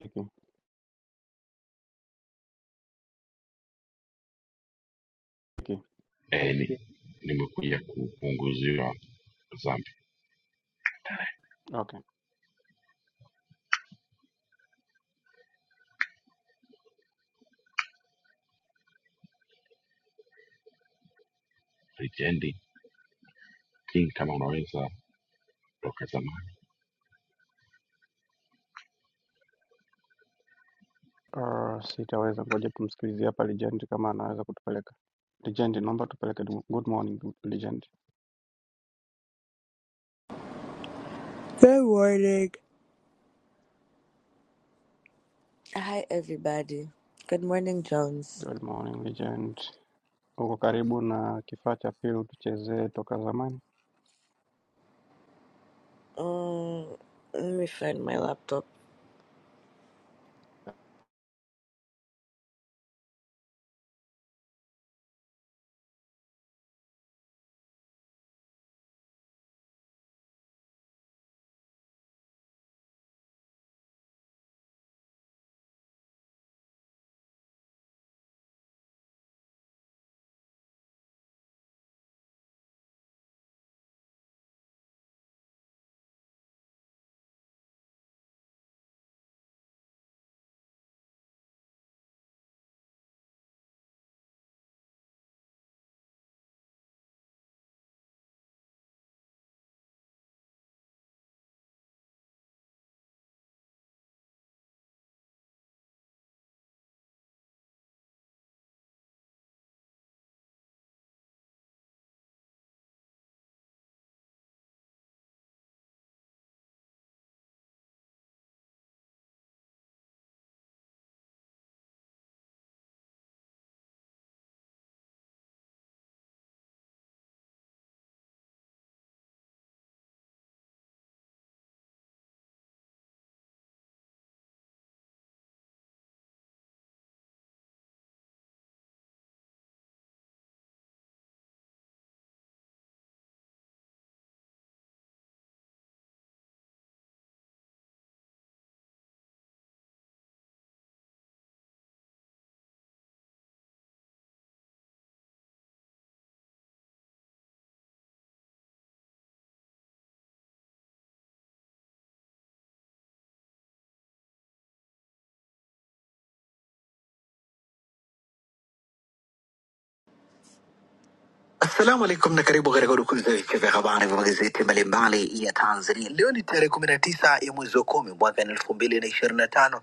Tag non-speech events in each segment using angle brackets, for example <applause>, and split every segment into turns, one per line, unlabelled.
Okay, okay,
eh, ni- nimekuja kupunguziwa dhambi.
okay.
Lijendi King, kama unaweza toka zamani,
Uh, sitaweza ngoja tumsikilizie hapa Legend kama anaweza kutupeleka. Legend, naomba tupeleke. du- Good morning Legend.
Good morning. Hi, everybody. Good morning, Jones.
Good morning Legend. Uko karibu na kifaa cha pili utuchezee toka zamani.
Um, let me find my laptop. Assalamu alaikum na karibu katika udukuzi ya vichwa vya habari vya magazeti mbalimbali ya Tanzania. Leo ni tarehe kumi na tisa ya mwezi wa kumi mwaka elfu mbili na ishirini na tano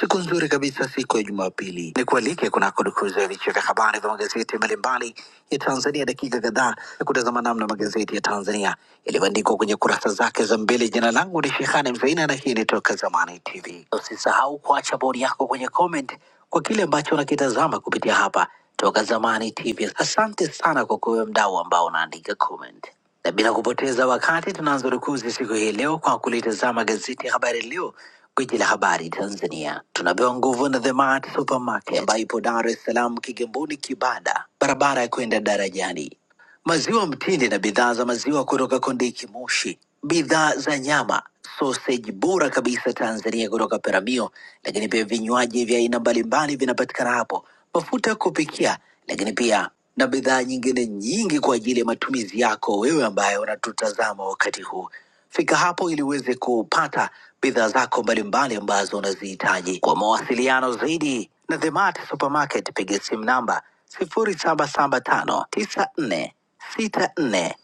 siku nzuri kabisa, siku ya Jumapili. Ni kualike kunako dukuzi ya vichwa vya habari vya magazeti mbalimbali ya Tanzania, dakika kadhaa ya kutazama namna magazeti ya Tanzania yalivyoandikwa kwenye kurasa zake za mbele. Jina langu ni Shehani Mzaina na hii ni Toka Zamani TV. Usisahau kuacha bodi yako kwenye comment kwa kile ambacho unakitazama kupitia hapa Toka Zamani TV. Asante sana kwa kuwe mdau ambao unaandika comment, na bila kupoteza wakati tunaanza rukuzi siku hii leo kwa kulitazama gazeti ya Habari Leo, gwiji la habari Tanzania. Tunapewa nguvu na The Mart Supermarket ambayo ipo Dar es Salaam, Kigamboni, Kibada, barabara ya kwenda darajani maziwa mtindi na bidhaa za maziwa kutoka Kondiki Moshi, bidhaa za nyama, soseji bora kabisa Tanzania kutoka Peramio, lakini pia vinywaji vya aina mbalimbali vinapatikana hapo, mafuta ya kupikia, lakini pia na bidhaa nyingine nyingi kwa ajili ya matumizi yako wewe ambaye unatutazama wakati huu. Fika hapo ili uweze kupata bidhaa zako mbalimbali ambazo unazihitaji. Kwa mawasiliano zaidi na The Mart Supermarket, piga simu namba 0775946447.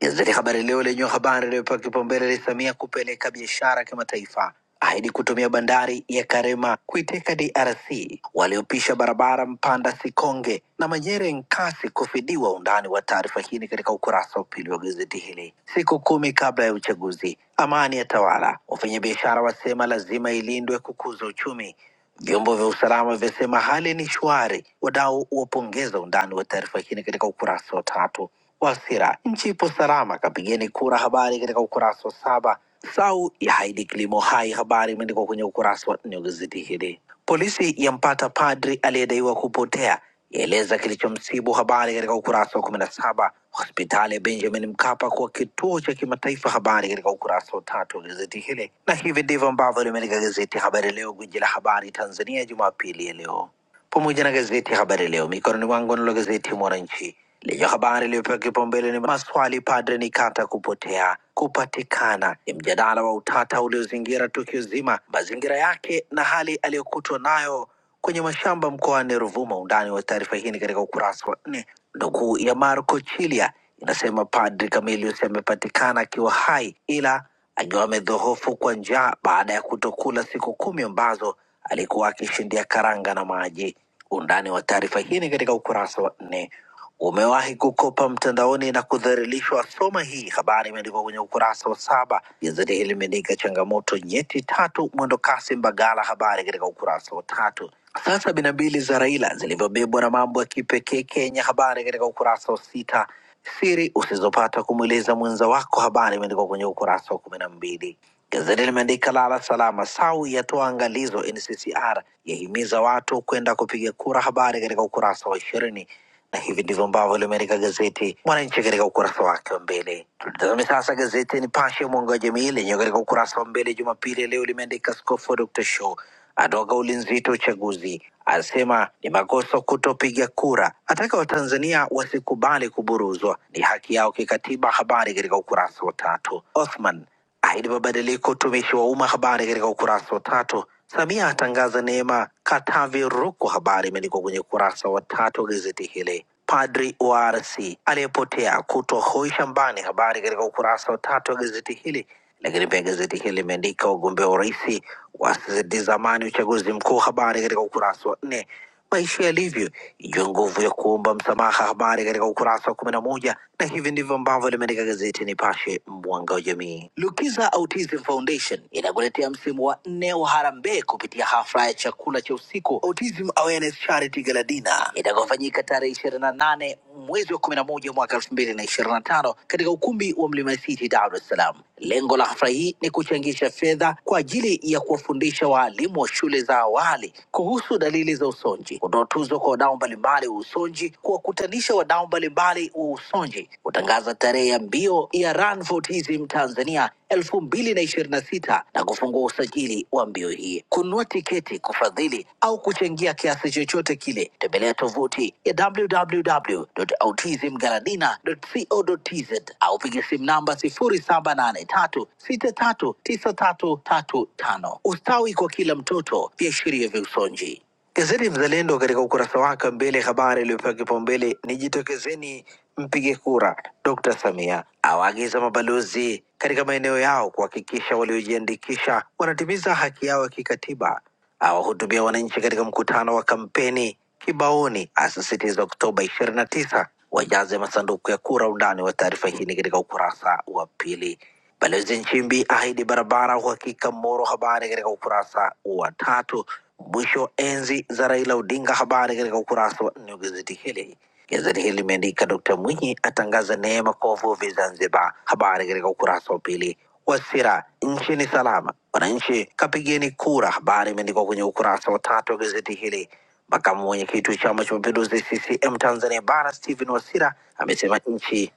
Gazeti Habari Leo lenye habari iliyopewa kipaumbele ni Samia kupeleka biashara kimataifa ahidi kutumia bandari ya Karema kuiteka DRC, waliopisha barabara Mpanda Sikonge na Manyere Nkasi kufidiwa. Undani wa taarifa hii ni katika ukurasa wa pili wa gazeti hili. Siku kumi kabla ya uchaguzi, amani ya tawala, wafanyabiashara wasema lazima ilindwe kukuza uchumi. Vyombo vya usalama vyasema hali ni shwari, wadau wapongeza undani wa taarifa hii ni katika ukurasa wa tatu. Wasira, nchi ipo salama, kapigeni kura, habari katika ukurasa wa saba. Sau ya Haidi kilimo hai, habari imeandikwa kwenye ukurasa wa nne wa gazeti hili. Polisi yampata padri aliyedaiwa kupotea yaeleza kilichomsibu, habari katika ukurasa wa kumi na saba. Hospitali ya Benjamin Mkapa kuwa kituo cha kimataifa, habari katika ukurasa wa tatu wa gazeti hili, na hivi ndivyo ambavyo limeandika gazeti Habari Leo, gwiji la habari Tanzania, Jumapili ya leo pamoja na gazeti Habari Leo mikononi mwangu. Nalo gazeti Mwananchi lenye habari iliyopewa kipaumbele ni maswali padre Nikata kupotea kupatikana, ni mjadala wa utata uliozingira tukio zima, mazingira yake na hali aliyokutwa nayo kwenye mashamba mkoani Ruvuma. Undani wa taarifa hii ni katika ukurasa wa nne. Nukuu ya Marco Chilia inasema padri Camilius amepatikana akiwa hai ila akiwa amedhohofu kwa njaa baada ya kutokula siku kumi ambazo alikuwa akishindia karanga na maji. Undani wa taarifa hii ni katika ukurasa wa nne. Umewahi kukopa mtandaoni na kudhalilishwa? Soma hii habari, imeandikwa kwenye ukurasa wa saba. Gazeti hili limeandika changamoto nyeti tatu mwendokasi Mbagala, habari katika ukurasa wa tatu. Saa sabini na mbili za Raila zilivyobebwa na mambo ya kipekee Kenya, habari katika ukurasa wa sita siri usizopata kumweleza mwenza wako. Habari imeandikwa kwenye ukurasa wa kumi na mbili. Gazeti limeandika lala salama, SAU yatoa angalizo, NCCR yahimiza watu kwenda kupiga kura. Habari katika ukurasa wa ishirini na hivi ndivyo ambavyo limeandika gazeti Mwananchi katika ukurasa wake wa mbele. Tutazame sasa gazeti Nipashe mwanga wa jamii lenyewe katika ukurasa wa mbele Jumapili ya leo limeandika Askofu Dr. Show atoa kauli nzito uchaguzi, asema ni makosa kutopiga kura, ataka Watanzania wasikubali kuburuzwa, ni haki yao kikatiba. Habari katika ukurasa wa tatu. Othman ahidi mabadiliko utumishi wa umma, habari katika ukurasa wa tatu. Samia atangaza neema Katavi Ruku, habari imeandikwa kwenye ukurasa wa tatu wa gazeti hili. Padri wa RC aliyepotea kutwa hoi shambani, habari katika ukurasa wa tatu wa gazeti hili. Lakini pia gazeti hili limeandika wagombea urais wasitiza uchaguzi mkuu, habari katika ukurasa wa nne maisha yalivyo, ijue nguvu ya kuomba msamaha, habari katika ukurasa wa kumi na moja na hivi ndivyo ambavyo limeandika gazeti Nipashe, mwanga wa jamii. Lukiza Autism Foundation inakuletea msimu wa nne wa harambee kupitia hafla ya chakula cha usiku Autism Awareness Charity Charity Gala Dinner itakayofanyika tarehe ishirini na nane mwezi wa kumi na moja mwaka elfu mbili na ishirini na tano katika ukumbi wa Mlima City, Dar es Salaam. Lengo la hafla hii ni kuchangisha fedha kwa ajili ya kuwafundisha waalimu wa shule za awali kuhusu dalili za usonji, kutoa tuzo kwa wadau mbalimbali wa usonji, kuwakutanisha wadau mbalimbali wa usonji, kutangaza tarehe ya mbio ya Run for Autism Tanzania 2026 na ishirini na sita na kufungua usajili wa mbio hii. Kununua tiketi, kufadhili au kuchangia kiasi chochote kile, tembelea tovuti ya www.autismgaladina.co.tz au piga simu namba 0783639335. Ustawi kwa kila mtoto, viashiria vya usonji. Gazeti Mzalendo katika ukurasa wake wa mbele habari iliyopewa kipaumbele ni jitokezeni mpige kura. Dr. Samia awaagiza mabalozi katika maeneo yao kuhakikisha waliojiandikisha wanatimiza haki yao ya kikatiba. Awahutubia wananchi katika mkutano wa kampeni Kibaoni, asisitiza Oktoba 29 wajaze masanduku ya kura. Undani wa taarifa hii ni katika ukurasa wa pili. Balozi Nchimbi ahidi barabara uhakika Moro. Habari katika ukurasa wa tatu. Mwisho wa enzi za Raila Odinga. Habari katika ukurasa wa nne wa gazeti hili. Gazeti hili limeandika Dkt Mwinyi atangaza neema kwa wavuvi Zanzibar. Habari katika ukurasa wa pili. Wasira, nchi ni salama, wananchi kapigeni kura. Habari imeandikwa kwenye ukurasa wa tatu wa gazeti hili. Makamu mwenyekiti wa Chama cha Mapinduzi CCM Tanzania Bara Stephen Wasira amesema nchi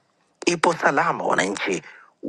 Ipo salama wananchi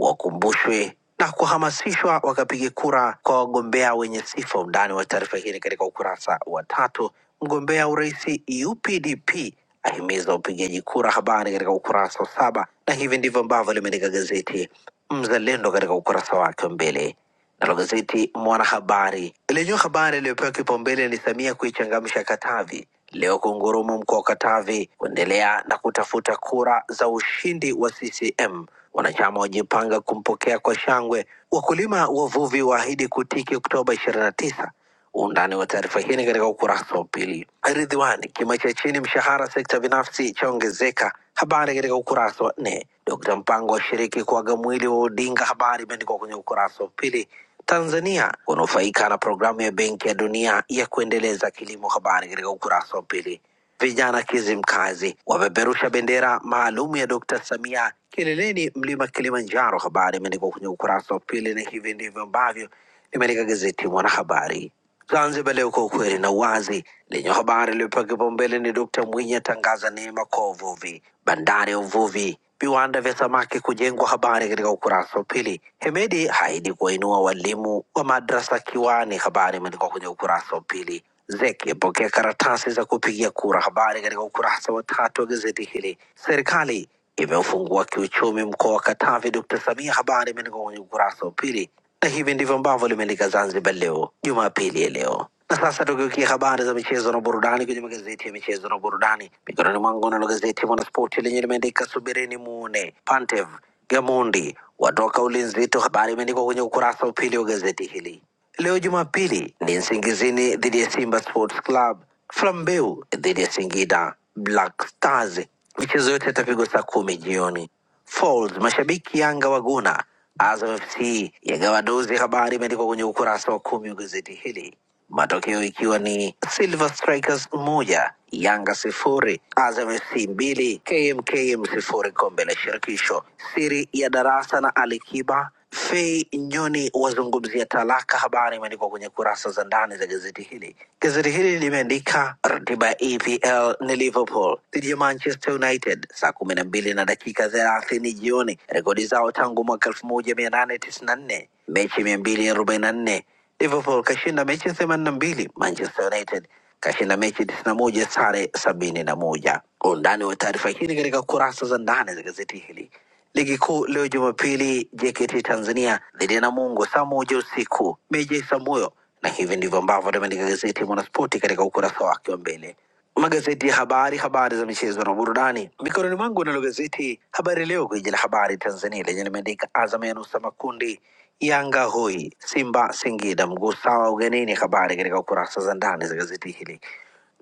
wakumbushwe na kuhamasishwa wakapige kura kwa wagombea wenye sifa. Undani wa taarifa hii ni katika ukurasa wa tatu. Mgombea urais UPDP ahimiza upigaji kura, habari katika ukurasa wa saba, na hivi ndivyo ambavyo limeandika gazeti Mzalendo katika ukurasa wake wa mbele. Nalo gazeti Mwanahabari lenye habari iliyopewa kipaumbele ni Samia kuichangamsha Katavi leo, kungurumu mkoa wa Katavi kuendelea na kutafuta kura za ushindi wa CCM. Wanachama wajipanga kumpokea kwa shangwe, wakulima wavuvi waahidi kutiki Oktoba 29. Undani wa taarifa hii ni katika ukurasa wa pili. Ridhiwani, kima cha chini mshahara sekta binafsi chaongezeka, habari katika ukurasa wa nne. Dkt Mpango ashiriki kuaga mwili wa Odinga, habari imeandikwa kwenye ukurasa wa pili. Tanzania kunufaika na programu ya Benki ya Dunia ya kuendeleza kilimo, habari katika ukurasa wa pili. Vijana Kizimkazi wapeperusha bendera maalum ya Dkt. Samia kileleni mlima Kilimanjaro. Habari imeandikwa kwenye ukurasa wa pili, na hivi ndivyo ambavyo limeandika gazeti Mwanahabari. Zanzibar Leo, kwa ukweli na uwazi, lenye habari iliyopewa kipaumbele ni Dkt. Mwinyi atangaza neema kwa uvuvi, bandari ya uvuvi, viwanda vya samaki kujengwa, habari katika ukurasa wa pili. Hemedi haidi kuwainua walimu wa madrasa kiwani, habari imeandikwa kwenye ukurasa wa pili. ZEC yapokea karatasi za kupigia kura. Habari katika ukurasa wa tatu wa gazeti hili. Serikali imeufungua kiuchumi mkoa wa Katavi, Dr. Samia. Habari imeandikwa kwenye ukurasa wa pili, na hivi ndivyo ambavyo limeandika Zanzibar Leo Jumapili ya leo. Na sasa tukiukia habari za michezo na burudani kwenye magazeti ya michezo na burudani, mikononi mwangu nalo gazeti Mwanaspoti lenye limeandika subirini muone Pantev Gamondi watoka ulinzi tu. Habari imeandikwa kwenye ukurasa wa pili wa gazeti hili. Leo Jumapili ni Nsingizini dhidi ya Simba Sports Club, Flambeu dhidi ya Singida Black Stars. Michezo yote itapigwa saa kumi jioni. Falls, mashabiki Yanga waguna Azam FC yagawa dozi. Habari imeandikwa kwenye ukurasa wa kumi wa gazeti hili matokeo ikiwa ni Silver Strikers moja Yanga sifuri Azam FC mbili KMKM sifuri kombe la shirikisho. Siri ya darasa na Alikiba Fei Nyoni wazungumzia talaka. Habari imeandikwa kwenye kurasa za ndani za gazeti hili. Gazeti hili limeandika ratiba ya EPL ni Liverpool dhidi ya Manchester United saa kumi na mbili na dakika thelathini jioni, rekodi zao tangu mwaka elfu moja mia nane tisini na nne mechi mia mbili arobaini na nne Liverpool kashinda mechi themanini na mbili, Manchester United kashinda mechi tisini na moja, sare sabini na moja. Kwa undani wa taarifa hii ni katika kurasa za ndani za gazeti hili. Ligi kuu leo Jumapili, JKT Tanzania dhidi ya Namungo saa moja usiku, meja Isamuyo, na hivi ndivyo ambavyo limeandika gazeti Mwanaspoti katika ukurasa wake wa mbele magazeti ya habari, habari za michezo na burudani. Mikononi mwangu nalo gazeti Habari Leo, gwiji la habari Tanzania, lenye limeandika Azam yanusa makundi Yanga hoi Simba Singida, mguu sawa ugenini. Habari katika kurasa za ndani za gazeti hili.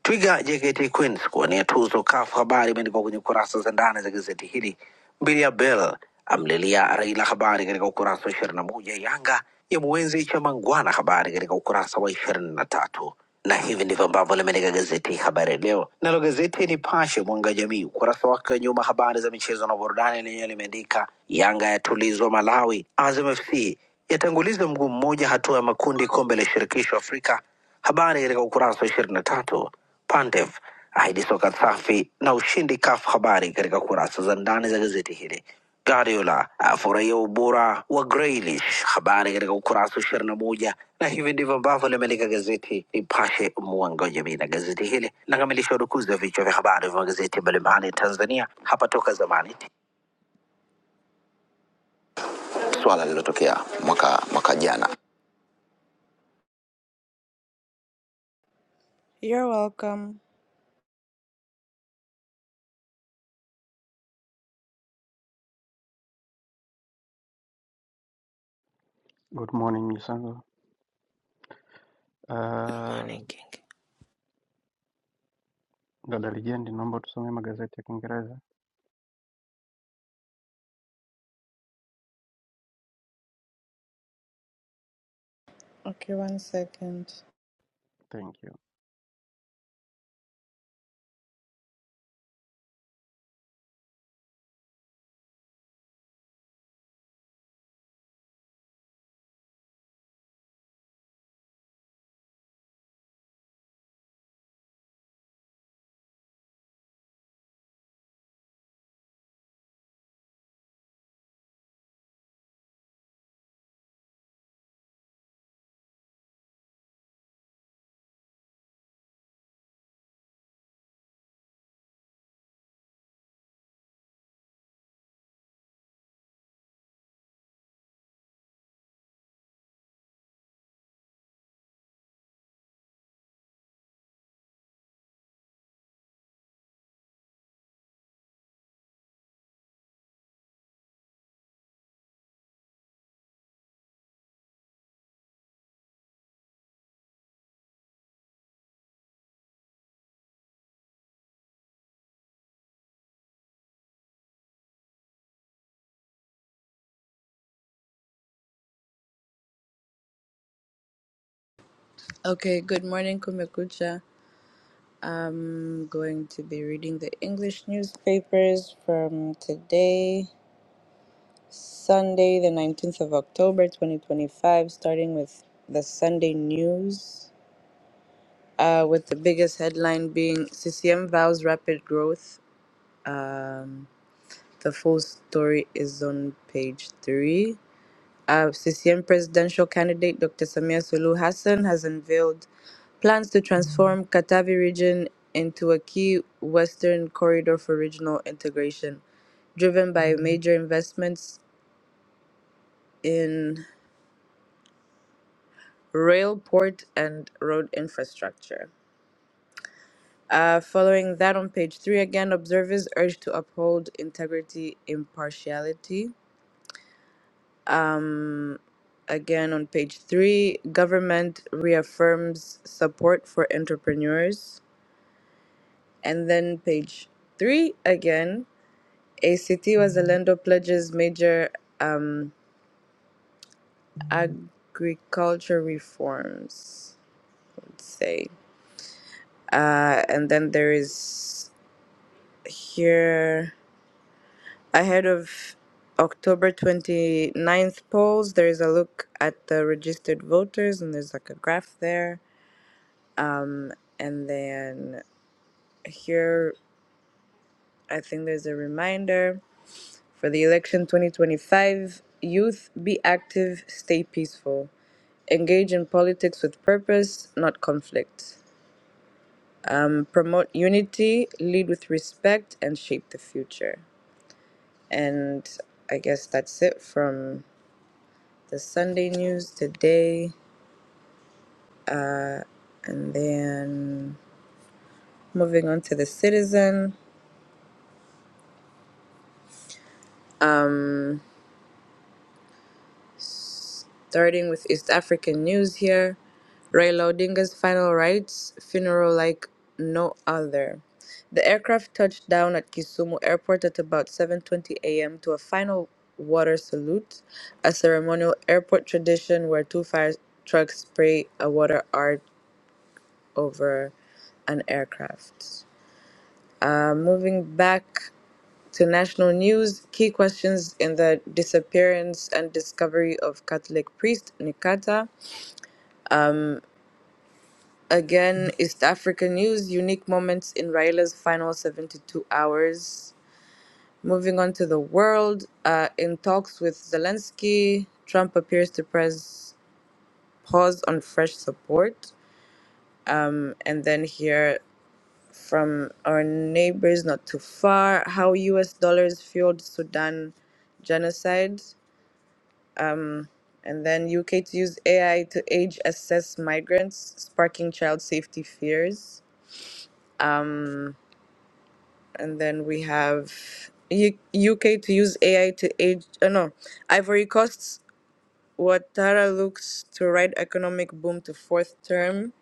Twiga JKT Queens kuwania tuzo kafu. Habari imeandikwa kwenye kurasa za ndani za gazeti hili. Mbilia Bel amlilia Raila, habari katika ukurasa wa ishirini na moja. Yanga ya mwenzi cha Mangwana, habari katika ukurasa wa ishirini na tatu. Na hivi ndivyo ambavyo limeandika gazeti Habari Leo. Nalo gazeti Nipashe Mwanga wa Jamii, ukurasa wake wa nyuma, habari za michezo na burudani, lenyewe limeandika Yanga yatulizwa Malawi, Azam FC yatanguliza mguu mmoja hatua ya makundi kombe la shirikisho Afrika Habari katika ukurasa wa ishirini na tatu Pandev ahidi soka safi na ushindi CAF. Habari katika kurasa za ndani za gazeti hili. Guardiola afurahia ubora wa Grealish. Habari katika ukurasa wa ishirini na moja na hivi ndivyo ambavyo limeandika gazeti Nipashe mwanga wa jamii, na gazeti hili linakamilisha udukuzi wa vichwa vya habari vya magazeti mbalimbali ya Tanzania hapa Toka Zamani. swala lililotokea mwaka mwaka jana You're welcome.
Good morning Misango.
Good
Uh,
morning, King.
dada Legend, naomba tusomee magazeti ya Kiingereza.
Okay, one second.
Thank you.
Okay, good morning kumekucha. I'm going to be reading the English newspapers from today, Sunday, the 19th of October, 2025, starting with the Sunday news, uh, with the biggest headline being CCM vows rapid growth. The full story is on page three. Our CCM presidential candidate Dr. Samia Sulu Hassan has unveiled plans to transform Katavi region into a key western corridor for regional integration, driven by major investments in rail, port, and road infrastructure. Uh, following that, on page three, again, observers urged to uphold integrity, impartiality. Again, on page three, government reaffirms support for entrepreneurs. And then page three again, a city was the land of pledges major um, agriculture reforms, let's say. Uh, and then there is here ahead of October 29th polls, there is a look at the registered voters, and there's like a graph there. And then here, I think there's a reminder For the election 2025, youth be active, stay peaceful. Engage in politics with purpose, not conflict. Um, Promote unity, lead with respect, and shape the future. And I guess that's it from the Sunday news today. And then moving on to the citizen. Um, starting with East African news here. Raila Odinga's final rites, funeral like no other. The aircraft touched down at Kisumu Airport at about 7:20 a.m. to a final water salute, a ceremonial airport tradition where two fire trucks spray a water art over an aircraft. Uh, moving back to national news, key questions in the disappearance and discovery of Catholic priest Nikata. Again, East Africa news, unique moments in Raila's final 72 hours. Moving on to the world, uh, in talks with Zelensky, Trump appears to press pause on fresh support. And then here from our neighbors not too far, how US dollars fueled Sudan genocide. And then UK to use AI to age assess migrants, sparking child safety fears. and then we have U- UK to use AI to age. Uh, no, Ivory Coast. Ouattara looks to ride economic boom to fourth term.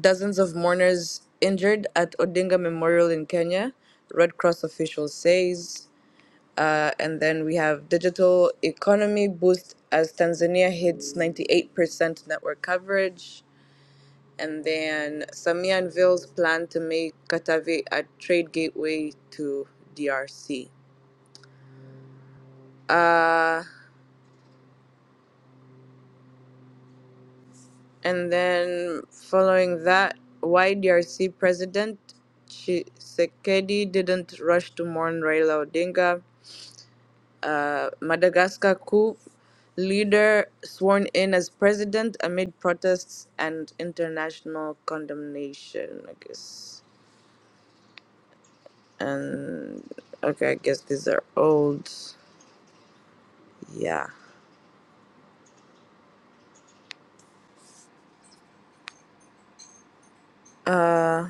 Dozens of mourners injured at Odinga Memorial in Kenya. Red Cross official says. Uh, and then we have digital economy boost as Tanzania hits 98% network coverage. And then Samia unveils plan to make Katavi a trade gateway to DRC. Uh, and then following that, YDRC President Tshisekedi didn't rush to mourn Raila Odinga. Uh, Madagascar coup leader sworn in as president amid protests and international condemnation, I guess. And okay, I guess these are old. Yeah. Uh,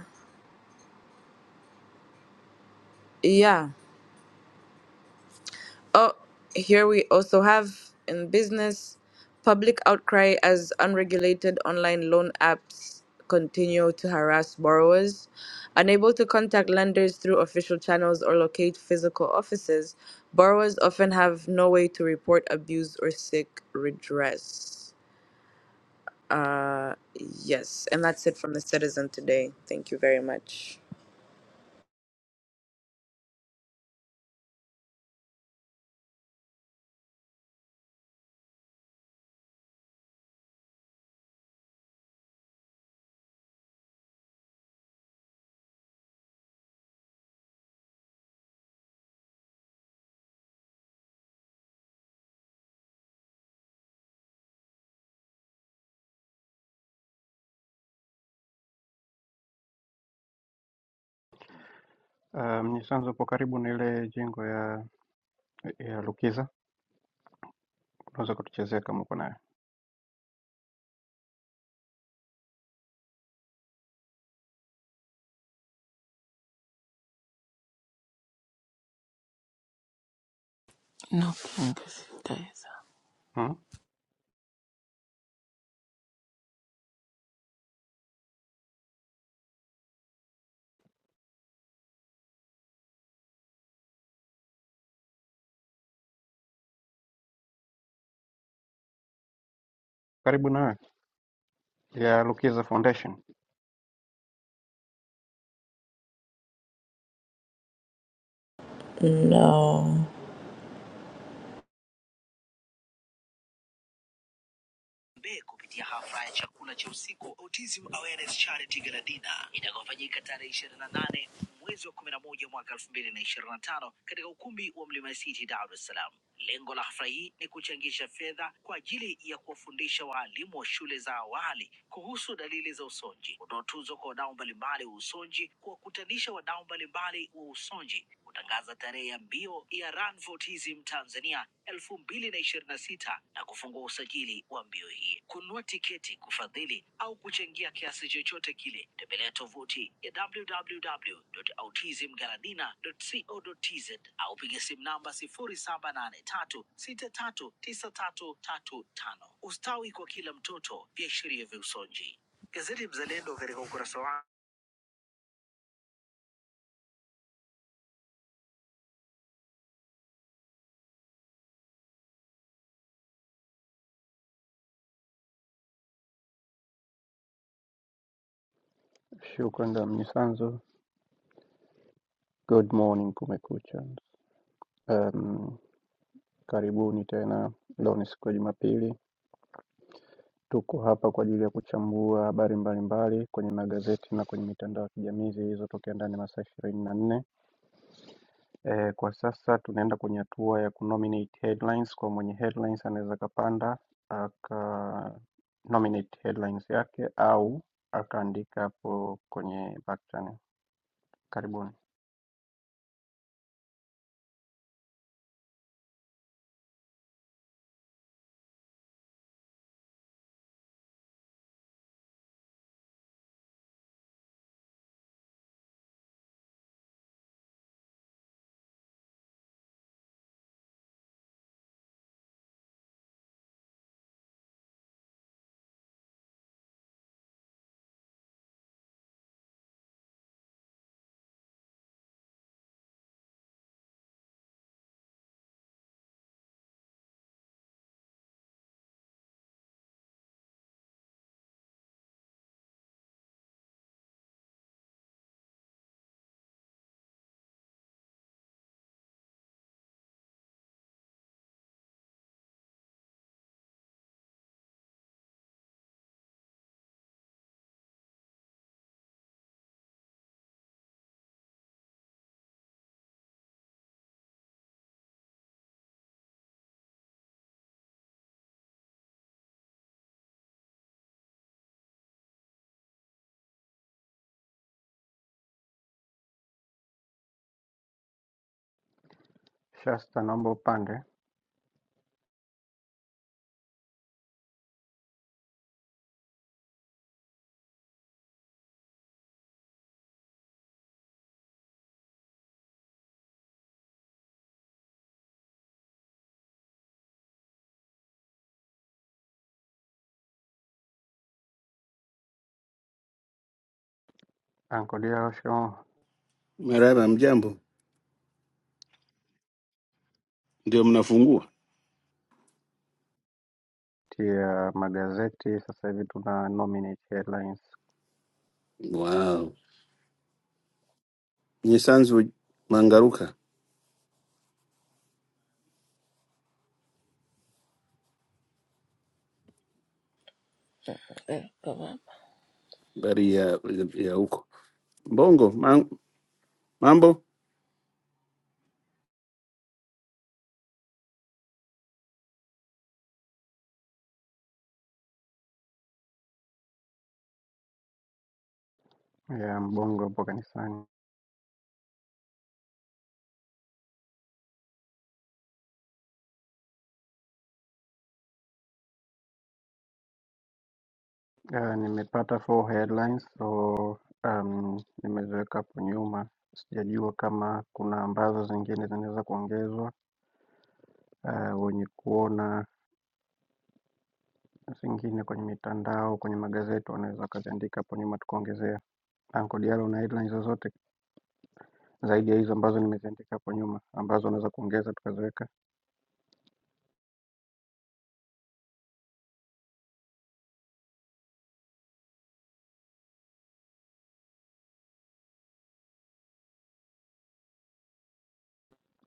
yeah. Oh, here we also have in business public outcry as unregulated online loan apps continue to harass borrowers. Unable to contact lenders through official channels or locate physical offices, borrowers often have no way to report abuse or seek redress. Uh, yes, and that's it from the citizen today. Thank you very much.
Uh, Mnyisanzo, upo karibu na ile jengo ya ya Lukiza, unaweza kutuchezea kama uko nayo
No sitaweza.
hmm? Karibu nawe ya Lukiza Foundation.
No.
Shukrani dada Mnyisanzo. Good morning kumekucha. Um, karibuni tena, leo ni siku ya Jumapili. Tuko hapa kwa ajili ya kuchambua habari mbalimbali kwenye magazeti na kwenye mitandao ya kijamii zilizotokea ndani ya masaa ishirini na nne. Eh, kwa sasa tunaenda kwenye hatua ya kunominate headlines. Kwa mwenye headlines anaweza akapanda aka nominate headlines yake au akaandika hapo kwenye back channel. Karibuni Shasta, naomba upande. ankodilosho
Marara, mjambo? Ndio mnafungua?
ya magazeti sasa hivi tuna nominate headlines
Wow, Nyesanzu Mangaruka,
Eh, baba.
habari ya ya huko Mbongo? ma- Mambo
ya mbongo hapo kanisani. Uh, nimepata four headlines so um, nimeziweka hapo nyuma, sijajua kama kuna ambazo zingine zinaweza kuongezwa. Uh, wenye kuona zingine kwenye mitandao, kwenye magazeti wanaweza wakaziandika hapo nyuma tukaongezea. Anko Diallo, una headlines zozote zaidi ya hizo ambazo nimeziandika hapo nyuma ambazo unaweza kuongeza tukaziweka?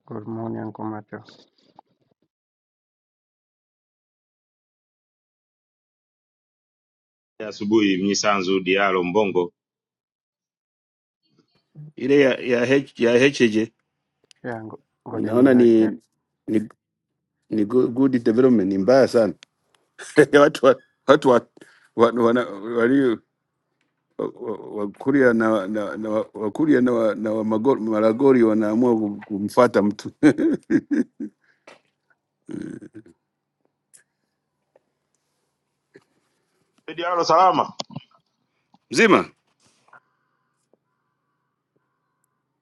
Good morning Anko Macho.
ya asubuhi Mnyisanzu Dialo Mbongo.
ile ya ya, H, ya HJ
Yeah, ngo- ngoja
naona
niweke
ni
hapa.
ni, ni good, good development, ni mbaya sana <laughs> watu wa, watu wa, wa, wana, walio Wakuria na, na, na wa- Wakuria na, wa- na wa Magor- Maragori wanaamua ku- kumfuata mtu <laughs>
Eh, Dialo salama.
mzima.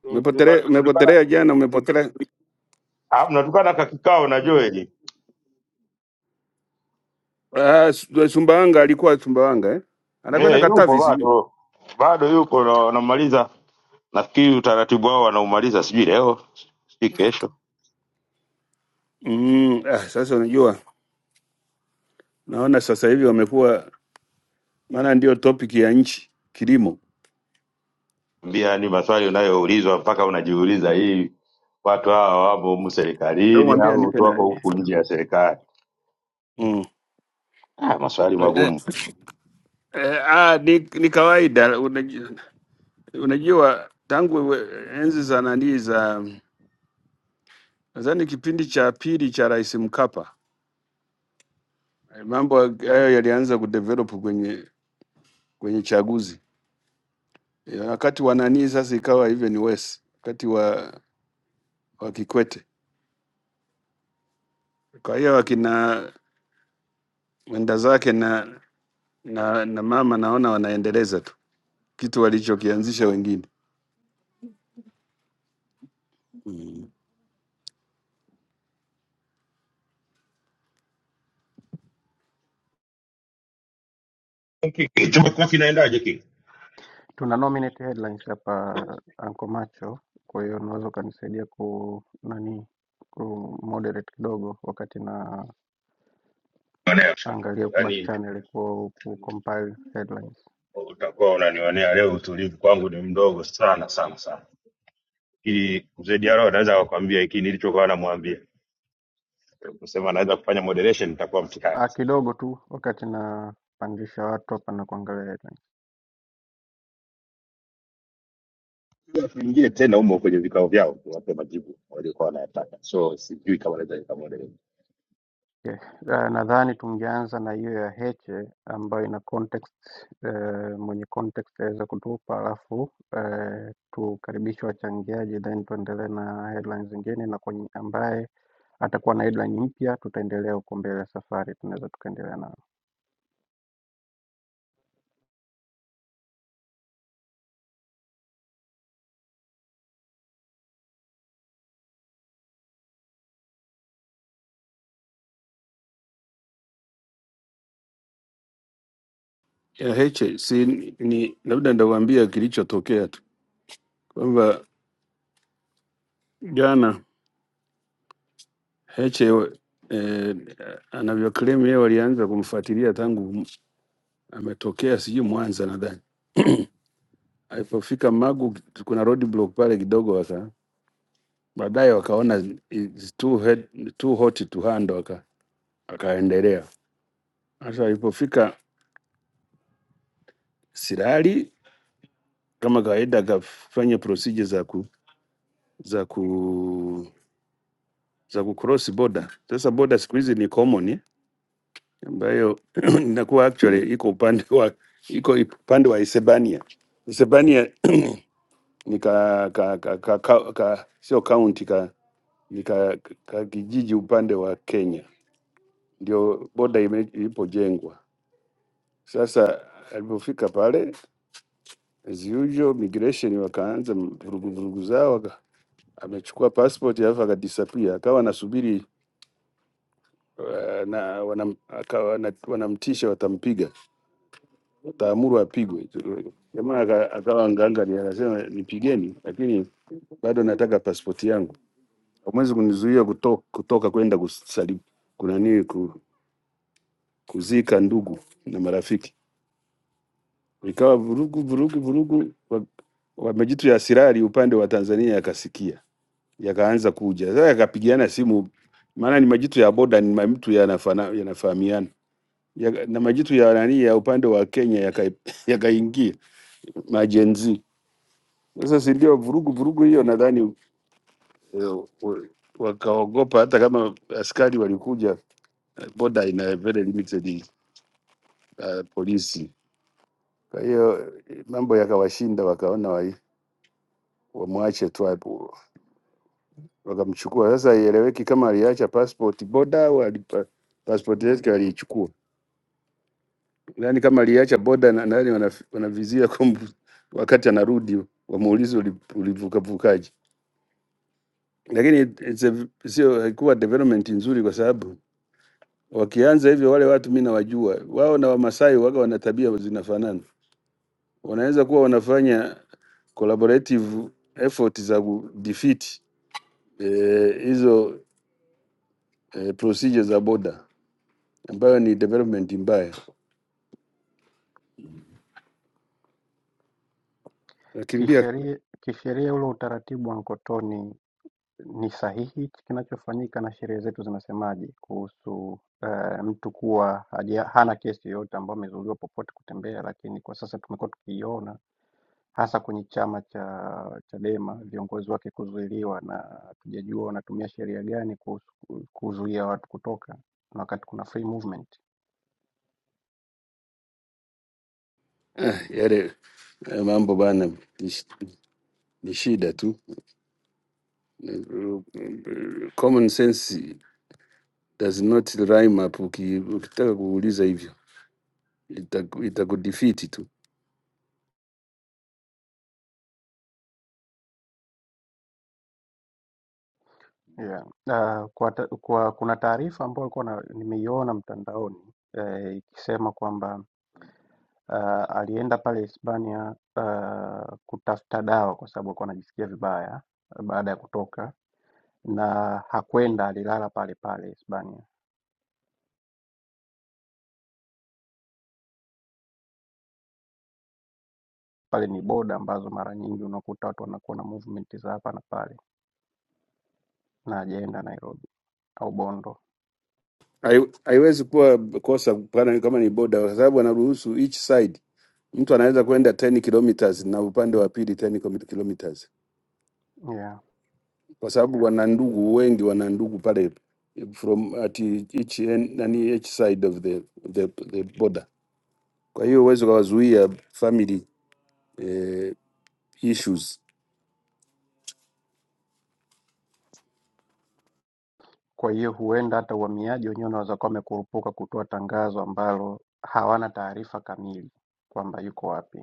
Tu- tuka-
Umepotelea,
Tulikana
umepotelea jana, umepotelea
ah, mnatukana kakikao na Joel.
Ah, Su- eh, Sumbawanga alikuwa Sumbawanga eh? Anakwenda
Eh, yupo
Katavi sijui.
bado. Bado yuko na wanamaliza. Nafikiri utaratibu wao wanaumaliza sijui leo, sijui kesho.
Mm, ah, sasa unajua naona sasa hivi wamekuwa maana ndio topic ya nchi kilimo.
Mbia ni maswali unayoulizwa mpaka unajiuliza hii watu hawa wamo humu
Hebu
serikalini
mwambie
au
anipe
watu wako
na.
huku nje ya serikali.
Mm.
Ah, maswali
Eh,
magumu.
eh, ah, ni, ni kawaida unajua, unajua tangu we- enzi za nani za nadhani kipindi cha pili cha Rais Mkapa eh, mambo hayo yalianza kudevelop kwenye kwenye chaguzi Eh, wakati wa nani sasa ikawa hivyo ni West wakati wa wa Kikwete Kwa hiyo akina wenda zake na, na, na mama naona wanaendeleza tu kitu walichokianzisha wengine mm.
Ki- ki- Tumekuwa kinaendaje kile?
Tuna nominate headlines hapa Anko Macho, kwa hiyo unaweza ukanisaidia ku nani ku moderate kidogo wakati na angalia ku back
Yaani
channel ku, ku compile headlines.
utakuwa unanionea leo utulivu kwangu ni mdogo sana sana sana. Ili mzee Diarra anaweza akakwambia hiki nilichokuwa namwambia kusema anaweza kufanya moderation, nitakuwa mtihani
Ah,
sana.
kidogo tu wakati na pandisha watu hapa na kuangalia headlines.
Watu wengine tena umo kwenye vikao vyao, wape majibu waliokuwa wanayataka, so sijui kama naweza nikamoderate.
Okay. Uh, nadhani tungeanza na hiyo ya Heche ambayo ina context uh, mwenye context aweza kutupa, alafu uh, tukaribishe wachangiaji then tuendelee na headlines zingine, na kwenye ambaye atakuwa na headline mpya tutaendelea huko mbele ya safari, tunaweza tukaendelea nao
Ya Heche si ni labda ndawaambia kilichotokea tu kwamba jana Heche eh, anavyoclaim yeye walianza kumfuatilia tangu ametokea sijui Mwanza nadhani alipofika Magu, kuna roadblock pale kidogo, waka baadaye wakaona it's too, head, too hot to handle, waka- wakaendelea sasa alipofika Sirari kama kawaida akafanya procedure za ku, za ku za ku cross border. Sasa border siku hizi ni common eh, ambayo <clears throat> <coughs> inakuwa actually iko upande wa iko upande wa Hispania. Hispania <clears throat> <coughs> ni ka, ka, ka, ka, ka, ka sio county ka, ni ka, ka kijiji upande wa Kenya, ndio border ime- ilipojengwa. Sasa alipofika pale as usual, migration wakaanza vurugu vurugu zao amechukua passport alafu akadisappear, akawa anasubiri eh, na wanam, akawa na, wanamtisha watampiga, wataamuru apigwe. Jamaa aka- akawa ngangari, akasema nipigeni, lakini bado nataka pasipoti yangu, hamwezi kunizuia kutoka, kutoka kwenda kusali kuna nini ku, kuzika ndugu na marafiki. Ikawa vurugu vurugu vurugu, wa- wa majitu ya sirari upande wa Tanzania yakasikia yakaanza kuja sasa, yakapigana simu, maana ni majitu ya boda, ni mtu yanafana, yanafahamiana ya, na majitu ya nani ya upande wa Kenya yaka- yakaingia yaka majenzi sasa, si ndio vurugu vurugu hiyo? Nadhani eh, wa- wakaogopa, hata kama askari walikuja, eh, boda ina very limited uh, polisi. Kwa hiyo eh, mambo yakawashinda, wakaona wai- wamwache tu hapo, wakamchukua. Sasa ieleweki kama aliacha passport boda au alipa- passport yake aliichukua Yaani kama aliacha boda na nani wanaf- wanavizia kum- wakati anarudi wamuulize uli- ulivukavukaje. Lakini it- it's a- sio haikuwa development nzuri, kwa sababu wakianza hivyo wale watu mi nawajua wao na Wamasai waga wana tabia zinafanana, wanaweza kuwa wanafanya collaborative effort za kudefeat eh, hizo eh, procedure za boda ambayo ni development mbaya. Nakimbia
kisheria. Kisheria ule utaratibu wa Nkotoni Ni sahihi hichi kinachofanyika na sheria zetu zinasemaje kuhusu eh, mtu kuwa haja, hana kesi yoyote ambayo amezuiliwa popote kutembea, lakini kwa sasa tumekuwa tukiiona hasa kwenye chama cha Chadema viongozi wake kuzuiliwa, na hatujajua wanatumia sheria gani kuhusu kuzuia watu kutoka na wakati kuna free movement.
ah, yale eh, mambo bana ni, sh- ni shida tu. Common sense does not rhyme up. uki- Ukitaka kuuliza hivyo itaku- itakudefeat tu,
Yeah. Uh, kwa, ta- kwa kuna taarifa ambayo nilikuwa na- nimeiona mtandaoni eh, ikisema kwamba Ah, alienda pale Hispania ah, kutafuta dawa kwa sababu alikuwa anajisikia vibaya eh, baada ya kutoka, na hakwenda, alilala pale pale Hispania. Pale ni boda ambazo mara nyingi unakuta watu wanakuwa na movement za hapa na pale, na hajaenda Nairobi au Bondo
Hai- haiwezi kuwa kosa pana kama ni boda, kwa sababu anaruhusu each side, mtu anaweza kwenda 10 kilometers na upande wa pili 10 kilo- kilometers,
yeah.
kwa sababu wana ndugu wengi, wana ndugu pale from at each end, nani each side of the, the, the border. Kwa hiyo huwezi ukawazuia family eh, issues
Kwa hiyo huenda hata uhamiaji wenyewe unaweza kuwa wamekurupuka kutoa tangazo ambalo hawana taarifa kamili kwamba yuko wapi.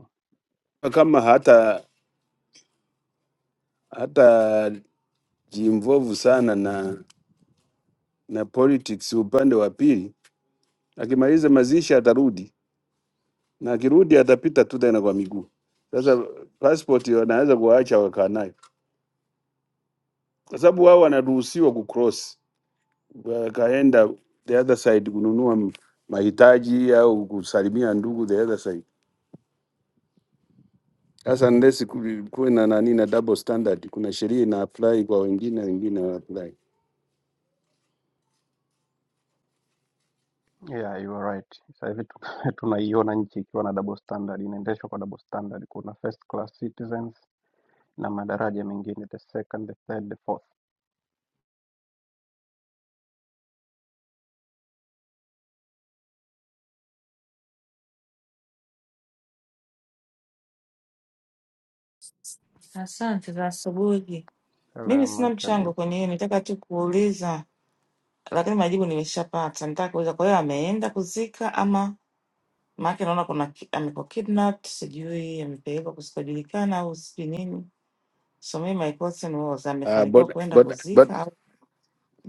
kama hata hata jimvovu sana na na politics upande wa pili. Akimaliza mazishi atarudi, na akirudi atapita tu tena kwa miguu. Sasa passport wanaweza kuwaacha wakaa nayo, kwa sababu wao wanaruhusiwa kucross, wakaenda the other side kununua m- mahitaji au kusalimia ndugu the other side. Sasa unless ku- kuwe na nani na double standard, kuna sheria ina apply kwa wengine, wengine wana apply.
Yeah, you are right. Sasa hivi tuna- <laughs> tunaiona nchi ikiwa na double standard, inaendeshwa kwa double standard. Kuna first class citizens na madaraja mengine, the second, the third, the fourth.
Asante za asubuhi. Mimi
Salama
sina mchango
kabisa.
kwenye hiyo, nitaka tu kuuliza, lakini majibu nimeshapata. Nitaka kuuliza, kwa hiyo ameenda kuzika ama maake, naona kuna ki- amekuwa kidnapped, sijui amepelekwa kusikojulikana au sijui nini. So mimi my question was,
Uh,
amefanikiwa
boda,
kuenda
boda,
kuzika
boda,
au,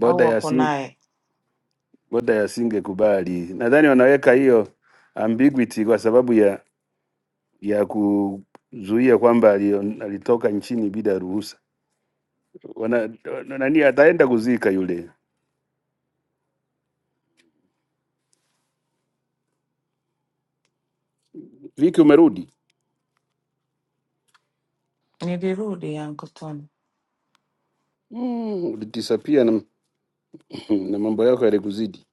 au wako
ya
naye?
Boda yasingekubali. Nadhani wanaweka hiyo ambiguity kwa sababu ya ya kuzuia kwamba alio- alitoka nchini bila ruhusa. Wana, wana- nani ataenda kuzika yule. Viki umerudi?
Nilirudi Uncle Tony,
Mm, ulitisapia na, <clears throat> na mambo yako yalikuzidi,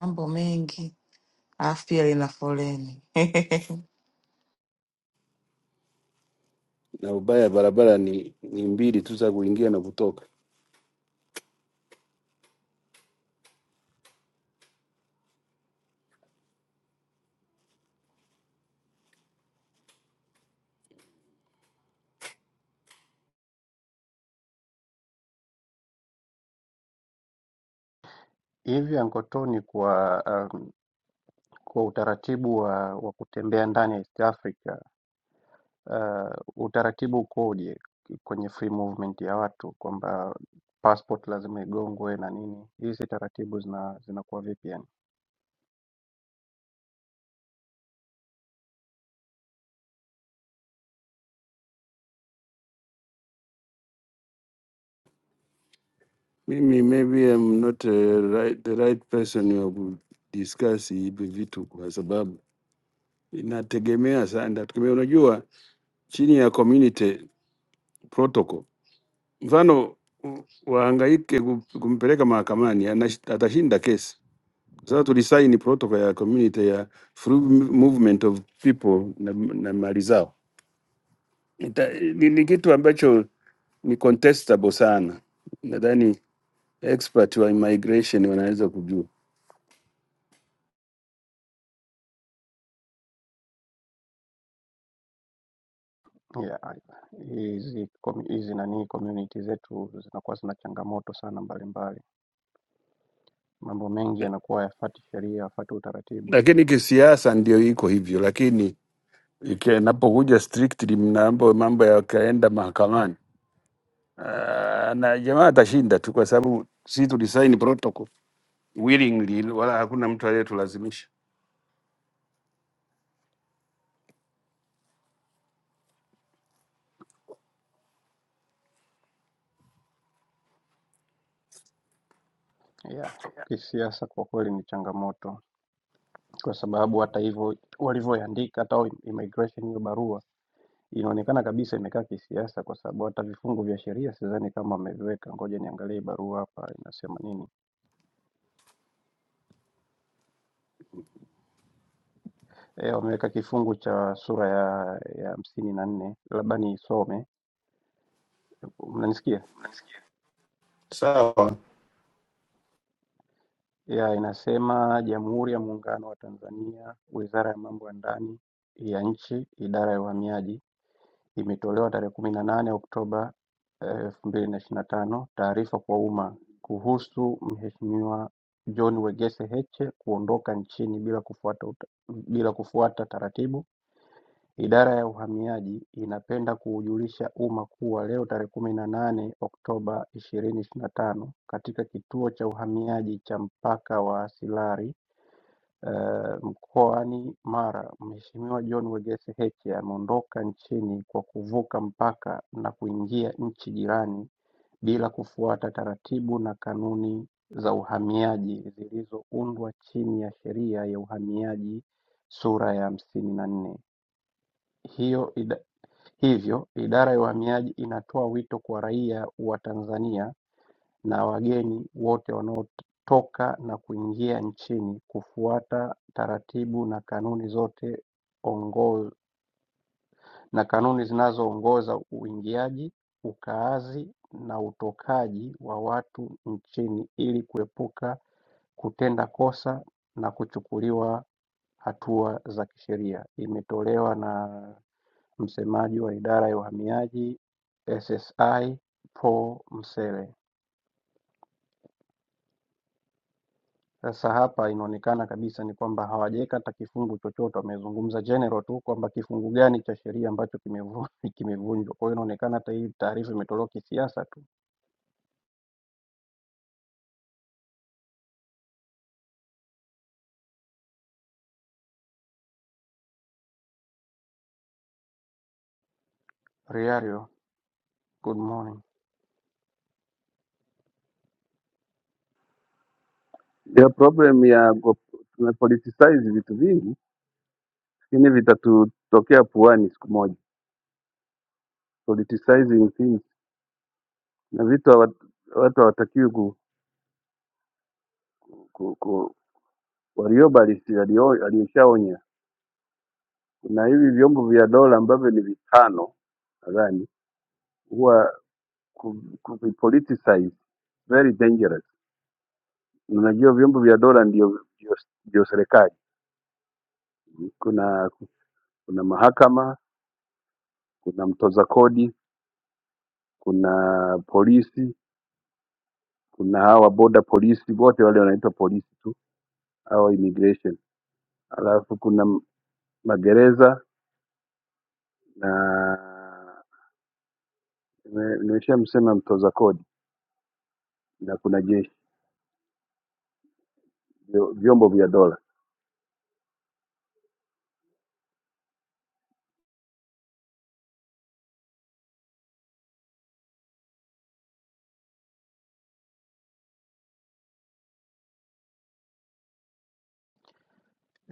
mambo mengi, alafu pia lina foleni <laughs>
na ubaya barabara ni, ni mbili tu za kuingia na kutoka.
Hivi Ankotoni, kwa um, kwa utaratibu wa, wa kutembea ndani ya East Africa uh, utaratibu ukoje kwenye free movement ya watu, kwamba passport lazima igongwe na nini? Hizi taratibu zina zinakuwa vipi yani?
Mimi maybe I'm not a right, the right person ya kudiscuss hivi vitu kwa sababu inategemea sana, inategemea unajua, chini ya community protocol. Mfano u- wahangaike ku- kumpeleka mahakamani, anash- atashinda kesi kwa sababu tulisaini protocol ya community ya free movement of people na, na mali zao. Ita, ni, ni kitu ambacho ni contestable sana, nadhani expert wa immigration wanaweza kujua,
Yeah, hizi com- hizi nani community zetu zinakuwa zina changamoto sana mbalimbali, mambo mengi yanakuwa yafuati sheria, yafuati utaratibu.
lakini kisiasa ndio iko hivyo, lakini iki- inapokuja strictly mnaambo mambo yakaenda mahakamani, ah, na jamaa atashinda tu, kwa sababu si tulisaini protocol. willingly, wala hakuna mtu aliyetulazimisha.
Yeah, kisiasa kwa kweli ni changamoto, kwa sababu hata hivyo walivyoiandika hata hao immigration hiyo barua inaonekana kabisa imekaa kisiasa, kwa sababu hata vifungu vya sheria sidhani kama wameviweka. Ngoja niangalie barua hapa inasema nini. E, wameweka kifungu cha sura ya ya hamsini na nne, labda niisome. Mnanisikia?
Sawa,
ya inasema Jamhuri ya Muungano wa Tanzania, Wizara ya Mambo ya Ndani ya Nchi, Idara ya Uhamiaji, imetolewa tarehe kumi na nane Oktoba elfu mbili na ishirini na tano taarifa kwa umma kuhusu Mheshimiwa John Wegese Heche kuondoka nchini bila kufuata, uta- bila kufuata taratibu. Idara ya Uhamiaji inapenda kuujulisha umma kuwa leo tarehe kumi na nane Oktoba ishirini ishirini na tano katika kituo cha uhamiaji cha mpaka wa Silari eh, mkoani Mara, Mheshimiwa John Wegese Heche ameondoka nchini kwa kuvuka mpaka na kuingia nchi jirani bila kufuata taratibu na kanuni za uhamiaji zilizoundwa chini ya Sheria ya Uhamiaji sura ya hamsini na nne. Hiyo ida, hivyo idara ya uhamiaji inatoa wito kwa raia wa Tanzania na wageni wote wanaotoka na kuingia nchini kufuata taratibu na kanuni zote ongo- na kanuni zinazoongoza uingiaji, ukaazi na utokaji wa watu nchini ili kuepuka kutenda kosa na kuchukuliwa hatua za kisheria. Imetolewa na msemaji wa idara ya uhamiaji SSI Paul Msele. Sasa hapa inaonekana kabisa ni kwamba hawajaweka hata kifungu chochote, wamezungumza general tu kwamba kifungu gani cha sheria ambacho kimevunjwa. <laughs> kimevunjwa. Kwa hiyo inaonekana hata hii taarifa imetolewa kisiasa tu. Riario, good morning.
Ndio problem ya go- tumepoliticize vitu vingi, lakini vitatutokea puani siku moja. Politicizing things na vitu hawa- watu hawatakiwi ku, ku, ku waliobalisi aliyoshaonya. Kuna hivi vyombo vya dola ambavyo ni vitano nadhani huwa ku- kuvipoliticize very dangerous. Unajua vyombo vya dola ndio ndio ndio serikali. Kuna kuna mahakama, kuna mtoza kodi kuna polisi, kuna hawa boda polisi, wote wale wanaitwa polisi tu au immigration. Alafu kuna m- magereza na nime- nimeshamsema mtoza kodi na kuna jeshi, vyo- vyombo vya dola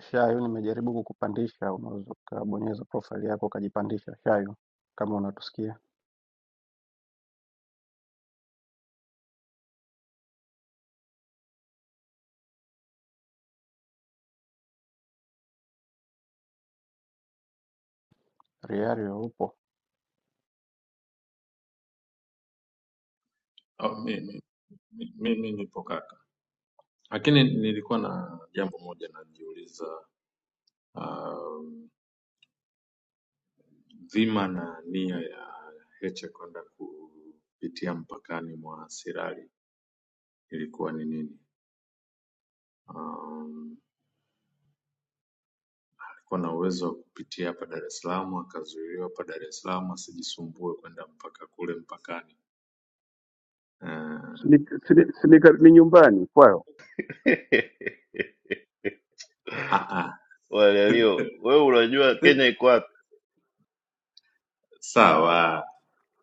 Shayo, nimejaribu kukupandisha, unaweza ukabonyeza profile yako ukajipandisha. Shayo, kama unatusikia. Riario, upo?
Au, mi- mi- mi- Mimi nipo kaka, lakini nilikuwa na jambo moja najiuliza, um, dhima na nia ya Heche kwenda kupitia mpakani mwa Sirari ilikuwa ni nini? Um, alikuwa na uwezo wa kupitia hapa Dar es Salaam akazuiliwa hapa Dar es Salaam asijisumbue kwenda mpaka kule mpakani. Uh,
Si ni si ni- si ni kar- ni nyumbani kwao
<laughs>
ah, ah.
Walelio,
<laughs>
wewe unajua Kenya iko wapi?
sawa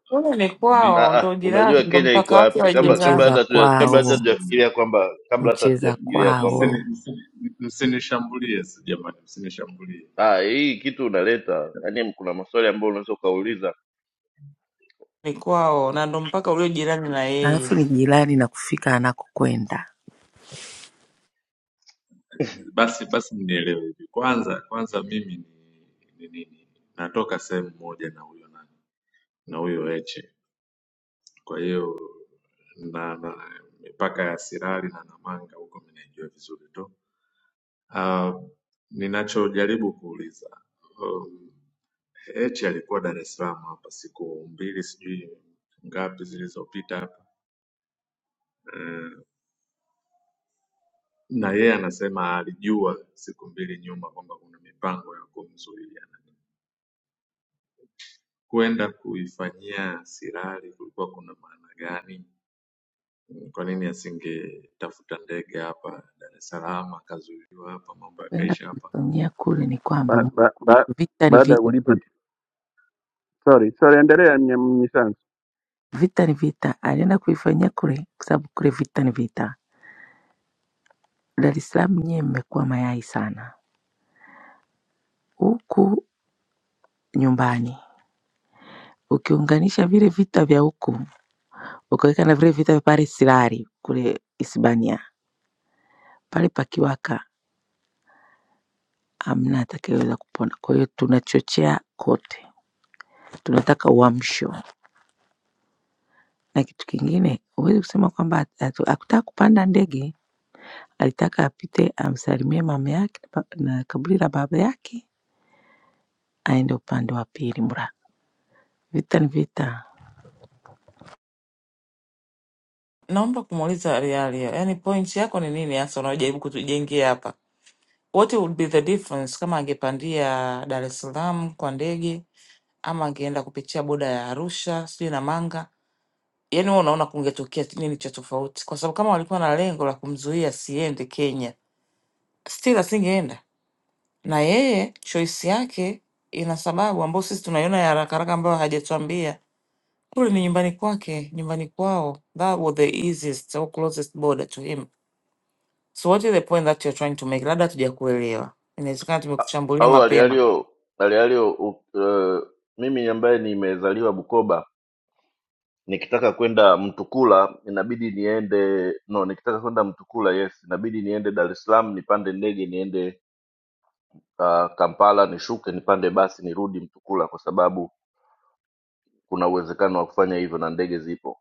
kule ni
mi,
Ah,
kwao,
ah,
ndo jirani,
unajua
ndo
Kenya iko
mpaka wake
wapi?
wa
Kabla kabla
jirani.
mcheza
hata tuja, kabla
<laughs>
hata
kwao,
tujafikiria kwamba kabla hata
mcheza
tujafikiria kwamba
msini-
kwao,
msini- msinishambulie si jamani msinishambulie
ah, hii kitu unaleta, yaani kuna maswali ambayo unaweza ukauliza
ni kwao na ndo mpaka ulio jirani na
alafu
yeye.
ni jirani na kufika anakokwenda.
basi basi mnielewe hivi kwanza kwanza mimi ni ni nini natoka sehemu moja na huyo nani na huyo eche kwa hiyo na, na mipaka ya sirali na namanga huko minaijua vizuri tu Ah, ninachojaribu kuuliza um, Heche alikuwa Dar es Salaam hapa siku mbili sijui ngapi zilizopita hapa Eh, na yeye anasema alijua siku mbili nyuma kwamba kuna mipango ya kumzuia kwenda kuifanyia sirari kulikuwa kuna maana gani Mm, kwa nini asingetafuta ndege hapa dar es salaam akazuiliwa hapa mambo
Kwenda
yakaisha hapa
kuifanyia kule ni kwamba
ba,
mu-
ba, ba,
vita ni
baada ya
vita,
kulipa. Sorry, sorry, endelea mnyisanzu.
vita ni vita. Alienda kuifanyia kule kwa sababu kule vita ni vita. Dar es Salaam nyewe mmekuwa mayai sana, huku nyumbani ukiunganisha vile vita vya huku ukaweka na vile vita vya pale Sirari kule Hispania pale pakiwaka hamna atakayeweza kupona. Kwa hiyo tunachochea kote, tunataka uamsho. Na kitu kingine, huwezi kusema kwamba hatu- hakutaka kupanda ndege, alitaka apite amsalimie mama yake na ba- na kaburi la baba yake, aende upande wa pili. Mra, vita ni vita.
Naomba kumuuliza Riario, yaani point yako ni nini hasa unaojaribu kutujengea hapa? What would be the difference kama angepandia Dar es Salaam kwa ndege ama angeenda kupitia boda ya Arusha sijui na Manga? Yaani wewe unaona kungetokea nini cha tofauti? Kwa sababu kama walikuwa na lengo la kumzuia asiende Kenya, still asingeenda. Na yeye choice yake ina sababu ambayo sisi tunaiona ya haraka haraka ambayo hajatuambia kule ni nyumbani kwake, nyumbani kwao. That was the easiest or closest border to him. So what is the point that you're trying to make? Labda hatujakuelewa, inawezekana
A-
tumekuchambulia
au
mapema.
alialio alialio uh, mimi ambaye nimezaliwa Bukoba nikitaka kwenda Mtukula inabidi niende no, nikitaka kwenda Mtukula yes, inabidi niende Dar es Salaam nipande ndege niende uh, Kampala nishuke nipande basi nirudi Mtukula kwa sababu kuna uwezekano wa kufanya hivyo na ndege zipo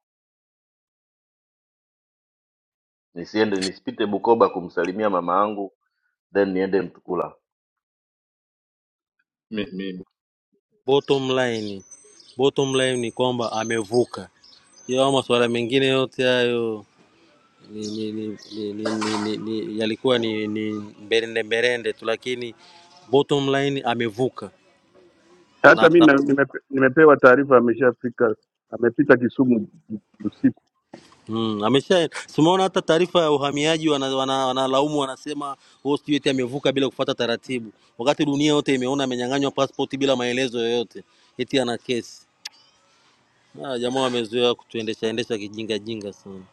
nisiende nisipite bukoba kumsalimia mama yangu then niende mtukula
Mi- mi-
bottom line bottom line ni kwamba amevuka yao masuala mengine yote hayo ni, ni, ni, ni, ni, ni, ni, ni, yalikuwa ni, ni mberende mberende tu lakini bottom line amevuka na
Hata mi
ata,
na- nimepe- nimepewa taarifa ameshafika, amepita Kisumu usiku
mm, amesha tumeona hata taarifa ya uhamiaji wanalaumu wana, wana wanalaumu, wanasema huo sijui eti amevuka bila kufuata taratibu wakati dunia yote imeona amenyang'anywa passport bila maelezo yoyote eti ana kesi Ah, jamaa wamezoea kutuendesha endesha kijinga jinga sana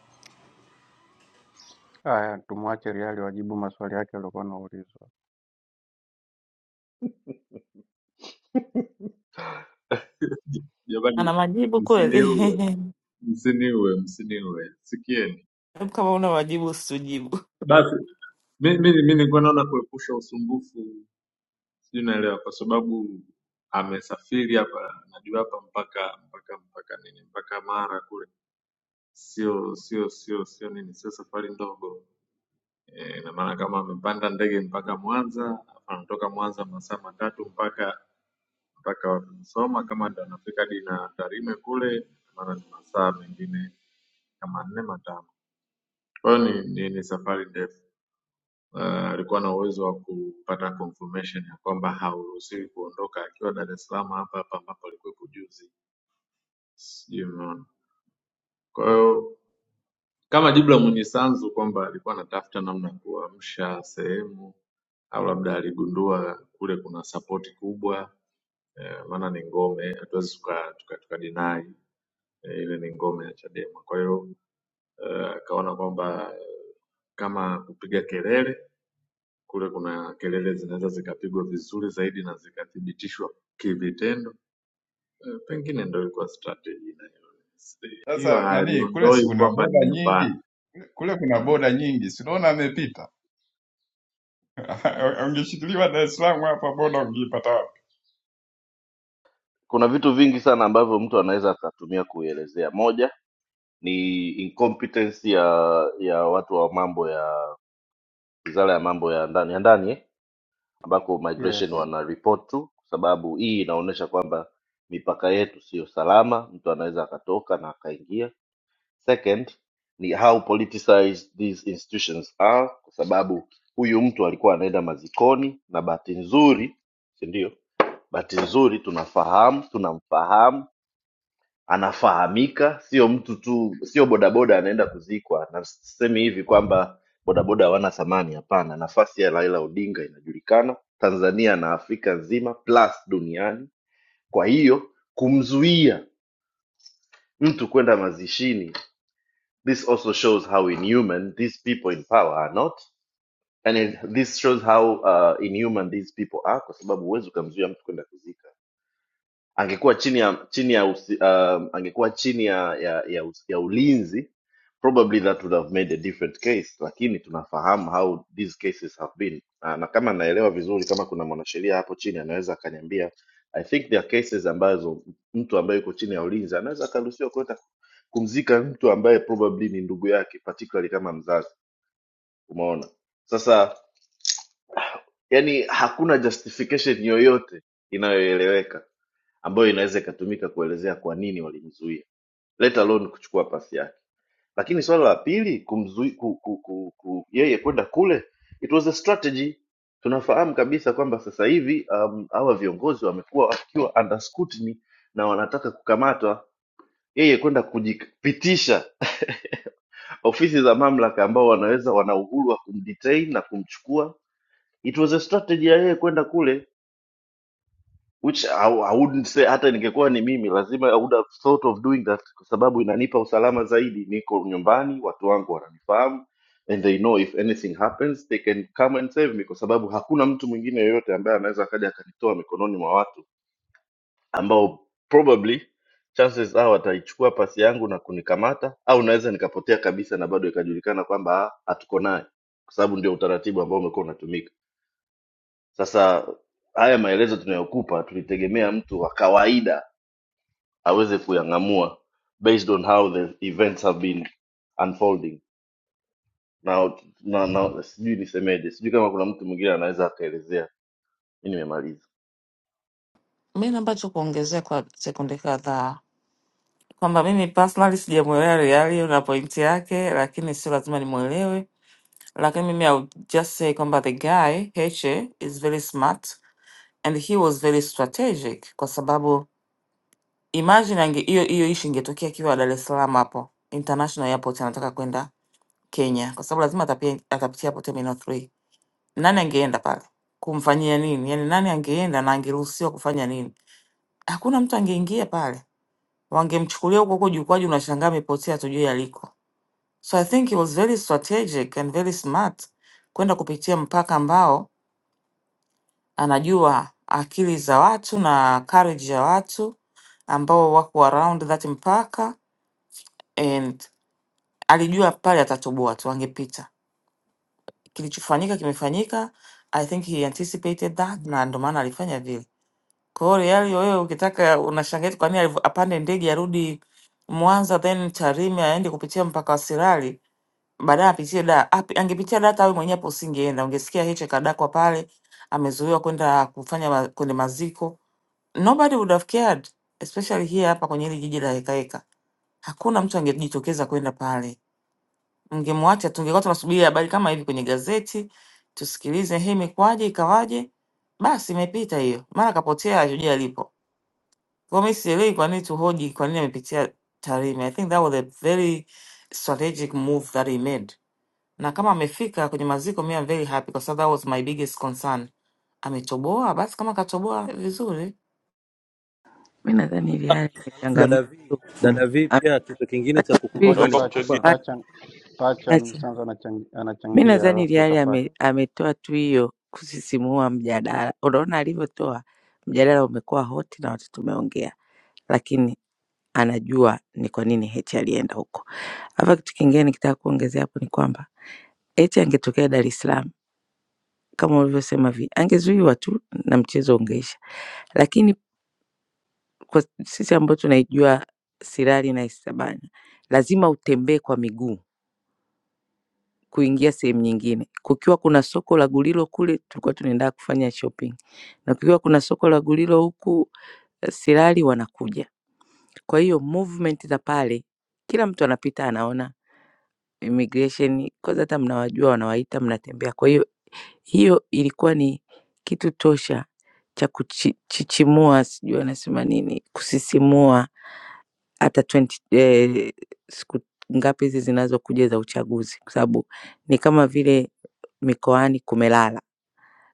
Haya, tumwache Riario ajibu maswali yake aliokuwa anaulizwa.
Ana
jamani
majibu kweli?
msiniue msiniue msiniue sikieni
<laughs> Hebu Kama una majibu usijibu.
basi mi mi- mi nilikuwa naona kuepusha usumbufu sijui naelewa kwa sababu amesafiri hapa najua hapa mpaka mpaka mpaka nini mpaka Mara kule sio sio sio sio nini sio safari ndogo e, na maana kama amepanda ndege mpaka Mwanza anatoka Mwanza masaa matatu mpaka mpaka wapi Musoma kama ndo anafika hadi na Tarime kule maana ni masaa mengine kama nne matano kwa hiyo ni, ni, ni safari ndefu ah, alikuwa uh, na uwezo wa kupata confirmation ya kwamba hauruhusiwi kuondoka akiwa Dar es Salaam hapa hapa ambapo alikuwepo juzi, sijui umeona. Kwa hiyo kama jibu la mwenye sanzu kwamba alikuwa anatafuta namna ya kuamsha sehemu au labda aligundua kule kuna sapoti kubwa eh, maana ni ngome, hatuwezi tuka, tuka, tuka deny eh, ile ni ngome ya Chadema. Kwa hiyo eh, akaona kwamba kama kupiga kelele kule kuna kelele zinaweza zikapigwa vizuri zaidi na zikathibitishwa kivitendo. Eh, Pengine ndo ilikuwa strategy na hiyo
Sasa nani kule, si
haliondoi
kuna
kwamba ni
boda
nyumbani.
nyingi kule, kuna
Mm,
boda nyingi, si unaona amepita. <laughs> Ungeshikiliwa Dar es Salaam hapa, boda ungeipata wapi?
kuna vitu vingi sana ambavyo mtu anaweza akatumia kuielezea moja ni incompetence ya ya watu wa mambo ya wizara ya mambo ya ndani ya ndani eh, ambako migration
Yes,
wana report tu kwa sababu hii inaonyesha kwamba mipaka yetu siyo salama mtu anaweza akatoka na akaingia Second ni how politicized these institutions are, kwa sababu huyu mtu alikuwa anaenda mazikoni, na bahati nzuri, si ndio? Bahati nzuri tunafahamu, tunamfahamu, anafahamika, sio mtu tu, sio bodaboda anaenda kuzikwa. Na sisemi hivi kwamba bodaboda hawana thamani, hapana. Nafasi ya Raila Odinga inajulikana Tanzania na Afrika nzima plus duniani. Kwa hiyo kumzuia mtu kwenda mazishini This also shows how inhuman these people in power are not, and it, this shows how uh, inhuman these people are, kwa sababu huwezi ukamzuia mtu kwenda kuzika. Angekuwa chini ya chini ya usi, um, angekuwa chini ya ya, ya, us- ya ulinzi probably that would have made a different case, lakini tunafahamu how these cases have been na, na kama naelewa vizuri, kama kuna mwanasheria hapo chini anaweza akaniambia, I think there are cases ambazo mtu ambaye yuko chini ya ulinzi anaweza akaruhusiwa kuleta kumzika mtu ambaye probably ni ndugu yake particularly kama mzazi umeona sasa yani hakuna justification yoyote inayoeleweka ambayo inaweza ikatumika kuelezea kwa nini walimzuia let alone kuchukua pasi yake lakini swala la pili kumzui, ku, ku, ku, ku, yeye kwenda kule it was a strategy tunafahamu kabisa kwamba sasa hivi um, hawa viongozi wamekuwa wakiwa under scrutiny na wanataka kukamatwa yeye kwenda kujipitisha ofisi za mamlaka ambao wanaweza wana uhuru wa kumdetain na kumchukua it was a strategy ya yeye kwenda kule which I, I wouldn't say hata ningekuwa ni mimi lazima I would have thought of doing that kwa sababu inanipa usalama zaidi niko nyumbani watu wangu wananifahamu and they know if anything happens they can come and save me kwa sababu hakuna mtu mwingine yoyote ambaye anaweza akaja akanitoa mikononi mwa watu ambao probably chances are wataichukua pasi yangu na kunikamata au naweza nikapotea kabisa na bado ikajulikana kwamba ah, hatuko naye kwa sababu ndio utaratibu ambao umekuwa unatumika sasa haya maelezo tunayokupa tulitegemea mtu wa kawaida aweze kuyang'amua based on how the events have been unfolding na, na, na sijui nisemeje sijui kama kuna mtu mwingine anaweza akaelezea mi nimemaliza
Mi nambacho kuongezea kwa sekunde kadhaa kwamba mimi personally sijamwelewa Riali na pointi yake, lakini sio lazima nimwelewe. Lakini mimi I would just say kwamba the guy Heche is very smart and he was very strategic kwa sababu Imagine ange hiyo hiyo ishi ingetokea akiwa Dar es Salaam hapo International Airport anataka kwenda Kenya kwa sababu lazima atapia, atapitia hapo Terminal 3. Nani angeenda pale? Kumfanyia nini? Yaani nani angeenda na angeruhusiwa kufanya nini? Hakuna mtu angeingia pale. Wangemchukulia huko huko jukwaji unashangaa amepotea tujui aliko. So I think he was very strategic and very smart kwenda kupitia mpaka ambao anajua akili za watu na courage ya watu ambao wako around that mpaka Alijua pale atatoboa tu, angepita. Kilichofanyika kimefanyika. I think he anticipated that, na ndio maana alifanya vile. Kwa hiyo Reali wewe ukitaka, unashangaa eti kwa nini aliv- apande ndege arudi Mwanza then Tarime aende kupitia mpaka wa Sirari baadaye apitie da api, angepitia da hata wewe mwenyewe hapo usingeenda, ungesikia hicho kadakwa pale, amezuiwa kwenda kufanya ma, kwenye maziko. Nobody would have cared, especially here hapa kwenye hili jiji la hekaheka. Hakuna mtu angejitokeza kwenda pale Mngemwacha, tungekuwa tunasubiri habari kama hivi kwenye gazeti, tusikilize, hii imekuwaje, ikawaje. Basi imepita hiyo, mara kapotea, hatujui alipo. Kwa mimi sielewi kwa nini tuhoji, kwa nini amepitia Tarime. I think that was a very strategic move that he made, na kama amefika kwenye maziko, mimi I'm very happy, kwa sababu that was my biggest concern. Ametoboa, basi kama katoboa vizuri.
Mi nadhani ile hali
Dada
imechangamsha
V,
tu mm.
dada V,
Am-
pia kitu kingine cha
acha subiri
kukumbuka
ngoja
kwa-
ni
naomba
pacha
kuchangia
kwamba
acha-
pacha pacha
acha.
Mnyisanzu anachangi-
Mi
anachangia,
nadhani ile
alafu
hali
utafuata.
ame- ametoa tu hiyo kusisimua mjadala. Unaona alivyotoa mjadala, umekuwa hoti na watu tumeongea lakini anajua ni kwa nini Heche alienda huko. Hapa kitu kingine nikitaka kuongezea hapo ni kwamba Heche angetokea Dar es Salaam kama ulivyosema vi, angezuiwa tu na mchezo ungeisha, lakini kwa sisi ambao tunaijua Sirari na Isabanya, lazima utembee kwa miguu kuingia sehemu nyingine. Kukiwa kuna soko la Gulilo kule tulikuwa tunaenda kufanya shopping, na kukiwa kuna soko la Gulilo huku eh, Sirari wanakuja. Kwa hiyo movement za pale, kila mtu anapita anaona immigration kwanza hata mnawajua wanawaita mnatembea kwa hiyo hiyo ilikuwa ni kitu tosha cha kuchichimua sijui wanasema nini kusisimua hata 20, eh, siku ngapi hizi zinazokuja za uchaguzi kwa sababu ni kama vile mikoani kumelala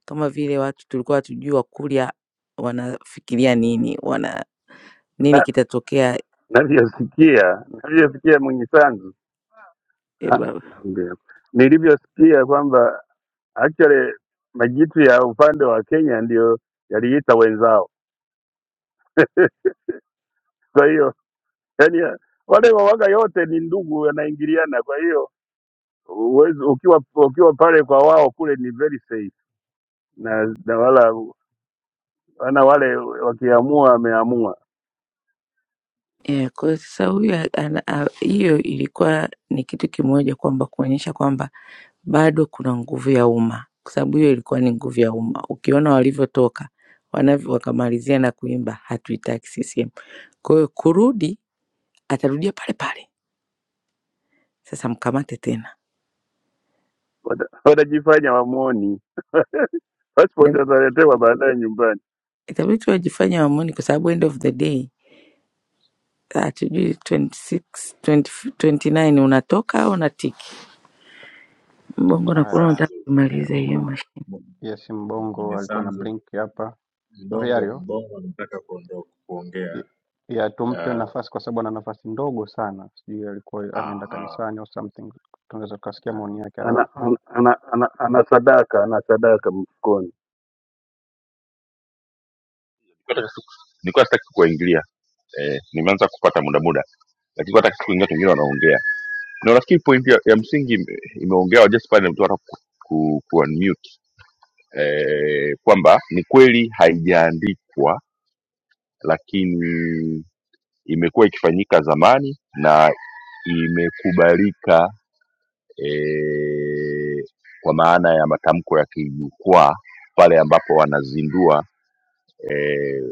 kama vile watu tulikuwa hatujui wakurya wanafikiria nini wana nini
na
kitatokea
navyosikia navyosikia Mwenyisanzu Ah,
eh,
ndio. Nilivyosikia kwamba actually majitu ya upande wa Kenya ndio yaliita wenzao. <laughs> Kwa hiyo yani, wale wawaga yote ni ndugu, wanaingiliana. Kwa hiyo uwezi, ukiwa ukiwa pale kwa wao kule ni very safe, na, na wala wana wale wakiamua wameamua,
Eh, kwa sasa huyu a- ana- a- hiyo ilikuwa ni kitu kimoja kwamba kuonyesha kwamba bado kuna nguvu ya umma, kwa sababu hiyo ilikuwa ni nguvu ya umma. Ukiona walivyotoka wanavyo, wakamalizia na kuimba hatuitaki CCM. Kwa hiyo kurudi, atarudia pale pale, sasa mkamate tena.
Wata- watajifanya wamuoni. Passport
Ita-
ataletewa baadaye nyumbani,
Itabidi tu wajifanye wamwoni, kwa sababu end of the day hatujui 26 20, 29 unatoka au unatiki. Mbongo
Haya.
nakuona unataka
Sanzu
ya
kumaliza hiyo
Mbongo,
mashine.
m-
yes,
m-
Mbongo
mwenye
alikuwa na
Sanzu
blink hapa
mbongo
Riario
mbongo anataka kuondoka kuongea.
ya ya tumpe
Uh,
nafasi kwa sababu ana nafasi ndogo sana, sijui alikuwa anaenda
aha,
kanisani au something. Tunaweza tukasikia
na,
maoni yake,
ana,
alafu
ana, ana, ana, ana sadaka ana sadaka mfukoni.
nilikuwa sitaki kuwaingilia eh, nimeanza kupata muda muda lakini hata kuingia wengine wanaongea na nafikiri point ya, ya msingi ime- imeongewa just pale mtu hata ku, ku, ku unmute eh, kwamba ni kweli haijaandikwa lakini imekuwa ikifanyika zamani na imekubalika eh, kwa maana ya matamko ya kijukwaa pale ambapo wanazindua eh,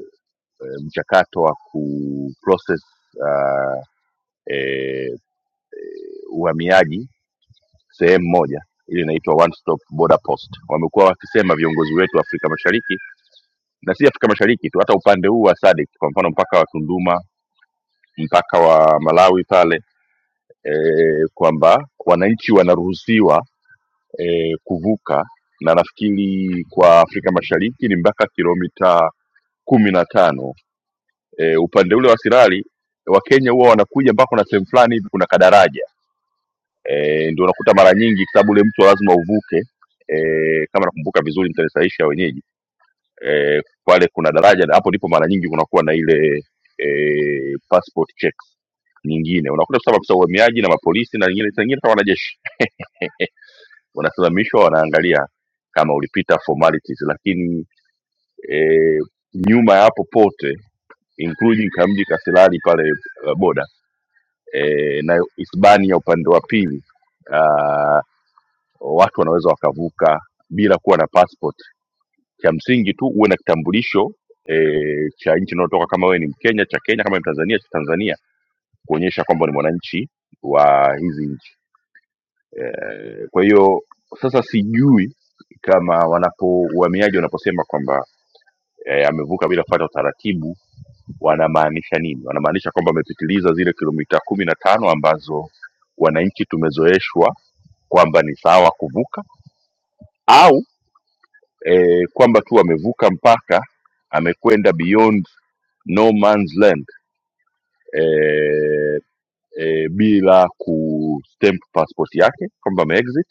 eh, mchakato wa ku process uh, eh, uhamiaji sehemu moja ile inaitwa one stop border post wamekuwa wakisema viongozi wetu wa afrika mashariki na si afrika mashariki tu hata upande huu wa sadik kwa mfano mpaka wa tunduma mpaka wa Malawi pale e, kwamba wananchi wanaruhusiwa e, kuvuka na nafikiri kwa Afrika Mashariki ni mpaka kilomita kumi na tano e, upande ule wa Sirari Wakenya huwa wanakuja mpaka kuna sehemu fulani hivi kuna kadaraja e, ndio unakuta mara nyingi, kwa sababu ule mto lazima uvuke e, kama nakumbuka vizuri, mtanisahisha wenyeji eh, pale kuna daraja na hapo ndipo mara nyingi kunakuwa na ile eh, passport checks nyingine unakuta sasa maafisa wa uhamiaji na mapolisi na nyingine saa nyingine hata wanajeshi <laughs> wanasimamishwa wanaangalia kama ulipita formalities lakini e, nyuma ya hapo pote including kamji kasilali pale eh, boda e, na Hispania upande wa pili ah, watu wanaweza wakavuka bila kuwa na passport cha msingi tu uwe na kitambulisho e, cha nchi unaotoka kama wewe ni mkenya cha kenya kama ni mtanzania cha tanzania kuonyesha kwamba ni mwananchi wa hizi nchi Eh, Kwa hiyo sasa sijui kama wanapo uhamiaji wanaposema kwamba eh, amevuka bila kufuata utaratibu wanamaanisha nini? Wanamaanisha kwamba amepitiliza zile kilomita kumi na tano ambazo wananchi tumezoeshwa kwamba ni sawa kuvuka, au e, kwamba tu amevuka mpaka amekwenda beyond no man's land eh, eh, bila kustamp passport yake kwamba ameexit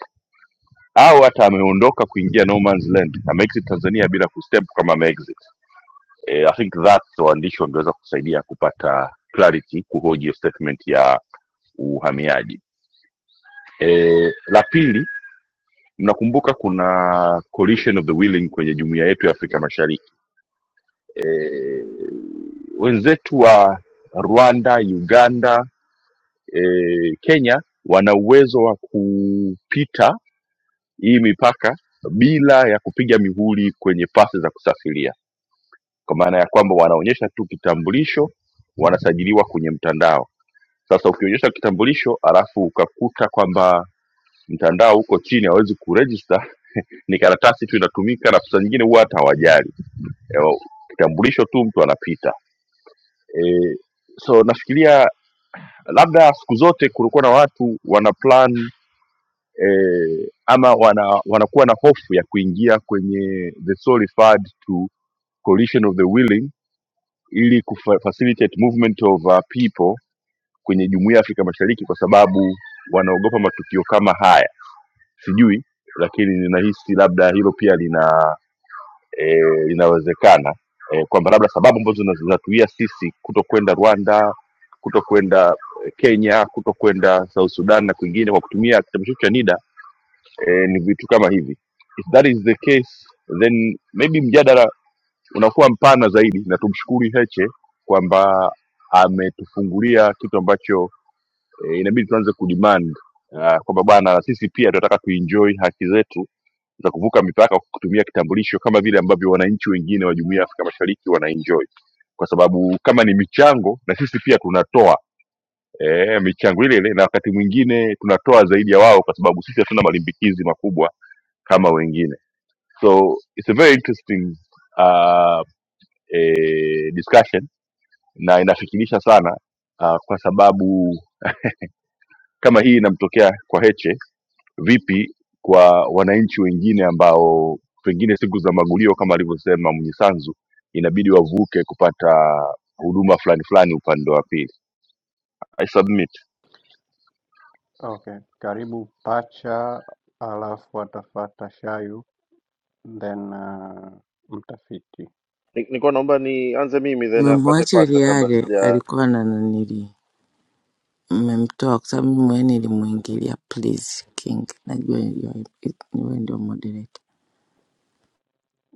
au hata ameondoka kuingia no man's land ameexit tanzania bila kustamp kama ameexit eh, i think that waandishi wangeweza kusaidia kupata clarity kuhoji hiyo statement ya uhamiaji eh, la pili mnakumbuka kuna coalition of the willing kwenye jumuiya yetu ya afrika mashariki eh, wenzetu wa rwanda uganda eh, Kenya wana uwezo wa kupita hii mipaka bila ya kupiga mihuri kwenye pasi za kusafiria, kwa maana ya kwamba wanaonyesha tu kitambulisho, wanasajiliwa kwenye mtandao. Sasa ukionyesha kitambulisho alafu ukakuta kwamba mtandao uko chini, hawezi kurejista ni karatasi tu inatumika, na saa nyingine huwa hata hawajali Eh, kitambulisho tu, mtu anapita e, so nafikiria labda siku zote kulikuwa na watu wana plan eh, ama wana wanakuwa na hofu ya kuingia kwenye the soul referred to coalition of the willing ili kufa- facilitate movement of uh, people kwenye jumuiya ya Afrika Mashariki kwa sababu wanaogopa matukio kama haya. Sijui, lakini ninahisi labda hilo pia lina e, linawezekana e, kwamba labda sababu ambazo zina- zinatuia sisi kuto kwenda Rwanda, kuto kwenda eh, Kenya, kuto kwenda South Sudan na kwingine kwa kutumia kitabu chetu cha NIDA e, ni vitu kama hivi if that is the case then maybe mjadala unakuwa mpana zaidi na tumshukuru heche kwamba ametufungulia kitu ambacho e, inabidi tuanze kudemand uh, kwamba bwana na sisi pia tunataka kuenjoy haki zetu za kuvuka mipaka kwa kutumia kitambulisho kama vile ambavyo wananchi wengine wa jumuiya ya afrika mashariki wanaenjoy kwa sababu kama ni michango na sisi pia tunatoa e, michango ile ile na wakati mwingine tunatoa zaidi ya wao kwa sababu sisi hatuna malimbikizi makubwa kama wengine So it's a very interesting uh, eh, discussion na inafikirisha sana uh, kwa sababu <laughs> kama hii inamtokea kwa Heche, vipi kwa wananchi wengine ambao pengine siku za magulio kama alivyosema Mnyisanzu inabidi wavuke kupata huduma fulani fulani upande wa pili. I submit.
okay, karibu pacha, alafu atafata shayu then uh, mtafiti.
Ni- nilikuwa naomba nianze mimi then afate
Mmemwacha
pacha kabla
Liare
sija
alikuwa na nanilii mmemtoa kwa sababu mimi mwenyewe nilimuingilia please king najua you are- ni wewe ndio moderator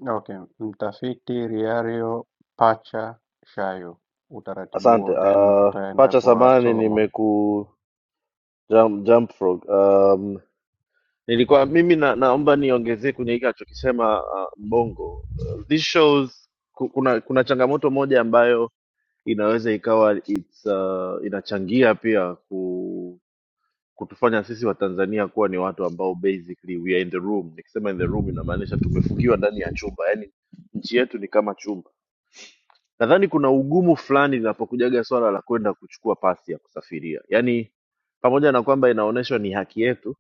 Okay, mtafiti Riario, pacha, shayu, utaratibu
Asante.
huo, then
Uh,
tutaenda
pacha
kwa
samani
Solomon.
nimeku jump, jump frog. Um, nilikuwa mimi na, naomba niongezee kwenye hiki alichokisema uh, Mbongo. Uh, this shows ku- kuna kuna changamoto moja ambayo inaweza ikawa it's, uh, inachangia pia ku, kutufanya sisi Watanzania kuwa ni watu ambao basically we are in the room. Nikisema in the room inamaanisha tumefungiwa ndani ya chumba, yaani nchi yetu ni kama chumba nadhani kuna ugumu fulani linapokujaga swala la kwenda kuchukua pasi ya kusafiria yaani pamoja na kwamba inaonyeshwa ni haki yetu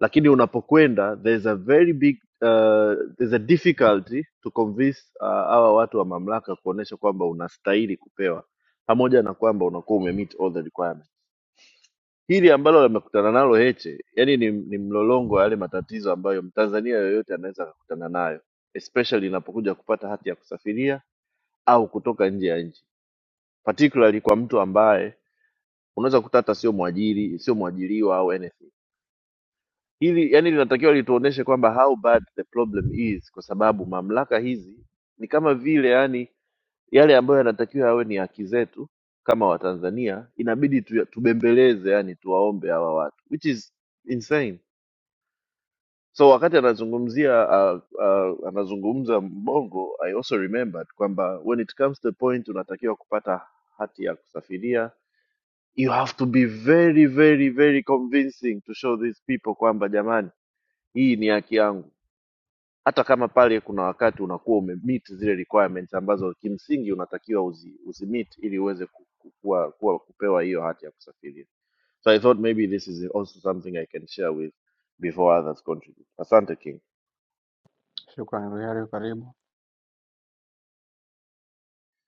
lakini unapokwenda there's a very big uh, there's a difficulty to convince uh, hawa watu wa mamlaka kuonyesha kwamba unastahili kupewa pamoja na kwamba unakuwa umemeet all the requirements hili ambalo limekutana nalo heche yani ni, ni mlolongo wa yale matatizo ambayo mtanzania yoyote anaweza akakutana nayo especially inapokuja kupata hati ya kusafiria au kutoka nje ya nchi particularly kwa mtu ambaye unaweza kukuta hata sio mwajiri sio mwajiriwa au anything hili yani linatakiwa lituoneshe kwamba how bad the problem is kwa sababu mamlaka hizi ni kama vile yani yale ambayo yanatakiwa yawe ni haki zetu kama watanzania inabidi tu, tubembeleze yani tuwaombe hawa watu which is insane so wakati anazungumzia uh, uh, anazungumza mbongo i also remembered kwamba when it comes to the point unatakiwa kupata hati ya kusafiria you have to be very very very convincing to show these people kwamba jamani hii ni haki yangu hata kama pale kuna wakati unakuwa umemeet zile requirements ambazo kimsingi unatakiwa uzi, uzimeet ili uweze ku- ku- kuwa, kuwa kupewa hiyo hati ya kusafiria so i thought maybe this is also something i can share with before others contribute asante king
Shukrani Riario, karibu.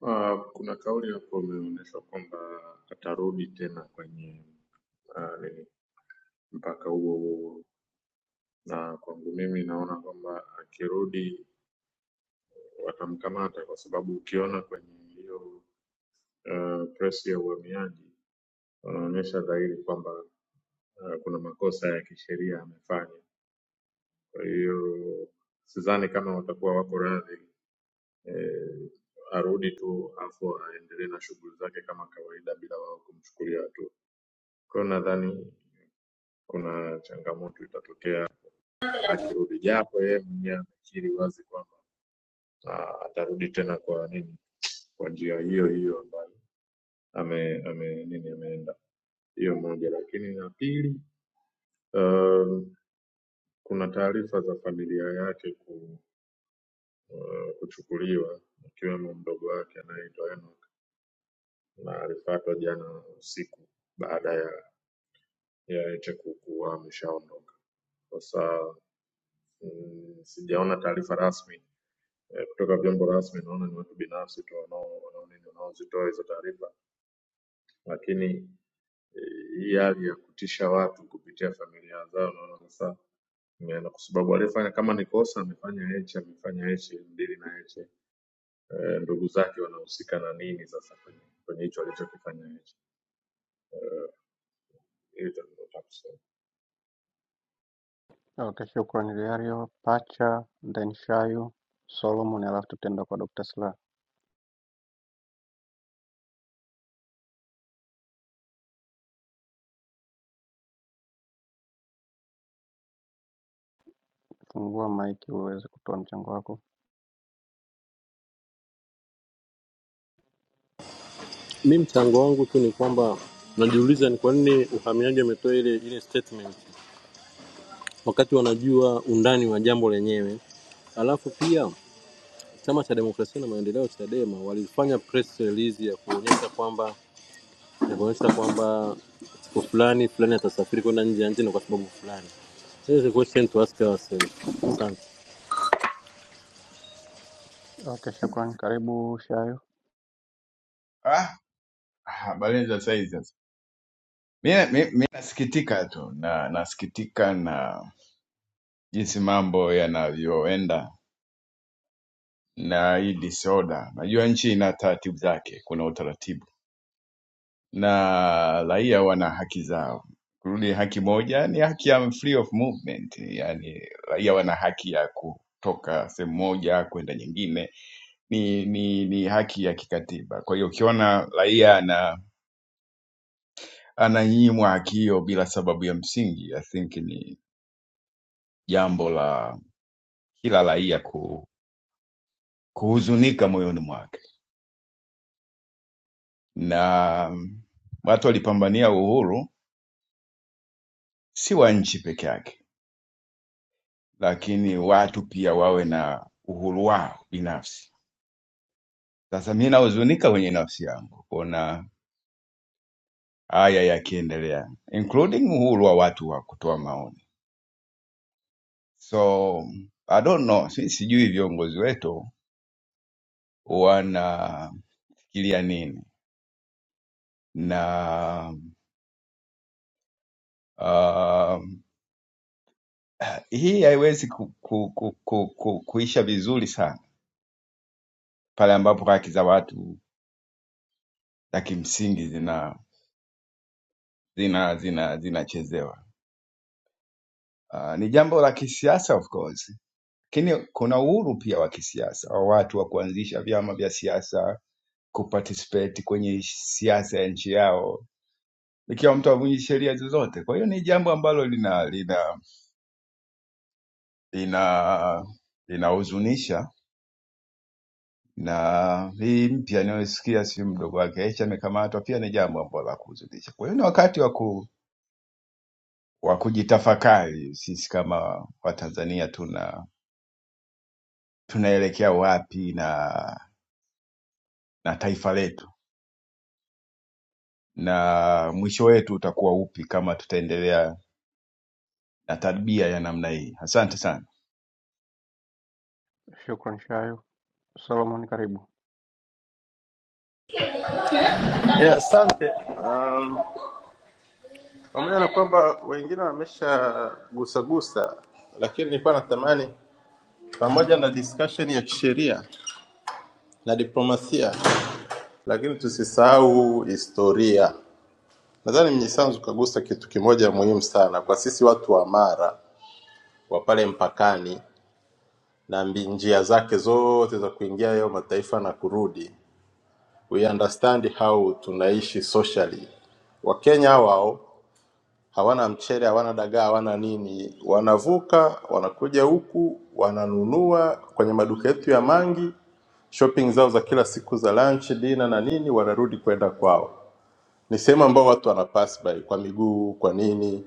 uh, kuna kauli hapo imeonyeshwa kwamba atarudi tena kwenye uh, nini mpaka huo huo na kwangu mimi naona kwamba akirudi watamkamata kwa sababu ukiona kwenye hiyo uh, press ya uhamiaji wanaonyesha dhahiri kwamba uh, kuna makosa ya kisheria amefanya. Kwa hiyo sidhani kama watakuwa wako radhi eh, arudi tu afu aendelee na shughuli zake kama kawaida bila wao kumchukulia hatua. Kwa hiyo nadhani kuna changamoto itatokea akirudi, japo yeye mwenyewe amekiri wazi kwamba na atarudi tena kwa nini kwa njia hiyo hiyo ambayo ame, ame nini ameenda hiyo moja lakini ya pili um, kuna taarifa za familia yake ku, uh, kuchukuliwa ikiwemo mdogo wake anayeitwa Enoch na alifatwa jana usiku baada ya ya Heche ku- kuwa ameshaondoka sasa mm, sijaona taarifa rasmi eh, kutoka vyombo rasmi. Naona ni watu binafsi tu wanao wanao nini wanaozitoa hizo taarifa, lakini hii hali ya kutisha watu kupitia familia zao, naona sasa imeenda kwa sababu aliyefanya kama ni kosa amefanya Heche, amefanya Heche, mdili na Heche, Eh, ndugu zake wanahusika na nini sasa kwenye kwenye hicho alichokifanya Heche? Hilo ndio nataka kusema.
Okay, shukrani Liario, Pacha, then Shayu, Solomon, alafu tutaenda kwa Dr. Sla. Fungua maiki uweze kutoa mchango wako.
mi mchango wangu tu ni kwamba najiuliza ni kwa nini uhamiaji ametoa ile ile statement wakati wanajua undani wa jambo lenyewe. Alafu pia chama cha demokrasia na maendeleo Chadema walifanya press release ya kuonyesha kwamba ya kuonyesha kwamba siku fulani fulani atasafiri kwenda nje ya nchi na kwa sababu fulani. There is a question to ask ourselves. Asante.
Okay, shukrani. Karibu Shayu.
Ah, ah, Balenza sasa hizi sasa. Mimi mi- mi nasikitika tu na nasikitika na jinsi mambo yanavyoenda na hii disorder. Najua nchi ina taratibu zake, kuna utaratibu na raia wana haki zao. Kurudi haki moja ni haki ya free of movement, yani raia wana haki ya kutoka sehemu moja kwenda nyingine, ni, ni, ni haki ya kikatiba. Kwa hiyo ukiona raia ana ananyimwa haki hiyo bila sababu ya msingi, I think ni jambo la kila raia ku, kuhuzunika moyoni mwake, na watu walipambania uhuru si wa nchi peke yake lakini watu pia wawe na uhuru wao binafsi. Sasa mi nahuzunika kwenye nafsi yangu kuona haya yakiendelea, including uhuru wa watu wa kutoa maoni. So I don't know, si sijui viongozi wetu wanafikiria nini na uh, hii haiwezi ku, ku, ku, ku, ku, kuisha vizuri sana pale ambapo haki za watu za kimsingi zina zina zina zinachezewa. Uh, ni jambo la kisiasa of course, lakini kuna uhuru pia wa kisiasa wa watu wa kuanzisha vyama vya siasa, kuparticipate kwenye siasa ya nchi yao ikiwa mtu avunji sheria zozote. Kwa hiyo ni jambo ambalo lina lina lina linahuzunisha na hii mpya inayosikia si mdogo wake Aisha amekamatwa pia ni jambo ambalo la kuhuzunisha. Kwa hiyo ni wakati wa ku wa kujitafakari sisi kama Watanzania tuna tunaelekea wapi na na taifa letu na mwisho wetu utakuwa upi kama tutaendelea na tabia ya namna hii. Asante sana.
Shukrani Shayu. Solomon, karibu.
Yeah, asante. Um, pamoja na kwamba wengine wameshagusagusa, lakini nilikuwa natamani pamoja na discussion ya kisheria na diplomasia, lakini tusisahau historia. Nadhani Mnyisanzu kagusa kitu kimoja muhimu sana kwa sisi watu wa Mara wa pale mpakani na mbi- njia zake zote za kuingia hayo mataifa na kurudi. We understand how tunaishi socially. Wakenya wao hawana mchele, hawana dagaa, hawana nini. Wanavuka wanakuja huku wananunua kwenye maduka yetu ya Mangi, shopping zao za kila siku za lunch, dinner na nini, wanarudi kwenda kwao. Ni sehemu ambao watu wana pass by kwa miguu, kwa nini,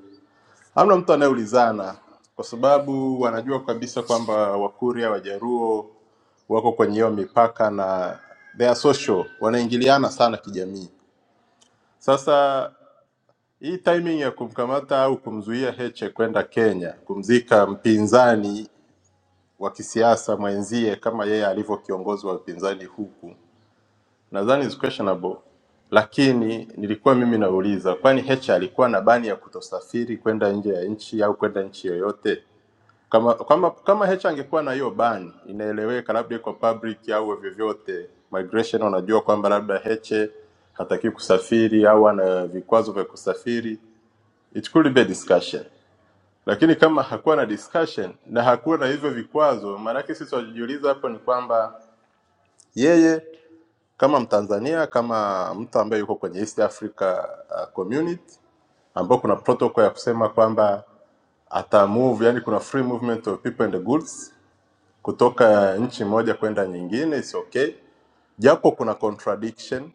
hamna mtu anayeulizana kwa sababu wanajua kabisa kwamba Wakuria, Wajaruo wako kwenye hiyo mipaka na they are social, wanaingiliana sana kijamii. Sasa hii timing ya kumkamata au kumzuia Heche kwenda Kenya kumzika mpinzani wa kisiasa mwenzie kama yeye alivyo kiongozi wa upinzani huku, nadhani is questionable, lakini nilikuwa mimi nauliza, kwani Heche alikuwa na bani ya kutosafiri kwenda nje ya nchi au kwenda nchi yoyote? Kama kama kama Heche angekuwa na hiyo bani, inaeleweka, labda iko public au vyovyote migration, unajua kwamba labda Heche hataki kusafiri au ana vikwazo vya kusafiri it could be a discussion lakini kama hakuwa na discussion na hakuwa na hivyo vikwazo maanake sisi tunajiuliza hapo ni kwamba yeye kama mtanzania kama mtu ambaye yuko kwenye east africa uh, community ambao kuna protocol ya kusema kwamba ata move yani kuna free movement of people and the goods kutoka nchi moja kwenda nyingine is okay japo kuna contradiction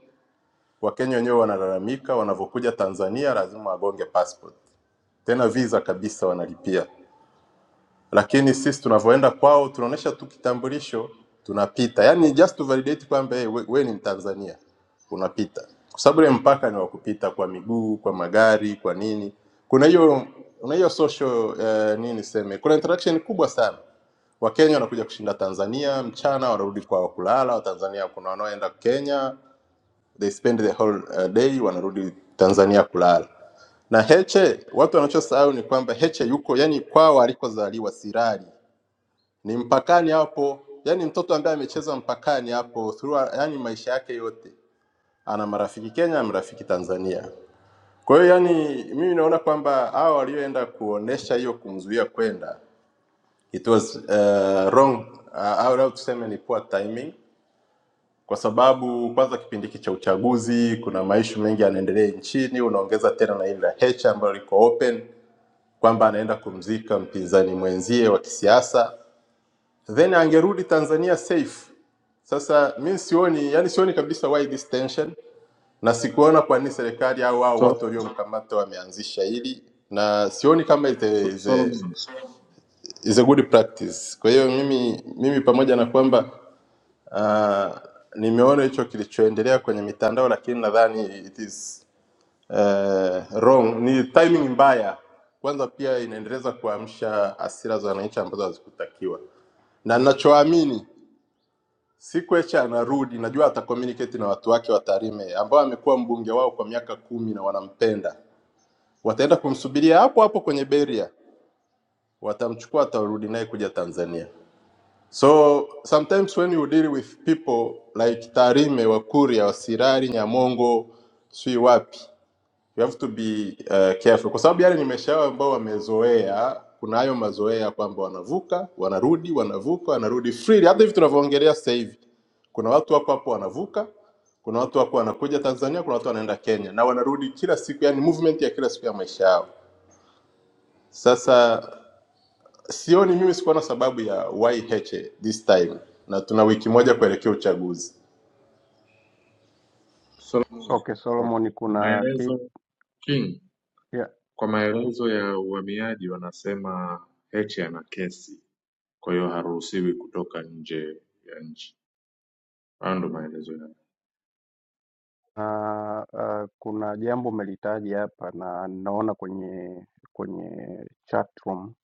wakenya wenyewe wanalalamika wanavyokuja tanzania lazima wagonge passport tena visa kabisa wanalipia lakini sisi tunavyoenda kwao tunaonesha tu kitambulisho tunapita yani just to validate kwamba hey, we, we ni mtanzania unapita kwa sababu ile mpaka ni wa kupita kwa miguu kwa magari kwa nini kuna hiyo kuna hiyo social eh, nini seme kuna interaction kubwa sana wakenya wanakuja kushinda tanzania mchana wanarudi kwao kulala watanzania kuna wanaoenda kenya they spend the whole uh, day wanarudi Tanzania kulala. Na Heche watu wanachosahau ni kwamba Heche yuko yani kwao alikozaliwa Sirari ni mpakani hapo, yani mtoto ambaye amecheza mpakani hapo throughout, yani maisha yake yote ana marafiki Kenya, marafiki Tanzania. Kwa hiyo yani mimi naona kwamba hao walioenda kuonesha hiyo kumzuia kwenda it was uh, wrong uh, au au tuseme ni poor timing kwa sababu kwanza kipindi hiki cha uchaguzi kuna maishu mengi yanaendelea nchini. Unaongeza tena na ile la Heche ambayo liko open kwamba anaenda kumzika mpinzani mwenzie wa kisiasa, then angerudi Tanzania safe. Sasa mi sioni, yani sioni kabisa why this tension, na sikuona kwa nini serikali au au
Sol-
watu waliomkamata wameanzisha hili, na sioni kama is a,
Sol-
is a,
Solomon,
is a good practice. Kwa hiyo mimi, mimi pamoja na kwamba Uh, nimeona hicho kilichoendelea kwenye mitandao, lakini nadhani it is uh, wrong. Ni timing mbaya. Kwanza pia inaendeleza kuamsha hasira za wananchi ambazo hazikutakiwa, na ninachoamini siku Heche anarudi, najua ata communicate na watu wake wa Tarime ambao amekuwa mbunge wao kwa miaka kumi na wanampenda, wataenda kumsubiria hapo hapo kwenye beria, watamchukua, atarudi naye kuja Tanzania. So sometimes when you deal with people like Tarime, Wakuria, Wasirari, Nyamongo, sijui wapi, you have to be uh, careful kwa sababu yale ni maisha yao ambao wamezoea. Kuna hayo mazoea kwamba wanavuka, wanarudi, wanavuka, wanarudi freely. Hata hivi tunavyoongelea sasa hivi, kuna watu wako hapo wanavuka, kuna watu wako wanakuja Tanzania, kuna watu wanaenda Kenya na wanarudi kila siku, yani movement ya kila siku ya maisha yao. Sasa Sioni mimi sikuwa na sababu ya why Heche this time, na tuna wiki moja kuelekea uchaguzi.
Solomon,
Okay,
kwa
Solomon, kuna ki...
maelezo King,
yeah.
kwa maelezo ya uhamiaji wanasema Heche ana kesi, kwa hiyo haruhusiwi kutoka nje ya nchi. Hayo ndio maelezo yao.
Ah, ah, kuna jambo umelitaji hapa na naona kwenye kwenye chat room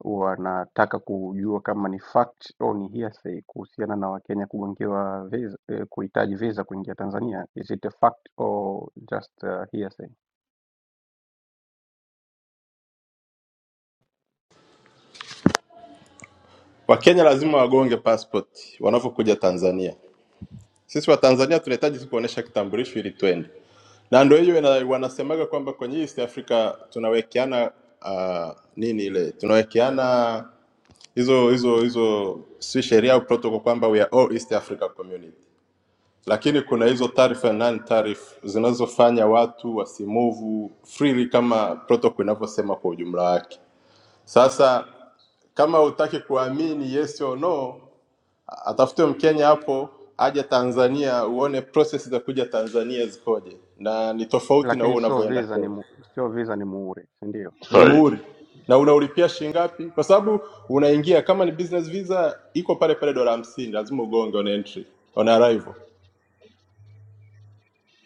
wanataka kujua kama ni fact au ni hearsay kuhusiana na Wakenya kugongewa visa, eh, kuhitaji visa kuingia Tanzania. Is it a fact or just uh, hearsay?
Wakenya lazima wagonge passport wanavyokuja Tanzania. Sisi Watanzania tunahitaji tu kuonesha kitambulisho ili twende, na ndio hiyo ina- wanasemaga kwamba kwenye East Africa tunawekeana uh, nini ile tunawekeana hizo hizo hizo si sheria au protocol kwamba we are all East Africa community. lakini kuna hizo taarifa nani taarifa zinazofanya watu wasimuvu freely kama protocol inavyosema kwa ujumla wake. Sasa kama hutaki kuamini yes or no, atafute Mkenya hapo aje Tanzania uone process za kuja Tanzania zikoje, na ni tofauti na huo
Lakini sio
unavyoenda
visa ni
Kenya.
mu, sio visa ni muhuri, si ndio?
Ni
Sorry.
muhuri na unaulipia shilingi ngapi? Kwa sababu unaingia kama ni business visa iko pale pale dola hamsini, lazima ugonge on entry, on arrival.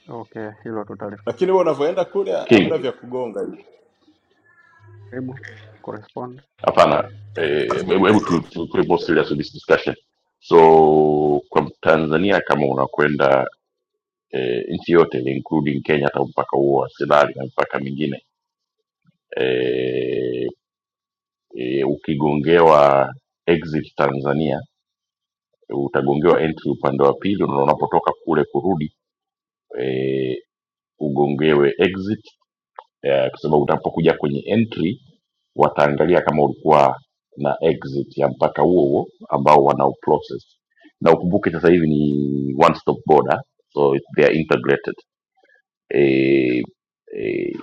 Okay, hilo tutalif-
lakini wewe unavyoenda kule
King.
hamna vya kugonga hivi.
jaribu correspond.
hapana eh, hebu hebu tu- tukuwe more serious with this discussion so kwa tanzania kama unakwenda eh, nchi yote including kenya hata mpaka huo wa silali na mpaka mingine eh, eh, ukigongewa exit tanzania utagongewa entry upande wa pili na unapotoka kule kurudi eh, ugongewe exit eh, kwa sababu utapokuja kwenye entry wataangalia kama ulikuwa na exit ya mpaka huo huo ambao wanao process na ukumbuke sasa hivi ni one stop border so it- they are integrated e, e,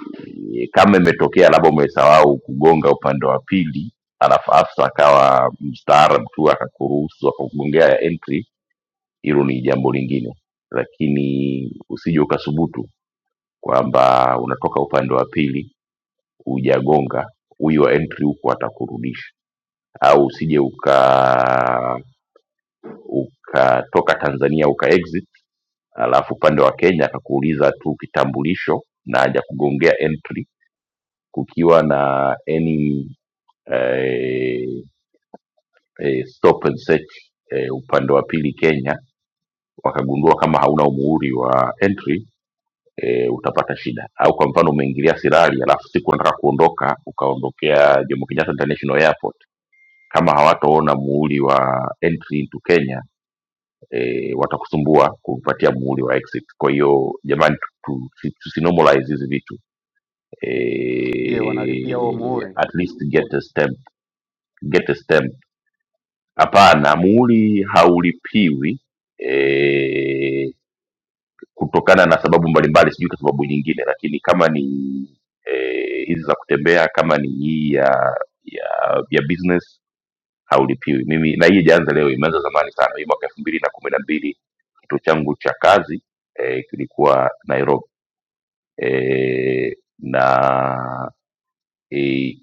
kama imetokea labda umesahau kugonga upande wa pili alafu afsa akawa mstaarab tu akakuruhusu akakugongea ya entry hilo ni jambo lingine lakini usije ukasubutu kwamba unatoka upande wa pili hujagonga huyu wa entry huku atakurudisha au usije uka ukatoka Tanzania uka exit alafu upande wa Kenya akakuuliza tu kitambulisho na hajakugongea entry, kukiwa na any eh, eh, stop and search eh, upande wa pili Kenya, wakagundua kama hauna umuhuri wa entry e, utapata shida. Au kwa mfano umeingilia Sirari alafu siku unataka kuondoka ukaondokea Jomo Kenyatta International Airport, kama hawataona muhuri wa entry into Kenya e, watakusumbua kumpatia muhuri wa exit. Kwa hiyo jamani, tu- tu- tusinormalize hizi vitu
Je, wanalipia huo
e,
muhuri?
at least get a stamp, get a stamp. Hapana, muhuri haulipiwi e, kutokana na sababu mbalimbali, sijui kwa sababu nyingine, lakini kama ni eh, hizi e, za kutembea, kama ni hii ya ya, ya business haulipiwi. Mimi na hii ijaanza leo, imeanza zamani sana, hii mwaka elfu mbili na kumi na mbili Kituo changu cha kazi eh, kilikuwa Nairobi eh, na eh,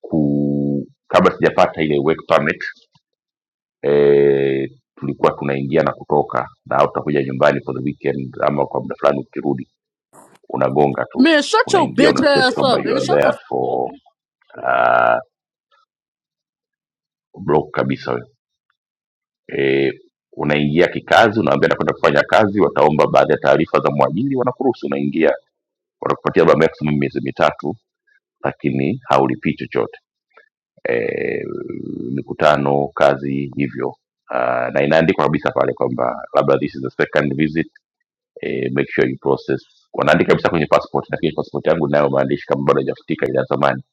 ku, kabla sijapata ile work permit eh, tulikuwa tunaingia na kutoka na au tutakuja nyumbani for the weekend ama kwa muda fulani ukirudi unagonga tu
Man, shut your
unaingia
bitch
una state
ass
kwamba
up,
you
nigga.
are
Shut the
there for uh, block kabisa eh, unaingia kikazi unaambia nakwenda kufanya kazi wataomba baadhi ya taarifa za mwajiri wanakuruhusu unaingia wanakupatia labda maximum miezi mitatu lakini haulipii chochote e, mikutano kazi hivyo uh, na inaandikwa kabisa pale kwamba labda this is the second visit eh, make sure you process wanaandika kabisa kwenye passport lakini passport yangu nayo maandishi kama bado hajafutika ile ya zamani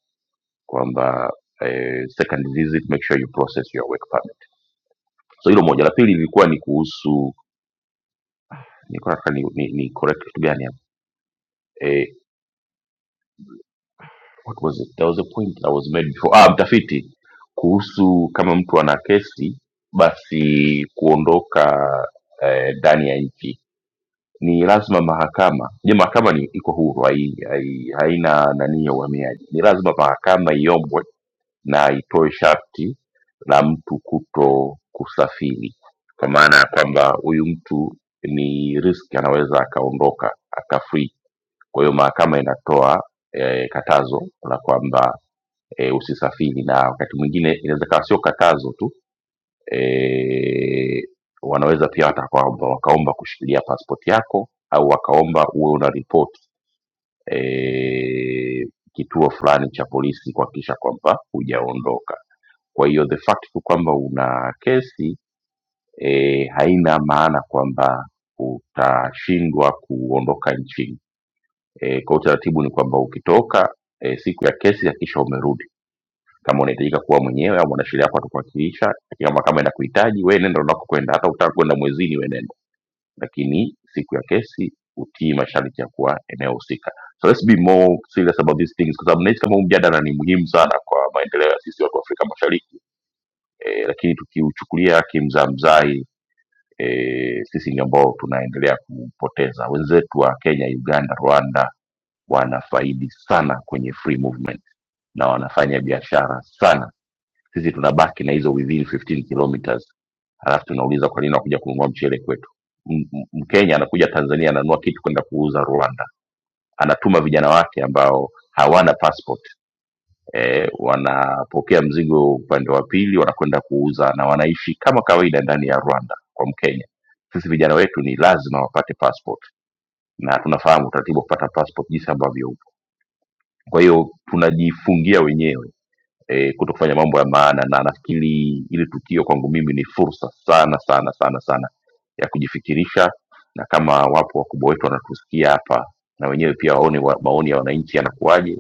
kwamba eh, second visit make sure you process your work permit so hilo moja la pili lilikuwa ni kuhusu nilikuwa nataka ni, ni, ni correct kitu gani hapo Eh, what was it there was a point that was made before ah, mtafiti kuhusu kama mtu ana kesi basi kuondoka eh, ndani ya nchi ni lazima mahakama je mahakama ni iko huru hai, hai, haina nani ya uhamiaji ni lazima mahakama iombwe na itoe sharti la mtu kuto kusafiri kwa maana ya kwamba huyu mtu ni risk anaweza akaondoka akafrii kwa hiyo mahakama inatoa eh, katazo la kwamba e, usisafiri na wakati mwingine inaweza kawa sio katazo tu e, wanaweza pia hata kwamba wakaomba kushikilia pasipoti yako au wakaomba uwe una ripoti e, kituo fulani cha polisi kuhakikisha kwamba hujaondoka kwa hiyo the fact tu kwamba una kesi e, haina maana kwamba utashindwa kuondoka nchini e, kwa utaratibu ni kwamba ukitoka e, siku ya kesi hakikisha umerudi kama unahitajika kuwa mwenyewe au mwanasheria wako atakuwakilisha lakini kama mahakama inakuhitaji wewe nenda unakokwenda hata utaka kwenda mwezini wewe nenda lakini siku ya kesi utii masharti ya kuwa eneo husika so let's be more serious about these things kwa sababu nahisi kama huu mjadala ni muhimu sana kwa maendeleo ya sisi watu wa Afrika Mashariki e, lakini tukiuchukulia kimzamzai e, sisi ni ambao tunaendelea kupoteza wenzetu wa Kenya Uganda Rwanda wanafaidi sana kwenye free movement na wanafanya biashara sana sisi tunabaki na hizo within 15 kilometers alafu tunauliza kwa nini unakuja kununua mchele kwetu M- m- mkenya anakuja tanzania ananunua kitu kwenda kuuza rwanda anatuma vijana wake ambao hawana passport e, wanapokea mzigo upande wa pili wanakwenda kuuza na wanaishi kama kawaida ndani ya rwanda kwa mkenya sisi vijana wetu ni lazima wapate passport na tunafahamu utaratibu wa kupata passport jinsi ambavyo upo kwa hiyo tunajifungia wenyewe e, kuto kufanya mambo ya maana na nafikiri ili tukio kwangu mimi ni fursa sana sana sana sana ya kujifikirisha na kama wapo wakubwa wetu wanatusikia hapa na wenyewe pia waone wa, maoni ya wananchi yanakuwaje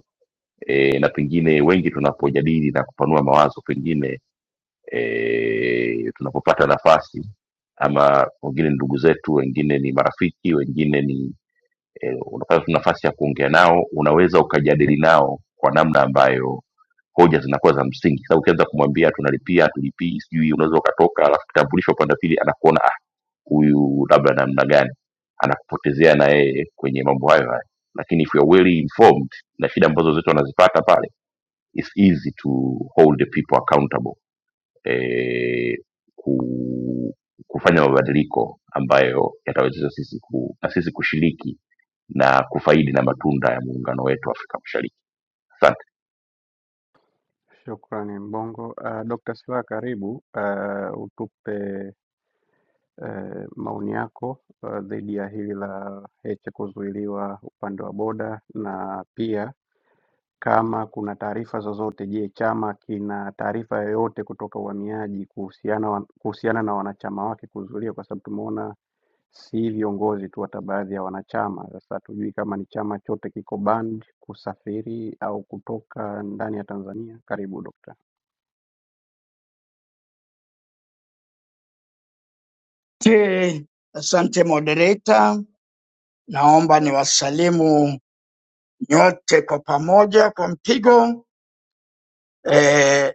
e, na pengine wengi tunapojadili na kupanua mawazo pengine e, tunapopata nafasi ama wengine ni ndugu zetu wengine ni marafiki wengine ni e, unapata tu nafasi ya kuongea nao unaweza ukajadili nao kwa namna ambayo hoja zinakuwa za msingi sasa ukianza kumwambia tunalipia tulipii sijui unaweza ukatoka alafu kitambulisho upande wa pili anakuona ah huyu labda namna gani anakupotezea na yeye kwenye mambo hayo hayo lakini if you are well informed na shida ambazo zote wanazipata pale it's easy to hold the people accountable eh, ku, kufanya mabadiliko ambayo yatawezesha sisi ku, na sisi kushiriki na kufaidi na matunda ya muungano wetu wa afrika mashariki asante
Shukrani Mbongo. Uh, Dr. Silaa karibu uh, utupe uh, maoni yako uh, dhidi ya hili la Heche kuzuiliwa upande wa boda na pia kama kuna taarifa zozote. Je, chama kina taarifa yoyote kutoka uhamiaji kuhusiana, wa- kuhusiana na wanachama wake kuzuiliwa? Kwa sababu tumeona si viongozi tu, hata baadhi ya wanachama. Sasa hatujui kama ni chama chote kiko banned kusafiri au kutoka ndani ya Tanzania. Karibu dokta.
Asante, asante moderator. Naomba niwasalimu nyote kwa pamoja kwa mpigo. E,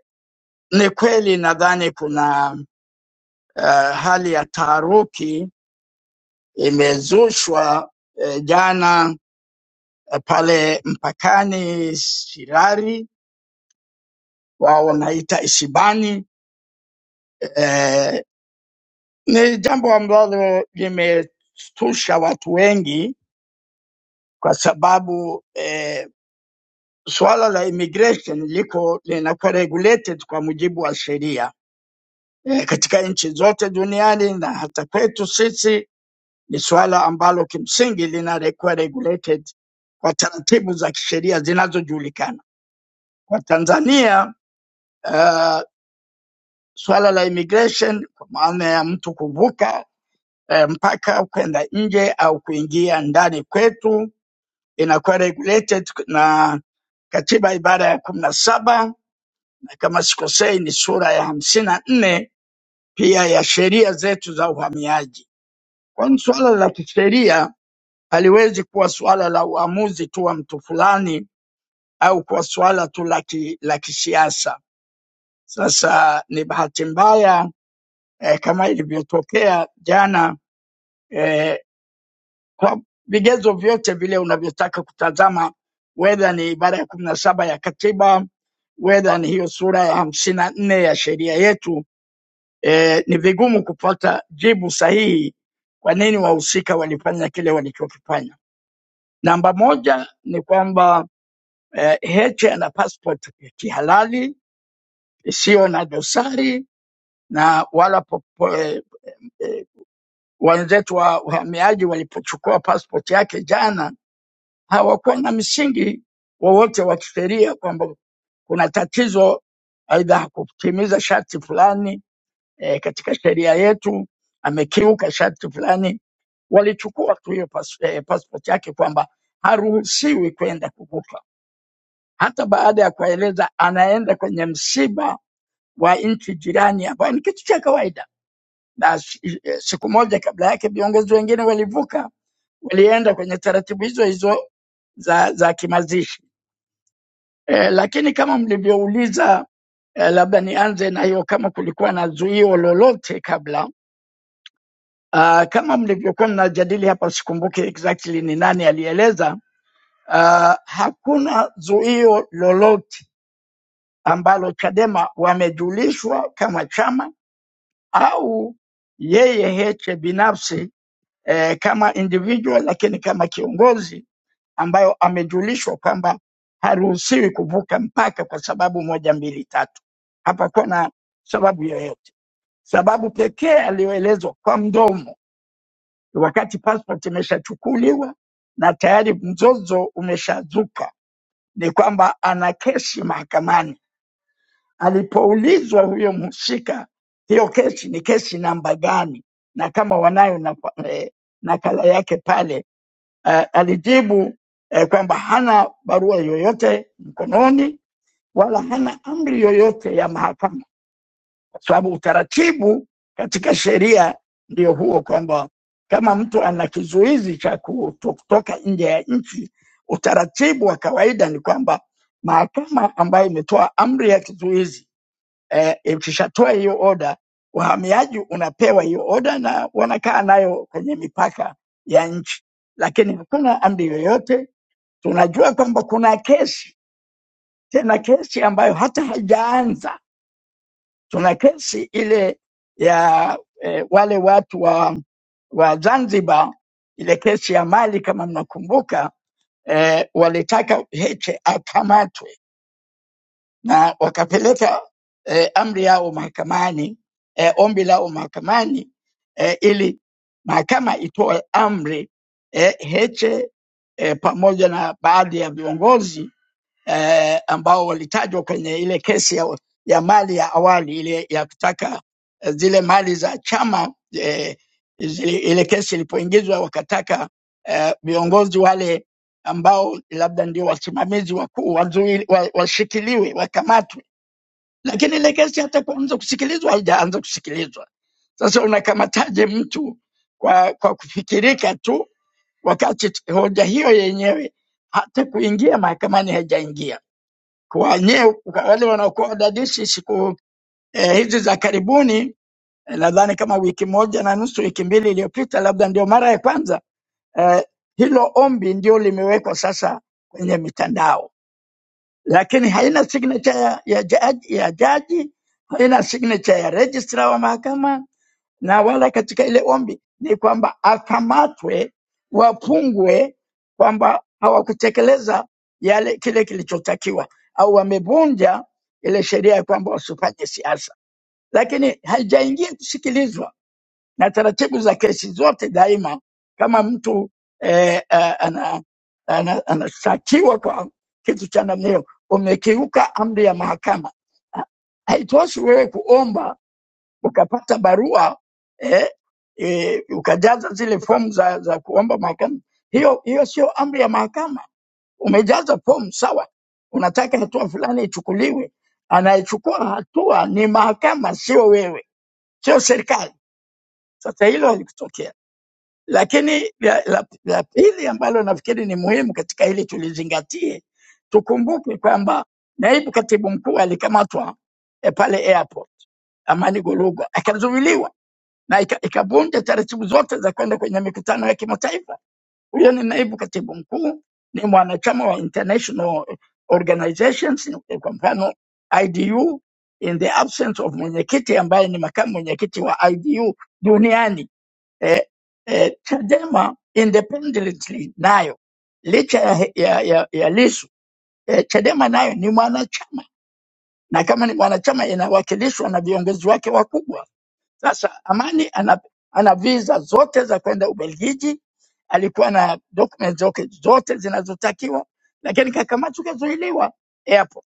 ni kweli nadhani kuna uh, hali ya taharuki imezushwa e, jana eh, pale mpakani Sirari, wao wanaita Isibani. E, ni jambo ambalo limestusha watu wengi kwa sababu e, Suala la immigration liko linakuwa regulated kwa mujibu wa sheria e, katika nchi zote duniani na hata kwetu sisi ni suala ambalo kimsingi linakuwa regulated kwa taratibu za kisheria zinazojulikana. Kwa Tanzania uh, suala la immigration kwa maana ya mtu kuvuka eh, mpaka kwenda nje au kuingia ndani kwetu inakuwa regulated na katiba ibara ya kumi na saba kama sikosei ni sura ya hamsini na nne pia ya sheria zetu za uhamiaji. Kwani suala la kisheria haliwezi kuwa suala la uamuzi tu wa mtu fulani au kuwa suala tu la ki- la kisiasa. Sasa ni bahati mbaya eh, kama ilivyotokea jana eh, kwa vigezo vyote vile unavyotaka kutazama, wedha ni ibara ya kumi na saba ya katiba, wedha ni hiyo sura ya hamsini na nne ya sheria yetu e, ni vigumu kupata jibu sahihi kwa nini wahusika walifanya kile walichokifanya. Namba moja ni kwamba eh, Heche ana passport ya kihalali isiyo na dosari na wala popo, eh, eh, wenzetu wa uhamiaji walipochukua passport yake jana hawakuwa na msingi wowote wa kisheria kwamba kuna tatizo, aidha hakutimiza sharti fulani eh, katika sheria yetu amekiuka sharti fulani, walichukua tu hiyo pas, eh, passport yake kwamba haruhusiwi kwenda kuvuka, hata baada ya kueleza anaenda kwenye msiba wa nchi jirani, ambayo ni kitu cha kawaida. Na si- eh, siku moja kabla yake viongozi wengine walivuka, walienda kwenye taratibu hizo hizo za, za kimazishi eh, lakini kama mlivyouliza eh, labda nianze na hiyo, kama kulikuwa na zuio lolote kabla Uh, kama mlivyokuwa mnajadili hapa, sikumbuki exactly ni nani alieleza. Uh, hakuna zuio lolote ambalo Chadema wamejulishwa kama chama au yeye Heche binafsi eh, kama individual, lakini kama kiongozi ambayo amejulishwa kwamba haruhusiwi kuvuka mpaka kwa sababu moja mbili tatu. Hapakuwa na sababu yoyote. Sababu pekee aliyoelezwa kwa mdomo wakati passport imeshachukuliwa na tayari mzozo umeshazuka, ni kwamba ana kesi mahakamani. Alipoulizwa huyo mhusika, hiyo kesi ni kesi namba gani, na kama wanayo na, eh, nakala yake pale, eh, alijibu eh, kwamba hana barua yoyote mkononi wala hana amri yoyote ya mahakama kwa sababu utaratibu katika sheria ndio huo kwamba kama mtu ana kizuizi cha kuto- kutoka nje ya nchi, utaratibu wa kawaida ni kwamba mahakama ambayo imetoa amri ya kizuizi eh, ikishatoa hiyo oda, wahamiaji unapewa hiyo oda na wanakaa nayo kwenye mipaka ya nchi, lakini hakuna amri yoyote. Tunajua kwamba kuna kesi, tena kesi ambayo hata haijaanza Tuna kesi ile ya eh, wale watu wa, wa Zanzibar, ile kesi ya Mali kama mnakumbuka, eh, walitaka Heche akamatwe na wakapeleka eh, amri yao mahakamani, eh, ombi lao mahakamani eh, ili mahakama itoe amri eh, Heche eh, pamoja na baadhi ya viongozi eh, ambao walitajwa kwenye ile kesi ya, ya mali ya awali ile ya kutaka eh, zile mali za chama eh, zile, ile kesi ilipoingizwa wakataka eh, viongozi wale ambao labda ndio wasimamizi wakuu wazuili- wa- washikiliwe, wakamatwe, lakini ile kesi hata kuanza kusikilizwa haijaanza kusikilizwa. Sasa unakamataje mtu kwa, kwa kufikirika tu wakati hoja hiyo yenyewe hata kuingia mahakamani haijaingia? kwa nye, kwa wale wanaokuwa wadadisi siku eh, hizi za karibuni eh, nadhani kama wiki moja na nusu wiki mbili iliyopita, labda ndio mara ya kwanza eh, hilo ombi ndio limewekwa sasa kwenye mitandao, lakini haina signature ya, ya, jaji, ya jaji haina signature ya registrar wa mahakama na wala katika ile ombi ni kwamba akamatwe, wafungwe, kwamba hawakutekeleza yale kile kilichotakiwa au wamevunja ile sheria ya kwamba wasifanye siasa, lakini haijaingia kusikilizwa na taratibu za kesi zote daima. Kama mtu eh, anashtakiwa ana, ana, anashtakiwa kwa kitu cha namna hiyo, umekiuka amri ya mahakama, haitoshi wewe kuomba ukapata barua eh, eh, ukajaza zile fomu za, za kuomba mahakama. Hiyo hiyo sio amri ya mahakama. Umejaza fomu sawa, unataka hatua fulani ichukuliwe, anayechukua hatua ni mahakama, sio wewe, sio serikali. Sasa hilo halikutokea. Lakini la, la, la pili ambalo nafikiri ni muhimu katika hili tulizingatie, tukumbuke kwamba naibu katibu mkuu alikamatwa eh, pale airport Amani Golugwa akazuiliwa na ika- ikavunja taratibu zote za kwenda kwenye mikutano ya kimataifa. Huyo ni naibu katibu mkuu, ni mwanachama wa international organizations, kwa mfano IDU, in the absence of mwenyekiti ambaye ni makamu mwenyekiti wa IDU duniani. Eh, eh, Chadema independently nayo licha ya, ya, ya, ya Lissu eh, Chadema nayo ni mwanachama na kama ni mwanachama inawakilishwa na viongozi wake wakubwa sasa Amani ana, ana visa zote za kwenda Ubelgiji, alikuwa na document zote, zote zinazotakiwa, lakini kakamatwa kazuiliwa airport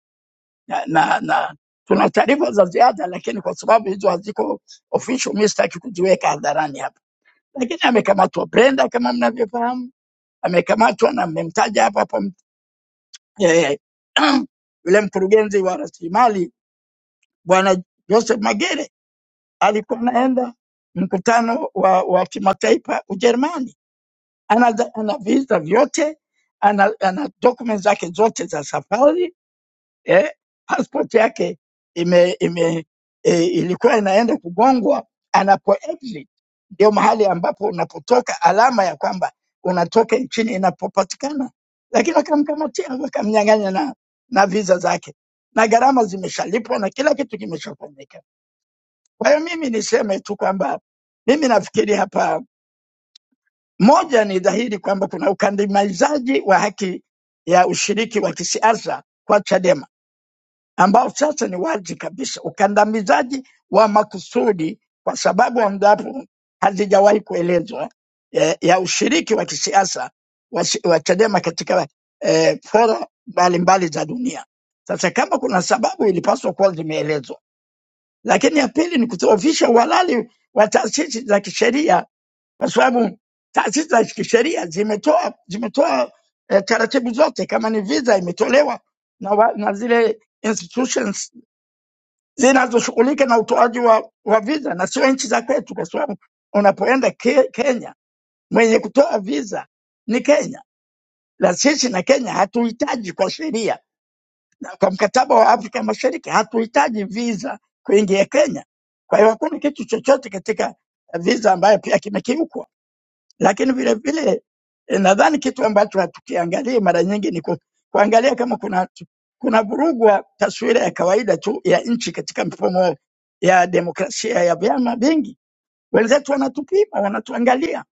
na, na, na tuna taarifa za ziada, lakini kwa sababu hizo haziko official, mimi sitaki kuziweka hadharani hapa, lakini amekamatwa Brenda kama mnavyofahamu, amekamatwa na mmemtaja hapa hapa eh, <clears throat> yule mkurugenzi wa rasilimali bwana Joseph Magere alikuwa anaenda mkutano wa, wa kimataifa Ujerumani. Ana, za- ana visa vyote, ana, ana document zake zote za safari eh, passport yake ime, ime, e, ilikuwa inaenda kugongwa anapo exit, ndio mahali ambapo unapotoka alama ya kwamba unatoka nchini inapopatikana, lakini wakamkamatia wakamnyang'anya na, na visa zake na gharama zimeshalipwa na kila kitu kimeshafanyika kwa hiyo mimi niseme tu kwamba mimi nafikiri hapa, moja, ni dhahiri kwamba kuna ukandamizaji wa haki ya ushiriki wa kisiasa kwa Chadema ambao sasa ni wazi kabisa, ukandamizaji wa makusudi, kwa sababu ambapo hazijawahi kuelezwa ya, ya ushiriki wa kisiasa wa, si- wa Chadema katika eh, fora mbalimbali za dunia. Sasa kama kuna sababu ilipaswa kuwa zimeelezwa lakini ya pili ni kudhoofisha uhalali wa taasisi za kisheria, kwa sababu taasisi za kisheria zimetoa zimetoa eh, taratibu zote, kama ni visa imetolewa na, wa, na zile institutions zinazoshughulika na utoaji wa, wa visa na sio nchi za kwetu, kwa sababu unapoenda ke, Kenya mwenye kutoa visa ni Kenya, na sisi na Kenya hatuhitaji kwa sheria na kwa mkataba wa Afrika Mashariki hatuhitaji visa kuingia Kenya. Kwa hiyo hakuna kitu chochote katika visa ambayo pia kimekiukwa. Lakini vile vile eh, nadhani kitu ambacho hatukiangalii mara nyingi ni ku, kuangalia kama kuna kuna vurugwa taswira ya kawaida tu ya nchi katika mfumo ya demokrasia ya vyama vingi. Wenzetu wanatupima, wanatuangalia,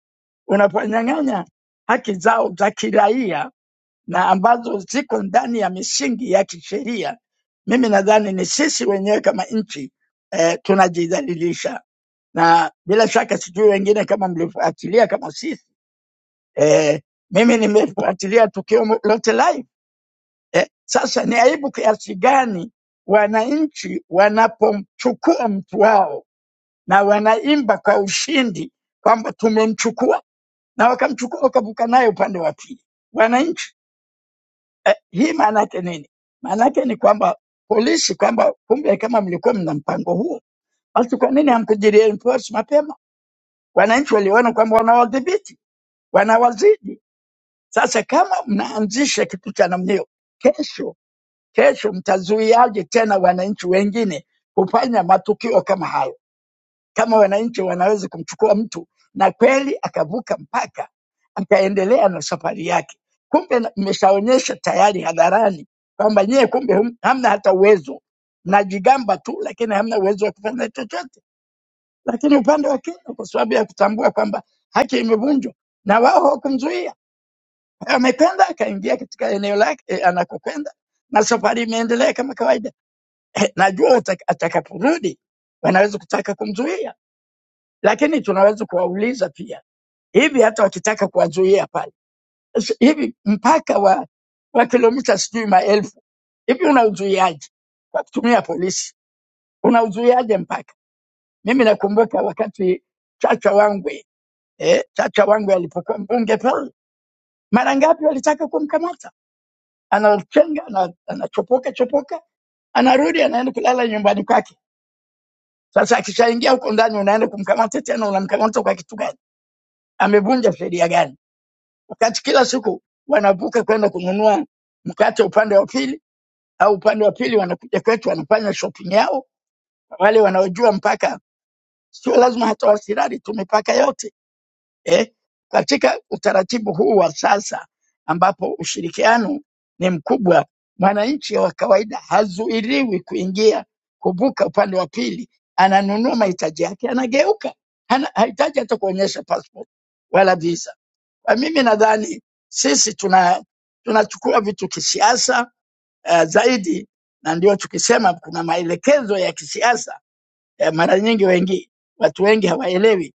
unaponyang'anya haki zao za kiraia na ambazo ziko ndani ya misingi ya kisheria, mimi nadhani ni sisi wenyewe kama nchi eh, tunajidhalilisha, na bila shaka sijui wengine kama mlifuatilia kama sisi eh, mimi nimefuatilia tukio mo- lote live eh, sasa ni aibu kiasi gani wananchi wanapomchukua mtu wao na wanaimba kwa ushindi kwamba tumemchukua, na wakamchukua wakavuka naye upande wa pili wananchi Eh, hii maana yake nini? Maana yake ni kwamba polisi, kwamba kumbe kama mlikuwa mna mpango huo, basi kwa nini hampiga reinforce mapema? Wananchi waliona kwamba wanawadhibiti, wanawazidi. Sasa kama mnaanzisha kitu cha namna hiyo, kesho kesho mtazuiaje tena wananchi wengine kufanya matukio kama hayo? Kama wananchi wanaweza kumchukua mtu na kweli akavuka mpaka akaendelea na safari yake. Kumbe na- mmeshaonyesha tayari hadharani kwamba nyie kumbe hum- hamna hata uwezo, mnajigamba tu, lakini hamna uwezo wa kufanya chochote. Lakini upande wa Kenya, kwa sababu ya kutambua kwamba haki imevunjwa na wao hawakumzuia, amekwenda akaingia katika eneo lake e, anakokwenda na safari imeendelea kama kawaida. Eh, najua ataka- atakaporudi wanaweza kutaka kumzuia, lakini tunaweza kuwauliza pia hivi, hata wakitaka kuwazuia pale s- hivi mpaka wa, wa kilomita sijui maelfu hivi unauzuiaje kwa kutumia polisi? Unauzuiaje mpaka? Mimi nakumbuka wakati Chacha Wangwe eh, Chacha Wangwe alipokuwa mbunge pale, mara ngapi walitaka kumkamata, anachenga ana- anachopoka chopoka, anarudi anaenda kulala nyumbani kwake. Sasa akishaingia huko ndani, unaenda kumkamata tena, unamkamata kwa kitu gani? Amevunja sheria gani? Wakati kila siku wanavuka kwenda kununua mkate upande wa pili au upande wa pili wanakuja kwetu wanafanya shopping yao. Wale wanaojua mpaka, sio lazima hata wasirari tu mipaka yote eh. Katika utaratibu huu wa sasa ambapo ushirikiano ni mkubwa, mwananchi wa kawaida hazuiriwi kuingia kuvuka upande wa pili, ananunua mahitaji yake, anageuka, hana, hahitaji hata kuonyesha passport wala visa. Kwa mimi nadhani sisi tuna tunachukua vitu kisiasa eh, zaidi, na ndio tukisema kuna maelekezo ya kisiasa eh, mara nyingi wengi watu wengi hawaelewi.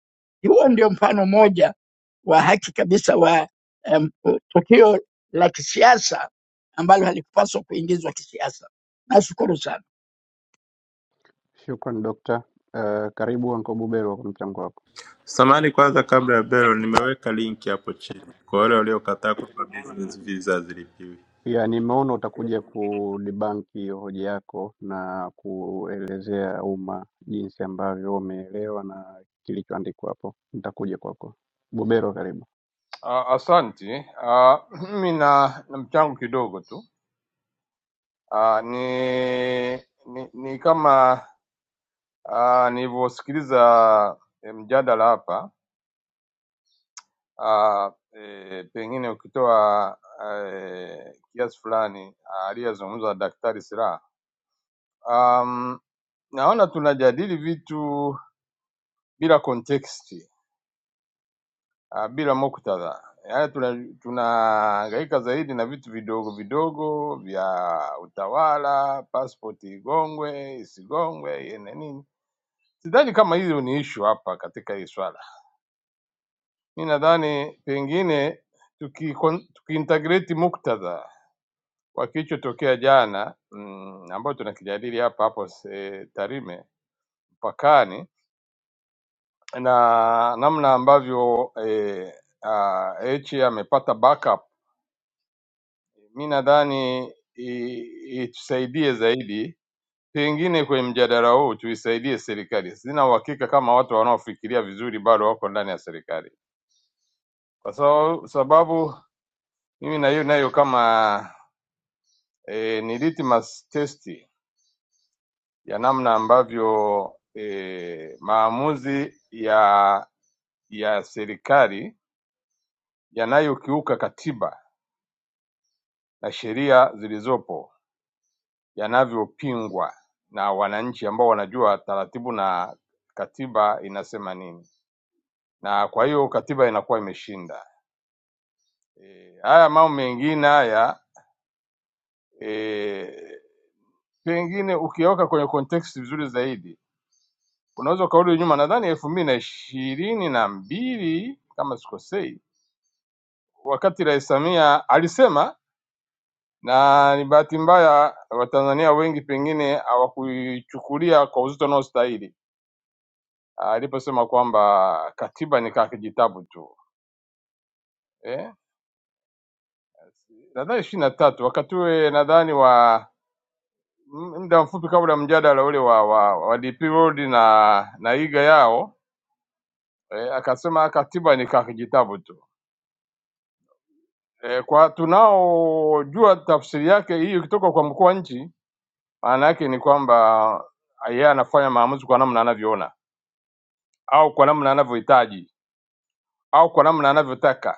Huo ndio mfano mmoja wa haki kabisa wa eh, tukio la kisiasa ambalo halikupaswa kuingizwa kisiasa. Nashukuru sana.
Shukran dokta. Uh, karibu Anko Buberwa kwa mchango wako.
Samani kwanza, kabla ya belo, nimeweka linki hapo chini kwa wale waliokataa kutoa business visa zilipiwi.
Ya, nimeona utakuja kudibank hiyo hoja yako na kuelezea umma jinsi ambavyo wameelewa na kilichoandikwa hapo. Nitakuja kwako. Buberwa, karibu.
Ah, Asante. Ah, <clears throat> Mimi na, na mchango kidogo tu. Ah, ni, ni, ni kama ah, nilivyosikiliza eh, mjadala hapa ah, eh, pengine ukitoa eh, kiasi fulani ah, aliyezungumza Daktari Silaa um, naona tunajadili vitu bila context ah, bila muktadha. Yaani tuna- tunahangaika tuna zaidi na vitu vidogo vidogo vya utawala, pasipoti igongwe isigongwe, ene nini. Sidhani kama hiyo ni issue hapa katika hii swala. Mi nadhani pengine tuki tukiintegrate muktadha wa kilichotokea jana mm, ambayo tunakijadili hapa hapo se, Tarime mpakani na namna ambavyo eh, ah, Heche amepata backup Mi nadhani i- itusaidie zaidi, pengine kwenye mjadala huu tuisaidie serikali. Sina uhakika kama watu wanaofikiria vizuri bado wako ndani ya serikali, kwa sababu sababu mimi naiyo nayo kama e, ni litmus testi ya namna ambavyo e, maamuzi ya ya serikali yanayokiuka katiba na sheria zilizopo yanavyopingwa na wananchi ambao wanajua taratibu na katiba inasema nini, na kwa hiyo katiba inakuwa imeshinda. E, haya mambo mengine haya e, pengine ukiweka kwenye context vizuri zaidi unaweza ukarudi nyuma, nadhani elfu mbili na ishirini na mbili kama sikosei, wakati Rais Samia alisema, na ni bahati mbaya Watanzania wengi pengine hawakuichukulia kwa uzito unaostahili Ah, aliposema kwamba katiba ni kaa kijitabu tu eh? nadhani ishirini na tatu wakati ule nadhani wa m- muda mfupi kabla mjadala ule wa, wa, wa DP World na na iga yao eh, akasema katiba ni kaa kijitabu tu eh, kwa tunaojua tafsiri yake hii ikitoka kwa mkuu wa nchi, maana yake ni kwamba yeye anafanya maamuzi kwa namna anavyoona au kwa namna anavyohitaji au kwa namna anavyotaka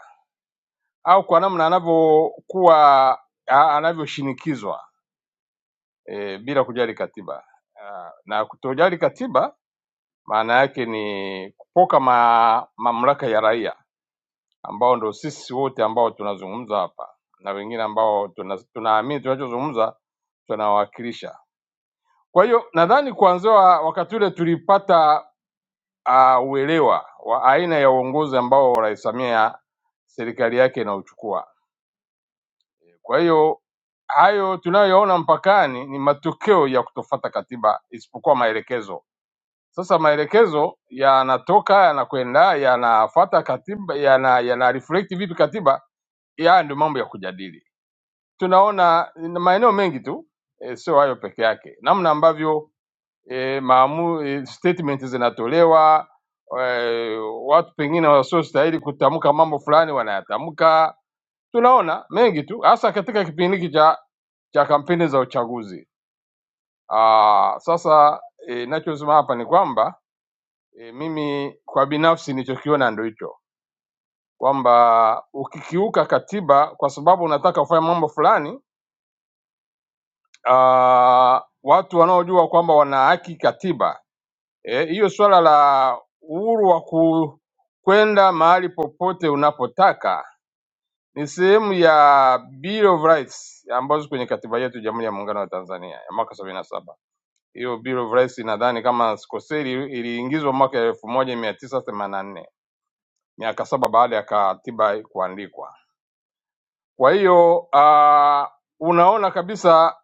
au kwa namna anavyokuwa a- anavyoshinikizwa e, bila kujali katiba Ah, na kutojali katiba maana yake ni kupoka ma, mamlaka ya raia ambao ndo sisi wote ambao tunazungumza hapa na wengine ambao tunaamini tuna tunaamini tunachozungumza tunawakilisha. Kwa hiyo nadhani kuanzia wakati ule tulipata uh, uelewa wa aina ya uongozi ambao Rais Samia serikali yake inauchukua. Kwa hiyo hayo tunayoyaona mpakani ni matokeo ya kutofata katiba isipokuwa maelekezo Sasa maelekezo yanatoka yanakwenda yanafuata katiba, yana, yana reflect vipi katiba. Haya ndio mambo ya kujadili. Tunaona na maeneo mengi tu e, sio hayo peke yake, namna ambavyo e, maamu, e, statement zinatolewa e, watu pengine wasiostahili kutamka mambo fulani wanayatamka. Tunaona mengi tu, hasa katika kipindi hiki cha cha kampeni za uchaguzi. Aa, sasa eh, ninachosema hapa ni kwamba E, mimi kwa binafsi nilichokiona ndo hicho kwamba ukikiuka katiba kwa sababu unataka kufanya mambo fulani aa, watu wanaojua kwamba wana haki katiba eh, hiyo swala la uhuru wa ku- kwenda mahali popote unapotaka ni sehemu ya Bill of Rights ambazo kwenye katiba yetu Jamhuri ya Muungano wa Tanzania ya mwaka sabini na saba. Hiyo Bill of Rights nadhani kama sikoseri, iliingizwa mwaka elfu moja mia tisa themanini na nne. miaka saba baada ya katiba kuandikwa. Kwa hiyo uh, unaona kabisa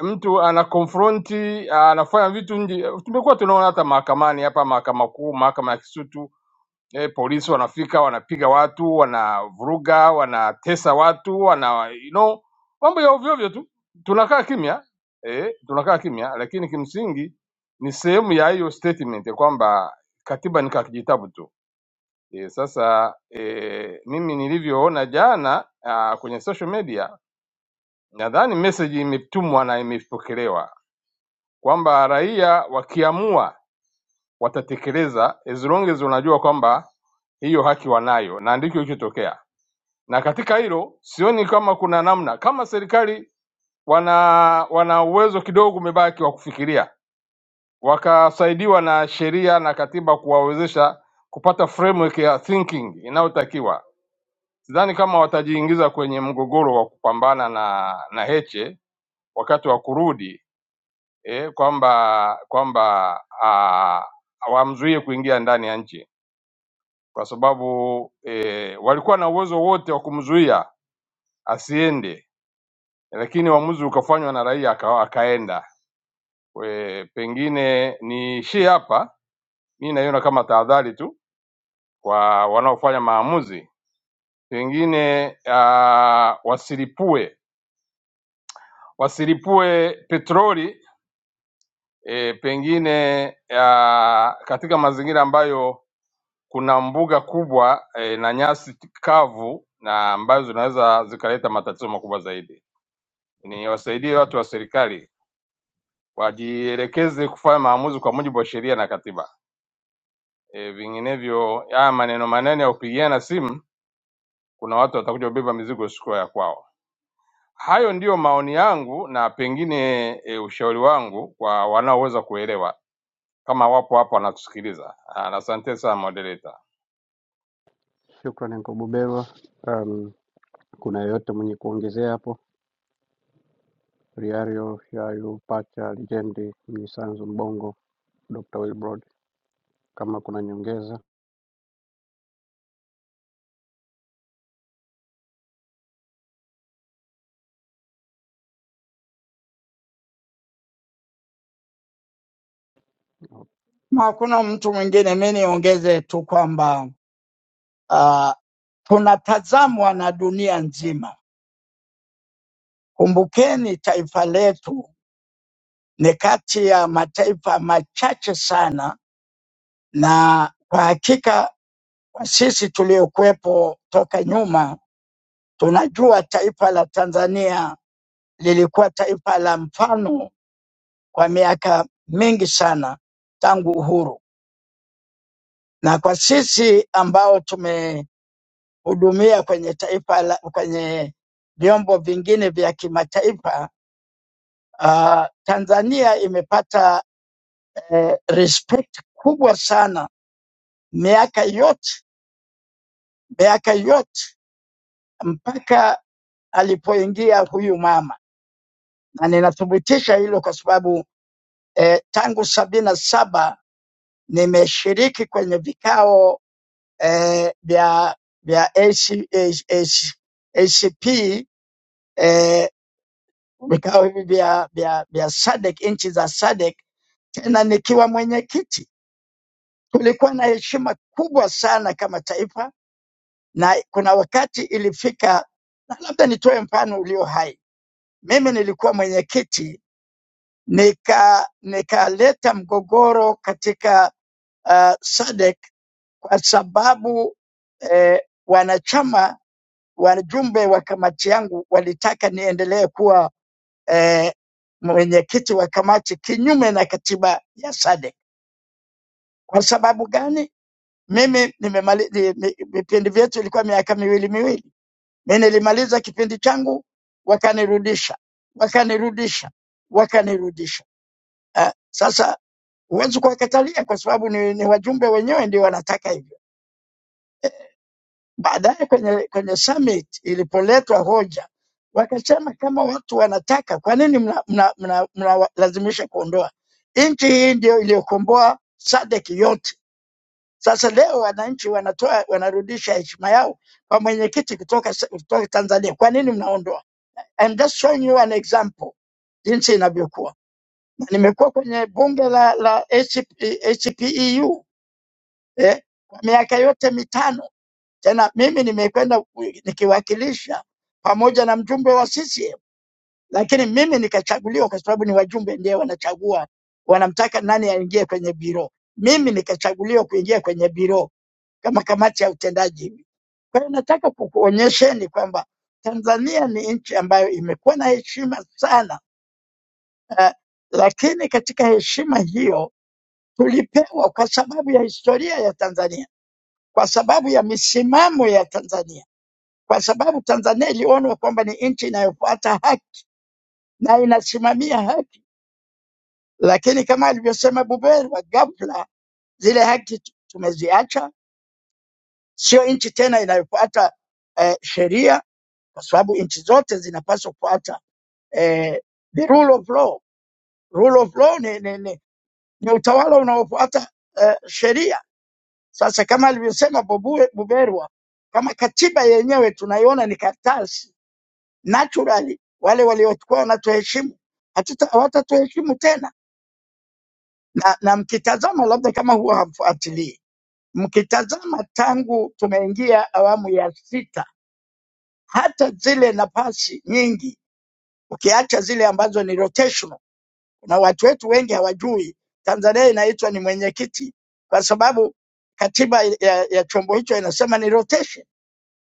mtu ana confronti anafanya vitu nje. Tumekuwa tunaona hata mahakamani hapa, mahakama kuu, mahakama ya Kisutu eh, polisi wanafika wanapiga watu, wanavuruga, wanatesa watu, wana you know, mambo ya ovyo ovyo tu, tunakaa kimya eh, tunakaa kimya, lakini kimsingi ni sehemu ya hiyo statement ya kwamba katiba ni kakijitabu tu E, sasa e, mimi nilivyoona jana a, kwenye social media nadhani message imetumwa na imepokelewa kwamba raia wakiamua watatekeleza as long as unajua kwamba hiyo haki wanayo, na ndicho kilichotokea. Na katika hilo sioni kama kuna namna, kama serikali wana wana uwezo kidogo umebaki wa kufikiria, wakasaidiwa na sheria na katiba kuwawezesha kupata framework ya thinking inayotakiwa Sidhani kama watajiingiza kwenye mgogoro wa kupambana na na Heche wakati wa kurudi eh, kwamba kwamba ah, wamzuie kuingia ndani ya nchi kwa sababu eh, walikuwa na uwezo wote wa kumzuia asiende, lakini uamuzi ukafanywa na raia aka, akaenda. We, pengine niishie hapa, mi naiona kama tahadhari tu kwa wanaofanya maamuzi, pengine ah, wasilipue wasilipue petroli e, pengine ya, katika mazingira ambayo kuna mbuga kubwa e, na nyasi kavu na ambazo zinaweza zikaleta matatizo makubwa zaidi. Ni wasaidie watu wa serikali wajielekeze kufanya maamuzi kwa mujibu wa sheria na katiba e, vinginevyo haya maneno manene ya kupigiana simu, kuna watu watakuja kubeba mizigo siku ya kwao. Hayo ndiyo maoni yangu na pengine e, ushauri wangu kwa wanaoweza kuelewa. kama wapo hapo wanatusikiliza. Ah, na Asante sana moderator.
Shukran Anko Buberwa. Um, kuna yeyote mwenye kuongezea hapo? Riario Yayu Pacha Lijendi Mnyisanzu Mbongo Dr. Wilbrod kama kuna nyongeza.
Ma, Hakuna mtu mwingine, mi niongeze tu kwamba uh, tunatazamwa na dunia nzima. Kumbukeni, taifa letu ni kati ya mataifa machache sana na kwa hakika sisi tuliokuwepo toka nyuma tunajua taifa la Tanzania lilikuwa taifa la mfano kwa miaka mingi sana tangu uhuru, na kwa sisi ambao tumehudumia kwenye taifa la, kwenye vyombo vingine vya kimataifa uh, Tanzania imepata eh, respect kubwa sana miaka yote miaka yote mpaka alipoingia huyu mama, na ninathibitisha hilo kwa sababu eh, tangu sabini na saba nimeshiriki kwenye vikao eh, vya vya AC, AC, AC, ACP eh, vikao hivi vya vya vya SADC, nchi za SADC, tena nikiwa mwenyekiti. Tulikuwa na heshima kubwa sana kama taifa, na kuna wakati ilifika, na labda nitoe mfano ulio hai. Mimi nilikuwa mwenyekiti nika nikaleta mgogoro katika uh, SADC kwa sababu eh, wanachama wajumbe wa kamati yangu walitaka niendelee kuwa eh, mwenyekiti wa kamati kinyume na katiba ya SADC. Kwa sababu gani? Mimi nimemali- ni- ni- vipindi vyetu ilikuwa miaka miwili miwili, mi nilimaliza kipindi changu wakanirudisha, wakanirudisha, wakanirudisha. Uh, sasa huwezi kuwakatalia kwa sababu ni, ni wajumbe wenyewe ndio wanataka hivyo. Baadaye kwenye, kwenye summit ilipoletwa hoja wakasema kama watu wanataka, kwa nini mnalazimisha mna, mna, mna mnawalazimisha kuondoa? Nchi hii ndio iliyokomboa SADC yote. Sasa leo wananchi wanatoa wanarudisha heshima yao kwa mwenyekiti kutoka, s- kutoka Tanzania. Kwa nini mnaondoa? I'm just showing you an example jinsi inavyokuwa. Na Nimekuwa kwenye bunge la, la ACP, eh, kwa miaka yote mitano. Tena mimi nimekwenda nikiwakilisha pamoja na mjumbe wa CCM, lakini mimi nikachaguliwa kwa sababu ni wajumbe ndio wanachagua, wanamtaka nani aingie kwenye biro. Mimi nikachaguliwa kuingia kwenye biro kama kamati ya utendaji hivi. Kwa hiyo nataka kukuonyesheni kwamba Tanzania ni nchi ambayo imekuwa na heshima sana eh, lakini katika heshima hiyo tulipewa kwa sababu ya historia ya Tanzania kwa sababu ya misimamo ya Tanzania, kwa sababu Tanzania ilionwa kwamba ni nchi inayofuata haki na inasimamia haki. Lakini kama alivyosema Buberwa, ghafla zile haki tu- tumeziacha, sio nchi tena inayofuata eh, sheria, kwa sababu nchi zote zinapaswa kufuata eh, the rule of law. Rule of law ni, ni, ni, ni utawala unaofuata eh, sheria. Sasa kama alivyosema Bobue- Buberwa, kama katiba yenyewe tunaiona ni karatasi naturally wale waliokuwa wanatuheshimu hatuta- hawatatuheshimu tena na, na mkitazama labda kama huwa hamfuatilii mkitazama tangu tumeingia awamu ya sita hata zile nafasi nyingi ukiacha zile ambazo ni rotational na watu wetu wengi hawajui tanzania inaitwa ni mwenyekiti kwa sababu katiba ya, ya chombo hicho inasema ni rotation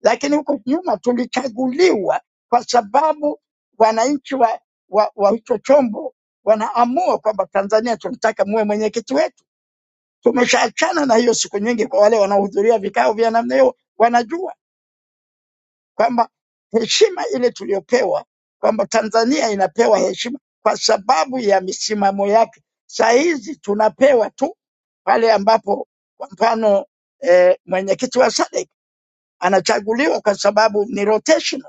lakini huko nyuma tulichaguliwa kwa sababu wananchi wa, wa, wa hicho chombo wanaamua kwamba Tanzania tunataka muwe mwenyekiti wetu. Tumeshaachana na hiyo siku nyingi. Kwa wale wanaohudhuria vikao vya namna hiyo, wanajua kwamba heshima ile tuliyopewa, kwamba Tanzania inapewa heshima kwa sababu ya misimamo yake. Saa hizi tunapewa tu pale ambapo kwa mfano eh, mwenyekiti wa SADC anachaguliwa kwa sababu ni rotation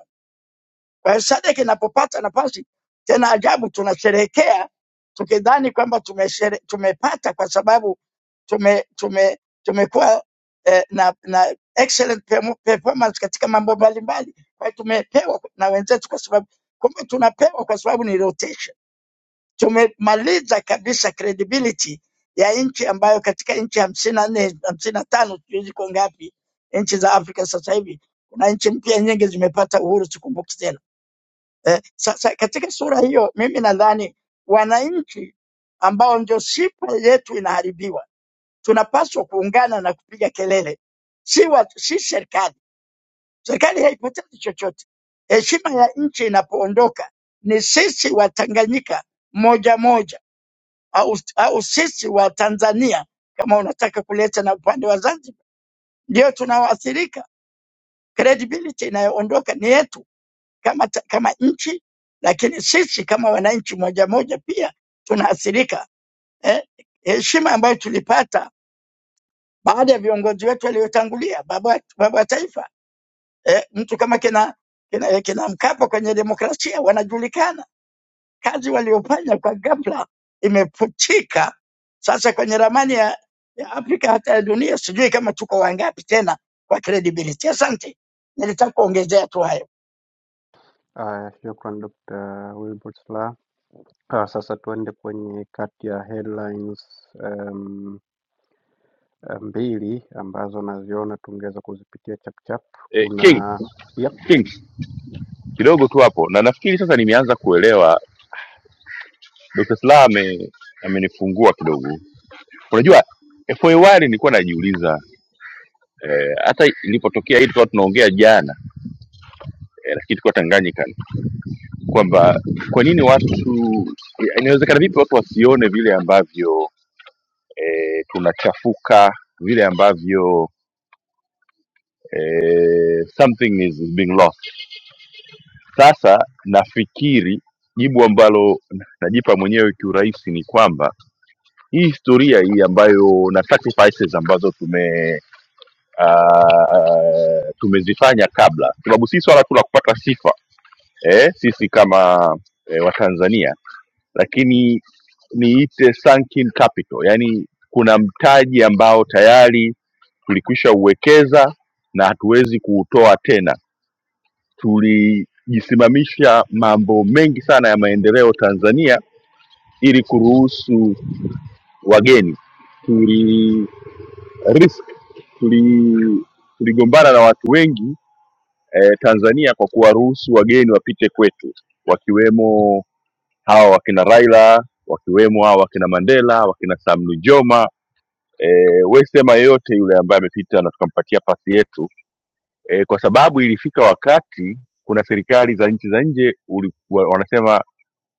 Kwa hiyo Sadek inapopata nafasi tena, ajabu tunasherehekea tukidhani kwamba tumeshere, tumepata kwa sababu tume, tume, tumekuwa eh, na, na excellent pe- performance katika mambo mbalimbali. Kwa hiyo tumepewa na wenzetu, kwa sababu kumbe tunapewa kwa sababu ni rotation. Tumemaliza kabisa credibility ya nchi ambayo katika nchi hamsini na nne hamsini na tano sijui ziko ngapi nchi za Afrika sasa hivi, kuna nchi mpya nyingi zimepata uhuru, sikumbuki tena Eh, sasa katika sura hiyo mimi nadhani wananchi ambao ndio sifa yetu inaharibiwa, tunapaswa kuungana na kupiga kelele, si watu, si serikali. Serikali haipotezi chochote. Heshima ya nchi inapoondoka ni sisi Watanganyika moja moja, au, au sisi wa Tanzania kama unataka kuleta na upande wa Zanzibar, ndio tunaoathirika. Credibility inayoondoka ni yetu. kama, ta- kama nchi, lakini sisi kama wananchi moja moja pia tunaathirika. Eh, heshima ambayo tulipata baada ya viongozi wetu waliotangulia, baba, baba wa taifa eh, mtu kama kina, kina, eh, kina Mkapa kwenye demokrasia wanajulikana, kazi waliofanya kwa ghafla imeputika. Sasa kwenye ramani ya, ya Afrika hata ya dunia, sijui kama tuko wangapi tena kwa credibility. Asante, nilitaka kuongezea tu hayo.
Haya, shukran Dr. Wilbrod Slaa. Ah, Sasa tuende kwenye kati ya headlines um, mbili ambazo naziona tungeweza kuzipitia chapchap.
Eh, King,
Kuna yep,
King. kidogo tu hapo, na nafikiri sasa nimeanza kuelewa. Dr. Slaa ame, amenifungua kidogo. Unajua eh, for a while nilikuwa najiuliza eh, hata ilipotokea hii tulikuwa tunaongea jana eh, nafikiri tulikuwa Tanganyika kwamba kwa nini watu inawezekana vipi watu wasione vile ambavyo e, tunachafuka vile ambavyo e, something is being lost Sasa nafikiri jibu ambalo najipa mwenyewe kiurahisi ni kwamba hii historia hii ambayo na sacrifices ambazo tume uh, tumezifanya kabla, sababu si swala tu la kupata sifa eh, sisi kama eh, Watanzania, lakini niite sunken capital, yani kuna mtaji ambao tayari tulikwisha uwekeza na hatuwezi kuutoa tena tulijisimamisha mambo mengi sana ya maendeleo Tanzania ili kuruhusu wageni. Tuli risk, tuli tuligombana na watu wengi eh, Tanzania kwa kuwaruhusu wageni wapite kwetu, wakiwemo hawa wakina Raila, wakiwemo hawa wakina Mandela, wakina Sam Nujoma eh, we sema yeyote yule ambaye amepita na tukampatia pasi yetu eh, kwa sababu ilifika wakati kuna serikali za nchi za nje ulikuwa wanasema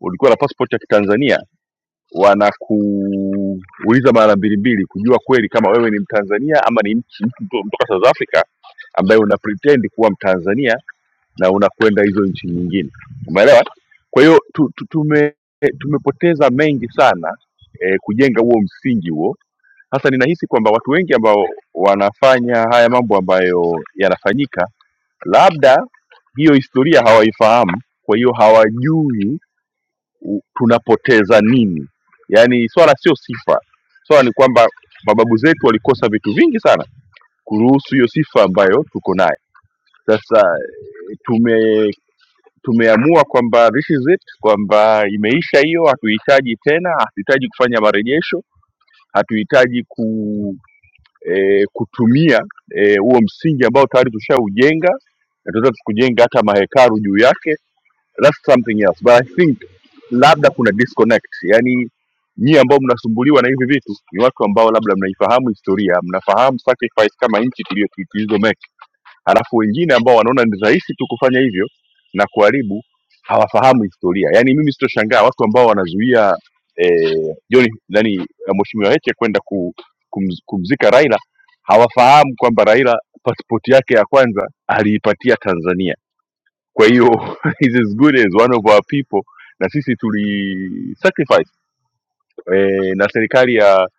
ulikuwa na passport ya kitanzania wanakuuliza mara mbili mbili kujua kweli kama wewe ni mtanzania ama ni mchi- mtu mtu- mtoka south africa ambaye una pretend kuwa mtanzania na unakwenda hizo nchi nyingine umeelewa kwa hiyo tu, tu, tume tumepoteza mengi sana eh, kujenga huo msingi huo sasa ninahisi kwamba watu wengi ambao wanafanya haya mambo ambayo yanafanyika labda hiyo historia hawaifahamu kwa hiyo hawajui u- tunapoteza nini yaani swala sio sifa swala ni kwamba mababu zetu walikosa vitu vingi sana kuruhusu hiyo sifa ambayo tuko nayo sasa tume tumeamua kwamba this is it kwamba imeisha hiyo hatuhitaji tena hatuhitaji kufanya marejesho hatuhitaji ku, e, kutumia eh, huo e, msingi ambao tayari tushaujenga na tunaweza tukujenga hata mahekaru juu yake that's something else but i think labda kuna disconnect yani nyie ambao mnasumbuliwa na hivi vitu ni watu ambao labda mnaifahamu historia mnafahamu sacrifice kama nchi tulio- tulizomake halafu wengine ambao wanaona ni rahisi tu kufanya hivyo na kuharibu hawafahamu historia yaani mimi sitoshangaa watu ambao wanazuia eh, John nani eh, mheshimiwa heche kwenda ku, kumz, kumzika raila hawafahamu kwamba raila pasipoti yake ya kwanza aliipatia tanzania kwa hiyo <laughs> he's as good as one of our people na sisi tuli sacrifice e, na serikali ya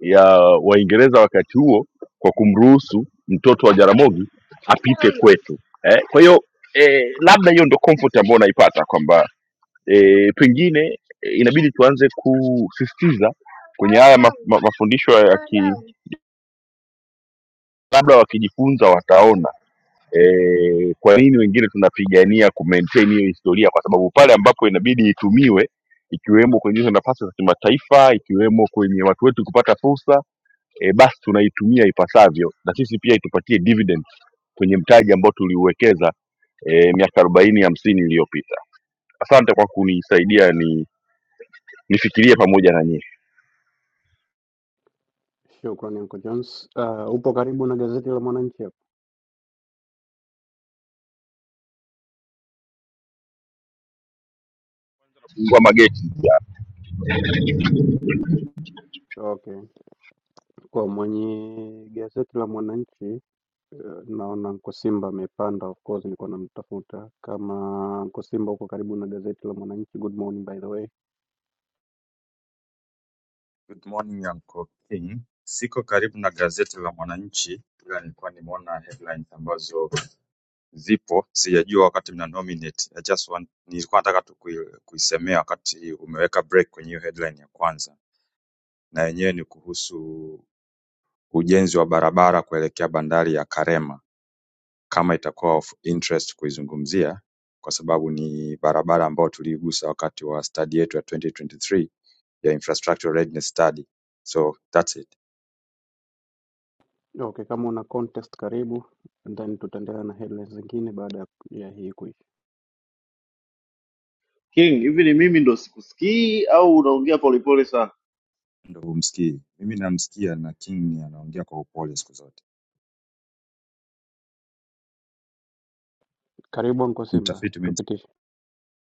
ya waingereza wakati huo kwa kumruhusu mtoto wa jaramogi apite kwetu eh, kwa hiyo eh, labda hiyo ndo comfort ambayo unaipata kwamba eh, pengine eh, inabidi tuanze kusisitiza kwenye haya ma, ma, mafundisho ya ki labda wakijifunza wataona eh, kwa nini wengine tunapigania ku maintain hiyo historia kwa sababu pale ambapo inabidi itumiwe ikiwemo kwenye hizo nafasi za kimataifa ikiwemo kwenye watu wetu kupata fursa e, basi tunaitumia ipasavyo na sisi pia itupatie dividend kwenye mtaji ambao tuliuwekeza e, miaka arobaini hamsini iliyopita asante kwa kunisaidia ni nifikirie pamoja na nyie
shukran Uncle Jones. Ah, upo karibu na gazeti la Mwananchi?
fungua mageti ya
Okay. Kwa mwenye gazeti la Mwananchi eh, naona Anko Simba amepanda, of course nilikuwa namtafuta. Kama Anko Simba uko karibu na gazeti la Mwananchi, good morning by the way.
Good morning Uncle King. Siko karibu na gazeti la Mwananchi ila nilikuwa nimeona headlines ambazo zipo, sijajua wakati mna nominate. I just want, nilikuwa nataka tu kui- kuisemea wakati umeweka break kwenye hiyo headline ya kwanza, na yenyewe ni kuhusu ujenzi wa barabara kuelekea bandari ya Karema, kama itakuwa of interest kuizungumzia, kwa sababu ni barabara ambayo tuliigusa wakati wa study yetu ya 2023 ya infrastructure readiness study, so that's it.
Okay, kama una context karibu, and then tutaendelea na headlines zingine baada ya ya hii kuisha.
king hivi ni mimi ndo sikusikii au unaongea polepole sana
ndo humsikii. Mimi namsikia na King anaongea kwa upole siku zote,
Karibu Anko Simba,
mtafiti mimi.
tupitishe.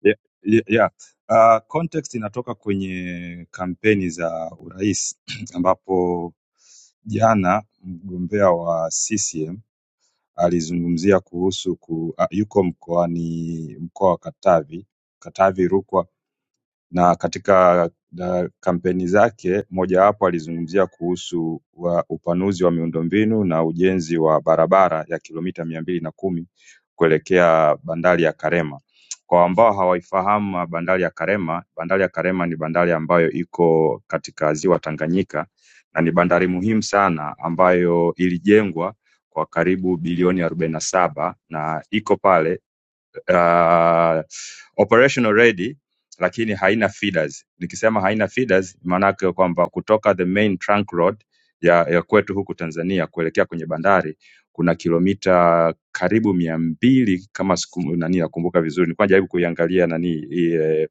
Yeah, yeah, yeah. Uh, context inatoka kwenye kampeni za urais <clears throat> ambapo jana mgombea wa CCM alizungumzia kuhusu ku, uh, yuko mkoani mkoa wa Katavi, Katavi, Rukwa na katika na kampeni zake mojawapo alizungumzia kuhusu wa upanuzi wa miundombinu na ujenzi wa barabara ya kilomita mia mbili na kumi kuelekea bandari ya Karema. Kwa ambao hawaifahamu bandari ya Karema, bandari ya Karema ni bandari ambayo iko katika ziwa Tanganyika na ni bandari muhimu sana ambayo ilijengwa kwa karibu bilioni arobaini na saba na iko pale uh, operational ready lakini haina feeders. Nikisema haina feeders, maanake kwamba kutoka the main trunk road ya, ya kwetu huku Tanzania kuelekea kwenye bandari kuna kilomita karibu mia mbili kama siku nani nakumbuka vizuri, nilikuwa najaribu kuiangalia nani hii eh,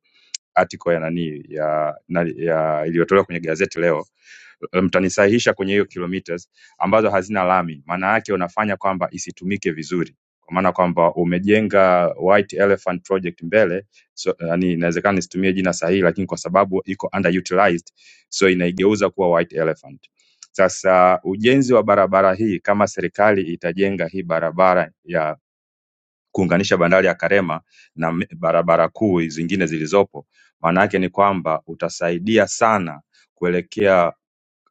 article ya nani ya, nani- ya iliyotolewa kwenye gazeti leo eh, mtanisahihisha kwenye hiyo kilometers ambazo hazina lami, maana yake unafanya kwamba isitumike vizuri, kwa maana kwamba umejenga White Elephant Project mbele so, yani inawezekana nisitumie jina sahihi, lakini kwa sababu iko underutilized, so inaigeuza kuwa White Elephant. Sasa ujenzi wa barabara hii, kama serikali itajenga hii barabara ya kuunganisha bandari ya Karema na me- barabara kuu zingine zilizopo, maana yake ni kwamba utasaidia sana kuelekea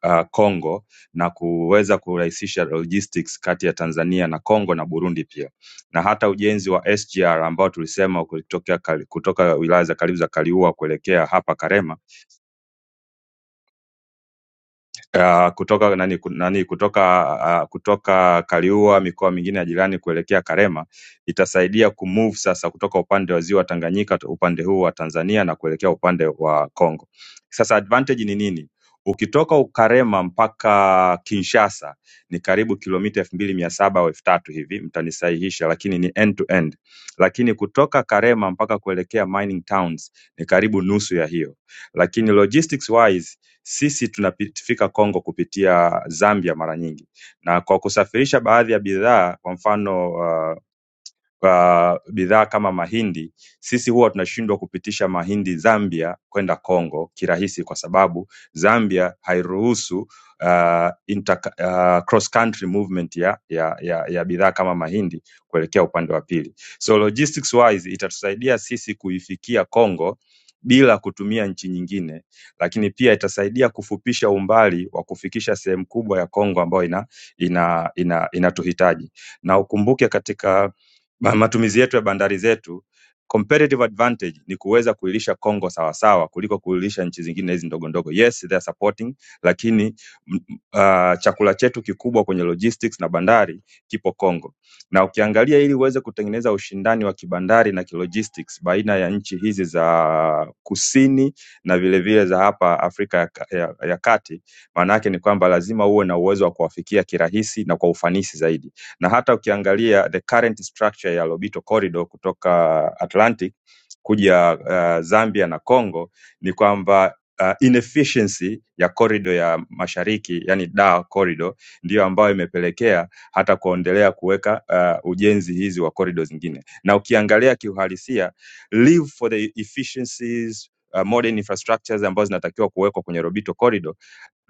uh, Kongo na kuweza kurahisisha logistics kati ya Tanzania na Kongo na Burundi pia. Na hata ujenzi wa SGR ambao tulisema ukitokea Kali- kutoka wilaya za karibu za Kaliua kuelekea hapa Karema uh, kutoka nani, ku- nani kutoka uh, kutoka Kaliua mikoa mingine ya jirani kuelekea Karema itasaidia kumove sasa kutoka upande wa ziwa Tanganyika tu- upande huu wa Tanzania na kuelekea upande wa Kongo. Sasa advantage ni nini? Ukitoka Ukarema mpaka Kinshasa ni karibu kilomita elfu mbili mia saba au elfu tatu hivi, mtanisahihisha, lakini ni end to end. Lakini kutoka Karema mpaka kuelekea mining towns ni karibu nusu ya hiyo, lakini logistics wise sisi tunafika Kongo kupitia Zambia mara nyingi na kwa kusafirisha baadhi ya bidhaa kwa mfano uh, uh, bidhaa kama mahindi, sisi huwa tunashindwa kupitisha mahindi Zambia kwenda Kongo kirahisi, kwa sababu Zambia hairuhusu uh, inter, uh, cross country movement ya, ya, ya, ya bidhaa kama mahindi kuelekea upande wa pili. So logistics wise itatusaidia sisi kuifikia Kongo bila kutumia nchi nyingine, lakini pia itasaidia kufupisha umbali wa kufikisha sehemu kubwa ya Kongo ambayo ina, ina, ina, inatuhitaji na ukumbuke katika ma- matumizi yetu ya bandari zetu competitive advantage ni kuweza kuilisha Kongo sawasawa kuliko kuilisha nchi zingine hizi ndogo ndogo. Yes, they are supporting, lakini m- m- ah, chakula chetu kikubwa kwenye logistics na bandari kipo Kongo, na ukiangalia ili uweze kutengeneza ushindani wa kibandari na kilogistics baina ya nchi hizi za kusini na vilevile vile za hapa Afrika ya, ka- ya, ya kati, maana yake ni kwamba lazima uwe na uwezo wa kuwafikia kirahisi na kwa ufanisi zaidi na hata ukiangalia the current structure ya Lobito Corridor kutoka Atlantic kuja uh, Zambia na Congo ni kwamba uh, inefficiency ya corridor ya mashariki yani da corridor ndiyo ambayo imepelekea hata kuendelea kuweka uh, ujenzi hizi wa corridor zingine, na ukiangalia kiuhalisia live for the efficiencies Uh, modern infrastructures ambazo zinatakiwa kuwekwa kwenye Lobito corridor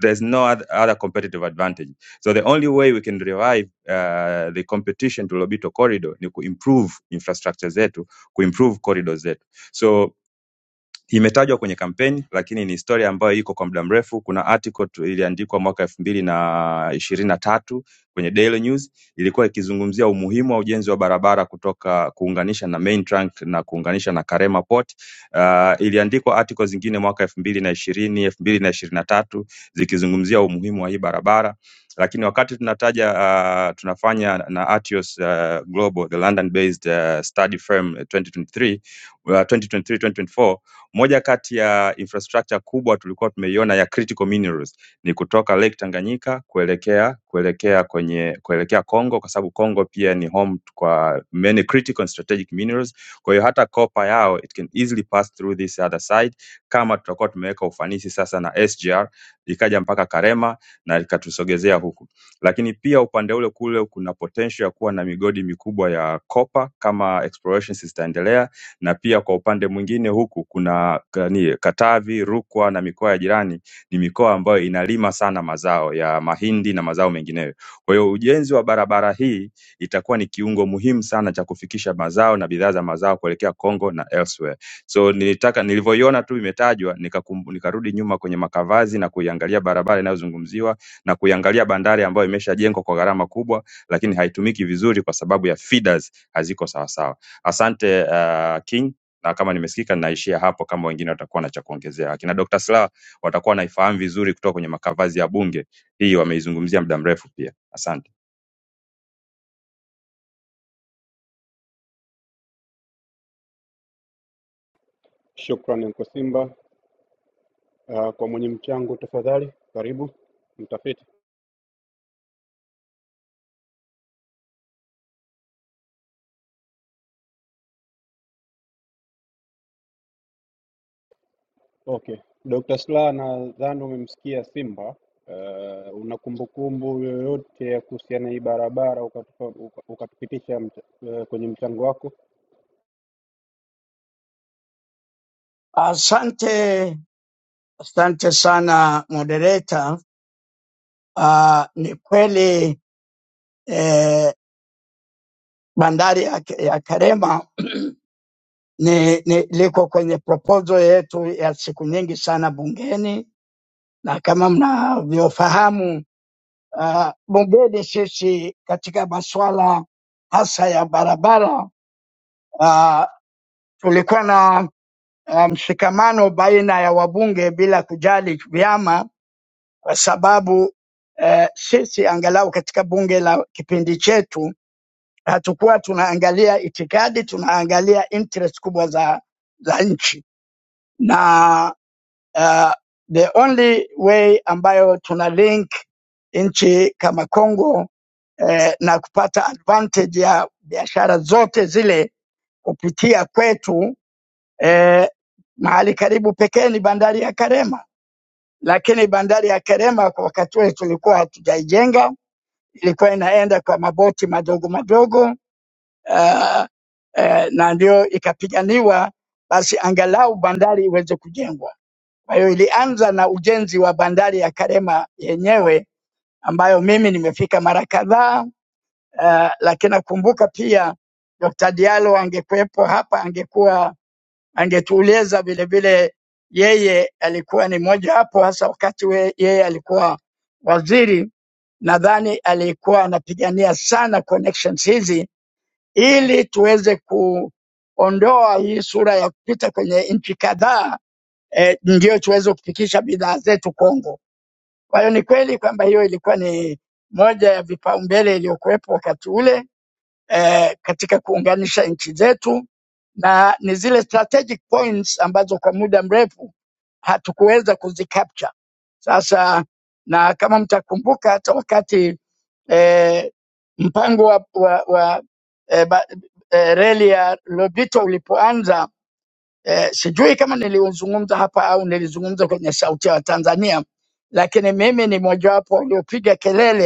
there's no oth- other competitive advantage. So the only way we can revive uh, the competition to Lobito corridor ni kuimprove infrastructure zetu, kuimprove corridors zetu. So imetajwa kwenye kampeni lakini ni historia ambayo iko kwa muda mrefu. Kuna article tu iliandikwa mwaka elfu mbili na ishirini na tatu kwenye Daily News ilikuwa ikizungumzia umuhimu wa ujenzi wa barabara kutoka kuunganisha na main trunk na kuunganisha na Karema Port. Uh, iliandikwa article zingine mwaka elfu mbili na ishirini elfu mbili na ishirini na tatu zikizungumzia umuhimu wa hii barabara lakini wakati tunataja uh, tunafanya na Atios uh, Global the London based uh, study firm 2023 uh, 2023 2024 moja kati ya infrastructure kubwa tulikuwa tumeiona ya critical minerals ni kutoka Lake Tanganyika kuelekea kuelekea kwenye kuelekea Congo kwa sababu Congo pia ni home kwa many critical and strategic minerals. Kwa hiyo hata kopa yao it can easily pass through this other side kama tutakuwa tumeweka ufanisi sasa na SGR ikaja mpaka Karema na ikatusogezea huku. Lakini pia upande ule kule kuna potential ya kuwa na migodi mikubwa ya kopa kama explorations zitaendelea na pia kwa upande mwingine huku kuna nani, Katavi, Rukwa na mikoa ya jirani ni mikoa ambayo inalima sana mazao ya mahindi na mazao mengineyo. Kwa hiyo ujenzi wa barabara hii itakuwa ni kiungo muhimu sana cha kufikisha mazao na bidhaa za mazao kuelekea Kongo na elsewhere. So nilitaka nilivyoiona tu imetajwa nikakum- nikarudi nyuma kwenye makavazi na kuiangalia barabara inayozungumziwa na kuiangalia bandari ambayo imeshajengwa kwa gharama kubwa, lakini haitumiki vizuri kwa sababu ya feeders haziko sawasawa. Asante uh, King, na kama nimesikika ninaishia hapo, kama wengine watakuwa na cha kuongezea. Akina Dr. Slaa watakuwa wanaifahamu vizuri kutoka kwenye makavazi ya Bunge, hii wameizungumzia muda mrefu pia. Asante
Shukrani Anko Simba. Uh, kwa mwenye mchango tafadhali, karibu mtafiti. Okay. Dr. Slaa nadhani umemsikia Simba. Uh, una kumbukumbu yoyote ya kuhusiana na hii barabara ukatupa, uka- ukatupitisha mch uh, kwenye mchango wako?
Asante Asante sana moderator. Uh, ni kweli eh, bandari ya, ya Karema <clears throat> ni, ni liko kwenye proposal yetu ya siku nyingi sana bungeni, na kama mnavyofahamu uh, bungeni sisi katika masuala hasa ya barabara uh, tulikuwa na uh, mshikamano baina ya wabunge bila kujali vyama kwa sababu eh, sisi angalau katika bunge la kipindi chetu hatukuwa tunaangalia itikadi, tunaangalia interest kubwa za, za nchi na uh, the only way ambayo tuna link nchi kama Congo eh, na kupata advantage ya biashara zote zile kupitia kwetu eh, mahali karibu pekee ni bandari ya Karema, lakini bandari ya Karema kwa wakati ule tulikuwa hatujaijenga ilikuwa inaenda kwa maboti madogo madogo uh, uh, na ndio ikapiganiwa basi angalau bandari iweze kujengwa. Kwa hiyo ilianza na ujenzi wa bandari ya Karema yenyewe ambayo mimi nimefika mara kadhaa uh, lakini nakumbuka pia Dr. Diallo angekuwepo hapa angekuwa angetueleza vile vile, yeye alikuwa ni mmoja wapo hasa wakati we, yeye alikuwa waziri nadhani alikuwa anapigania sana connections hizi ili tuweze kuondoa hii sura ya kupita kwenye nchi kadhaa eh, ndio tuweze kufikisha bidhaa zetu Kongo. Kwa hiyo ni kweli kwamba hiyo ilikuwa ni moja ya vipaumbele iliyokuwepo wakati ule, eh, katika kuunganisha nchi zetu na ni zile strategic points ambazo kwa muda mrefu hatukuweza kuzicapture. Sasa na kama mtakumbuka hata wakati eh, mpango wa, wa, wa eh, ba, eh, reli ya Lobito ulipoanza eh, sijui kama niliuzungumza hapa au nilizungumza kwenye Sauti ya Tanzania, lakini mimi ni mojawapo waliopiga kelele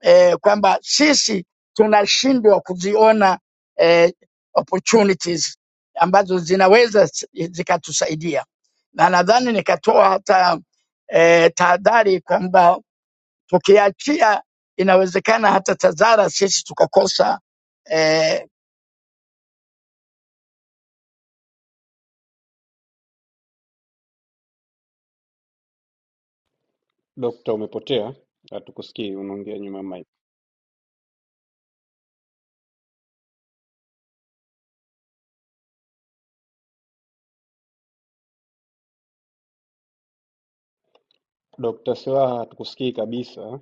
eh, kwamba sisi tunashindwa kuziona eh, opportunities ambazo zinaweza s- zikatusaidia, na nadhani nikatoa hata eh, tahadhari kwamba tukiachia, inawezekana hata TAZARA sisi tukakosa eh,
Dokta, umepotea, hatukusikii, unaongea nyuma ya mic. Dr. Slaa hatukusikii kabisa,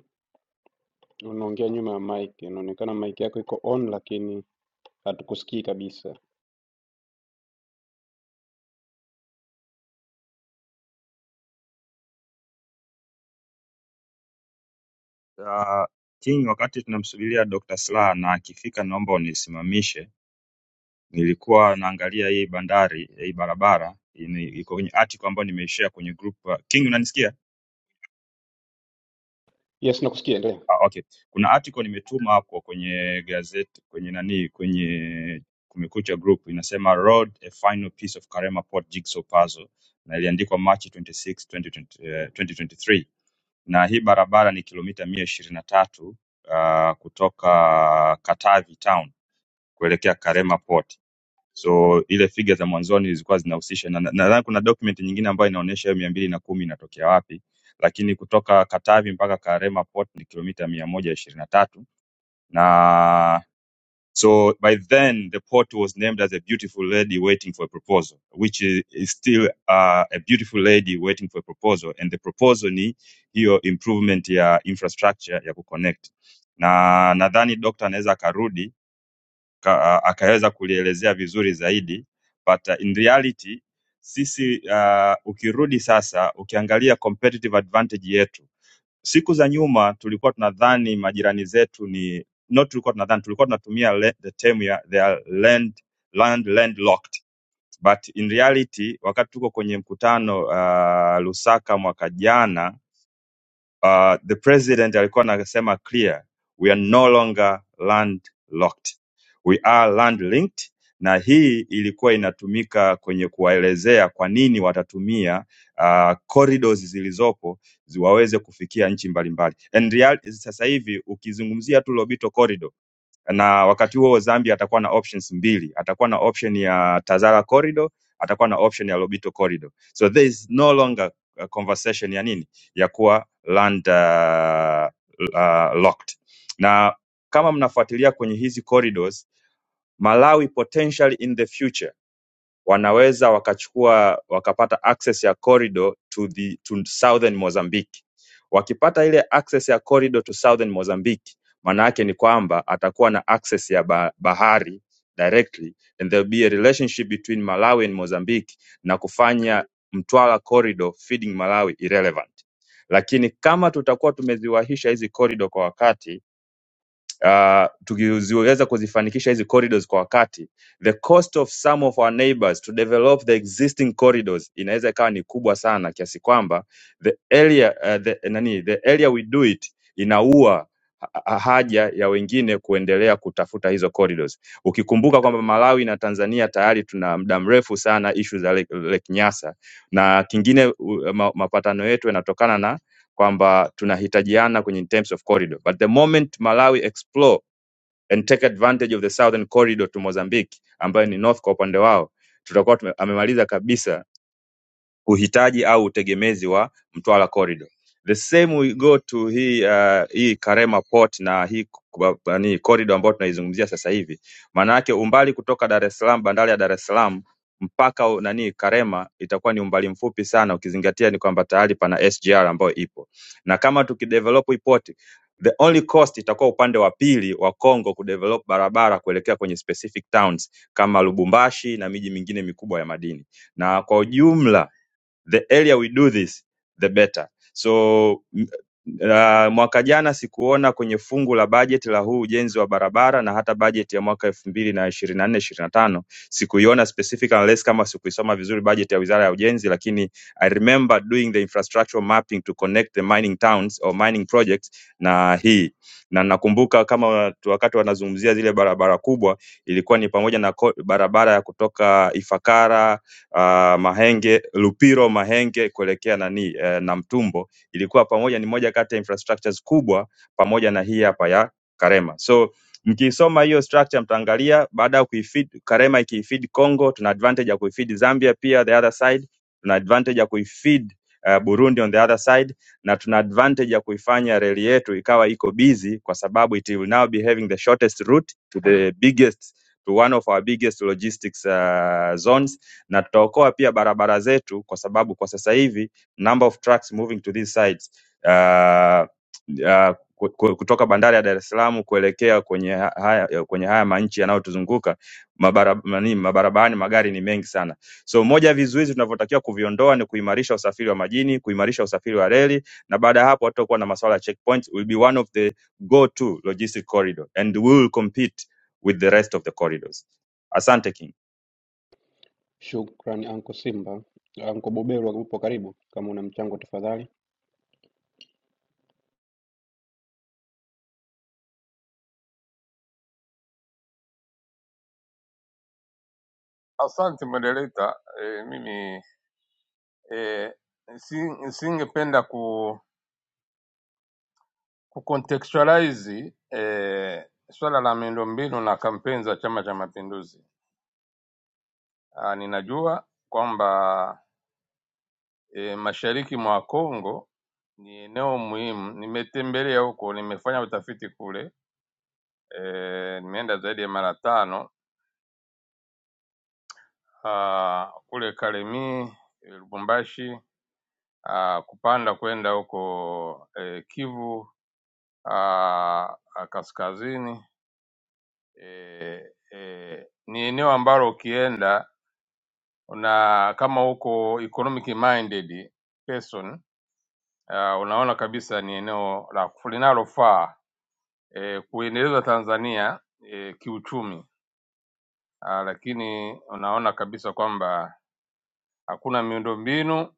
unaongea nyuma ya mic. Inaonekana mic yako iko on, lakini hatukusikii kabisa.
uh, King. Wakati tunamsubiria Dr. Slaa na akifika, naomba unisimamishe. Nilikuwa naangalia hii bandari, hii barabara ini- iko kwenye article ambayo nimeishare kwenye group. uh, King, unanisikia?
Yes, nakusikia, endelea.
Ah, okay. Kuna article nimetuma hapo kwenye gazeti kwenye nani kwenye Kumekucha Group inasema Road a final piece of Karema Port jigsaw puzzle na iliandikwa March 26, 2020, eh, 2023 na ishirini na tatu. Na hii barabara ni kilomita mia ishirini na tatu ah, kutoka Katavi town kuelekea Karema Port. So ile figa za mwanzoni zilikuwa zinahusisha na na- nadhani kuna document nyingine ambayo inaonyesha hiyo mia mbili na kumi inatokea wapi, lakini kutoka Katavi mpaka Karema Port ni kilomita mia moja ishirini na tatu na so by then the port was named as a beautiful lady waiting for a proposal which is, is still uh, a beautiful lady waiting for a proposal and the proposal ni hiyo improvement ya infrastructure ya kuconnect na nadhani dokta anaweza akarudi ka, akaweza kulielezea vizuri zaidi but uh, in reality sisi uh, ukirudi sasa ukiangalia competitive advantage yetu siku za nyuma tulikuwa tunadhani majirani zetu ni not tulikuwa tunadhani tulikuwa tunatumia le, the term ya they are land land landlocked but in reality wakati tuko kwenye mkutano uh, Lusaka mwaka jana uh, the president alikuwa anasema clear we are no longer landlocked we are land linked na hii ilikuwa inatumika kwenye kuwaelezea kwa nini watatumia uh, corridors zilizopo zi- waweze kufikia nchi mbalimbali and real, sasa hivi ukizungumzia tu Lobito corridor na wakati huo Zambia atakuwa na options mbili, atakuwa na option ya Tazara corridor, atakuwa na option ya Lobito corridor. So there is no longer a conversation ya nini ya kuwa land uh, uh, locked. Na kama mnafuatilia kwenye hizi corridors, Malawi potentially in the future wanaweza wakachukua wakapata access ya corridor to the to southern Mozambique. Wakipata ile access ya corridor to southern Mozambique, maana yake ni kwamba atakuwa na access ya ba bahari directly and there will be a relationship between Malawi and Mozambique na kufanya Mtwara corridor feeding Malawi irrelevant. Lakini kama tutakuwa tumeziwahisha hizi corridor kwa wakati uh, tukiziweza kuzifanikisha hizi corridors kwa wakati, the cost of some of our neighbors to develop the existing corridors inaweza ikawa ni kubwa sana kiasi kwamba the area, uh, the, nani, the area we do it inaua ha- ha- haja ya wengine kuendelea kutafuta hizo corridors. Ukikumbuka kwamba Malawi na Tanzania tayari tuna muda mrefu sana issue za Lake, Lake Nyasa na kingine u- ma, mapatano yetu yanatokana na kwamba tunahitajiana kwenye in terms of corridor but the moment Malawi explore and take advantage of the southern corridor to Mozambique ambayo ni north kwa upande wao tutakuwa tume- amemaliza kabisa uhitaji au utegemezi wa Mtwara Corridor the same we go to hii uh, hii Karema Port na hii kuba- nani corridor ambayo tunaizungumzia sasa hivi maana yake umbali kutoka Dar es Salaam bandari ya Dar es Salaam mpaka u- nani Karema itakuwa ni umbali mfupi sana ukizingatia ni kwamba tayari pana SGR ambayo ipo na kama tukidevelop hii port the only cost itakuwa upande wa pili wa Kongo kudevelop barabara kuelekea kwenye specific towns kama Lubumbashi na miji mingine mikubwa ya madini na kwa ujumla the earlier we do this the better so m- uh, mwaka jana sikuona kwenye fungu la bajeti la huu ujenzi wa barabara na hata bajeti ya mwaka elfu mbili na ishirini na nne ishirini na tano sikuiona specific unless kama sikuisoma vizuri bajeti ya wizara ya ujenzi lakini i remember doing the infrastructure mapping to connect the mining towns or mining projects na hii na nakumbuka kama watu- wakati wanazungumzia zile barabara kubwa ilikuwa ni pamoja na ko- barabara ya kutoka ifakara uh, Mahenge Lupiro Mahenge kuelekea nani eh, Namtumbo ilikuwa pamoja, ni moja kati ya infrastructures kubwa pamoja na hii hapa ya Karema. So mkiisoma hiyo structure mtaangalia baada ya kuifeed Karema ikiifeed Congo, tuna advantage ya kuifeed Zambia pia the other side, tuna advantage ya kuifeed uh, Burundi on the other side na tuna advantage ya kuifanya reli yetu ikawa iko busy kwa sababu it will now be having the shortest route to the biggest to one of our biggest logistics uh, zones na tutaokoa pia barabara zetu kwa sababu kwa sasa hivi number of trucks moving to these sides uh, uh, ku- ku- kutoka bandari ya Dar es Salaam kuelekea kwenye ha- haya kwenye haya manchi yanayotuzunguka mabara- nani, mabarabarani magari ni mengi sana. So moja ya vizuizi tunavyotakiwa kuviondoa ni kuimarisha usafiri wa majini, kuimarisha usafiri wa reli, na baada ya hapo hatutakuwa na masuala ya checkpoints, will be one of the go to logistic corridor and we will compete with the rest of the corridors. Asante King.
Shukran Anko Simba. Anko Buberwa, upo karibu, kama una mchango tafadhali.
Asante moderator. E, mimi e, nisingependa ku, kucontextualize e, swala la miundombinu na kampeni za Chama cha Mapinduzi. Ah, Ninajua kwamba e, mashariki mwa Kongo ni eneo muhimu. Nimetembelea huko, nimefanya utafiti kule e, nimeenda zaidi ya mara tano ah, kule Kalemie, Lubumbashi ah, kupanda kwenda huko eh, Kivu ah, ah, kaskazini eh, eh, ni eneo ambalo ukienda una kama uko economic minded person ah, unaona kabisa ni eneo la linalofaa eh, kuendeleza Tanzania eh, kiuchumi ah, lakini unaona kabisa kwamba hakuna miundombinu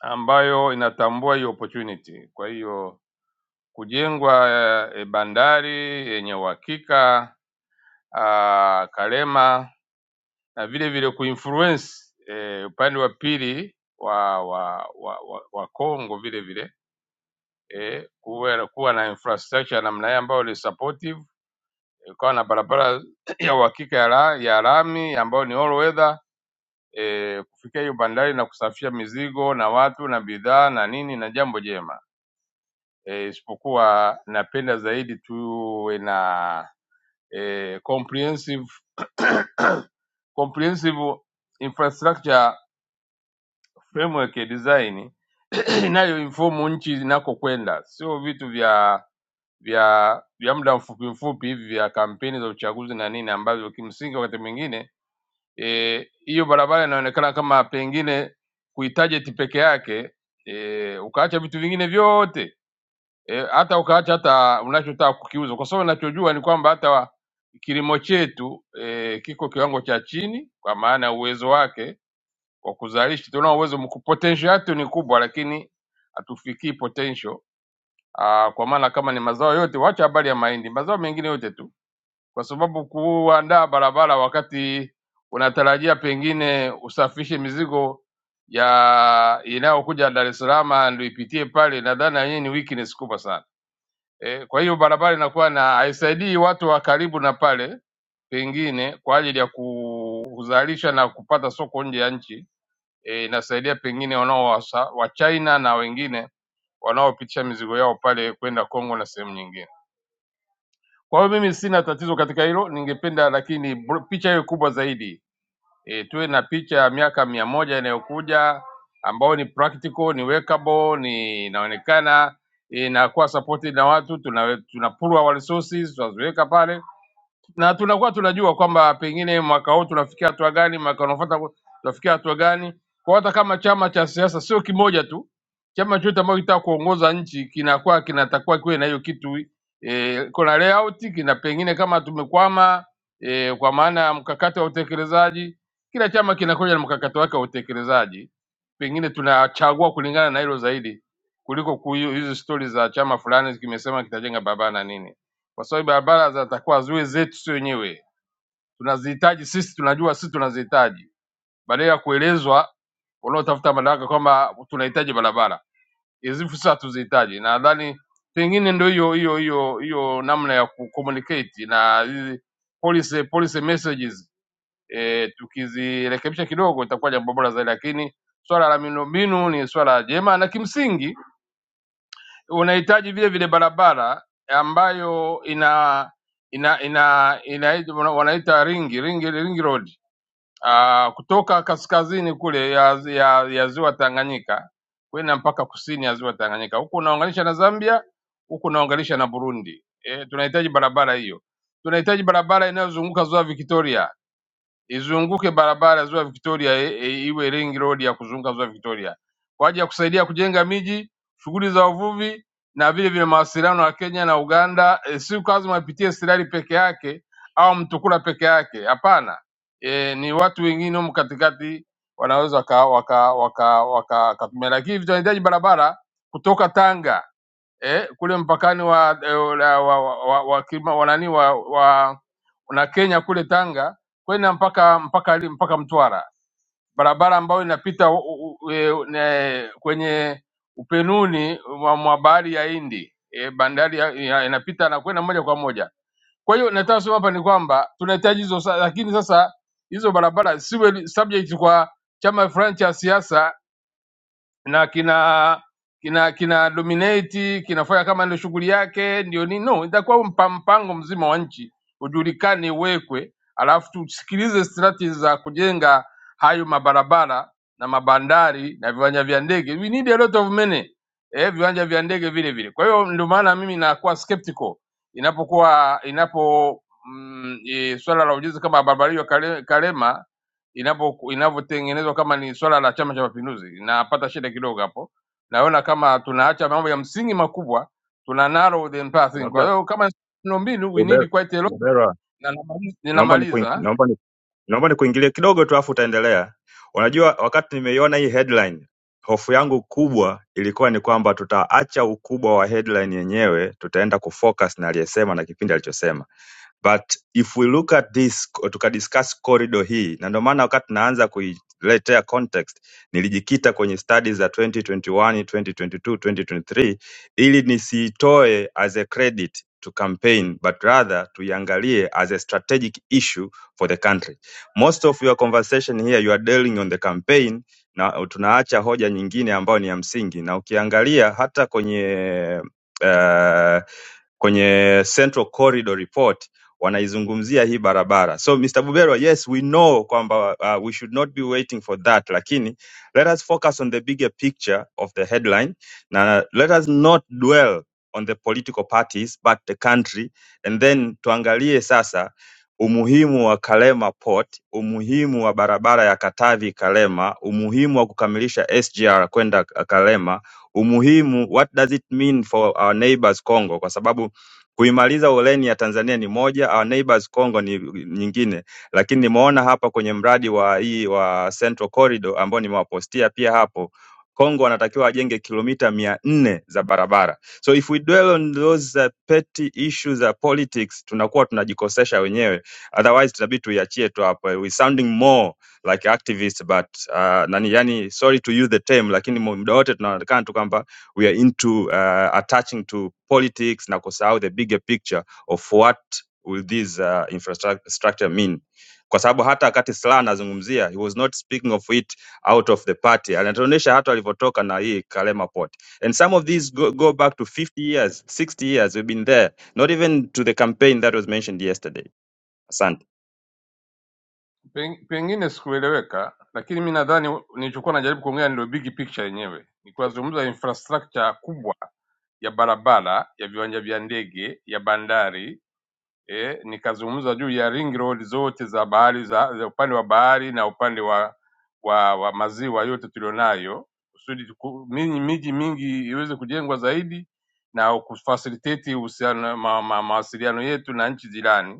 ambayo inatambua hiyo opportunity. Kwa hiyo kujengwa eh, bandari yenye uhakika ah, Karema na vile vile kuinfluence eh, upande wa pili wa wa wa, wa, wa Kongo vile vile eh, kuwe, kuwa na infrastructure namna hii ambayo ni supportive, eh, kuwa na barabara ya uhakika ya, la, ya lami ambayo ni all weather eh, kufikia hiyo bandari na kusafisha mizigo na watu na bidhaa na nini na jambo jema e, isipokuwa napenda zaidi tuwe na e, comprehensive <clears throat> <coughs> comprehensive infrastructure framework ya design <clears throat> <coughs> inayoinfomu nchi inakokwenda, sio vitu vya vya vya muda mfupi mfupi hivi vya kampeni za uchaguzi na nini, ambavyo kimsingi wakati mwingine eh, hiyo e, barabara inaonekana kama pengine kuitajeti peke yake eh, ukaacha vitu vingine vyote e, hata ukaacha hata unachotaka kukiuza, kwa sababu ninachojua ni kwamba hata wa, kilimo chetu e, kiko kiwango cha chini, kwa maana ya uwezo wake wa kuzalisha. Tunao uwezo mku- potential yetu ni kubwa, lakini hatufikii potential Aa, kwa maana kama ni mazao yote, wacha habari ya mahindi, mazao mengine yote tu, kwa sababu kuandaa barabara wakati unatarajia pengine usafishe mizigo ya inayokuja Dar es Salaam ndio ipitie pale, nadhani na yenyewe ni weakness kubwa sana. E, kwa hiyo barabara inakuwa na haisaidii watu wa karibu na pale pengine kwa ajili ya kuzalisha na kupata soko nje ya nchi e, inasaidia pengine wanao wa China na wengine wanaopitisha mizigo yao pale kwenda Kongo na sehemu nyingine. Kwa hiyo mimi sina tatizo katika hilo, ningependa lakini bro- picha iwe kubwa zaidi e, tuwe na picha ya miaka mia moja inayokuja ambayo ni practical, ni workable, ni inaonekana inakuwa supported na watu, tuna tunapurua wa resources tunaziweka pale na tunakuwa tunajua kwamba pengine mwaka huu tunafikia hatua gani, mwaka unaofuata ku- tunafikia hatua gani. Kwa hata kama chama cha siasa sio kimoja tu, chama chote ambacho kitaka kuongoza nchi kinakuwa kinatakiwa kiwe na hiyo kitu e, kuna layout, kina pengine kama tumekwama e, kwa maana ya mkakati wa utekelezaji. Kila chama kinakuja na mkakati wake wa utekelezaji, pengine tunachagua kulingana na hilo zaidi kuliko kuyu- hizi stori za chama fulani kimesema kitajenga barabara na nini kwa sababu barabara zitakuwa ziwe zetu sisi wenyewe, tunazihitaji sisi, tunajua sisi tunazihitaji, badala ya kuelezwa wanaotafuta madaraka kwamba tunahitaji barabara hizi, sisi hatuzihitaji. Na Nadhani pengine ndio hiyo hiyo hiyo hiyo namna ya kucommunicate na hizi policy policy messages e, tukizirekebisha kidogo itakuwa jambo bora zaidi, lakini swala la miundombinu ni swala jema na kimsingi unahitaji vile vile barabara ambayo ina ina ina, ina, ina wanaita ringi ringi ringi road uh, kutoka kaskazini kule ya, ya, ya ziwa Tanganyika kwenda mpaka kusini ya ziwa Tanganyika, huku unaunganisha na Zambia, huku unaunganisha na Burundi. E, tunahitaji barabara hiyo. Tunahitaji barabara inayozunguka ziwa Victoria izunguke barabara ya Ziwa Victoria e, e, iwe ring road ya kuzunguka Ziwa Victoria kwa ajili ya kusaidia kujenga miji, shughuli za uvuvi na vile vile mawasiliano ya Kenya na Uganda. E, si lazima ipitie Sirari peke yake au Mtukula peke yake, hapana. E, ni watu wengine humu katikati wanaweza waka waka waka waka- wakatumia, lakini vitu vinahitaji barabara kutoka Tanga eh, kule mpakani wa eh, wa, wa, wa, wa, kima- wa, nani, wa, wa na Kenya kule Tanga kwenda mpaka mpaka li- mpaka Mtwara, barabara ambayo inapita u, u, u, e, ne, kwenye upenuni mwa mwa bahari ya Hindi e, bandari ya, ya, inapita na kwenda moja kwa moja. Kwa hiyo nataka kusema hapa ni kwamba tunahitaji hizo, sa- lakini sasa hizo barabara siwe ni subject kwa chama fulani cha siasa na kina kina kina dominate kinafanya kama ndio shughuli yake ndio nini no itakuwa mpa- mpango mzima wa nchi ujulikane uwekwe alafu tusikilize strategy za kujenga hayo mabarabara na mabandari na viwanja vya ndege we need a lot of money eh viwanja vya ndege vile vile kwa hiyo ndio maana mimi nakuwa skeptical inapokuwa inapo mm, e, swala la ujenzi kama barabara hiyo Kale- Karema inapo inavyotengenezwa kama ni swala la Chama cha Mapinduzi, inapata shida kidogo hapo. Naona kama tunaacha mambo ya msingi makubwa, tuna narrow the entire thing.
Labda
Kwa hiyo kama miundombinu we
Bubera,
need quite a lot.
Bubera,
Na namaliza,
naomba ni
ninamaliza
naomba ni naomba nikuingilie kidogo tu, afu utaendelea. Unajua, wakati nimeiona hii headline, hofu yangu kubwa ilikuwa ni kwamba tutaacha ukubwa wa headline yenyewe, tutaenda kufocus na aliyesema na kipindi alichosema. But if we look at this tukadiscuss corridor hii, na ndio maana wakati naanza kuiletea context nilijikita kwenye studies za 2021, 2022, 2023 ili nisiitoe as a credit to campaign but rather tuiangalie as a strategic issue for the country. Most of your conversation here you are dealing on the campaign na tunaacha hoja nyingine ambayo ni ya msingi, na ukiangalia hata kwenye uh, kwenye Central Corridor Report wanaizungumzia hii barabara. So Mr. Bubero, yes we know kwamba uh, we should not be waiting for that, lakini let us focus on the bigger picture of the headline na let us not dwell on the political parties but the country and then tuangalie sasa umuhimu wa Kalema Port, umuhimu wa barabara ya Katavi Kalema, umuhimu wa kukamilisha SGR kwenda Kalema, umuhimu what does it mean for our neighbors Congo, kwa sababu Kuimaliza ureni ya Tanzania ni moja, Our Neighbors Congo ni nyingine, lakini nimeona hapa kwenye mradi wa hii wa Central Corridor ambao nimewapostia pia hapo Kongo wanatakiwa wajenge kilomita mia nne za barabara. So if we dwell on those uh, petty issues za politics, tunakuwa tunajikosesha wenyewe, otherwise tunabidi tuiachie tu hapo. We sounding more like activists but uh, nani yani, sorry to use the term, lakini muda wote tunaonekana tu kwamba we are into uh, attaching to politics na kusahau the bigger picture of what will this uh, infrastructure mean kwa sababu hata wakati Slaa anazungumzia he was not speaking of it out of the party anatuonyesha hata alivyotoka na hii Kalema Port and some of these go, go back to 50 years 60 years we've been there not even to the campaign that was mentioned yesterday asante
Peng- pengine sikueleweka, lakini mi nadhani nilichokuwa najaribu kuongea ndio big picture yenyewe, ni kuzungumza infrastructure kubwa ya barabara, ya viwanja vya ndege, ya bandari eh, nikazungumza juu ya ring road zote za bahari za, za upande wa bahari na upande wa, wa, wa maziwa yote tulionayo kusudi tuku- miji miji mingi iweze kujengwa zaidi na kufacilitate uhusiano ma, ma, mawasiliano yetu na nchi jirani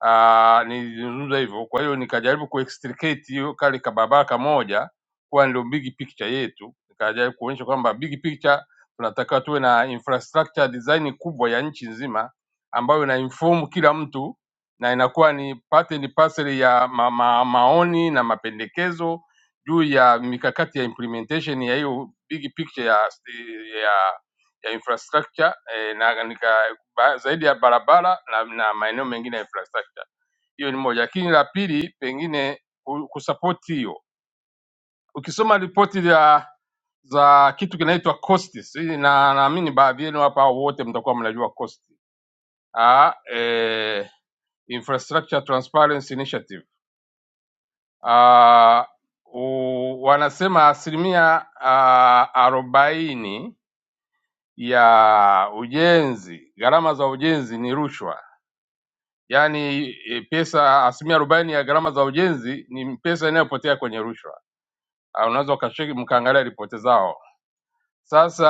Ah, nilizungumza hivyo. Kwa hiyo nikajaribu kuextricate hiyo kale kababaka moja kuwa ndio big picture yetu, nikajaribu kuonyesha kwamba big picture tunatakiwa tuwe na infrastructure design kubwa ya nchi nzima ambayo ina inform kila mtu na inakuwa ni part and parcel ya ma ma maoni na mapendekezo juu ya mikakati ya implementation ya hiyo big picture ya, ya ya infrastructure eh, na nika, ba, zaidi ya barabara na, na maeneo mengine ya infrastructure. Hiyo ni moja, lakini la pili pengine ku- kusapoti hiyo, ukisoma ripoti ya za kitu kinaitwa cost, si- na naamini baadhi yenu hapa au wote mtakuwa mnajua cost. Ah, eh, Infrastructure Transparency Initiative. Uh, wanasema asilimia ah, arobaini ya ujenzi, gharama za ujenzi ni rushwa, yaani e, pesa asilimia arobaini ya gharama za ujenzi ni pesa inayopotea kwenye rushwa. Ah, Unaweza ukasheki mkaangalia ripoti zao. Sasa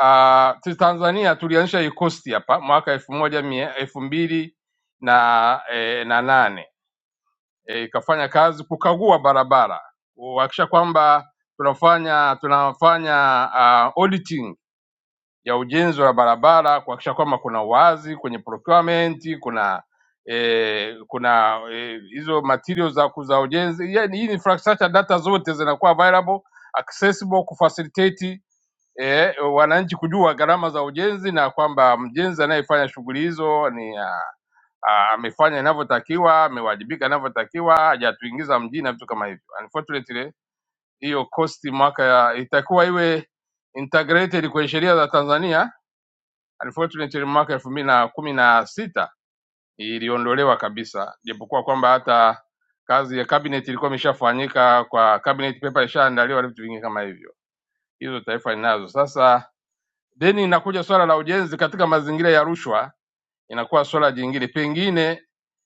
ah, sisi Tanzania tulianzisha hii kosti hapa mwaka elfu moja mia elfu mbili na, e, na nane Eh, ikafanya kazi kukagua barabara kuhakikisha kwamba tunafanya tunafanya uh, auditing ya ujenzi wa barabara, kuhakikisha kwamba kuna uwazi kwenye procurement, kuna eh, kuna eh, hizo materials za, za ujenzi. Yani hii infrastructure data zote zinakuwa available, accessible kufacilitate e, wananchi kujua gharama za ujenzi na kwamba mjenzi anayefanya shughuli hizo ni ah, ah, amefanya inavyotakiwa, amewajibika inavyotakiwa, hajatuingiza mjini na vitu kama hivyo. Unfortunately, hiyo cost mwaka ya- itakuwa iwe integrated kwenye sheria za Tanzania Unfortunately mwaka elfu mbili na kumi na sita iliondolewa kabisa, japokuwa kwamba hata kazi ya cabinet ilikuwa imeshafanyika kwa cabinet paper ilishaandaliwa na vitu vingine kama hivyo. Hizo taifa linazo sasa. Then inakuja swala la ujenzi katika mazingira ya rushwa, inakuwa swala jingine pengine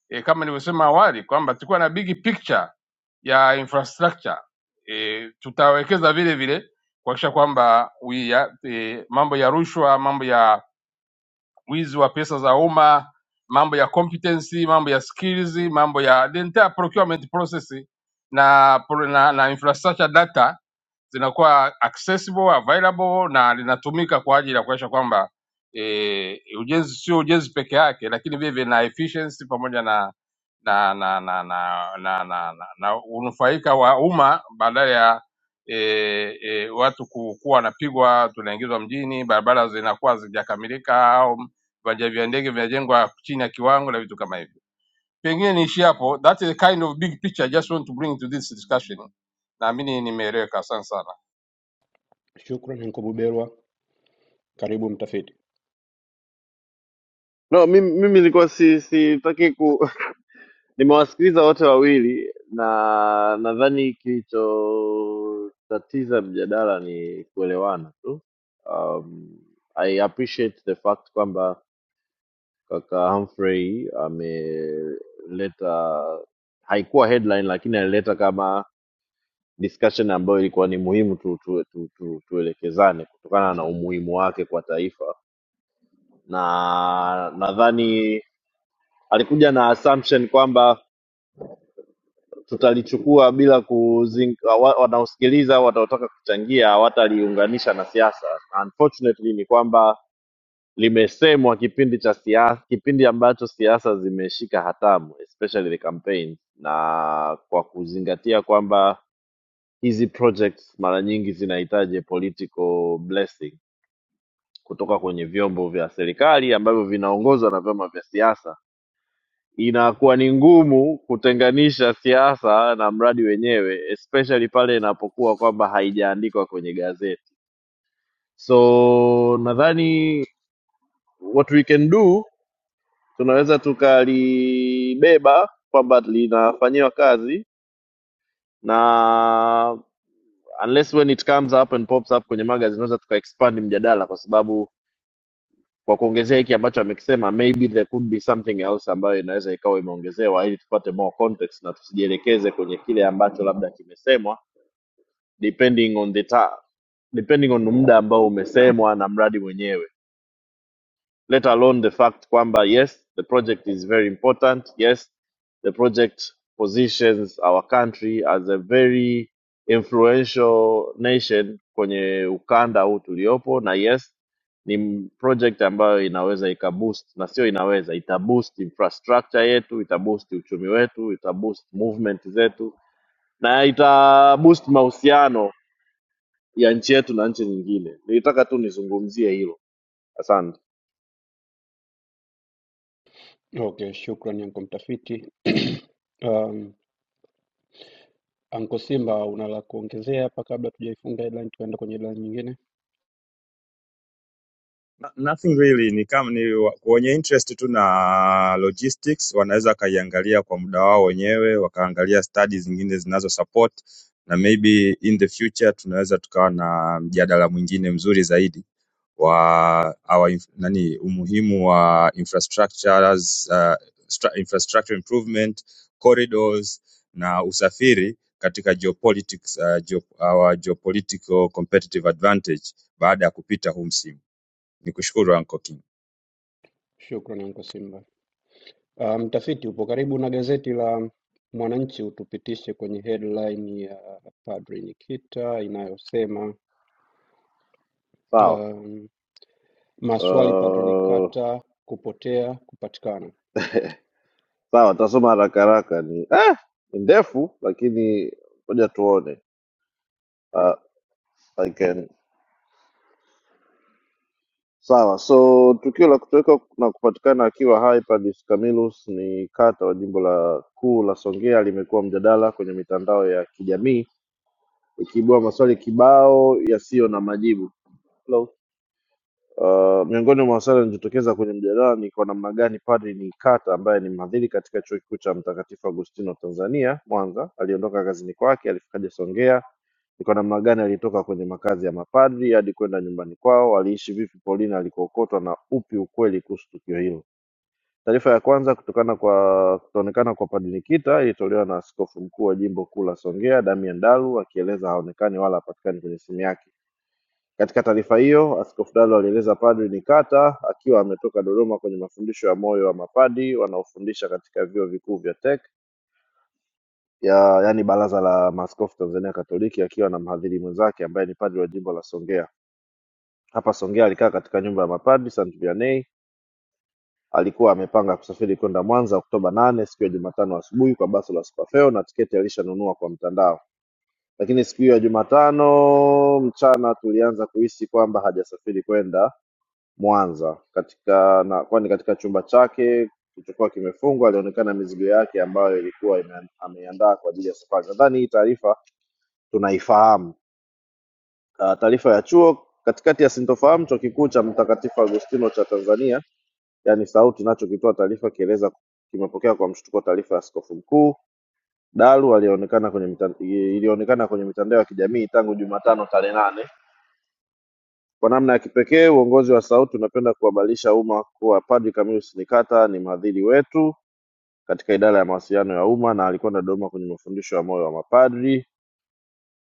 e, kama nilivyosema awali kwamba tulikuwa na big picture ya infrastructure e, tutawekeza vile vile kuhakikisha kwamba we ya- e, mambo ya rushwa, mambo ya wizi wa pesa za umma, mambo ya competency, mambo ya skills, mambo ya the entire procurement process na, na, na infrastructure data zinakuwa accessible, available na linatumika kwa ajili ya kuhakikisha kwamba e, ujenzi sio ujenzi peke yake, lakini vile vile na efficiency pamoja na na na na na na, na, na, na unufaika wa umma badala ya e, e, watu ku- kuwa wanapigwa, tunaingizwa mjini, barabara zinakuwa hazijakamilika viwanja vya ndege vinajengwa chini ya kiwango na vitu kama hivyo. Pengine niishie hapo. That is the kind of big picture I just want to bring to this discussion. Naamini nimeeleweka. Asante sana.
Shukran Anko Buberwa. Karibu mtafiti.
no mimi mimi nilikuwa si sitaki ku <laughs> Nimewasikiliza wote wawili na nadhani kilichotatiza mjadala ni kuelewana tu. Um, I appreciate the fact kwamba kaka Humphrey ameleta, haikuwa headline lakini alileta kama discussion ambayo ilikuwa ni muhimu tu, tu, tu, tu, tuelekezane kutokana na umuhimu wake kwa taifa, na nadhani alikuja na assumption kwamba tutalichukua bila kuzinga, wa- wanaosikiliza wataotaka kuchangia hawataliunganisha na siasa. Unfortunately ni kwamba limesemwa kipindi cha siasa, kipindi ambacho siasa zimeshika hatamu especially the campaign, na kwa kuzingatia kwamba hizi projects mara nyingi zinahitaji political blessing kutoka kwenye vyombo vya serikali ambavyo vinaongozwa na vyama vya siasa inakuwa ni ngumu kutenganisha siasa na mradi wenyewe especially pale inapokuwa kwamba haijaandikwa kwenye gazeti so nadhani what we can do tunaweza tukalibeba kwamba linafanyiwa kazi na unless when it comes up and pops up kwenye magazine tunaweza tukaexpand mjadala kwa sababu kwa kuongezea hiki ambacho amekisema maybe there could be something else ambayo inaweza ikawa imeongezewa ili tupate more context na tusijielekeze kwenye kile ambacho labda kimesemwa depending on the ta depending on muda ambao umesemwa na mradi mwenyewe let alone the fact kwamba yes the project is very important yes the project positions our country as a very influential nation kwenye ukanda huu tuliopo na yes ni m- project ambayo inaweza ikaboost na sio inaweza itaboost infrastructure yetu itaboost uchumi wetu itaboost movement zetu na itaboost mahusiano ya nchi yetu na nchi nyingine nilitaka tu nizungumzie hilo asante
Okay, shukrani yanko mtafiti. <clears throat> Um, Anko Simba una la kuongezea hapa kabla tujaifunga headline tukaenda kwenye headline nyingine?
No- Nothing really ni kama ni wa- wenye interest tu na logistics wanaweza wakaiangalia kwa muda wao wenyewe, wakaangalia study zingine zinazo support na maybe in the future tunaweza tukawa na mjadala mwingine mzuri zaidi wa our inf nani umuhimu wa infrastructures, uh, stra- infrastructure improvement, corridors na usafiri katika geopolitics, uh, geo, our geopolitical competitive advantage baada ya kupita huu msimu. Nikushukuru Anko King,
Shukrani Anko Simba. Uh, mtafiti upo karibu na gazeti la Mwananchi, utupitishe kwenye headline ya Padri Nikita inayosema
sawa
um, maswali Padri
Uh,
Nikata kupotea kupatikana.
<laughs> sawa, tasoma haraka haraka, ni eh, ni ndefu lakini ngoja tuone. Uh, I can sawa. So tukio la kutoweka na kupatikana akiwa hai Padus Camillus ni kata wa jimbo la kuu la Songea limekuwa mjadala kwenye mitandao ya kijamii ikiibua maswali kibao yasiyo na majibu. Uh, miongoni mwa maswali yanayojitokeza kwenye mjadala ni kwa namna gani Padri Nikata ambaye ni mhadhiri katika chuo kikuu cha Mtakatifu Agustino Tanzania Mwanza aliondoka kazini kwake alifikaje Songea, ni kwa namna gani alitoka kwenye makazi ya mapadri hadi kwenda nyumbani kwao, aliishi vipi Paulina alikookotwa na upi ukweli kuhusu tukio hilo. Taarifa ya kwanza kutokana kwa kutoonekana kwa Padri Nikita ilitolewa na Askofu Mkuu wa Jimbo Kuu la Songea, Damian Dalu akieleza haonekani wala hapatikani kwenye simu yake. Katika taarifa hiyo, Askofu Dalu alieleza Padri Nikata akiwa ametoka Dodoma kwenye mafundisho ya moyo wa mapadi wanaofundisha katika vyuo vikuu vya TEC ya yaani Baraza la Maaskofu Tanzania Katoliki, akiwa na mhadhiri mwenzake ambaye ni padri wa jimbo la Songea. Hapa Songea alikaa katika nyumba ya mapadi St. Vianney Alikuwa amepanga kusafiri kwenda Mwanza Oktoba nane siku ya Jumatano asubuhi kwa basi la Superfeo na tiketi alishanunua kwa mtandao, lakini siku hiyo ya Jumatano mchana tulianza kuhisi kwamba hajasafiri kwenda Mwanza katika na, kwani katika chumba chake kilichokuwa kimefungwa alionekana mizigo yake ambayo ilikuwa ime- ameiandaa kwa ajili ya safari. Nadhani hii taarifa tunaifahamu Ah, Taarifa ya chuo. Katikati ya sintofahamu, Chuo Kikuu cha Mtakatifu Agustino cha Tanzania yaani SAUTI nacho kilitoa taarifa kieleza kimepokea kwa mshtuko taarifa ya askofu mkuu Dalu alionekana kwenye mita- ilionekana kwenye mitandao ya kijamii tangu Jumatano tarehe nane. Kwa namna ya kipekee, uongozi wa SAUTI unapenda kuhabarisha umma kuwa Padri Camillus Nikata ni mhadhiri wetu katika idara ya mawasiliano ya umma na alikwenda Dodoma kwenye mafundisho ya moyo wa mapadri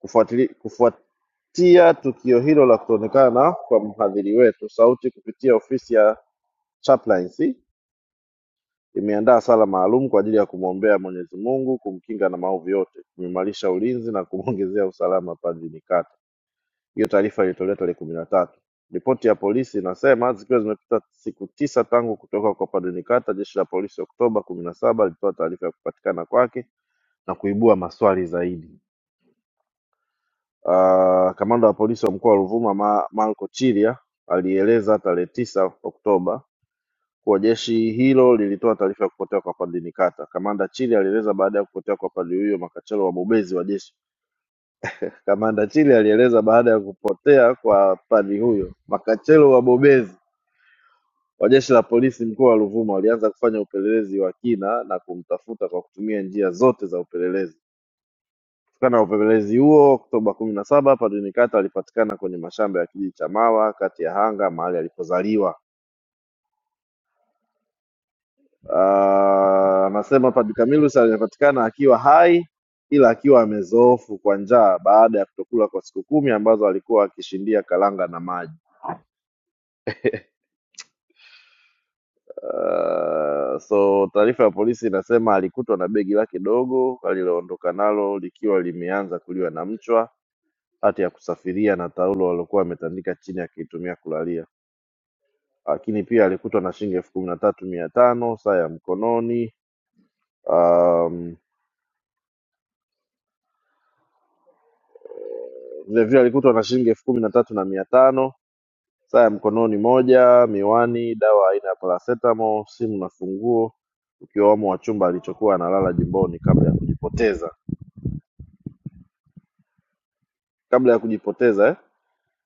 Kufuatili- Kufuatia tukio hilo la kutoonekana kwa mhadhiri wetu, Sauti kupitia ofisi ya chaplaincy imeandaa sala maalum kwa ajili ya kumwombea Mwenyezi Mungu kumkinga na maovu yote, kuimarisha ulinzi na kumwongezea usalama Padri Nikata. Hiyo taarifa ilitolewa tarehe kumi na tatu. Ripoti ya polisi inasema zikiwa zimepita siku tisa tangu kutoka kwa Padri Nikata, jeshi la polisi Oktoba kumi na saba lilitoa taarifa ya kupatikana kwake na kuibua maswali zaidi. Uh, kamanda wa polisi wa mkoa wa Ruvuma Ma Marco Chilia alieleza tarehe tisa Oktoba kuwa jeshi hilo lilitoa taarifa ya kupotea kwa Padri Nikata. Kamanda Chilia alieleza baada ya kupotea kwa padri huyo makachero wabobezi wa jeshi. Kamanda Chilia alieleza baada ya kupotea kwa padri huyo makachero wabobezi wa jeshi la polisi mkoa wa Ruvuma walianza kufanya upelelezi wa kina na kumtafuta kwa kutumia njia zote za upelelezi. Kutokana na upelelezi huo, Oktoba kumi na saba Padri Nikata alipatikana kwenye mashamba ya kijiji cha Mawa kati ya Hanga mahali alipozaliwa. Ah, Anasema Padri Camillus alipatikana akiwa hai ila akiwa amezoofu kwa njaa baada ya kutokula kwa siku kumi ambazo alikuwa akishindia karanga na maji. <laughs> Uh, so taarifa ya polisi inasema alikutwa na begi lake dogo aliloondoka nalo likiwa limeanza kuliwa na mchwa, hati ya kusafiria na taulo alilokuwa ametandika chini akiitumia kulalia. Lakini pia alikutwa na shilingi elfu kumi na tatu mia tano saa ya mkononi, um, Vilevile alikutwa na shilingi elfu kumi na tatu na mia tano, saa ya mkononi moja, miwani, dawa aina ya paracetamol, simu na funguo ukiwamo wa chumba alichokuwa analala Jimboni kabla ya kujipoteza. Kabla ya kujipoteza eh?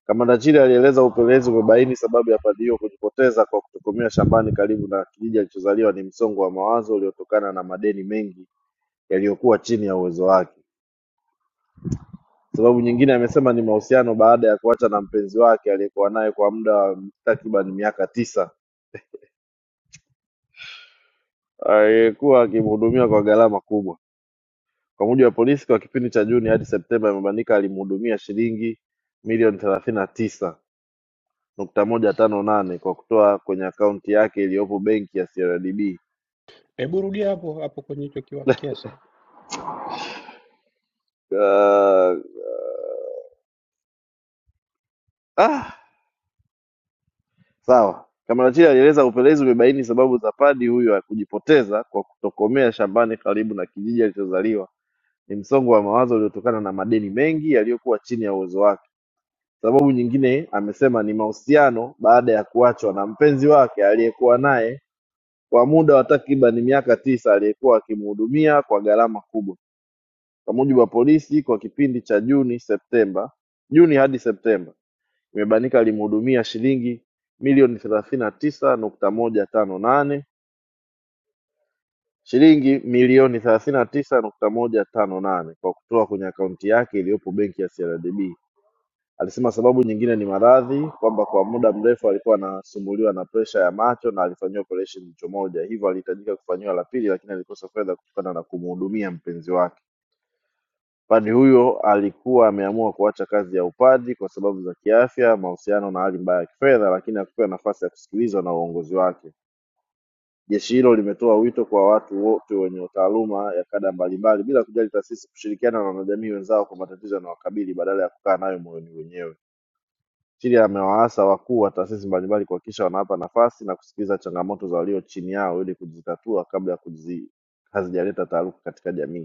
Kamanda Chile alieleza upelelezi umebaini sababu ya padri huyo kujipoteza kwa kutokomea shambani karibu na kijiji alichozaliwa ni msongo wa mawazo uliotokana na madeni mengi yaliyokuwa chini ya uwezo wake. Sababu nyingine amesema ni mahusiano baada ya kuacha na mpenzi wake aliyekuwa naye kwa muda wa takriban miaka tisa <laughs> aliyekuwa akimhudumia kwa gharama kubwa. Kwa mujibu wa polisi, kwa kipindi cha Juni hadi Septemba, Imebainika alimhudumia shilingi milioni thelathini na tisa nukta moja tano nane kwa kutoa kwenye akaunti yake iliyopo benki ya CRDB.
Hebu rudia hapo hapo kwenye hicho kiwa kiasi,
Ah, <laughs> ah. Sawa. Kamaratia alieleza upelelezi umebaini sababu za padi huyo kujipoteza kwa kutokomea shambani karibu na kijiji alichozaliwa ni msongo wa mawazo uliotokana na madeni mengi yaliyokuwa chini ya uwezo wake. Sababu nyingine amesema ni mahusiano baada ya kuachwa na mpenzi wake aliyekuwa naye kwa muda wa takribani miaka tisa aliyekuwa akimhudumia kwa gharama kubwa. Kwa mujibu wa polisi, kwa kipindi cha Juni Septemba, Juni hadi Septemba, Imebanika alimhudumia shilingi milioni thelathini na tisa nukta moja tano nane shilingi milioni thelathini na tisa nukta moja tano nane kwa kutoa kwenye akaunti yake iliyopo benki ya CRDB. Alisema sababu nyingine ni maradhi, kwamba kwa muda mrefu alikuwa anasumbuliwa na presha ya macho na alifanyiwa operation jicho moja, hivyo alihitajika kufanyiwa la pili, lakini alikosa fedha kutokana na kumhudumia mpenzi wake. Padri huyo alikuwa ameamua kuacha kazi ya upadri kwa sababu za kiafya, mahusiano na hali mbaya ya kifedha, lakini hakupewa nafasi ya kusikilizwa na uongozi wake. Jeshi hilo limetoa wito kwa watu wote wenye taaluma ya kada mbalimbali, bila kujali taasisi, kushirikiana na wanajamii wenzao kwa matatizo yanayowakabili badala ya kukaa nayo moyoni wenyewe. Chili amewaasa wakuu wa taasisi mbalimbali kuhakikisha wanawapa nafasi na kusikiliza changamoto za walio chini yao ili kuzitatua kabla ya kuzi hazijaleta taarufu katika jamii.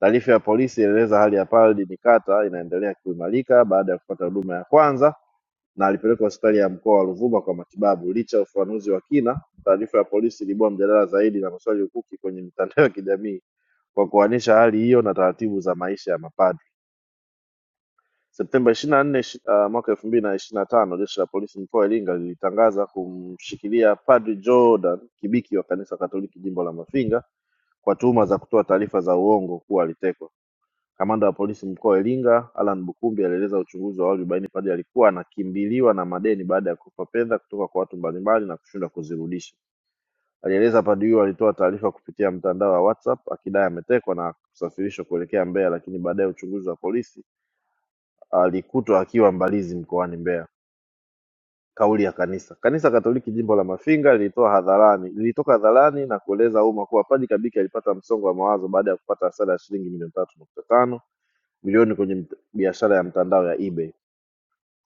Taarifa ya polisi ilieleza hali ya Padri Nikata inaendelea kuimarika baada ya kupata huduma ya kwanza na alipelekwa hospitali ya mkoa wa Ruvuma kwa matibabu. Licha ya ufafanuzi wa kina, taarifa ya polisi iliibua mjadala zaidi na maswali hukuki kwenye mitandao ya kijamii kwa kuanisha hali hiyo na taratibu za maisha ya mapadri. Septemba ishirini na nne uh, mwaka elfu mbili na ishirini na tano jeshi la polisi mkoa wa Iringa lilitangaza kumshikilia Padri Jordan Kibiki wa kanisa Katoliki jimbo la Mafinga kwa tuhuma za kutoa taarifa za uongo kuwa alitekwa. Kamanda wa polisi mkoa wa Iringa Alan Bukumbi alieleza uchunguzi wa awali ulibaini Padri alikuwa anakimbiliwa na madeni baada ya kukopa fedha kutoka kwa watu mbalimbali na kushindwa kuzirudisha. Alieleza padri huyo alitoa taarifa kupitia mtandao wa WhatsApp akidai ametekwa na kusafirishwa kuelekea Mbeya, lakini baadaye uchunguzi wa polisi alikutwa akiwa Mbalizi mkoani Mbeya. Kauli ya Kanisa. Kanisa Katoliki jimbo la Mafinga lilitoa hadharani lilitoka hadharani na kueleza umma kuwa Padri Kabiki alipata msongo wa mawazo baada ya kupata hasara ya shilingi milioni tatu nukta tano milioni kwenye mt- biashara ya mtandao ya eBay.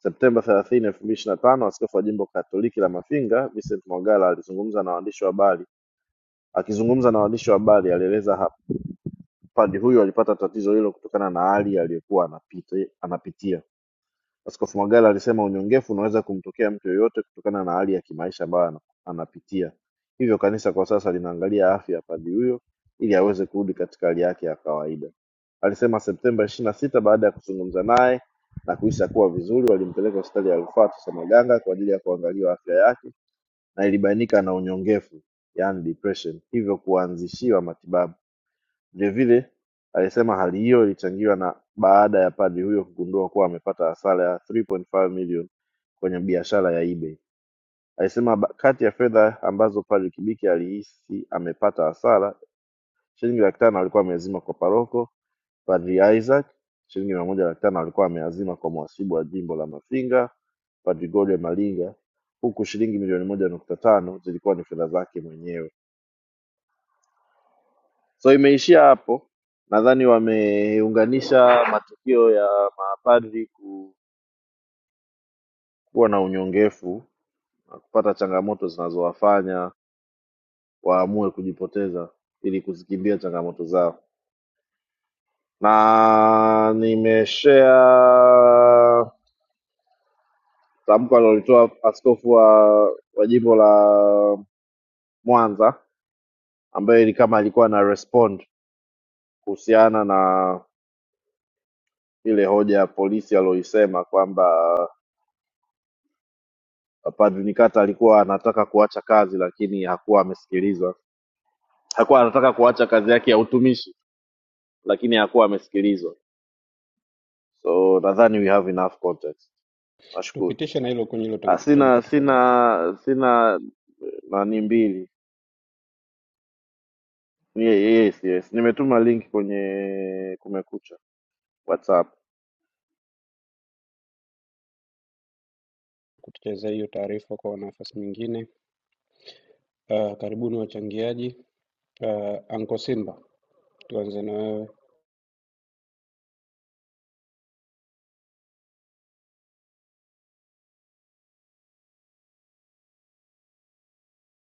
Septemba 30, 2025, askofu wa jimbo Katoliki la Mafinga Vincent Mwagala alizungumza na waandishi wa habari Akizungumza na waandishi wa habari alieleza hapa padri huyo alipata tatizo hilo kutokana na hali aliyokuwa anapita- anapitia. Askofu Magala alisema unyongefu unaweza kumtokea mtu yeyote kutokana na hali ya kimaisha ambayo ana- anapitia, hivyo kanisa kwa sasa linaangalia afya ya padri huyo ili aweze kurudi katika hali yake ya kawaida. Alisema Septemba ishirini na sita baada ya kuzungumza naye na kuisha kuwa vizuri, walimpeleka hospitali ya rufaa Tosamaganga kwa ajili ya kuangaliwa afya yake na ilibainika ana unyongevu yaani depression hivyo kuanzishiwa matibabu. Vilevile alisema hali hiyo ilichangiwa na baada ya padri huyo kugundua kuwa amepata hasara ya 3.5 million kwenye biashara ya eBay. Alisema ba- kati ya fedha ambazo padri Kibiki alihisi amepata hasara Shilingi laki tano alikuwa ameazima kwa paroko Padri Isaac, shilingi mia moja laki tano alikuwa ameazima kwa mhasibu wa jimbo la Mafinga Padri Gode Malinga, huku shilingi milioni moja nukta tano zilikuwa ni fedha zake mwenyewe. So imeishia hapo. Nadhani wameunganisha matukio ya mapadri ku- kuwa na unyongefu na kupata changamoto zinazowafanya waamue kujipoteza ili kuzikimbia changamoto zao. na nimeshare tamko alilolitoa askofu wa, wa jimbo la Mwanza ambaye ni kama alikuwa ana respond kuhusiana na ile hoja ya polisi aliyoisema kwamba Padri Nikata alikuwa anataka kuacha kazi lakini hakuwa amesikilizwa. Hakuwa anataka kuacha kazi yake ya utumishi lakini hakuwa amesikilizwa. So nadhani we have enough context. Nashukuru.
tupitishe na hilo kwenye hilo
Ah,
tam- tamko
sina
tafadhali,
sina sina nani mbili. Ni- Yes, yes. Nimetuma link kwenye Kumekucha WhatsApp.
kutuchezea hiyo taarifa kwa nafasi nyingine. Uh, karibuni wachangiaji. Uh, Anko Simba, tuanze na wewe.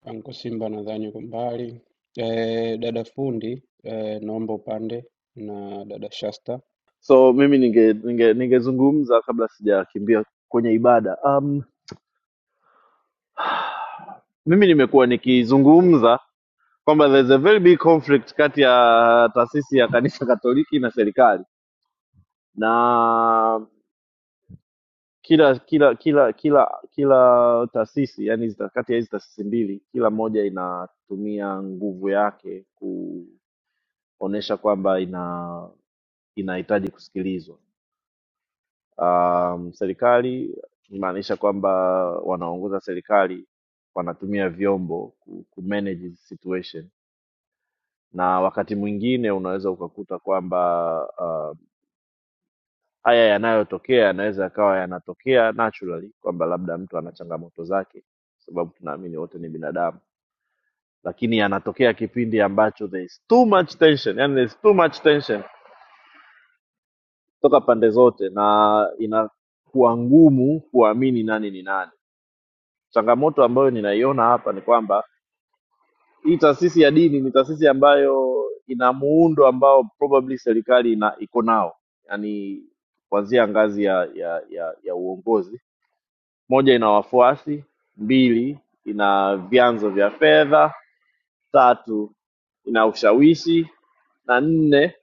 Anko Simba nadhani uko mbali. Eh, dada fundi, eh, naomba upande na dada Shasta.
So mimi ninge ninge ningezungumza kabla sijakimbia kwenye ibada. Um, <sighs> mimi nimekuwa nikizungumza kwamba there's a very big conflict kati ya taasisi ya kanisa Katoliki na serikali na kila kila kila kila kila taasisi yani hizi- kati ya hizi taasisi mbili kila moja inatumia nguvu yake kuonesha kwamba ina inahitaji kusikilizwa. Um, serikali imaanisha kwamba wanaongoza serikali wanatumia vyombo ku, ku manage the situation, na wakati mwingine unaweza ukakuta kwamba uh, haya yanayotokea yanaweza yakawa yanatokea naturally kwamba labda mtu ana changamoto zake kwa sababu tunaamini wote ni binadamu lakini yanatokea kipindi ambacho there is too much tension yani there is too much tension kutoka pande zote na inakuwa ngumu kuamini nani ni nani changamoto ambayo ninaiona hapa ni kwamba hii taasisi ya dini ni taasisi ambayo ina muundo ambao probably serikali ina iko nao yani kuanzia ngazi ya ya ya, ya uongozi Moja ina wafuasi, mbili ina vyanzo vya fedha, tatu ina ushawishi na nne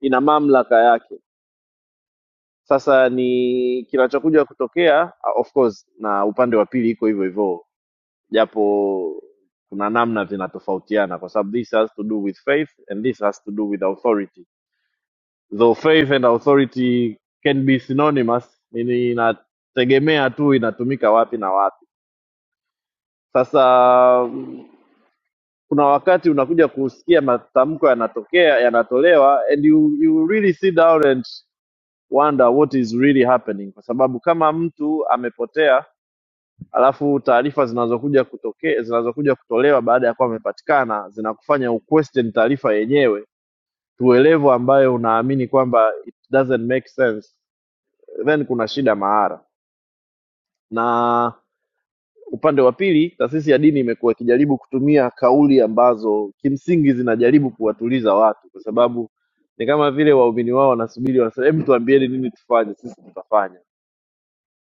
ina mamlaka yake. Sasa ni kinachokuja kutokea, uh, of course, na upande wa pili iko hivyo hivyo, japo kuna namna zinatofautiana, kwa sababu this has to do with faith and this has to do with authority, though faith and authority can be synonymous. Ni- ni- Inategemea tu inatumika wapi na wapi. Sasa kuna wakati unakuja kusikia matamko yanatokea yanatolewa and you, you really sit down and wonder what is really happening kwa sababu kama mtu amepotea alafu taarifa zinazokuja kutokea zinazokuja kutolewa baada ya kuwa amepatikana zinakufanya uquestion taarifa yenyewe tuelevu ambayo unaamini kwamba it doesn't make sense then kuna shida mahara na Upande wa pili, taasisi ya dini imekuwa ikijaribu kutumia kauli ambazo kimsingi zinajaribu kuwatuliza watu, kwa sababu ni kama vile waumini wao wanasubiri, wanasema hebu tuambieni nini tufanye, sisi tutafanya.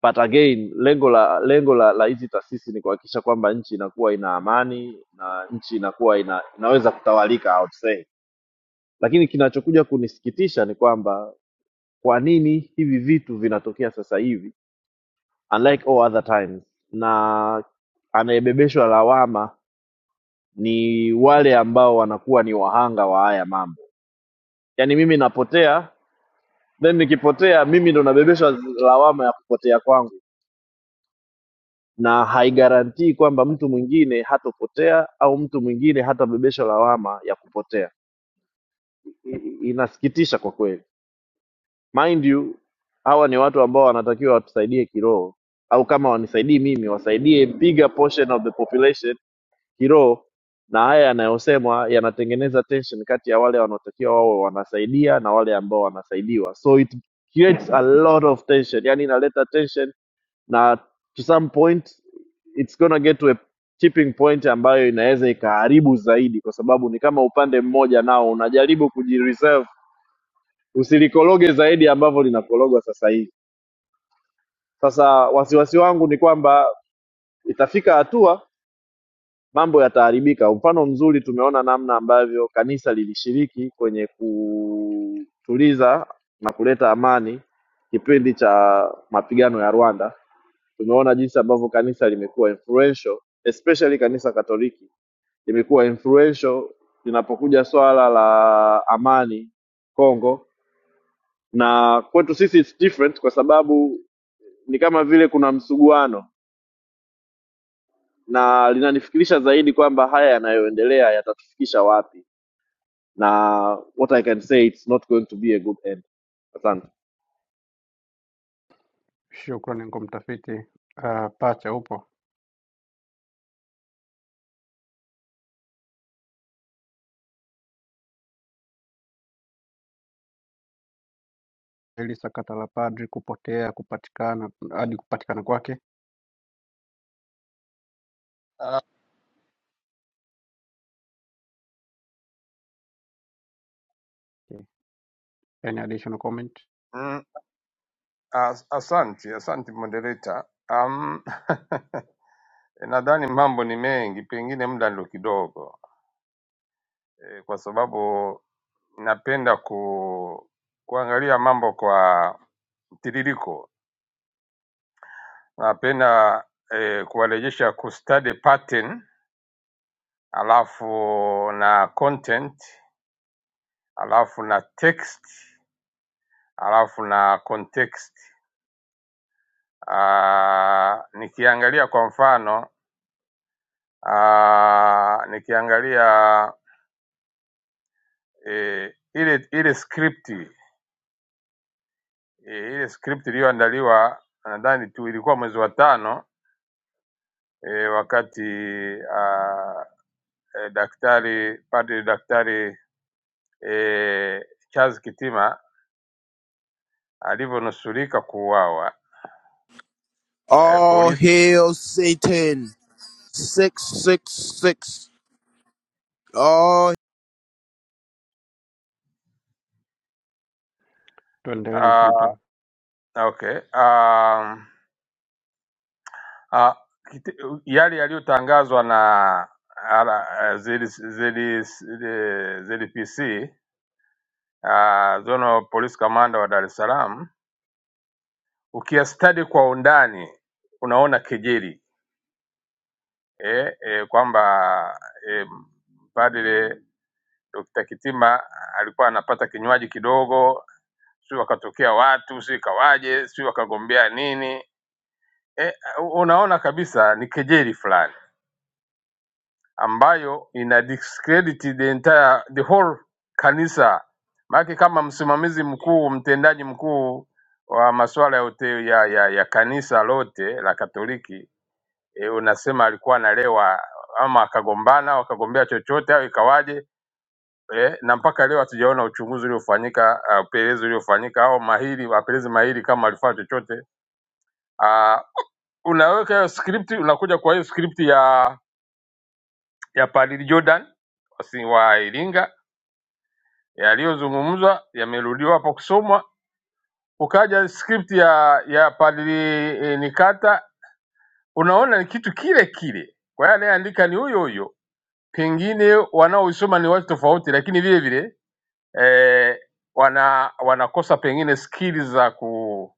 But again, lengo la lengo la la hizi taasisi ni kuhakikisha kwamba nchi inakuwa ina amani na nchi inakuwa ina, inaweza kutawalika I would say. Lakini kinachokuja kunisikitisha ni kwamba kwa nini hivi vitu vinatokea sasa hivi unlike all other times na anayebebeshwa lawama ni wale ambao wanakuwa ni wahanga wa haya mambo. Yaani mimi napotea, then nikipotea mimi ndo nabebeshwa lawama ya kupotea kwangu, na haigarantii kwamba mtu mwingine hatopotea au mtu mwingine hatabebeshwa lawama ya kupotea. I- i- Inasikitisha kwa kweli. Mind you, hawa ni watu ambao wanatakiwa watusaidie kiroho, au kama wanisaidii mimi, wasaidie bigger portion of the population kiroho na haya yanayosemwa yanatengeneza tension kati ya wale wanaotakiwa wawe wanasaidia na wale ambao wanasaidiwa so it creates a lot of tension yani inaleta tension na to some point it's gonna get to a tipping point ambayo inaweza ikaharibu zaidi kwa sababu ni kama upande mmoja nao unajaribu kujireserve usilikoroge zaidi ambavyo linakorogwa sasa hivi sasa wasiwasi wangu ni kwamba itafika hatua mambo yataharibika. Mfano mzuri tumeona namna ambavyo kanisa lilishiriki kwenye kutuliza na kuleta amani kipindi cha mapigano ya Rwanda. Tumeona jinsi ambavyo kanisa limekuwa influential, especially kanisa Katoliki limekuwa influential linapokuja swala la amani Kongo, na kwetu sisi it's different kwa sababu ni kama vile kuna msuguano na linanifikirisha zaidi kwamba haya yanayoendelea yatatufikisha wapi na what I can say it's not going to be a good end. Asante.
Shukrani kwa mtafiti. Uh, pacha upo? hili sakata la padri kupotea kupatikana hadi kupatikana kwake
Ah,
yani additional comment
mm, as- Asante, asante moderator. Um, <laughs> nadhani mambo ni mengi, pengine muda ndio kidogo e, kwa sababu napenda ku, kuangalia mambo kwa mtiririko. Napenda e, kuwarejesha ku study pattern alafu na content alafu na text alafu na context. Ah, nikiangalia kwa mfano ah, nikiangalia eh, ile ile script eh, ile script iliyoandaliwa nadhani tu ilikuwa mwezi wa tano eh, wakati ah, eh, daktari padri daktari eh, Charles Kitima alivyonusurika kuuawa eh,
All
polisi
hail Satan. 666. All
tuendelee
Uh,
nishamtoa
okay. Um, uh, kiti- yale yaliyotangazwa na ala- ZD ZD ZDPC, uh, Zonal Police Commander wa Dar es Salaam, ukiyastudy kwa undani unaona kejeli eh, eh, kwamba eh, Padre Dr. Kitima alikuwa anapata kinywaji kidogo, si wakatokea watu, si kawaje, si wakagombea nini eh, unaona kabisa ni kejeli fulani ambayo ina discredit the entire, the whole kanisa. Maana kama msimamizi mkuu, mtendaji mkuu wa masuala ya, ute- ya, ya, ya kanisa lote la Katoliki e, unasema alikuwa analewa ama akagombana au akagombea chochote au ikawaje e, na mpaka leo hatujaona uchunguzi uliofanyika, ah, upelelezi uliofanyika au mahiri wapelelezi mahiri kama alifanya chochote. Uh, unaweka hiyo script, unakuja kwa hiyo script ya ya Padri Jordan wasi- wa Iringa yaliyozungumzwa yamerudiwa hapo kusomwa, ukaja script ya ya Padri eh, Nikata. Unaona ni kitu kile kile, kwa hiyo anayeandika ni huyo huyo, pengine wanaoisoma ni watu tofauti, lakini vile vile eh, wana wanakosa pengine skili za ku,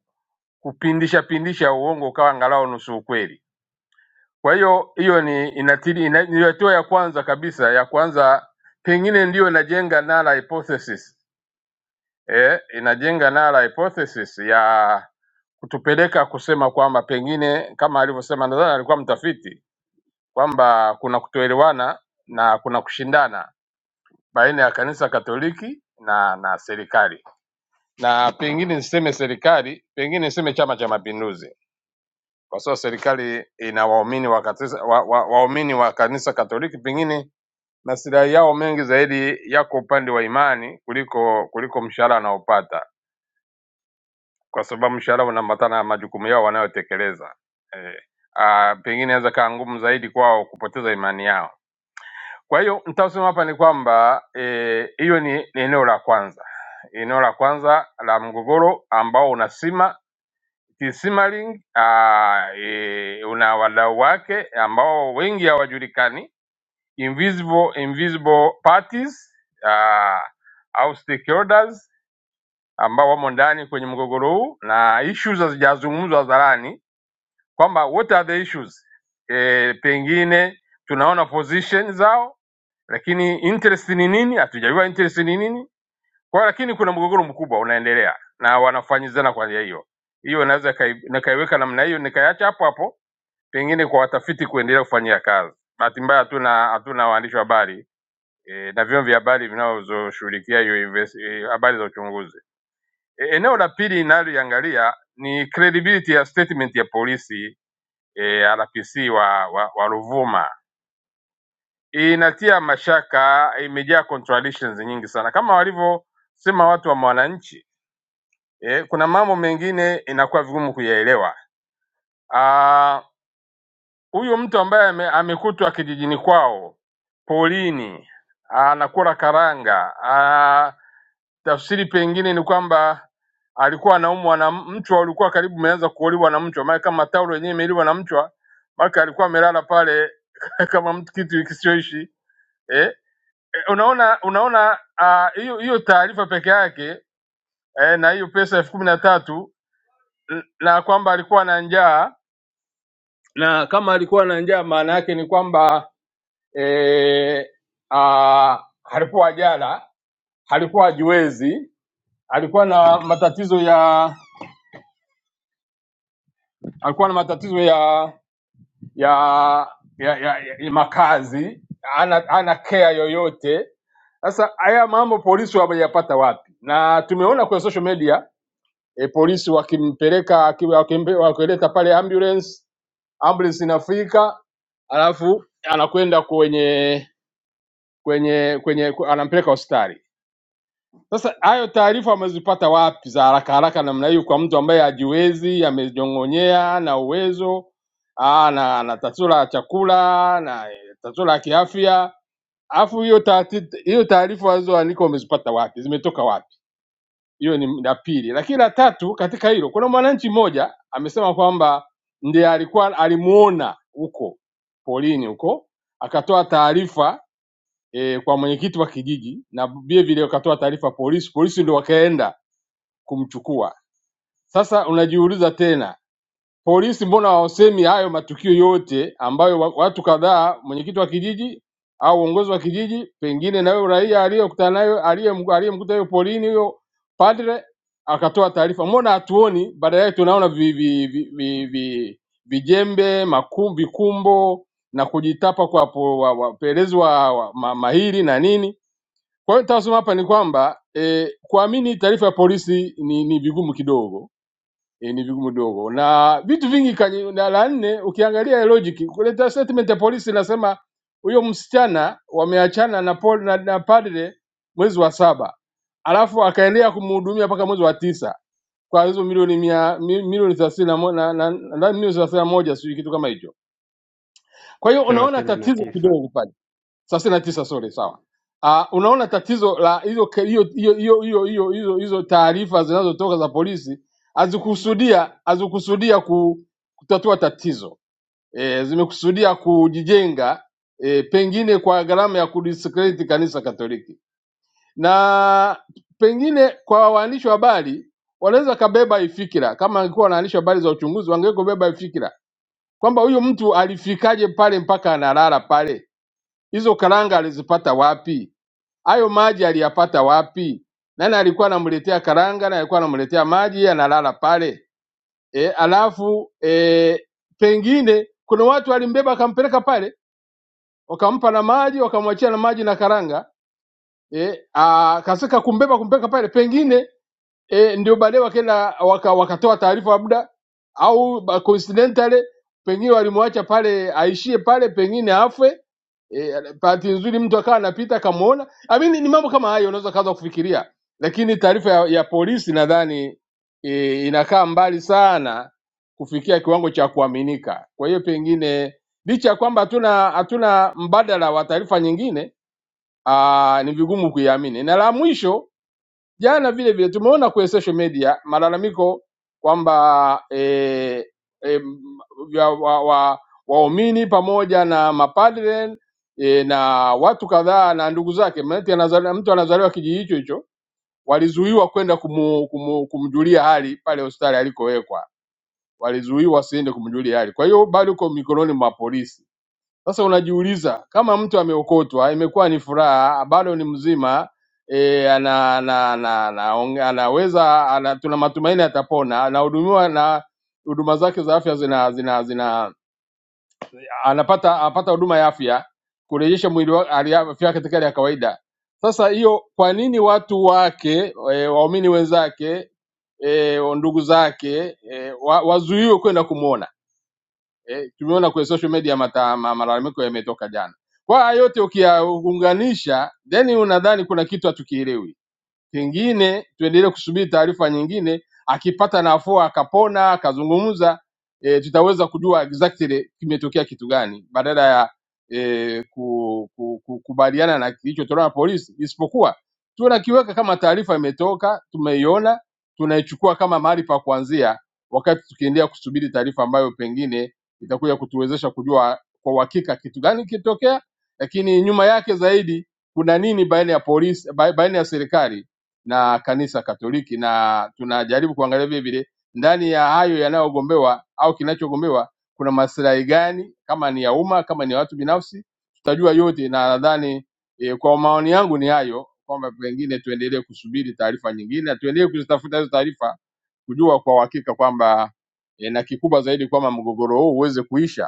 kupindisha pindisha uongo ukawa angalau nusu ukweli. Kwa hiyo hiyo ni inatili, ina, ni hatua ya kwanza kabisa ya kwanza, pengine ndiyo inajenga null hypothesis eh, inajenga null hypothesis ya kutupeleka kusema kwamba pengine kama alivyosema, nadhani alikuwa mtafiti kwamba kuna kutoelewana na kuna kushindana baina ya kanisa Katoliki na na serikali, na pengine niseme serikali, pengine niseme Chama cha Mapinduzi kwa sababu serikali ina waumini wa kanisa wa, wa, waumini wa kanisa Katoliki, pengine maslahi yao mengi zaidi yako upande wa imani kuliko kuliko mshahara wanaopata, kwa sababu mshahara unaambatana na majukumu yao wanayotekeleza. Eh, ah, pengine inaweza kaa ngumu zaidi kwao kupoteza imani yao. Kwa hiyo nitaosema hapa ni kwamba eh, hiyo ni, ni eneo la kwanza, eneo la kwanza la mgogoro ambao unasima Kismaling ah, e, una wadau wake ambao wengi hawajulikani, invisible, invisible parties ah, au stakeholders ambao wamo ndani kwenye mgogoro huu na issues hazijazungumzwa hadharani kwamba what are the issues e, pengine tunaona position zao, lakini interest ni nini? Hatujajua interest ni nini kwa hiyo lakini kuna mgogoro mkubwa unaendelea na wanafanyizana kwa njia hiyo. Hiyo naweza kai- nikaiweka namna hiyo nikaiacha hapo hapo, pengine kwa watafiti kuendelea kufanyia kazi. Bahati mbaya hatuna hatuna waandishi wa habari e, na vyombo vya habari vinavyoshughulikia hiyo invest- eh, habari za uchunguzi. E, eneo la pili linaloiangalia ni credibility ya statement ya polisi e, RPC wa, wa, wa Ruvuma. Inatia mashaka, imejaa contradictions nyingi sana kama walivyosema watu wa Mwananchi eh, kuna mambo mengine inakuwa vigumu kuyaelewa. Ah, Huyu mtu ambaye ame, amekutwa kijijini kwao polini anakula karanga ah, tafsiri pengine ni kwamba alikuwa anaumwa na mchwa, ulikuwa karibu umeanza kuoliwa na mchwa, maana kama taulo yenyewe imeliwa na mchwa, maana alikuwa amelala pale <laughs> kama mtu kitu kisichoishi eh? Eh, Unaona, unaona ah, hiyo hiyo taarifa peke yake eh, na hiyo pesa elfu kumi na tatu n- na kwamba alikuwa na njaa, na kama alikuwa na njaa maana yake ni kwamba e, a, alikuwa jala, alikuwa jiwezi, alikuwa na matatizo ya alikuwa na matatizo ya ya ya, ya, ya, ya makazi, ana, ana kea yoyote. Sasa haya mambo polisi wameyapata wapi? Na tumeona kwenye social media e, polisi wakimpeleka aki- wakimpe- wakileta pale ambulance ambulance inafika, alafu anakwenda kwenye kwenye kwenye ku- anampeleka hospitali. Sasa hayo taarifa amezipata wapi za haraka haraka namna hiyo kwa mtu ambaye hajiwezi, amejongonyea na uwezo aa, na, na tatizo la chakula na eh, tatizo la kiafya, alafu hiyo taati- hiyo taarifa alizoandika wamezipata wapi, zimetoka wapi? hiyo ni la pili. Lakini la tatu katika hilo, kuna mwananchi mmoja amesema kwamba ndiye alikuwa alimuona huko polini huko, akatoa taarifa e, kwa mwenyekiti wa kijiji na vile vile akatoa taarifa polisi, polisi ndio wakaenda kumchukua. Sasa unajiuliza tena Polisi mbona hawasemi hayo matukio yote ambayo wa- watu kadhaa, mwenyekiti wa kijiji au uongozi wa kijiji, pengine na huyo raia aliyokutana nayo aliyem- aliyemkuta huyo polini huyo padre akatoa taarifa, mbona hatuoni? Baada yake tunaona vi, vi, vi, vi, vi, vijembe maku- vikumbo na kujitapa kwa po- wa- wapelelezi wa, wa, ma, mahiri na nini. Kwa hiyo nitasema hapa ni kwamba eh, kuamini taarifa ya polisi ni, ni vigumu kidogo eh, ni vigumu kidogo, na vitu vingi kani, na la nne ukiangalia logic kuleta statement ya polisi inasema huyo msichana wameachana na, pol, na, na padre mwezi wa saba alafu akaendelea kumhudumia mpaka mwezi wa tisa kwa hizo milioni mia mi- milioni thelathini na mo- na- na- nadhani milioni thelathini na moja sijui kitu kama hicho. Kwa hiyo unaona
thelathini na
tatizo
tisa
kidogo pale thelathini na tisa sorry, sawa. Uh, unaona tatizo la hizo ke- hiyo hiyo hiyo hiyo hiyo hizo hizo taarifa zinazotoka za polisi hazikusudia hazikusudia ku, kutatua tatizo e, zimekusudia kujijenga e, pengine kwa gharama ya kudiscredit kanisa Katoliki na pengine kwa waandishi wa habari wanaweza kabeba ifikira, kama angekuwa wanaandishi wa habari za uchunguzi wangeweza kubeba ifikira kwamba huyu mtu alifikaje pale mpaka analala pale Hizo karanga alizipata wapi? Hayo maji aliyapata wapi? Nani alikuwa anamletea karanga? Nani alikuwa anamletea maji? Analala pale e, alafu e, pengine kuna watu walimbeba akampeleka pale, wakampa na maji, wakamwachia na maji na karanga e, akasika kumbeba kumpeleka pale, pengine e, ndio baadaye wakaenda waka, wakatoa taarifa labda au ba- coincidentally pengine walimwacha pale aishie pale, pengine afe e, bahati nzuri mtu akawa anapita akamwona. I mean, ni mambo kama hayo unaweza kaanza kufikiria, lakini taarifa ya, ya polisi nadhani e, inakaa mbali sana kufikia kiwango cha kuaminika. Kwa hiyo pengine licha ya kwamba hatuna hatuna mbadala wa taarifa nyingine aa, ni vigumu kuiamini. Na la mwisho Jana vile vile tumeona kwenye social media malalamiko kwamba eh, eh, ya wa, wa, waumini pamoja na mapadre e, na watu kadhaa na ndugu zake, maanake anazali- mtu anazaliwa kijiji hicho hicho, walizuiwa kwenda kumu, kumu, kumjulia hali pale hospitali alikowekwa, walizuiwa wasiende kumjulia hali. Kwa hiyo bado uko mikononi mwa polisi sasa unajiuliza kama mtu ameokotwa, imekuwa ni furaha, bado ni mzima e, ana, ana, ana, ana, onge- anaweza ana, tuna matumaini atapona, anahudumiwa na huduma zake za afya zina zina zina anapata apata huduma ya afya kurejesha mwili wa- hali ya- afya yake katika hali ya kawaida. Sasa hiyo, kwa nini watu wake e, waumini wenzake e, ndugu zake e, wa, wazuiwe kwenda kumwona? eh, tumeona kwenye social media mata, ma, malalamiko yametoka jana. Kwa haya yote ukiyaunganisha, then unadhani kuna kitu hatukielewi. Kingine tuendelee kusubiri taarifa nyingine, akipata nafuu akapona akazungumza e, tutaweza kujua exactly kimetokea kitu gani badala ya e, ku, ku, ku, kubaliana na kilichotolewa na polisi, isipokuwa tunakiweka kama taarifa imetoka, tumeiona, tunaichukua kama mahali pa kuanzia, wakati tukiendelea kusubiri taarifa ambayo pengine itakuja kutuwezesha kujua kwa uhakika kitu gani kilitokea, lakini nyuma yake zaidi kuna nini baina ya polisi, ba- baina ya serikali na kanisa Katoliki, na tunajaribu kuangalia vile vile ndani ya hayo yanayogombewa au kinachogombewa kuna maslahi gani, kama ni ya umma, kama ni ya watu binafsi, tutajua yote, na nadhani e, kwa maoni yangu ni hayo, kwamba pengine tuendelee kusubiri taarifa nyingine na tuendelee kuzitafuta hizo taarifa kujua kwa uhakika kwamba e, na kikubwa zaidi kwamba mgogoro huu uweze kuisha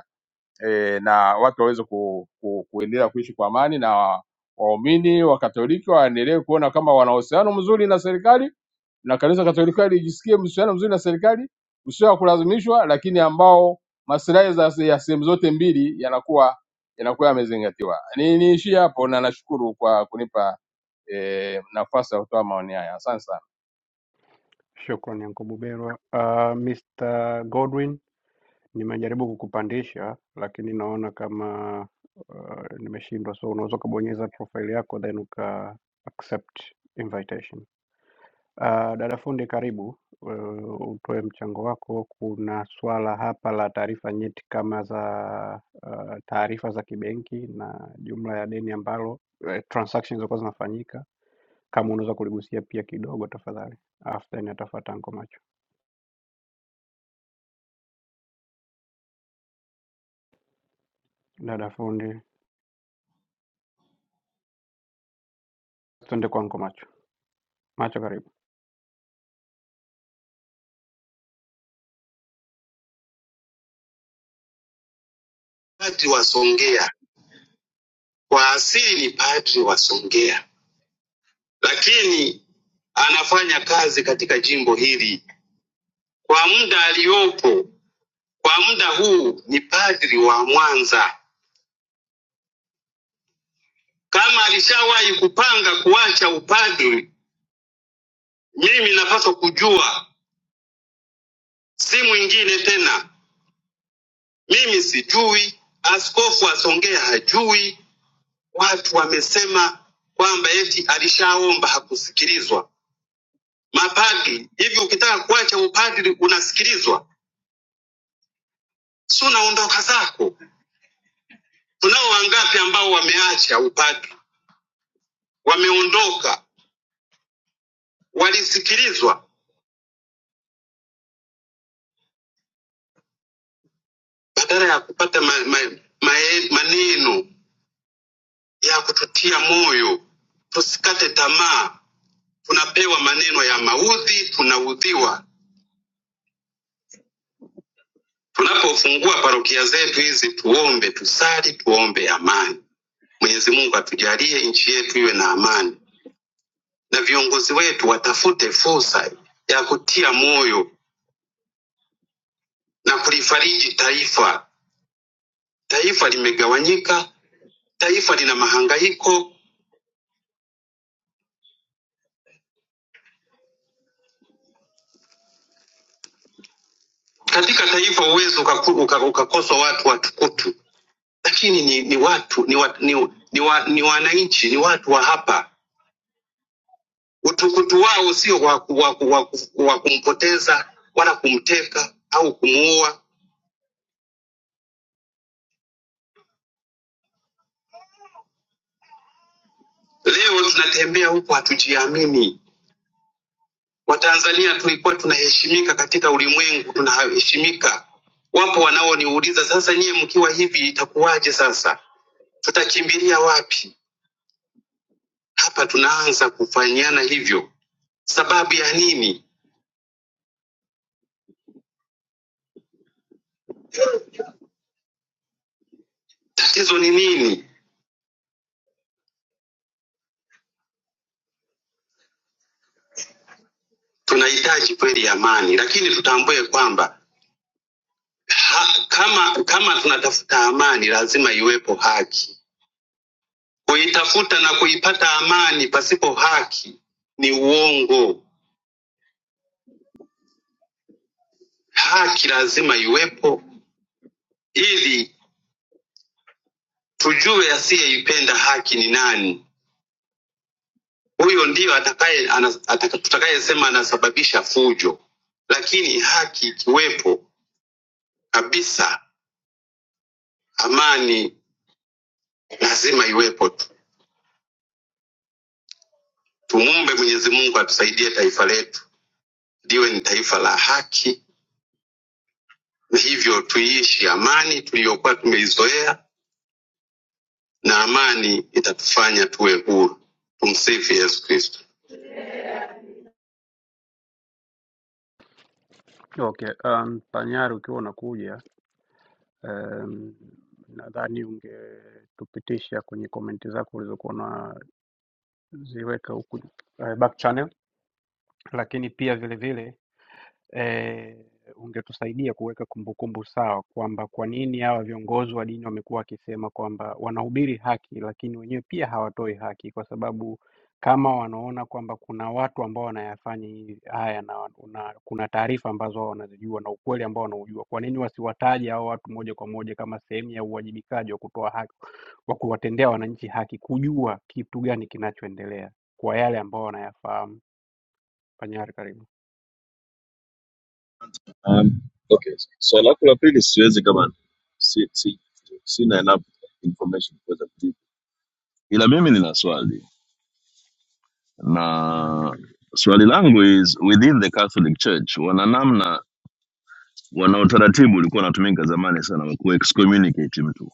e, na watu waweze ku, ku, kuendelea kuishi kwa amani na waumini wa Katoliki waendelee kuona kama wana uhusiano mzuri na serikali na kanisa Katoliki lijisikie uhusiano mzuri na serikali usio wa kulazimishwa, lakini ambao maslahi za- ya sehemu zote mbili yanakuwa yanakuwa yamezingatiwa. Ni niishie hapo na nashukuru kwa kunipa e, nafasi ya kutoa maoni haya. Asante sana.
shukran yanko buberwa uh, mr godwin nimejaribu kukupandisha lakini naona kama uh, nimeshindwa so unaweza ukabonyeza profile yako then uka accept invitation Uh, dada fundi karibu, uh, utoe mchango wako. Kuna swala hapa la taarifa nyeti kama za uh, taarifa za kibenki na jumla ya deni ambalo uh, transactions zilizokuwa zinafanyika, kama unaweza kuligusia pia kidogo tafadhali, after nitafuata Anko Macho. Dada fundi, tuende kwa Anko Macho. Macho, karibu.
padri wa Songea, kwa asili ni padri wa Songea, lakini anafanya kazi katika jimbo hili kwa muda aliyopo. Kwa muda huu ni padri wa Mwanza. Kama alishawahi kupanga kuacha upadri, mimi napaswa kujua, si mwingine tena. Mimi sijui, askofu wa Songea hajui. Watu wamesema kwamba eti alishaomba hakusikilizwa. Mapadri, hivi ukitaka kuacha upadri unasikilizwa? Si unaondoka zako. Tunao wangapi ambao wameacha upadri, wameondoka, walisikilizwa badala ya kupata ma, ma, ma, maneno ya kututia moyo, tusikate tamaa. Tunapewa maneno ya maudhi, tunaudhiwa. Tunapofungua parokia zetu hizi, tuombe, tusali, tuombe amani. Mwenyezi Mungu atujalie nchi yetu iwe na amani, na viongozi wetu watafute fursa ya kutia moyo na kulifariji taifa. Taifa limegawanyika, taifa lina mahangaiko. Katika taifa huwezi ukaku- uka- ukakoswa watu watukutu lakini ni, ni watu ni, wa, ni, ni, wa, ni wananchi ni watu wa hapa. Utukutu wao sio wa, ku- wa, ku- wa, ku- wa kumpoteza wala kumteka au kumuua. Leo tunatembea huku hatujiamini. Watanzania tulikuwa tunaheshimika katika ulimwengu, tunaheshimika. Wapo wanaoniuliza sasa, nyie mkiwa hivi itakuwaje? Sasa tutakimbilia wapi? Hapa tunaanza kufanyiana hivyo, sababu ya nini? Tatizo ni nini? tunahitaji kweli amani, lakini tutambue kwamba ha, kama kama tunatafuta amani, lazima iwepo haki. Kuitafuta na kuipata amani pasipo haki ni uongo. Haki lazima iwepo ili tujue asiyeipenda haki ni nani. Huyo ndiyo atakaye ana- ataka- tutakayesema anasababisha fujo, lakini haki ikiwepo kabisa, amani lazima iwepo tu. Tumwombe Mwenyezi Mungu atusaidie taifa letu liwe ni taifa la haki, na hivyo tuiishi amani tuliyokuwa tumeizoea, na amani itatufanya tuwe huru. Tumsifu Yesu Kristo.
Okay, um, Panyari ukiwa unakuja um, nadhani ungetupitisha kwenye komenti zako ulizokuwa unaziweka huku uh, back channel lakini pia vile vile eh, ungetusaidia kuweka kumbukumbu sawa kwamba kwa nini hawa viongozi wa dini wamekuwa wakisema kwamba wanahubiri haki, lakini wenyewe pia hawatoi haki, kwa sababu kama wanaona kwamba kuna watu ambao wanayafanya hivi- haya na, wan- na kuna taarifa ambazo wao wanazijua na ukweli ambao wanaujua, kwa nini wasiwataje hao watu moja kwa moja kama sehemu ya uwajibikaji wa kutoa haki, wa kuwatendea wananchi haki, kujua kitu gani kinachoendelea kwa yale ambao wanayafahamu. Panyari karibu.
Um, okay. Swala lako la pili siwezi kama si, si, sina enough information kuweza kujibu. Ila mimi nina swali na swali langu is within the Catholic Church wana namna wana utaratibu ulikuwa unatumika zamani sana wa kuexcommunicate mtu.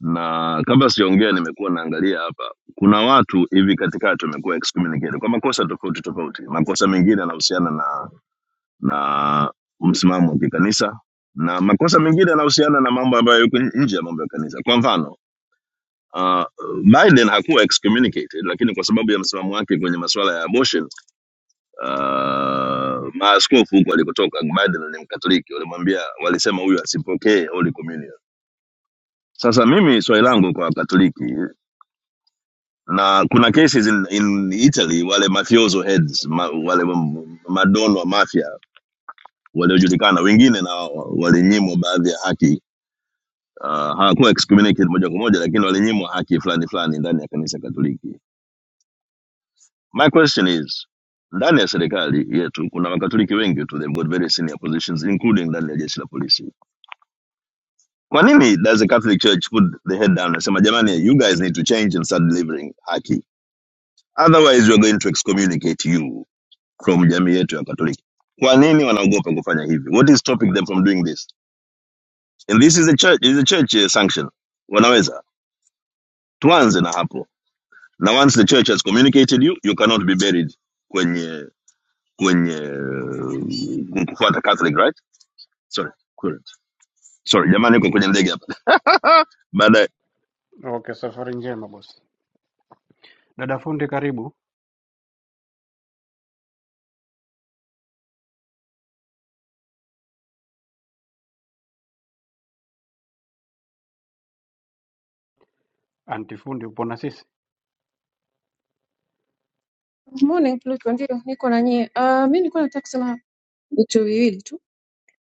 Na kabla sijaongea nimekuwa naangalia hapa kuna watu hivi katikati wamekuwa excommunicated kwa makosa tofauti tofauti. Makosa mengine yanahusiana na na msimamo wa kikanisa na makosa mengine yanahusiana na mambo ambayo yuko nje ya mambo ya kanisa kwa mfano Uh, Biden hakuwa excommunicated lakini kwa sababu ya msimamo wake kwenye masuala ya abortion uh, maaskofu huko alikotoka, Biden ni Mkatoliki, walimwambia walisema huyu asipokee Holy Communion. Sasa mimi swali langu kwa Wakatoliki, na kuna cases in, in Italy wale mafioso heads ma, wale madono wa mafia waliojulikana wengine na walinyimwa baadhi ya haki uh, hawakuwa excommunicated moja kwa moja lakini walinyimwa haki fulani fulani ndani ya kanisa katoliki my question is ndani ya serikali yetu kuna makatoliki wengi tu they've got very senior positions including ndani ya jeshi la polisi kwa nini does the catholic church put the head down nasema jamani you guys need to change and start delivering haki otherwise we're going to excommunicate you from jamii yetu ya katoliki kwa nini wanaogopa kufanya hivi what is stopping them from doing this and this is a church, is a church eh, sanction wanaweza tuanze na hapo Now, once the church has communicated you, you cannot be buried kwenye kwenye eh, kufuata Catholic, right? Sorry, correct. sorry jamani, iko kwenye ndege hapa. Baada
Okay, safari njema bosi. Dada fundi karibu. Anti fundi upo na sisi?
Morning Pluto, ndio niko na nyie. Uh, mi nilikuwa nataka kusema vitu viwili tu.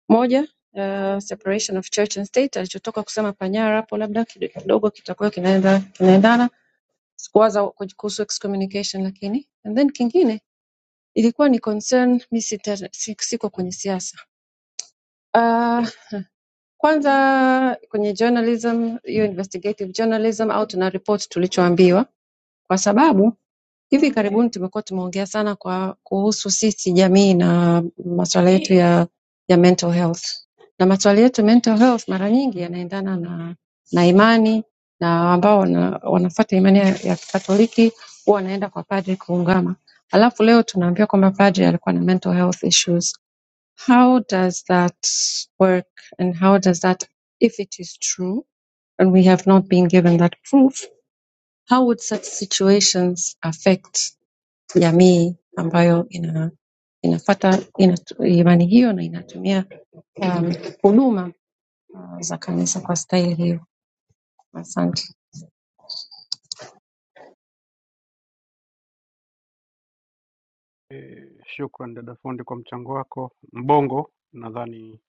Moja, uh, separation of church and state alichotoka kusema Panyara hapo, labda kidogo kidogo kitakuwa kinaenda kinaendana. Sikuwaza ku- kuhusu excommunication lakini. And then kingine ilikuwa ni concern, mi sita- si- siko kwenye siasa. Uh, kwanza kwenye journalism, hiyo investigative journalism au tuna report tulichoambiwa kwa sababu Hivi karibuni tumekuwa tumeongea sana kwa kuhusu sisi jamii na masuala yetu ya ya mental health, na masuala yetu ya mental health mara nyingi yanaendana na na imani na ambao wana, wanafuata imani ya, ya Kikatoliki huwa wanaenda kwa padri kuungama, alafu leo tunaambiwa kwamba padri alikuwa na mental health issues. How does that work and how does that if it is true and we have not been given that proof, how would such situations affect jamii ambayo ina inafuata inatu, imani hiyo na inatumia um, huduma za kanisa kwa staili hiyo. Asante.
E, shukran dada fundi kwa mchango wako. Mbongo nadhani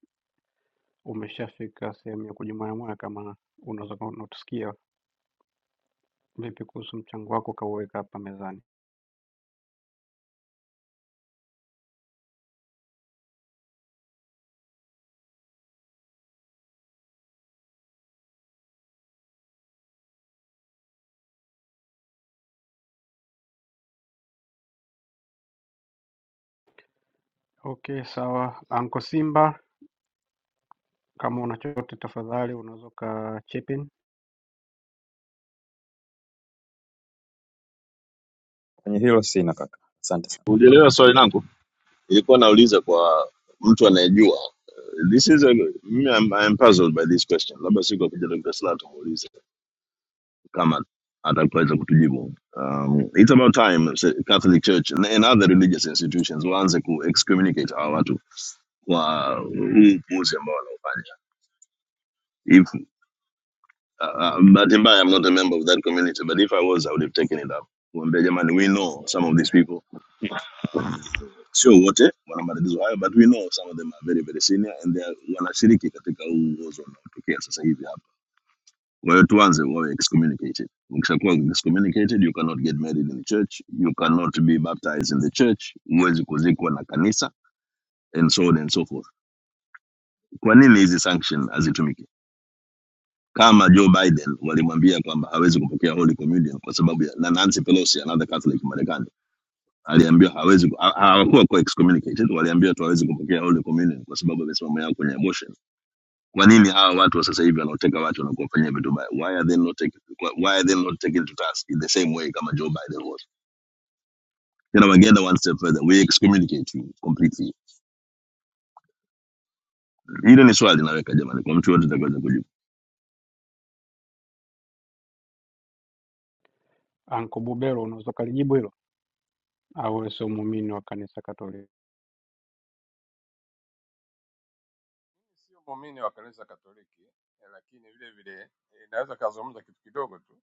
umeshafika sehemu ya kujimoyamoya kama unaweza kuwa unatusikia vipi kuhusu mchango wako ukauweka hapa mezani. Okay, sawa. Anko Simba kama una chochote tafadhali unaweza ka chip in.
kwenye hilo sina kaka, asante sana
ulielewa swali langu, ilikuwa nauliza kwa mtu anayejua. Uh, This is a, mimi I'm, I'm puzzled by this question. Labda siku akija Dr. Slaa tumuulize kama ataweza kutujibu. Um, it's about time se- Catholic Church and and other religious institutions waanze ku excommunicate hawa watu kwa huu upuuzi ambao wanaufanya. Uh, um, but in I'm not a member of that community, but if I was, I would have taken it up. we know some of these people, sio what? but we know some of them are very very senior and they are wanashiriki katika huu uozo unaotokea sasa hivi hapa. Kwa hiyo tuanze wawe excommunicated. Ukishakuwa excommunicated, you cannot get married in the church, you cannot be baptized in the church, huwezi kuzikwa na kanisa and so on and so forth. Kwa nini hizi sanction hazitumiki? kama Joe Biden walimwambia kwamba hawezi kupokea Holy Communion kwa sababu ya, na Nancy Pelosi another Catholic Marekani aliambiwa hawezi ku- ha- hawakuwa kwa excommunicated, waliambiwa tu hawezi kupokea Holy Communion kwa sababu ya misimamo yao kwenye abortion. Kwa nini hawa watu wa sasa hivi wanaoteka watu na kuwafanyia vitu baya, why are they not taking why are they not taken to task in the same way kama Joe Biden was? Tena wangeenda one step further, we excommunicate you completely. Hilo ni swali naweka jamani, kwa mtu yote atakayeweza kujibu.
Anko Bubero unaweza ukalijibu hilo au wewe sio muumini wa kanisa Katoliki?
Sio muumini wa kanisa Katoliki, eh, lakini vile vile eh, naweza kazungumza kitu kidogo tu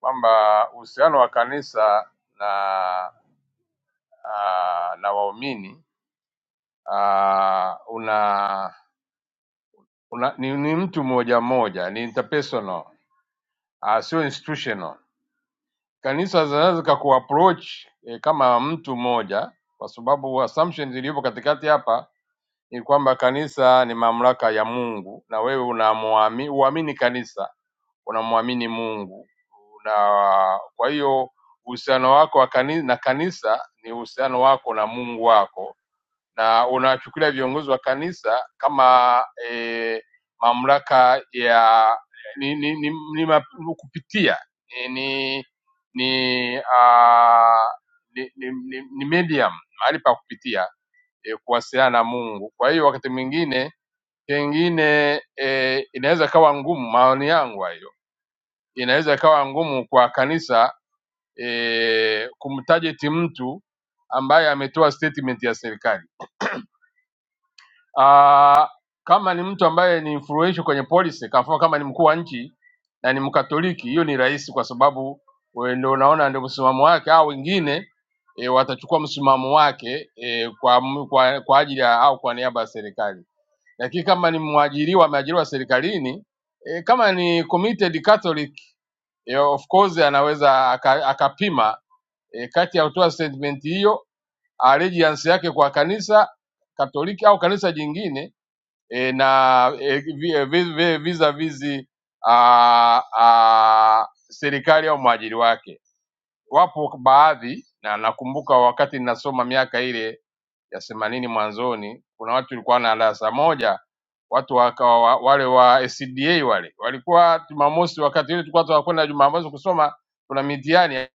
kwamba uhusiano wa kanisa na ah, na waumini ah, una, una ni, ni mtu mmoja mmoja, ni interpersonal ah, sio institutional. Kanisa zinaweza zikakuapproach eh, kama mtu mmoja, kwa sababu assumption iliyopo katikati hapa ni kwamba kanisa ni mamlaka ya Mungu na wewe unamuami- uamini kanisa unamwamini Mungu na kwa hiyo uhusiano wako wa kanisa, na kanisa ni uhusiano wako na Mungu wako, na unawachukulia viongozi wa kanisa kama e, mamlaka ya ni, ni, ni, ni, ma- ni kupitia ni ni ni, uh, ni, ni, ni, ni medium mahali pa kupitia e, kuwasiliana na Mungu. Kwa hiyo wakati mwingine pengine e, inaweza kawa ngumu, maoni yangu hayo inaweza ikawa ngumu kwa kanisa e, kumtarget mtu ambaye ametoa statement ya serikali. Ah, Kama ni mtu ambaye ni influential kwenye policy, kwa mfano kama ni mkuu wa nchi na ni Mkatoliki, hiyo ni rahisi, kwa sababu wewe ndio unaona ndio msimamo wake, au wengine e, watachukua msimamo wake e, kwa, mu- kwa, kwa ajili ya au kwa niaba ya serikali lakini kama ni mwajiriwa ameajiriwa serikalini e, kama ni committed Catholic e, of course anaweza aka- akapima aka e, kati ya kutoa statement hiyo allegiance yake kwa kanisa Katoliki au kanisa jingine e, na e, vi- e, vi- vi- vis-a-vis a, a, serikali au mwajiri wake. Wapo baadhi na nakumbuka wakati ninasoma miaka ile ya themanini mwanzoni, kuna watu walikuwa na darasa moja, watu wakawa wa- wale wa SDA wale walikuwa Jumamosi, wakati ile tulikuwa tunakwenda Jumamosi kusoma, kuna mitihani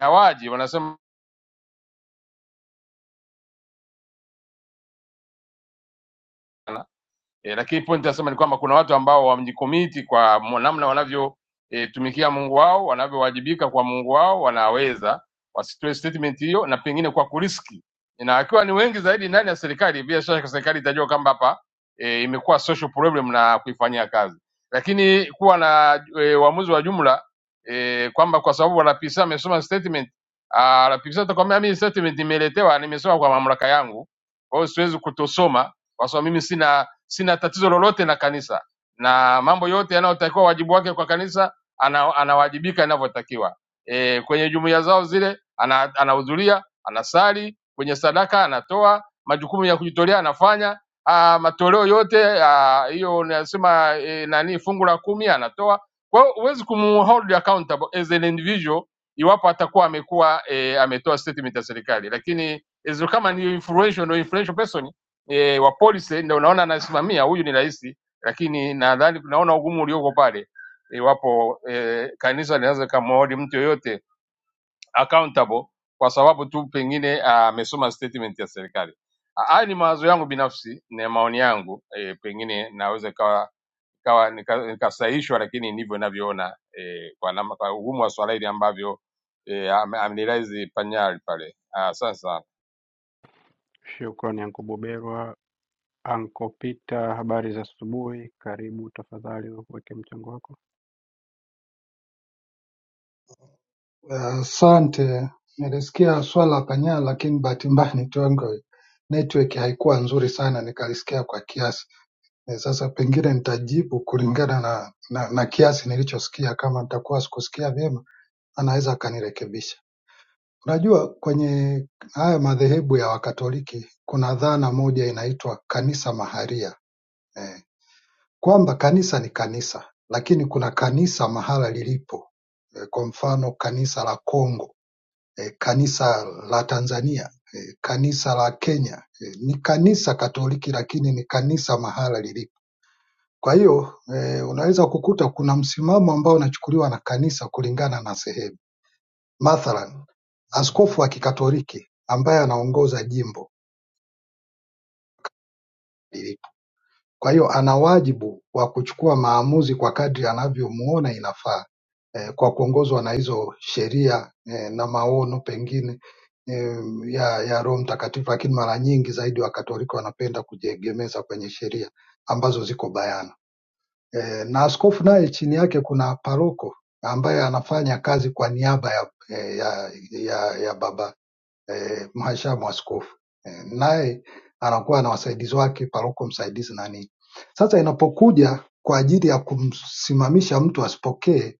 hawaji, wanasema E, lakini point nasema ni kwamba kuna watu ambao wamejikomiti kwa mo- namna wanavyotumikia e, Mungu wao, wanavyowajibika kwa Mungu wao, wanaweza wasitoe statement hiyo, na pengine kwa kuriski, na akiwa ni wengi zaidi ndani ya serikali, bila shaka serikali itajua kwamba hapa e, imekuwa social problem na kuifanyia kazi, lakini kuwa na e, uamuzi wa jumla e, kwamba kwa sababu wanapisa amesoma statement ah, wanapisa atakwambia mimi statement nimeletewa, nimesoma kwa mamlaka yangu, kwa hiyo siwezi kutosoma kwa sababu mimi sina sina tatizo lolote na kanisa na mambo yote yanayotakiwa wajibu wake kwa kanisa ana, anawajibika inavyotakiwa e, kwenye jumuiya zao zile ana- anahudhuria anasali kwenye sadaka anatoa majukumu ya kujitolea anafanya a, matoleo yote ah, hiyo nasema e, nani fungu la kumi anatoa kwa hiyo huwezi kumhold accountable as an individual iwapo atakuwa amekuwa e, ametoa statement ya serikali lakini as- kama ni influential, no influential person e, wa polisi ndio unaona anasimamia huyu ni rais, lakini nadhani tunaona ugumu ulioko pale iwapo e, kanisa linaweza likamhoji mtu yoyote accountable kwa sababu tu pengine amesoma statement ya serikali. Ah, Haya ni mawazo yangu binafsi na maoni yangu e, pengine naweza ikawa kawa nikasahihishwa, lakini ndivyo ninavyoona e, kwa, nama- kwa ugumu wa swala hili ambavyo e, amnilaizi panyali pale. Ah, Asante sana
Shukrani Anko Bubero. Anko Peter habari za asubuhi karibu tafadhali uweke mchango wako
Asante, nilisikia swala Panya, lakini bahati mbaya nitongo network haikuwa nzuri sana, nikalisikia kwa kiasi. Eh, Sasa pengine nitajibu kulingana na, na, na kiasi nilichosikia. Kama nitakuwa sikusikia vyema, anaweza akanirekebisha. Unajua, kwenye haya madhehebu ya Wakatoliki kuna dhana moja inaitwa kanisa maharia eh, kwamba kanisa ni kanisa, lakini kuna kanisa mahala lilipo eh, kwa mfano kanisa la Kongo eh, Kanisa la Tanzania, eh, Kanisa la Kenya, eh, ni kanisa Katoliki lakini ni kanisa mahala lilipo. Kwa hiyo eh, unaweza kukuta kuna msimamo ambao unachukuliwa na kanisa kulingana na sehemu. Mathalan, askofu wa Kikatoliki ambaye anaongoza jimbo lilipo Kwa hiyo ana wajibu wa kuchukua maamuzi kwa kadri anavyomuona inafaa eh, kwa kuongozwa na hizo sheria eh, na maono pengine eh, ya, ya Roho Mtakatifu, lakini mara nyingi zaidi Wakatoliki wanapenda kujiegemeza kwenye sheria ambazo ziko bayana eh, na askofu naye chini yake kuna paroko ambaye anafanya kazi kwa niaba ya, eh, ya, ya, ya baba eh, mhashamu askofu eh, naye anakuwa na wasaidizi wake, paroko msaidizi na nini. Sasa inapokuja kwa ajili ya kumsimamisha mtu asipokee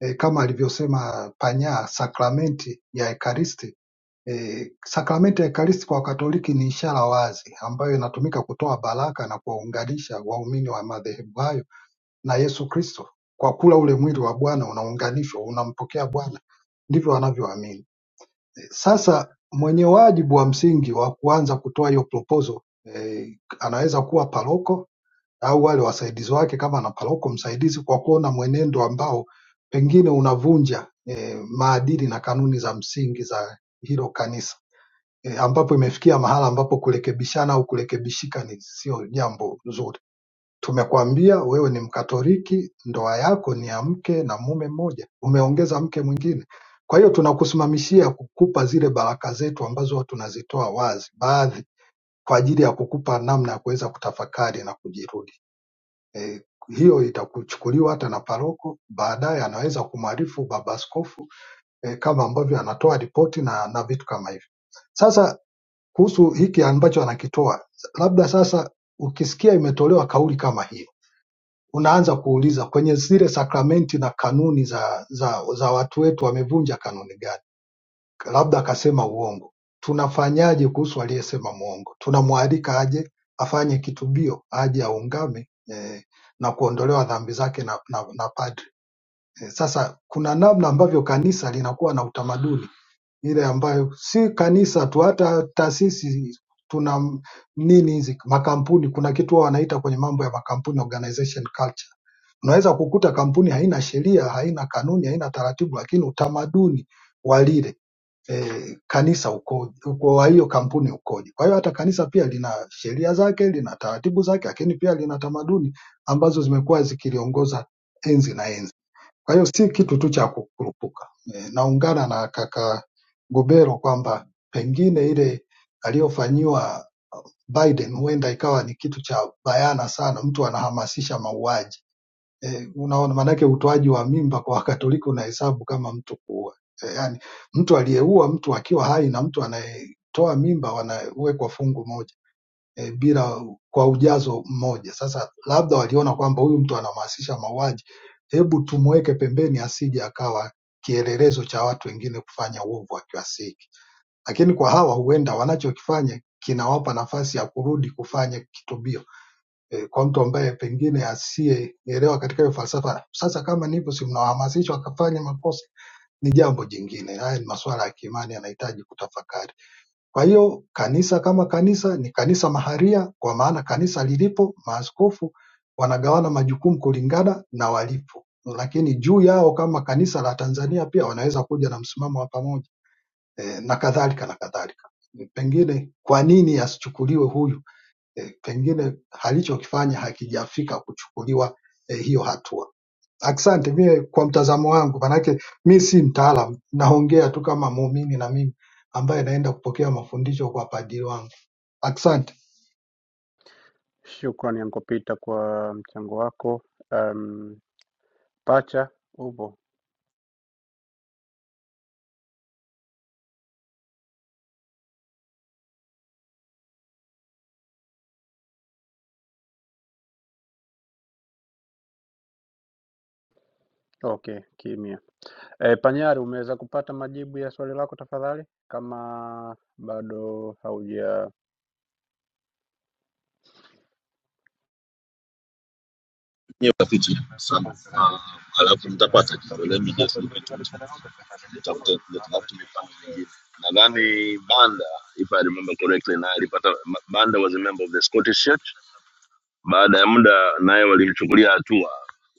eh, kama alivyosema Panya, sakramenti ya Ekaristi eh, sakramenti ya Ekaristi kwa Katoliki ni ishara wazi ambayo inatumika kutoa baraka na kuwaunganisha waumini wa madhehebu hayo na Yesu Kristo. Kwa kula ule mwili wa Bwana unaunganishwa, unampokea Bwana, ndivyo wanavyoamini sasa mwenye wajibu wa msingi wa kuanza kutoa hiyo proposal eh, anaweza kuwa paroko au wale wasaidizi wake kama ana paroko msaidizi kwa kuona mwenendo ambao pengine unavunja eh, maadili na kanuni za msingi za hilo kanisa eh, ambapo imefikia mahala ambapo kurekebishana au kurekebishika ni sio jambo zuri Tumekuambia wewe ni Mkatoliki ndoa yako ni ya mke na mume mmoja umeongeza mke mwingine kwa hiyo tunakusimamishia kukupa zile baraka zetu ambazo tunazitoa wazi baadhi kwa ajili ya kukupa namna ya kuweza kutafakari na kujirudi e, hiyo itakuchukuliwa hata na paroko baadaye anaweza kumwarifu baba askofu e, kama ambavyo anatoa ripoti na, na vitu kama hivyo sasa kuhusu hiki ambacho anakitoa labda sasa ukisikia imetolewa kauli kama hiyo unaanza kuuliza kwenye zile sakramenti na kanuni za, za, za watu wetu wamevunja kanuni gani? Labda akasema uongo, tunafanyaje kuhusu aliyesema muongo? Tunamwalika aje afanye kitubio, aje aungame eh, na kuondolewa dhambi zake na, na, na padri eh, sasa kuna namna ambavyo kanisa linakuwa na utamaduni ile ambayo si kanisa tu, hata taasisi tuna m- nini hizi makampuni, kuna kitu wao wanaita kwenye mambo ya makampuni organization culture Unaweza kukuta kampuni haina sheria haina kanuni haina taratibu lakini utamaduni wa lile eh, kanisa ukoje uko wa hiyo kampuni ukoje kwa hiyo hata kanisa pia lina sheria zake lina taratibu zake lakini pia lina tamaduni ambazo zimekuwa zikiliongoza enzi na enzi kwa hiyo si kitu tu cha kukurupuka eh, naungana na kaka Gobero kwamba pengine ile aliyofanyiwa Biden huenda ikawa ni kitu cha bayana sana mtu anahamasisha mauaji Eh, unaona maanake utoaji wa mimba kwa Wakatoliki unahesabu kama mtu kuua. Eh, yani mtu aliyeua mtu akiwa hai na mtu anayetoa mimba wanawekwa fungu moja eh, bila kwa ujazo mmoja. Sasa labda waliona kwamba huyu mtu anahamasisha mauaji, hebu tumweke pembeni asije akawa kielelezo cha watu wengine kufanya uovu akiwasihi. Lakini kwa hawa huenda wanachokifanya kinawapa nafasi ya kurudi kufanya kitubio eh, kwa mtu ambaye pengine asiyeelewa katika hiyo falsafa. Sasa kama ni hivyo, si mnawahamasisha wakafanya makosa? Ni jambo jingine. Haya ni masuala ya kiimani, yanahitaji kutafakari. Kwa hiyo kanisa kama kanisa ni kanisa maharia, kwa maana kanisa lilipo, maaskofu wanagawana majukumu kulingana na walipo, lakini juu yao kama kanisa la Tanzania pia wanaweza kuja na msimamo wa pamoja eh, na kadhalika na kadhalika. Pengine kwa nini asichukuliwe huyu eh, pengine alichokifanya hakijafika kuchukuliwa eh, hiyo hatua. Asante. Mie kwa mtazamo wangu, manake mi si mtaalam, naongea tu kama muumini na mimi ambaye naenda kupokea mafundisho kwa padri wangu. Asante.
shukrani Anko Peter kwa mchango wako um, pacha upo okay kimya e, panyari umeweza kupata majibu ya swali lako tafadhali kama bado hauja
nye utafiti sana Ah, alafu nitapata kitu let me just look into it nitafute nitafute mifano mingine nadhani banda if i remember correctly na alipata banda was a member of the scottish church baada ya muda naye walimchukulia hatua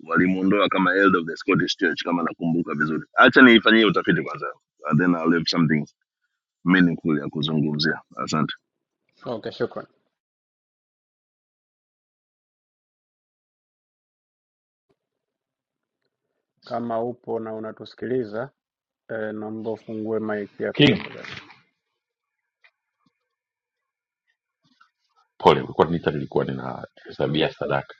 walimuondoa kama elder of the scottish church kama nakumbuka vizuri hacha niifanyie utafiti kwanza and then I'll have something meaningful ya kuzungumzia asante
okay shukrani kama upo na unatusikiliza eh, naomba ufungue mic yako
King,
tafadhali.
pole, ulikuwa nita nilikuwa ninahesabia sadaka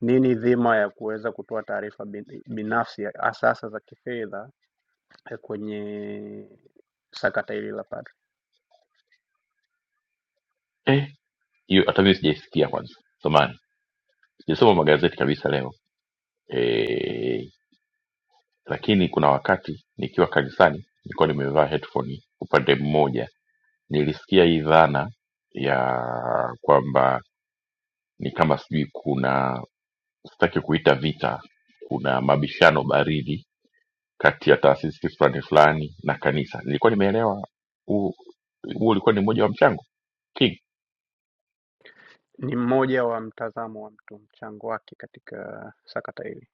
Nini dhima ya kuweza kutoa taarifa bin- binafsi ya- hasa hasa za kifedha eh, kwenye sakata hili la padri.
eh, hiyo hata mimi sijaisikia kwanza, samani sijasoma magazeti kabisa leo. e, lakini kuna wakati nikiwa kanisani nilikuwa nimevaa headphone upande mmoja nilisikia hii dhana ya kwamba ni kama sijui kuna sitaki kuita vita kuna mabishano baridi kati ya taasisi fulani fulani na kanisa nilikuwa nimeelewa huu huu ulikuwa ni mmoja wa mchango king
Ni mmoja wa mtazamo wa mtu, mchango wake katika sakata hili,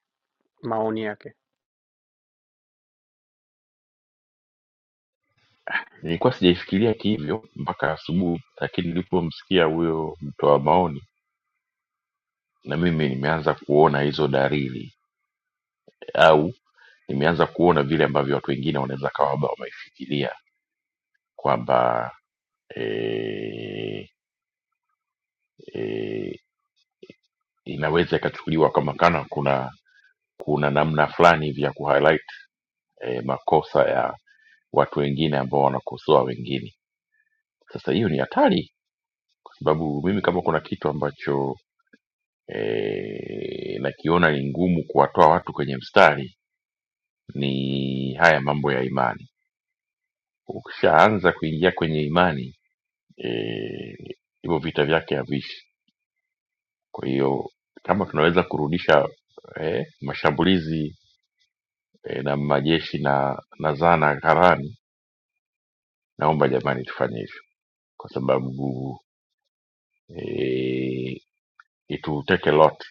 maoni yake.
nilikuwa sijaifikiria kihivyo mpaka asubuhi lakini nilipomsikia huyo mtoa maoni na mimi nimeanza kuona hizo dalili au nimeanza kuona vile ambavyo watu wengine wanaweza kawa labda wameifikiria kwamba e, e, inaweza ikachukuliwa kama kana kuna kuna namna fulani hivi ya kuhighlight e, makosa ya watu wengine ambao wanakosoa wengine. Sasa hiyo ni hatari, kwa sababu mimi kama kuna kitu ambacho e, nakiona ni ngumu kuwatoa watu kwenye mstari ni haya mambo ya imani. Ukishaanza kuingia kwenye imani eh, hivyo vita vyake haviishi. Kwa hiyo kama tunaweza kurudisha eh, mashambulizi eh, na majeshi na, na zana gharani, naomba jamani tufanye hivyo, kwa sababu eh, it will take a lot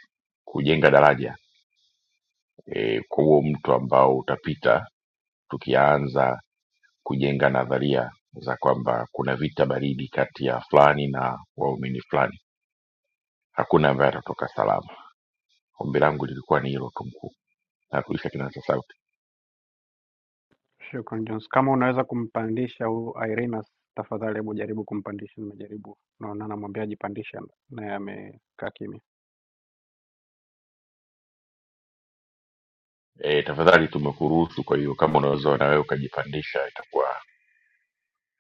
kujenga daraja eh, kwa huo mto ambao utapita, tukianza kujenga nadharia za kwamba kuna vita baridi kati ya fulani na waumini fulani, hakuna ambaye atatoka salama. Ombi langu lilikuwa ni hilo tu mkuu. Narudisha kinasa sauti.
Shukran Jones, kama unaweza kumpandisha huyu Irina tafadhali, hebu jaribu kumpandisha. Nimejaribu, naona namwambia ajipandishe, naye amekaa kimya.
E, tafadhali tumekuruhusu, kwa hiyo kama unaweza na wewe ukajipandisha itakuwa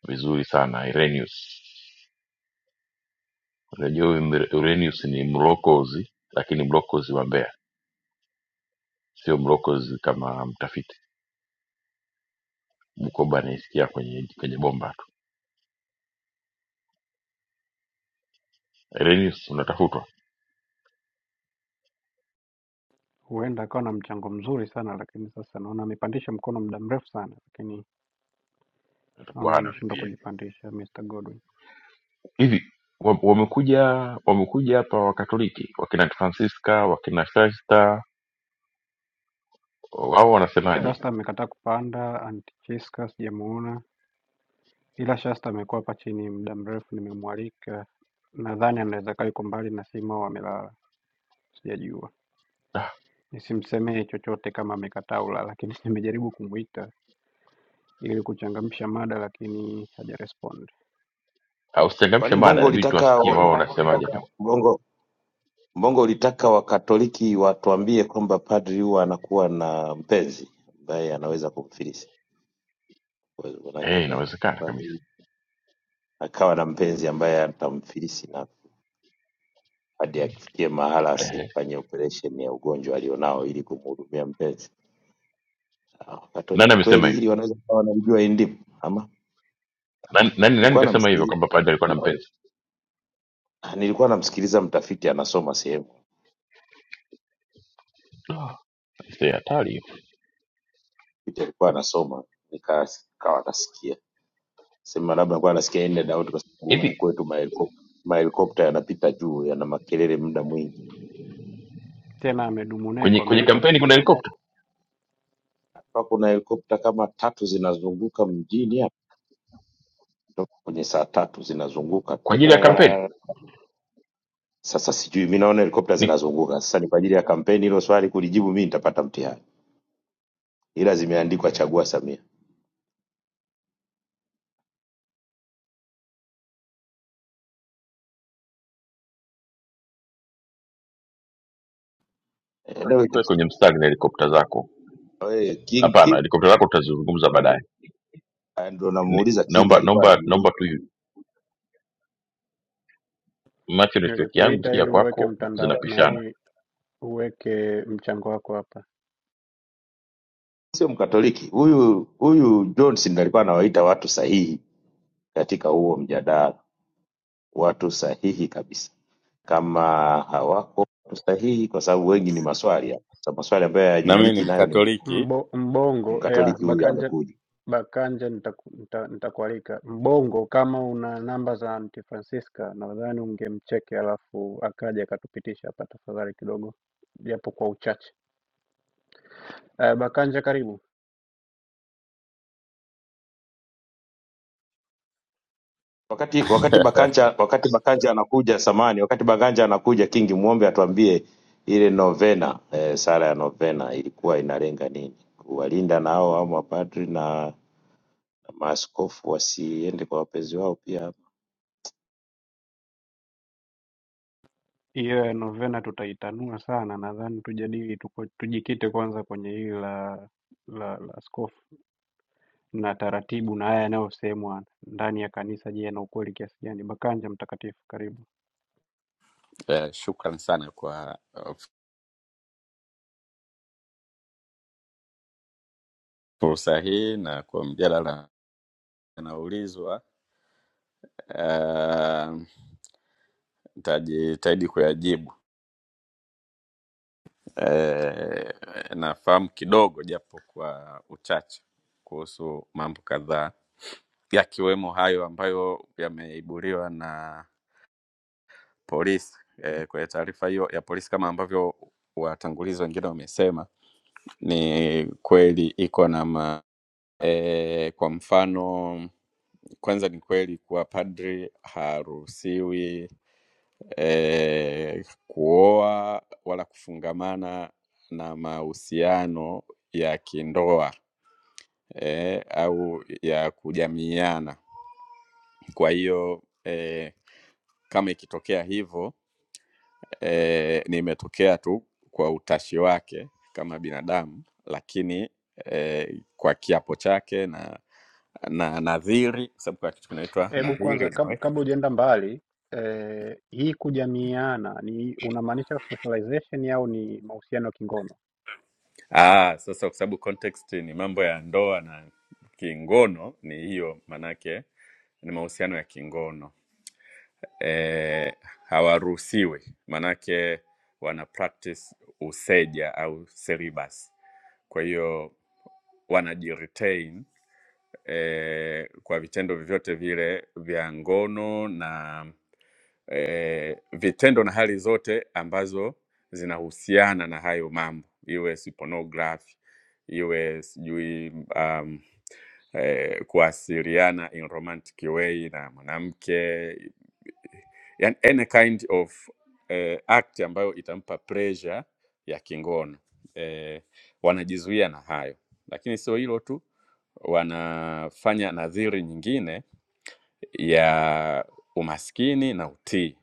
vizuri sana. Irenaeus, unajua huyu Mire- Irenaeus ni mlokozi, lakini mlokozi wa Mbeya, sio mlokozi kama mtafiti. Mkoba anaisikia kwenye kwenye bomba tu. Irenaeus, unatafutwa,
Huenda akawa na mchango mzuri sana, lakini sasa naona amepandisha mkono muda mrefu sana, lakini
utakuwa
naona
hana
ameshindwa
VPN
kujipandisha. Mr Godwin
hivi wa- wamekuja wamekuja hapa wakatoliki wakina francisca wakina shasta wao wanasemaje
Shasta amekataa kupanda, Antichiska sijamuona. Ila Shasta amekuwa hapa chini muda mrefu, nimemwalika. Nadhani anaweza kaa yuko mbali na simu au amelala, sijajua. Nisimsemee chochote kama amekataa ulala, lakini <laughs> nimejaribu kumwita ili kuchangamsha mada, lakini hajarespond.
hausitangamshe
Kwani
mada
Mbongo
inabidi
ulitaka
tuwasikie wao wanasemaje kama
Mbongo Mbongo ulitaka Wakatoliki watuambie kwamba padri huwa anakuwa na mpenzi ambaye anaweza kumfilisi, Kwa hiyo manake
eh
ah,
inawezekana kabisa
padri akawa na mpenzi ambaye atamfilisi na hadi akifikie mahala
eh.
asifanye operation ya ugonjwa alionao ili kumhudumia mpenzi. Ah,
nani
Wakatoliki
amesema
kweli
hivyo
hili wanaweza kuwa wanalijua hii ndimu ama?
nani, nani, nani
Nilikuwa
kasema hivyo
namsikiliza,
kwamba padri alikuwa na mpenzi
nilikuwa namsikiliza mtafiti anasoma sehemu,
Ah, mzee, hatari hiyo
mtafiti alikuwa anasoma nikas- nikawa nasikia sema labda alikuwa anasikia ende Daudi kwa sababu huku
hivi
kwetu mahelikopta mahelikopta yanapita juu yana makelele muda mwingi.
Tena amedumu naye
kwenye
kwa
kwenye
miaka
kampeni kuna
tisa.
helikopta
Hapa kuna helikopta kama tatu zinazunguka mjini hapa toka kwenye saa tatu zinazunguka
kwa ajili ya kampeni
Sasa sijui mi naona helikopta
ni
zinazunguka. Sasa ni kwa ajili ya kampeni, hilo swali kulijibu mimi nitapata mtihani, ila zimeandikwa chagua Samia. Eh, leo iki-
tuwe kwenye mstari na helikopta zako
eh, King,
hapana
King
helikopta zako tutazizungumza baadaye
ah, ndo
Ni-
namuuliza King
naomba
alikuwa
naomba
anamuuliza,
naomba tu macho network yangu
Nilikuita
si ya
ili uweke
kwako
mtandao
zinapishana
nani, uweke mchango wako hapa.
sio Mkatoliki huyu huyu Johnson ndo alikuwa anawaita watu sahihi katika huo mjadala, watu sahihi kabisa. Kama hawako watu sahihi, kwa sababu wengi ni maswali hapa. Sasa maswali ambayo
Na mimi ni
hayajibiki, nayo ni
Mkatoliki.
Mbo, mbongo yeah,
Mkatoliki huyu
Bakanja
amekuja.
Bakanja nitaku- nita- nitakualika. Mbongo, kama una namba za Aunty Francisca nadhani ungemcheki alafu akaja akatupitisha hapa tafadhali kidogo, japo kwa uchache. Uh, Bakanja, karibu.
wakati wakati
<laughs>
Bakanja wakati Bakanja anakuja samani, wakati Bakanja anakuja Kingi muombe atuambie ile novena eh, sala ya novena ilikuwa inalenga nini? Kuwalinda nao au mapadri na maaskofu wasiende kwa wapenzi wao pia
Hiyo ya novena tutaitanua sana, nadhani tujadili tuko, tujikite kwanza kwenye hili la la, la askofu na taratibu na haya yanayosemwa ndani ya kanisa. Je, yana ukweli kiasi gani? Bakanja mtakatifu, karibu.
Eh, Shukran sana kwa eh, fursa hii na kwa mjadala anaulizwa. Eh, Nitajitahidi kuyajibu. Eh, Nafahamu kidogo japo kwa uchache kuhusu mambo kadhaa yakiwemo hayo ambayo yameibuliwa na polisi eh, kwenye taarifa hiyo ya polisi, kama ambavyo watangulizi wengine wamesema, ni kweli iko na ma E, kwa mfano kwanza ni kweli kuwa padri haruhusiwi e, kuoa wala kufungamana na mahusiano ya kindoa e, au ya kujamiiana. Kwa hiyo eh, kama ikitokea hivyo eh, nimetokea tu kwa utashi wake kama binadamu, lakini eh, kwa kiapo chake na na nadhiri, kwa sababu kuna kitu kinaitwa
Hebu
nadhiri
kwanza kab,
unaweka.
kabla hujaenda mbali eh, hii kujamiana ni unamaanisha socialization au ni mahusiano kingono?
Ah, sasa kwa sababu context ni mambo ya ndoa na kingono, ni hiyo, manake ni mahusiano ya kingono. eh, hawaruhusiwi manake wana practice useja au celibasi kwa hiyo wanajiretain eh, kwa vitendo vyovyote vile vya ngono na eh, vitendo na hali zote ambazo zinahusiana na hayo mambo iwe si pornography iwe sijui um, eh, kuasiliana in romantic way na mwanamke yani any kind of eh, act ambayo itampa pressure ya kingono eh, wanajizuia na hayo, lakini sio hilo tu, wanafanya nadhiri nyingine ya umaskini na utii.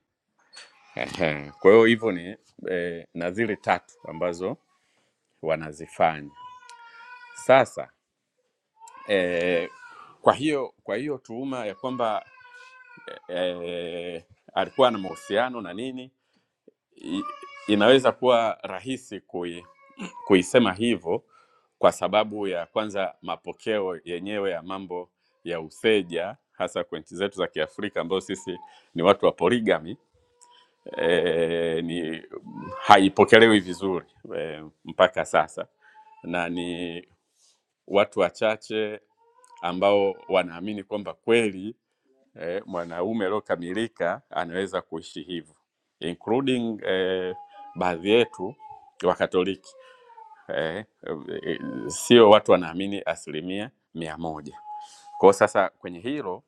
Ehe, Kwa hiyo hivyo ni eh, nadhiri tatu ambazo wanazifanya sasa. Eh, kwa hiyo kwa hiyo tuhuma ya kwamba eh, alikuwa na mahusiano na nini i- inaweza kuwa rahisi kui, kuisema hivyo kwa sababu ya kwanza mapokeo yenyewe ya mambo ya useja hasa kwa nchi zetu za Kiafrika ambayo sisi ni watu wa poligami e, ni haipokelewi vizuri e, mpaka sasa, na ni watu wachache ambao wanaamini kwamba kweli eh, mwanaume aliokamilika anaweza kuishi hivyo including eh, baadhi yetu wa Katoliki eh, eh, sio watu wanaamini asilimia mia moja. Kwa sasa kwenye hilo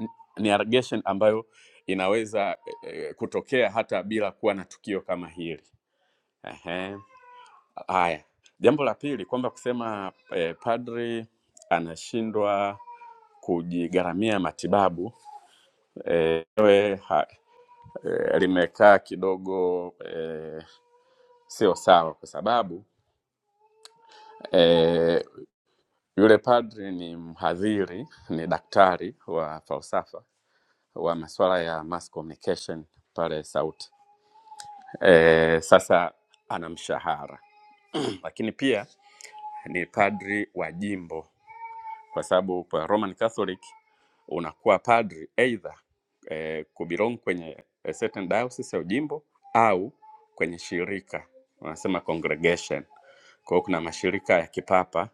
n- ni allegation ambayo inaweza eh, kutokea hata bila kuwa na tukio kama hili. Ehe. Haya, jambo la pili kwamba kusema eh, padri anashindwa kujigharamia matibabu eh, wewe ha, eh, limekaa kidogo eh, sio sawa kwa sababu eh, yule padri ni mhadhiri, ni daktari wa falsafa wa masuala ya mass communication pale SAUTI. Eh, sasa ana mshahara <clears throat> lakini pia ni padri wa jimbo kwa sababu kwa Roman Catholic unakuwa padri either eh, kubelong kwenye a certain diocese au jimbo au kwenye shirika wanasema congregation. Kwa hiyo kuna mashirika ya kipapa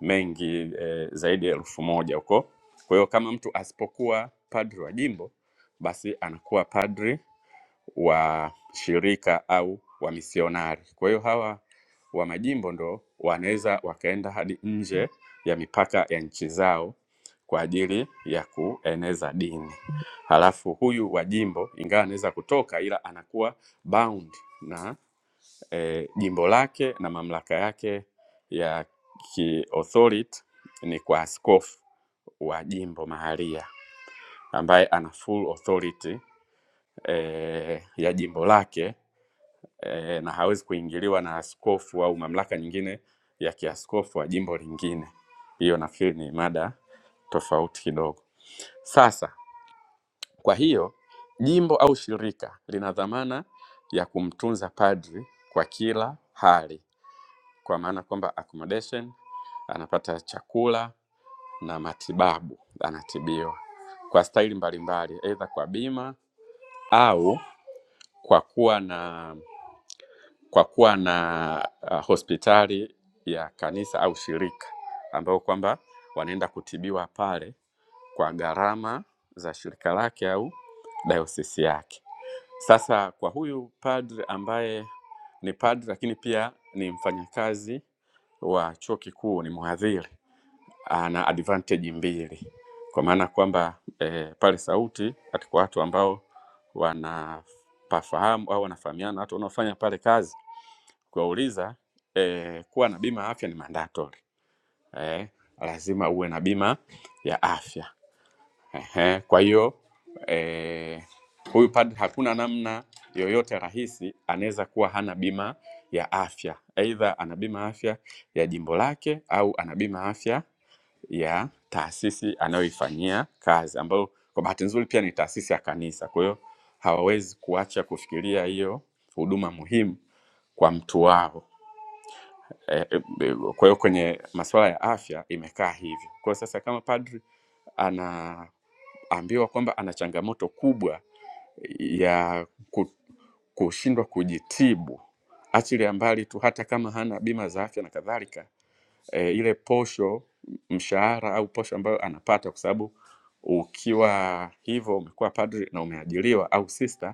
mengi eh, zaidi ya elfu moja huko. Kwa hiyo kama mtu asipokuwa padri wa jimbo, basi anakuwa padri wa shirika au wamisionari. Kwa hiyo hawa wa majimbo ndo wanaweza wakaenda hadi nje ya mipaka ya nchi zao kwa ajili ya kueneza dini. Halafu huyu wa jimbo ingawa anaweza kutoka, ila anakuwa bound na eh, jimbo lake na mamlaka yake ya kiauthority ni kwa askofu wa jimbo mahalia ambaye ana full authority eh, ya jimbo lake eh, na hawezi kuingiliwa na askofu au mamlaka nyingine ya kiaskofu wa jimbo lingine. Hiyo nafikiri ni mada tofauti kidogo. Sasa kwa hiyo jimbo au shirika lina dhamana ya kumtunza padri kwa kila hali, kwa maana kwamba accommodation, anapata chakula na matibabu, anatibiwa kwa staili mbalimbali, aidha kwa bima au kwa kuwa na kwa kuwa na uh, hospitali ya kanisa au shirika ambayo kwamba wanaenda kutibiwa pale kwa gharama za shirika lake au dayosisi yake. Sasa kwa huyu padri ambaye ni padri lakini pia ni mfanyakazi wa chuo kikuu, ni mhadhiri, ana advantage mbili kwa maana kwamba eh, pale Sauti katika watu ambao wanapafahamu au wanafahamiana, watu wanaofanya pale kazi kuwauliza eh, kuwa na bima ya afya ni mandatory eh, lazima uwe na bima ya afya Ehe, kwa hiyo eh, huyu padri hakuna namna yoyote rahisi anaweza kuwa hana bima ya afya, aidha ana bima ya afya ya jimbo lake au ana bima ya afya ya taasisi anayoifanyia kazi, ambayo kwa bahati nzuri pia ni taasisi ya kanisa. Kwa hiyo hawawezi kuacha kufikiria hiyo huduma muhimu kwa mtu wao eh, eh, kwa hiyo kwenye masuala ya afya imekaa hivyo. Kwa hiyo sasa kama padri anaambiwa kwamba ana changamoto kubwa ya ku- kushindwa kujitibu, achilia mbali tu hata kama hana bima za afya na kadhalika, e, ile posho mshahara au posho ambayo anapata, kwa sababu ukiwa hivyo umekuwa padri na umeajiriwa au sista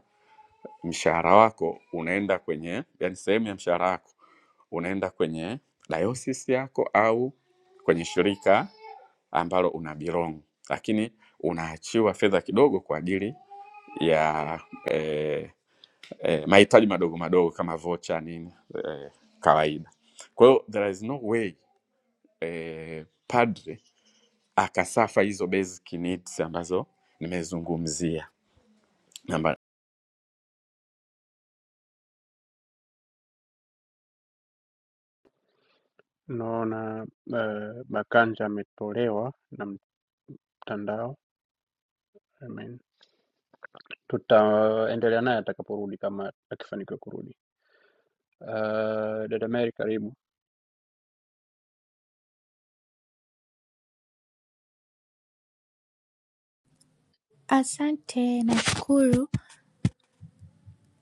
mshahara wako unaenda kwenye yani sehemu ya mshahara wako unaenda kwenye diocese yako au kwenye shirika ambalo una belong lakini unaachiwa fedha kidogo kwa ajili ya eh, eh, mahitaji madogo madogo kama vocha nini eh, kawaida kwa hiyo there is no way eh, padre akasafa hizo basic needs ambazo nimezungumzia Namba-
Naona eh, Makanja ametolewa na mtandao. I mean, tutaendelea naye atakaporudi kama akifanikiwa kurudi. Uh, dada Mary karibu.
Asante nashukuru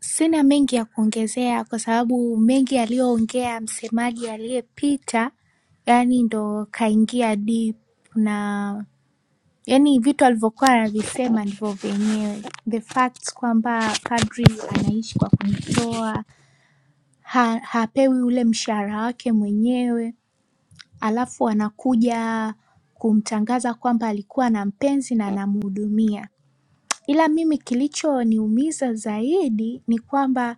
sina mengi ya kuongezea kwa sababu mengi aliyoongea msemaji aliyepita yani ndo kaingia deep na yani vitu alivyokuwa anavisema ndivyo vyenyewe the facts kwamba kadri anaishi kwa kujitoa ha, hapewi ule mshahara wake mwenyewe alafu anakuja kumtangaza kwamba alikuwa na mpenzi na anamhudumia Ila mimi kilichoniumiza zaidi ni kwamba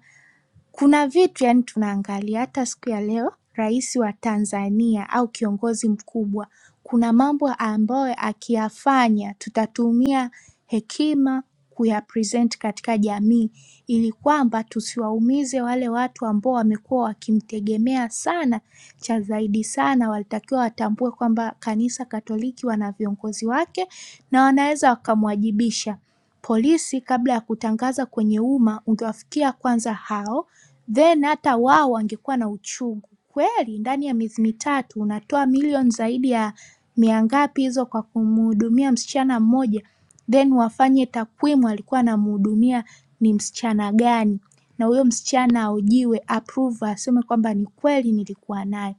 kuna vitu yaani tunaangalia hata siku ya leo rais wa Tanzania au kiongozi mkubwa, kuna mambo ambayo akiyafanya tutatumia hekima kuyapresent katika jamii ili kwamba tusiwaumize wale watu ambao wamekuwa wakimtegemea sana, cha zaidi sana walitakiwa watambue kwamba Kanisa Katoliki wana viongozi wake na wanaweza wakamwajibisha. Polisi kabla ya kutangaza kwenye umma ungewafikia kwanza hao then hata wao wangekuwa na uchungu. Kweli ndani ya miezi mitatu unatoa milioni zaidi ya mia ngapi hizo kwa kumhudumia msichana mmoja, then wafanye takwimu alikuwa anamhudumia ni msichana gani, na huyo msichana ahojiwe, approve, aseme kwamba ni kweli nilikuwa naye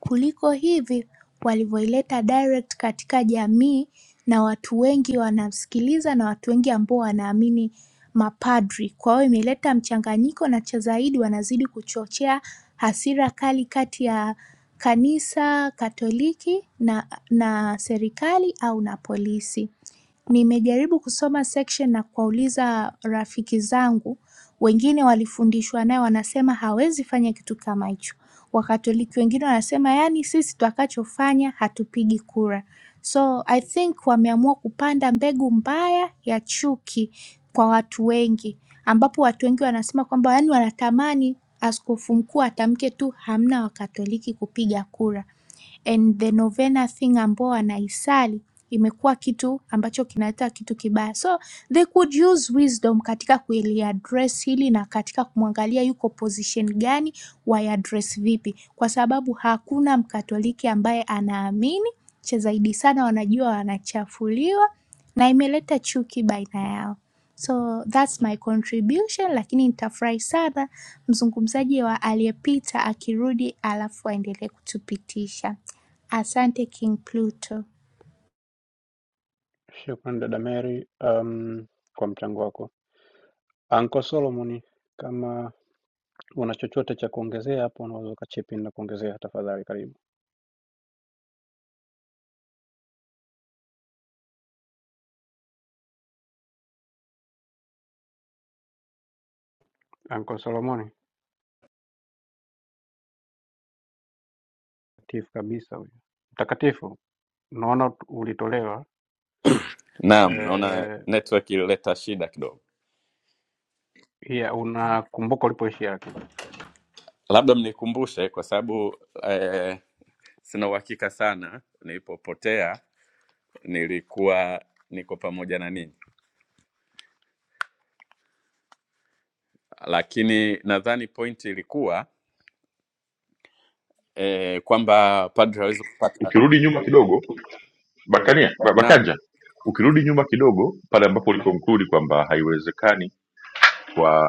kuliko hivi walivyoileta direct katika jamii na watu wengi wanamsikiliza na watu wengi ambao wanaamini mapadri. Kwa hiyo imeleta mchanganyiko na cha zaidi wanazidi kuchochea hasira kali kati ya kanisa Katoliki na na serikali au na polisi. Nimejaribu kusoma section na kuwauliza rafiki zangu, wengine walifundishwa naye wanasema hawezi fanya kitu kama hicho. Wakatoliki wengine wanasema yaani sisi tutakachofanya hatupigi kura. So I think wameamua kupanda mbegu mbaya ya chuki kwa watu wengi ambapo watu wengi wanasema kwamba yaani wanatamani askofu mkuu atamke tu hamna wakatoliki kupiga kura and the novena thing ambao wanaisali imekuwa kitu ambacho kinaleta kitu kibaya so they could use wisdom katika kuliaddress hili na katika kumwangalia yuko position gani waiaddress vipi kwa sababu hakuna mkatoliki ambaye anaamini cha zaidi sana wanajua wanachafuliwa na imeleta chuki baina yao so thats my contribution lakini nitafurahi sana mzungumzaji wa aliyepita akirudi alafu aendelee kutupitisha asante king pluto
Shukran dada Mary um, kwa mchango wako. Anko Solomon, kama una chochote cha kuongezea hapo, unaweza ukachip in na kuongezea tafadhali, karibu. Anko Solomoni mtakatifu kabisa huyu, mtakatifu. Naona ulitolewa
naam naona
eh,
network ilileta shida kidogo
yeah, unakumbuka ulipoishia lakini
labda mnikumbushe kwa sababu eh, sina uhakika sana nilipopotea nilikuwa niko pamoja na ninyi lakini nadhani pointi ilikuwa eh, kwamba padri hawezi kupata
ukirudi nyuma kidogo bakania ba-
naam
bakanja ukirudi nyuma kidogo pale ambapo ulikonkludi kwamba haiwezekani kwa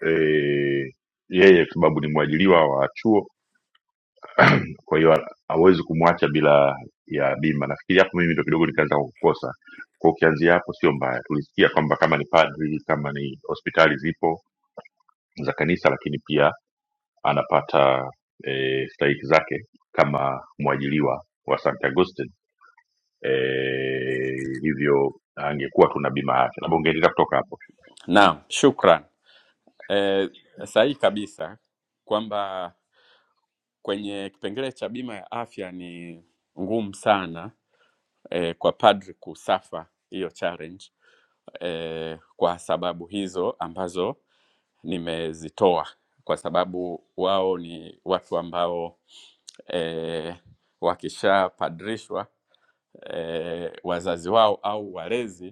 eh, yeye kwa sababu ni mwajiliwa wa chuo, kwa hiyo hawezi kumwacha bila ya bima. Nafikiri hapo mimi ndo kidogo nikaanza kukosa kwa, ukianzia hapo sio mbaya. Tulisikia kwamba kama ni padri, kama ni hospitali zipo za kanisa, lakini pia anapata e, stahiki zake kama mwajiliwa wa St. Augustine e, hivyo angekuwa tuna bima yake. Labda ungeendelea kutoka hapo.
Naam, shukran. Eh, sahihi kabisa kwamba kwenye kipengele cha bima ya afya ni ngumu sana eh, kwa padri kusafa hiyo challenge eh, kwa sababu hizo ambazo nimezitoa, kwa sababu wao ni watu ambao eh, wakishapadrishwa eh, wazazi wao au walezi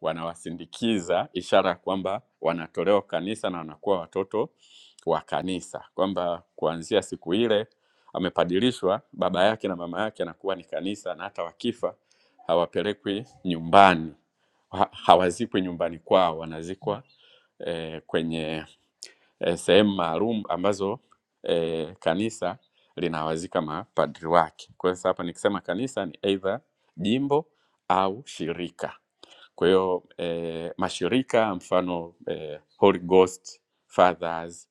wanawasindikiza, ishara ya kwamba wanatolewa kanisa na wanakuwa watoto wa kanisa, kwamba kuanzia siku ile amepadilishwa, baba yake na mama yake anakuwa ni kanisa, na hata wakifa hawapelekwi nyumbani, ha- hawazikwi nyumbani kwao, wanazikwa eh, kwenye eh, sehemu maalum ambazo eh, kanisa linawazika mapadri wake. Kwa hiyo sasa hapa nikisema kanisa ni aidha jimbo au shirika. Kwa hiyo eh, mashirika mfano eh, Holy Ghost Fathers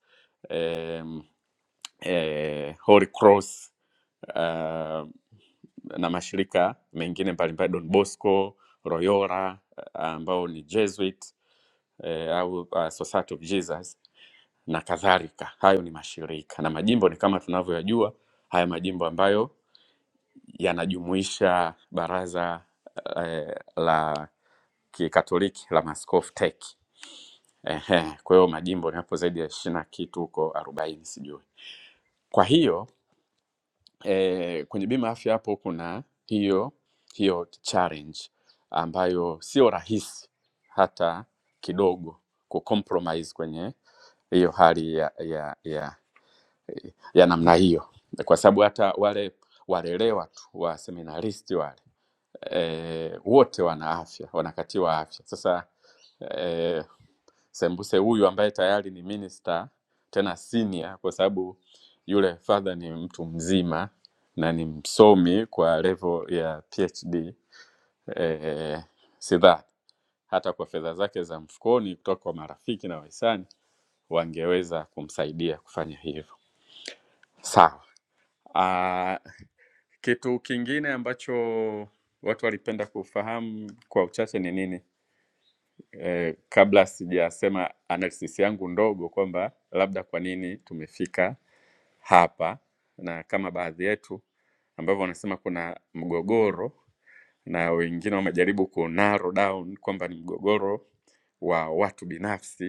eh, eh, Holy Cross ah, na mashirika mengine mbalimbali Don Bosco, Royora ah, ambao ni Jesuit eh, au ah, Society of Jesus na kadhalika. Hayo ni mashirika na majimbo ni kama tunavyoyajua haya majimbo ambayo yanajumuisha baraza eh, la kikatoliki la maaskofu TEC. Ehe, kwa hiyo majimbo ni hapo zaidi ya ishirini na kitu huko arobaini sijui. Kwa hiyo eh, kwenye bima ya afya hapo kuna hiyo hiyo challenge ambayo sio rahisi hata kidogo kucompromise kwenye hiyo hali ya, ya, ya ya namna hiyo, kwa sababu hata wale walelewa tu wa seminaristi wale e, wote wana afya, wanakatiwa afya. Sasa e, Sembuse huyu ambaye tayari ni minister tena senior, kwa sababu yule father ni mtu mzima na ni msomi kwa level ya PhD e, sidhani hata kwa fedha zake za mfukoni kutoka kwa marafiki na wahisani wangeweza kumsaidia kufanya hivyo. Sawa. Ah, kitu kingine ambacho watu walipenda kufahamu kwa uchache ni nini? Eh, kabla sijasema analysis yangu ndogo kwamba labda kwa nini tumefika hapa na kama baadhi yetu ambavyo wanasema kuna mgogoro na wengine wamejaribu ku narrow down kwamba ni mgogoro wa watu binafsi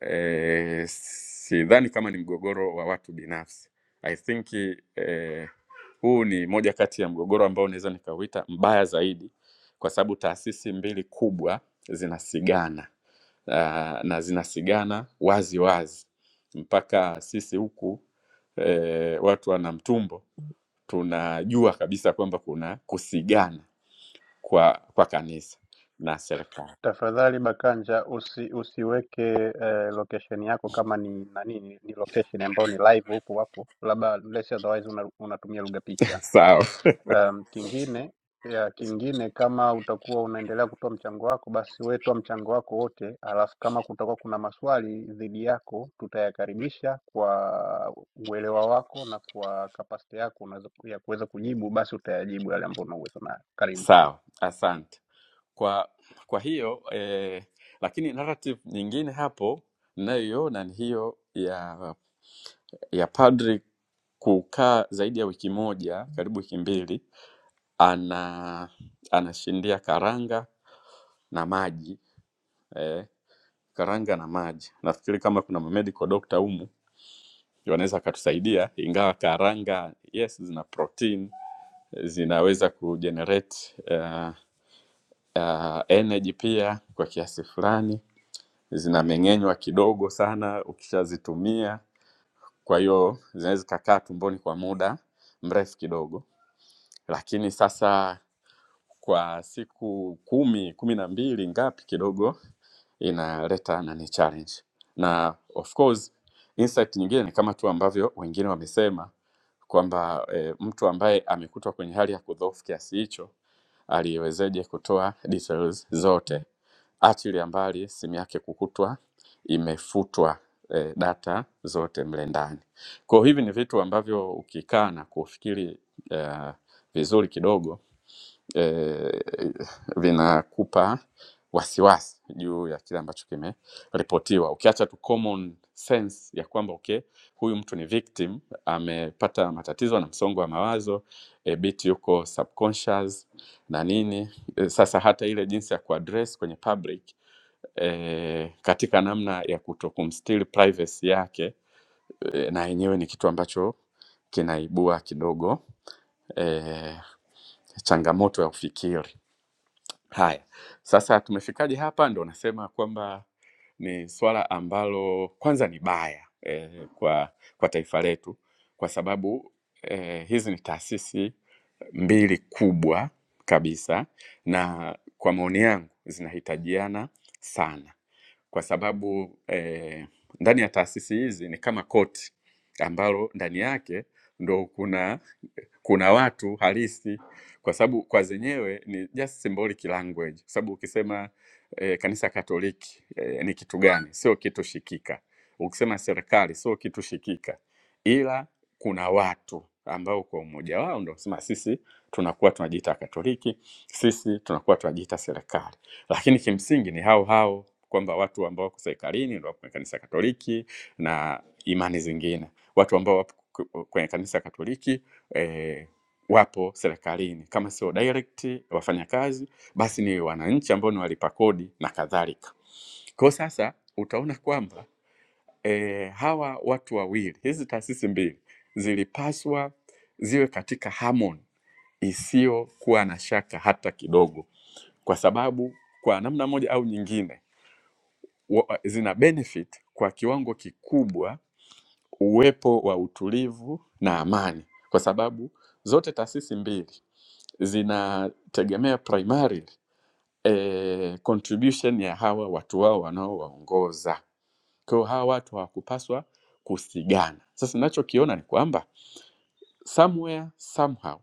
eh, sidhani kama ni mgogoro wa watu binafsi. I think eh, huu ni moja kati ya mgogoro ambao naweza nikauita mbaya zaidi, kwa sababu taasisi mbili kubwa zinasigana uh, na zinasigana wazi wazi mpaka sisi huku eh, watu wana mtumbo tunajua kabisa kwamba kuna kusigana kwa kwa kanisa na serikali.
Tafadhali Bakanja usi, usiweke eh, location yako kama ni nani ni ni location ambayo ni live hupo hapo, labda unless otherwise una, unatumia lugha picha.
<laughs> Sawa
Um, kingine ya kingine, kama utakuwa unaendelea kutoa mchango wako, basi wewe toa mchango wako wote, alafu kama kutakuwa kuna maswali dhidi yako tutayakaribisha kwa uelewa wako na kwa kapasiti yako unazo- ya kuweza kujibu, basi utayajibu yale ambayo una uwezo nayo. Karibu.
sawa, asante. Kwa kwa hiyo eh, lakini narrative nyingine hapo ninayoiona ni hiyo ya ya padri kukaa zaidi ya wiki moja karibu wiki mbili ana anashindia karanga na maji eh, karanga na maji nafikiri kama kuna medical doctor humu ndio wanaweza akatusaidia ingawa karanga yes zina protein zinaweza kugenerate uh, uh, energy pia kwa kiasi fulani zinameng'enywa kidogo sana ukishazitumia, kwa hiyo zinaweza zikakaa tumboni kwa muda mrefu kidogo, lakini sasa kwa siku kumi kumi na mbili ngapi kidogo inaleta nani challenge, na of course insight nyingine ni kama tu ambavyo wengine wamesema kwamba e, mtu ambaye amekutwa kwenye hali ya kudhoofu kiasi hicho aliwezeje kutoa details zote achilia mbali simu yake kukutwa imefutwa eh, data zote mle ndani. Kwa hiyo hivi ni vitu ambavyo ukikaa na kufikiri eh, vizuri kidogo eh, vinakupa wasiwasi juu ya kile ambacho kimeripotiwa, ukiacha tu common sense ya kwamba okay, huyu mtu ni victim, amepata matatizo na msongo wa mawazo e, bit yuko subconscious na nini e, sasa hata ile jinsi ya kuaddress kwenye public e, katika namna ya kutokumstili privacy yake e, na yenyewe ni kitu ambacho kinaibua kidogo eh, changamoto ya ufikiri. Haya, sasa tumefikaje hapa? Ndo nasema kwamba ni swala ambalo kwanza ni baya eh, kwa, kwa taifa letu kwa sababu eh, hizi ni taasisi mbili kubwa kabisa, na kwa maoni yangu zinahitajiana sana kwa sababu eh, ndani ya taasisi hizi ni kama koti ambalo ndani yake ndo kuna kuna watu halisi kwa sababu kwa zenyewe ni just symbolic language, kwa sababu ukisema eh, kanisa Katoliki eh, ni kitu gani? Sio kitu shikika. Ukisema serikali sio kitu shikika, ila kuna watu ambao kwa umoja wao ndio sema sisi tunakuwa tunajiita Katoliki, sisi tunakuwa tunajiita serikali, lakini kimsingi ni hao hao kwamba watu ambao wako serikalini ndio wako kwenye kanisa Katoliki na imani zingine, watu ambao wapo kwenye kanisa Katoliki eh, wapo serikalini, kama sio direct wafanyakazi, basi ni wananchi ambao ni walipa kodi na kadhalika. Kwa hiyo sasa utaona kwamba eh, hawa watu wawili, hizi taasisi mbili zilipaswa ziwe katika harmony isiyokuwa na shaka hata kidogo, kwa sababu kwa namna moja au nyingine wa- zina benefit kwa kiwango kikubwa uwepo wa utulivu na amani, kwa sababu zote taasisi mbili zinategemea primarily eh, contribution ya hawa watu wao wanaowaongoza. Kwa hiyo hawa watu hawakupaswa kusigana. Sasa ninachokiona ni kwamba somewhere somehow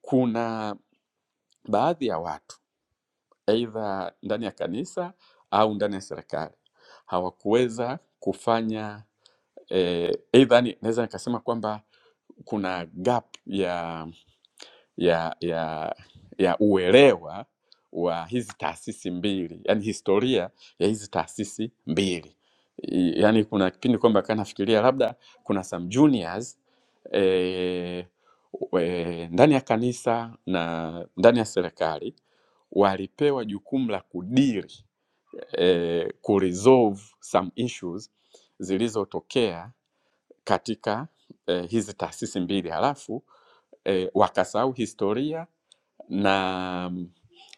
kuna baadhi ya watu aidha ndani ya kanisa au ndani ya serikali hawakuweza kufanya eh, aidha ni- naweza nikasema kwamba kuna gap ya ya ya ya uelewa wa hizi taasisi mbili yani historia ya hizi taasisi mbili I- yani kuna kipindi kwamba kaa nafikiria labda kuna some juniors eh, we- ndani ya kanisa na ndani ya serikali walipewa jukumu la kudili eh, kuresolve some issues zilizotokea katika eh, hizi taasisi mbili halafu eh, wakasahau historia na,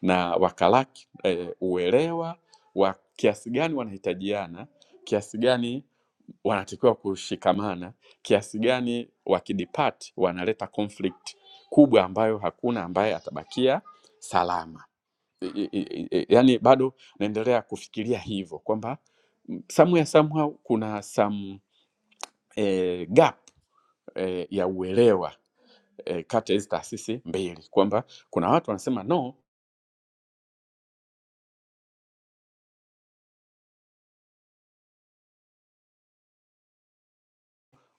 na wakalaki eh, uelewa wa kiasi gani wanahitajiana, kiasi gani wanatakiwa kushikamana, kiasi gani wakidipart wanaleta conflict kubwa ambayo hakuna ambaye atabakia salama. I- i- i- i- Yaani bado naendelea kufikiria hivyo kwamba mm, somewhere somehow kuna some eh, gap eh, ya uelewa eh, kati ya hizi taasisi mbili kwamba kuna watu wanasema no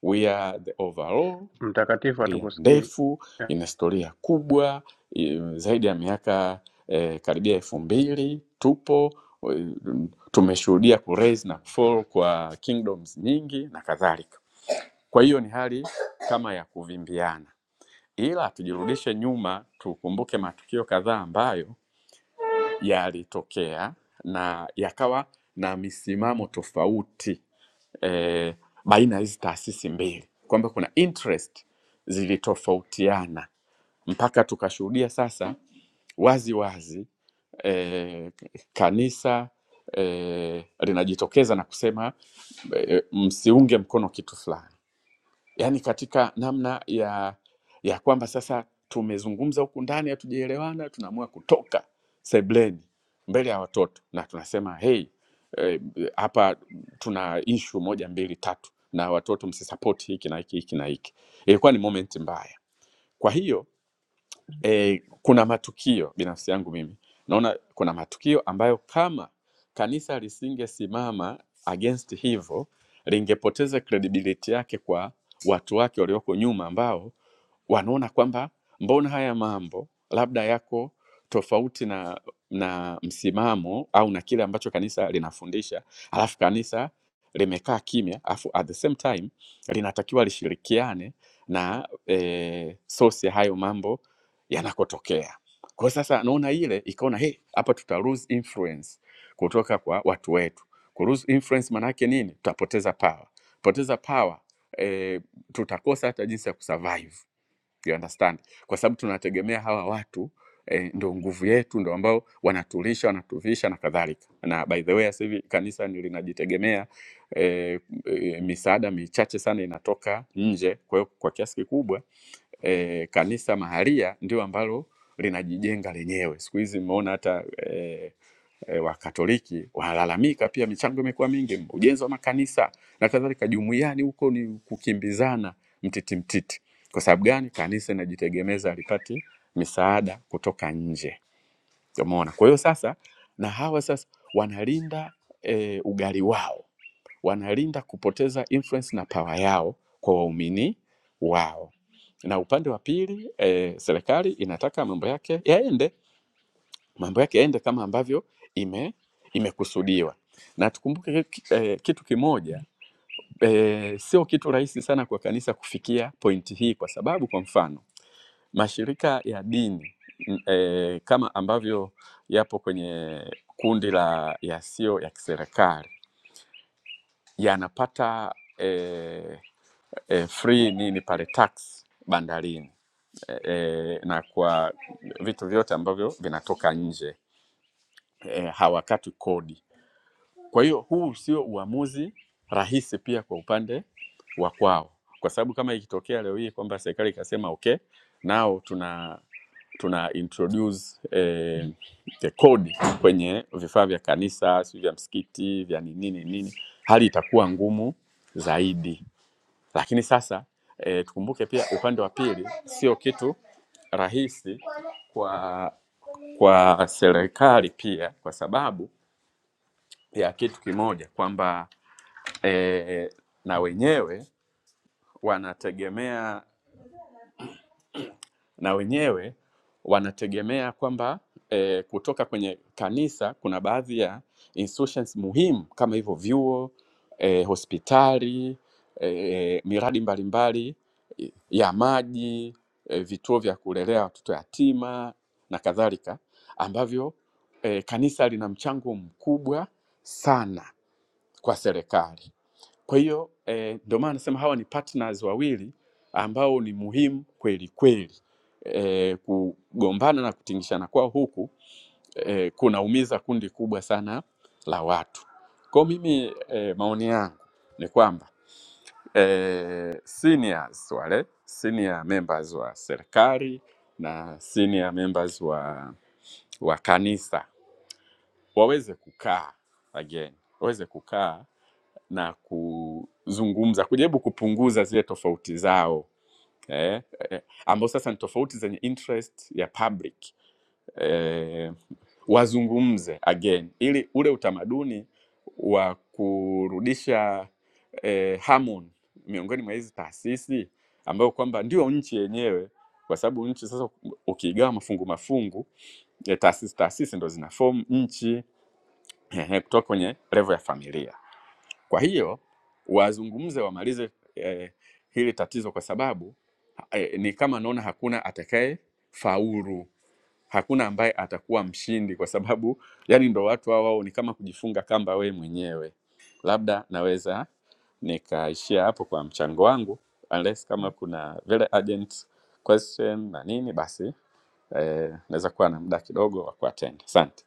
We are the overall,
Mtakatifu,
historia
hatukusikii.
ndefu, ina historia kubwa i- zaidi ya miaka eh, karibia elfu mbili tupo eh, tumeshuhudia kuraise na fall kwa kingdoms nyingi na kadhalika. Kwa hiyo ni hali kama ya kuvimbiana, ila tujirudishe nyuma, tukumbuke matukio kadhaa ambayo yalitokea na yakawa na misimamo tofauti eh, baina ya hizi taasisi mbili kwamba kuna interest zilitofautiana mpaka tukashuhudia sasa wazi wazi eh, kanisa eh, linajitokeza na kusema eh, msiunge mkono kitu fulani yaani katika namna ya ya kwamba sasa tumezungumza huku ndani hatujaelewana, tunaamua kutoka sebleni mbele ya watoto na tunasema hey, eh, hapa tuna ishu moja mbili tatu, na watoto msisapoti hiki na hiki hiki na hiki. Ilikuwa ni moment mbaya. Kwa hiyo e, kuna matukio binafsi yangu mimi naona kuna matukio ambayo kama kanisa lisingesimama against hivyo lingepoteza credibility yake kwa watu wake walioko nyuma ambao wanaona kwamba mbona haya mambo labda yako tofauti na na msimamo au na kile ambacho kanisa linafundisha alafu kanisa limekaa kimya alafu at the same time linatakiwa lishirikiane na e, source ya hayo mambo yanakotokea. Kwa sasa naona ile ikaona hey, hapa tuta lose influence kutoka kwa watu wetu. Ku lose influence maanake nini? Tutapoteza power. Poteza power eh, tutakosa hata jinsi ya kusurvive. You understand? Kwa sababu tunategemea hawa watu eh, ndo nguvu yetu, ndo ambao wanatulisha, wanatuvisha na kadhalika. Na by the way sasa hivi kanisa ni linajitegemea eh, eh, misaada michache sana inatoka nje, kwa hiyo kwa kiasi kikubwa e, kanisa maharia ndio ambalo linajijenga lenyewe. Siku hizi mmeona hata e, e, Wakatoliki wanalalamika pia, michango imekuwa mingi, ujenzi wa makanisa na kadhalika. Jumuiani huko ni kukimbizana mtiti mtiti. Kwa sababu gani? Kanisa inajitegemeza, alipati misaada kutoka nje. Umeona? Kwa hiyo sasa, na hawa sasa wanalinda e, ugali wao wanalinda kupoteza influence na power yao kwa waumini wao na upande wa pili eh, serikali inataka mambo yake yaende mambo yake yaende kama ambavyo ime imekusudiwa na tukumbuke ki- eh, kitu kimoja eh, sio kitu rahisi sana kwa kanisa kufikia pointi hii kwa sababu kwa mfano mashirika ya dini n- eh, kama ambavyo yapo kwenye kundi la yasiyo ya kiserikali yanapata e, e, free nini pale tax bandarini e, e, na kwa vitu vyote ambavyo vinatoka nje e, hawakati kodi. Kwa hiyo huu sio uamuzi rahisi pia kwa upande wa kwao, kwa sababu kama ikitokea leo hii kwamba serikali ikasema okay, nao tuna tuna introduce eh, the code kwenye vifaa vya kanisa, si vya msikiti, vya ni nini nini, hali itakuwa ngumu zaidi. Lakini sasa e, tukumbuke pia upande wa pili sio kitu rahisi kwa kwa serikali pia, kwa sababu ya kitu kimoja kwamba e, na wenyewe wanategemea na wenyewe wanategemea kwamba eh, kutoka kwenye kanisa kuna baadhi ya institutions muhimu kama hivyo vyuo eh, hospitali eh, miradi mbalimbali eh, ya maji eh, vituo vya kulelea watoto yatima na kadhalika ambavyo eh, kanisa lina mchango mkubwa sana kwa serikali. Kwa hiyo eh, ndio maana nasema hawa ni partners wawili ambao ni muhimu kweli kweli. Eh, kugombana na kutingishana kwao huku eh, kunaumiza kundi kubwa sana la watu. Kwa mimi eh, maoni yangu ni kwamba eh, seniors wale senior members wa serikali na senior members wa, wa kanisa waweze kukaa again, waweze kukaa na kuzungumza, kujaribu kupunguza zile tofauti zao eh, eh, ambao sasa ni tofauti zenye interest ya public eh, wazungumze again, ili ule utamaduni wa kurudisha eh, harmony miongoni mwa hizi taasisi ambayo kwamba ndio nchi yenyewe, kwa sababu nchi sasa ukiigawa mafungu mafungu ya taasisi taasisi ndo zina form nchi ehe, kutoka kwenye level ya familia. Kwa hiyo wazungumze wamalize eh, hili tatizo, kwa sababu eh, ni kama naona hakuna atakaye faulu, hakuna ambaye atakuwa mshindi, kwa sababu yani ndo watu hao wao ni kama kujifunga kamba we mwenyewe. Labda naweza nikaishia hapo kwa mchango wangu, unless kama kuna very urgent question na nini, basi eh, naweza kuwa na muda kidogo wa kuattend. Asante.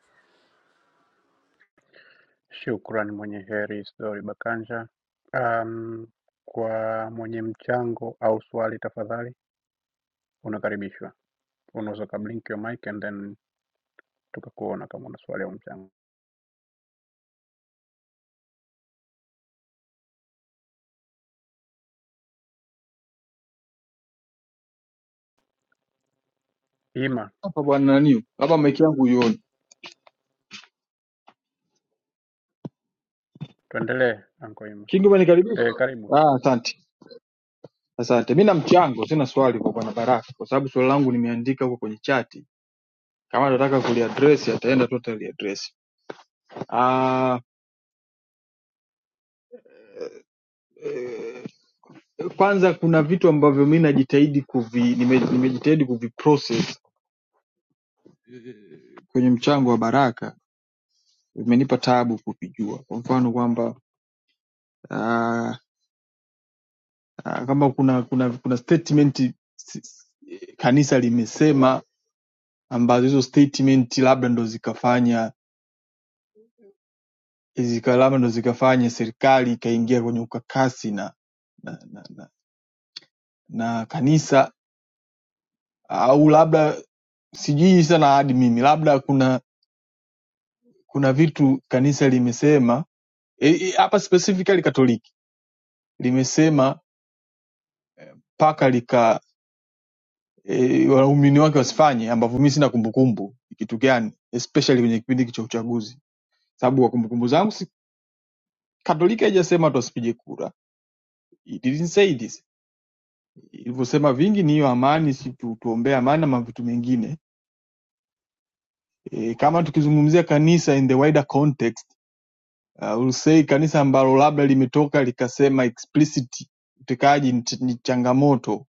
Shukran, mwenye heri Isidori Bakanja. Um, kwa mwenye mchango au swali tafadhali, unakaribishwa. Unaweza ukablinki your mic and then tukakuona kama una swali au mchango. Ima,
hapa bwana nani huyu? hapa maiki yangu huioni
tuendelee anko Ima.
kingi umenikaribisha
E, karibu.
ah asante asante mi na mchango sina swali kwa bwana baraka kwa sababu swali langu nimeandika huko kwenye chati kama nataka kuliadress ataenda tu ataliadress ah eh, kwanza kuna vitu ambavyo mi najitahidi kuvi nime- nimejitahidi kuviprocess eh, kwenye mchango wa baraka imenipa taabu kuvijua kwa mfano kwamba ah, Ah, kama kuna kuna kuna statement si- si- kanisa limesema ambazo hizo statement labda ndo zikafanya zika labda ndo zikafanya serikali ikaingia kwenye ukakasi na na, na, na, na kanisa au labda sijui sana hadi mimi labda kuna kuna vitu kanisa limesema hapa, e, e, hapa specifically Katoliki limesema mpaka lika e, waumini wake wasifanye ambavyo mimi sina kumbukumbu ni kitu gani especially kwenye kipindi hiki cha uchaguzi sababu kwa kumbukumbu zangu si Katoliki haijasema tusipige kura. It didn't say this. Ilivyosema vingi ni hiyo amani, si tu, tuombee amani na vitu mengine. E, kama tukizungumzia kanisa in the wider context uh, we'll say kanisa ambalo labda limetoka likasema explicit utekaji ni ch- ni changamoto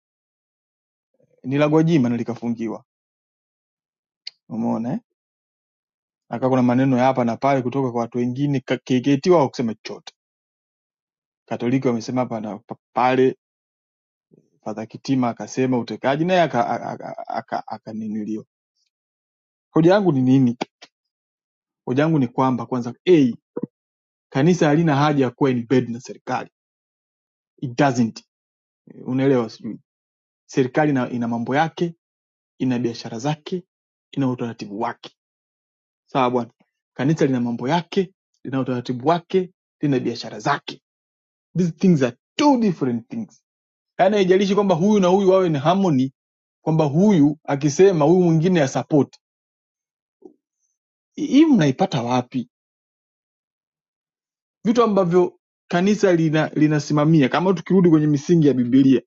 ni la Gwajima na likafungiwa. Umeona eh? Aka kuna maneno ya hapa na pale kutoka kwa watu wengine, ka- KKT wao kusema chochote, Katoliki wamesema hapa na pa- pale Fadha Kitima akasema utekaji, naye akanilio aka, aka, aka, aka nilio. hoja yangu ni nini? Hoja yangu ni kwamba kwanza, a kanisa halina haja ya kuwa in bed na serikali, it doesn't, unaelewa? Sijui serikali ina, ina mambo yake, ina biashara zake, ina utaratibu wake, sawa bwana. Kanisa lina mambo yake, lina utaratibu wake, lina biashara zake. These things are two different things. Yaani haijalishi kwamba huyu na huyu wawe ni harmony, kwamba huyu akisema huyu mwingine ya support. Hii mnaipata wapi? vitu ambavyo kanisa lina, linasimamia kama tukirudi kwenye misingi ya Biblia,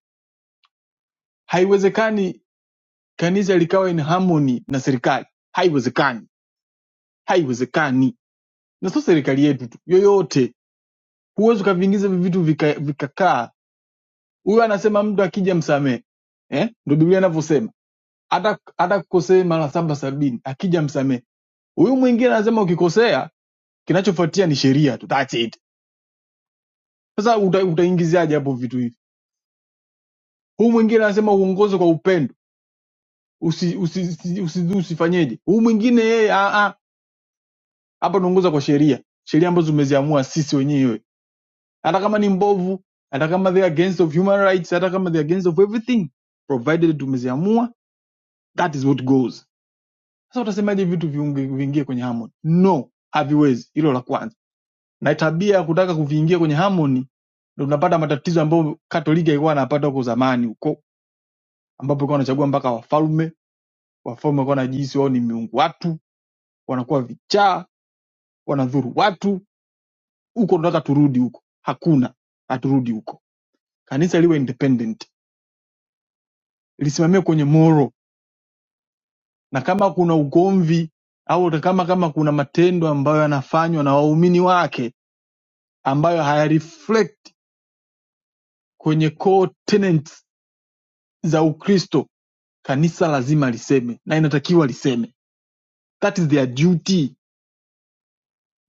haiwezekani kanisa likawa in harmony na serikali, haiwezekani, haiwezekani. Na sio serikali yetu tu, yoyote huwezi ukaviingiza hivi vitu vikakaa vika vikakaa. Huyo anasema mtu akija msamehe, eh, ndio Biblia inavyosema, hata hata kukosea mara saba sabini, akija msamehe. Huyu mwingine anasema ukikosea, kinachofuatia ni sheria tu, that's it. Sasa uta, utaingiziaje hapo vitu hivi? Huu mwingine anasema uongoze kwa upendo usi, usi, usi, usi, usifanyeje huu mwingine yeye ah, ah, hapa tunaongoza kwa sheria sheria ambazo tumeziamua sisi wenyewe hata kama ni mbovu hata kama they are against of human rights hata kama they are against of everything provided tumeziamua that is what goes sasa utasemaje vitu viunge- viingie kwenye harmony no haviwezi hilo la kwanza na tabia ya kutaka kuviingia kwenye harmony ndio tunapata matatizo ambayo katolika ilikuwa anapata huko zamani huko ambapo ilikuwa anachagua mpaka wafalme wafalme walikuwa wanajihisi wao ni miungu watu wanakuwa vichaa wanadhuru watu huko. Tunataka turudi huko, hakuna, haturudi huko. Kanisa liwe independent, lisimamie kwenye moral, na kama kuna ugomvi au hata kama kama kuna matendo ambayo yanafanywa na waumini wake ambayo haya reflect kwenye core tenets za Ukristo, kanisa lazima liseme na inatakiwa liseme. That is their duty.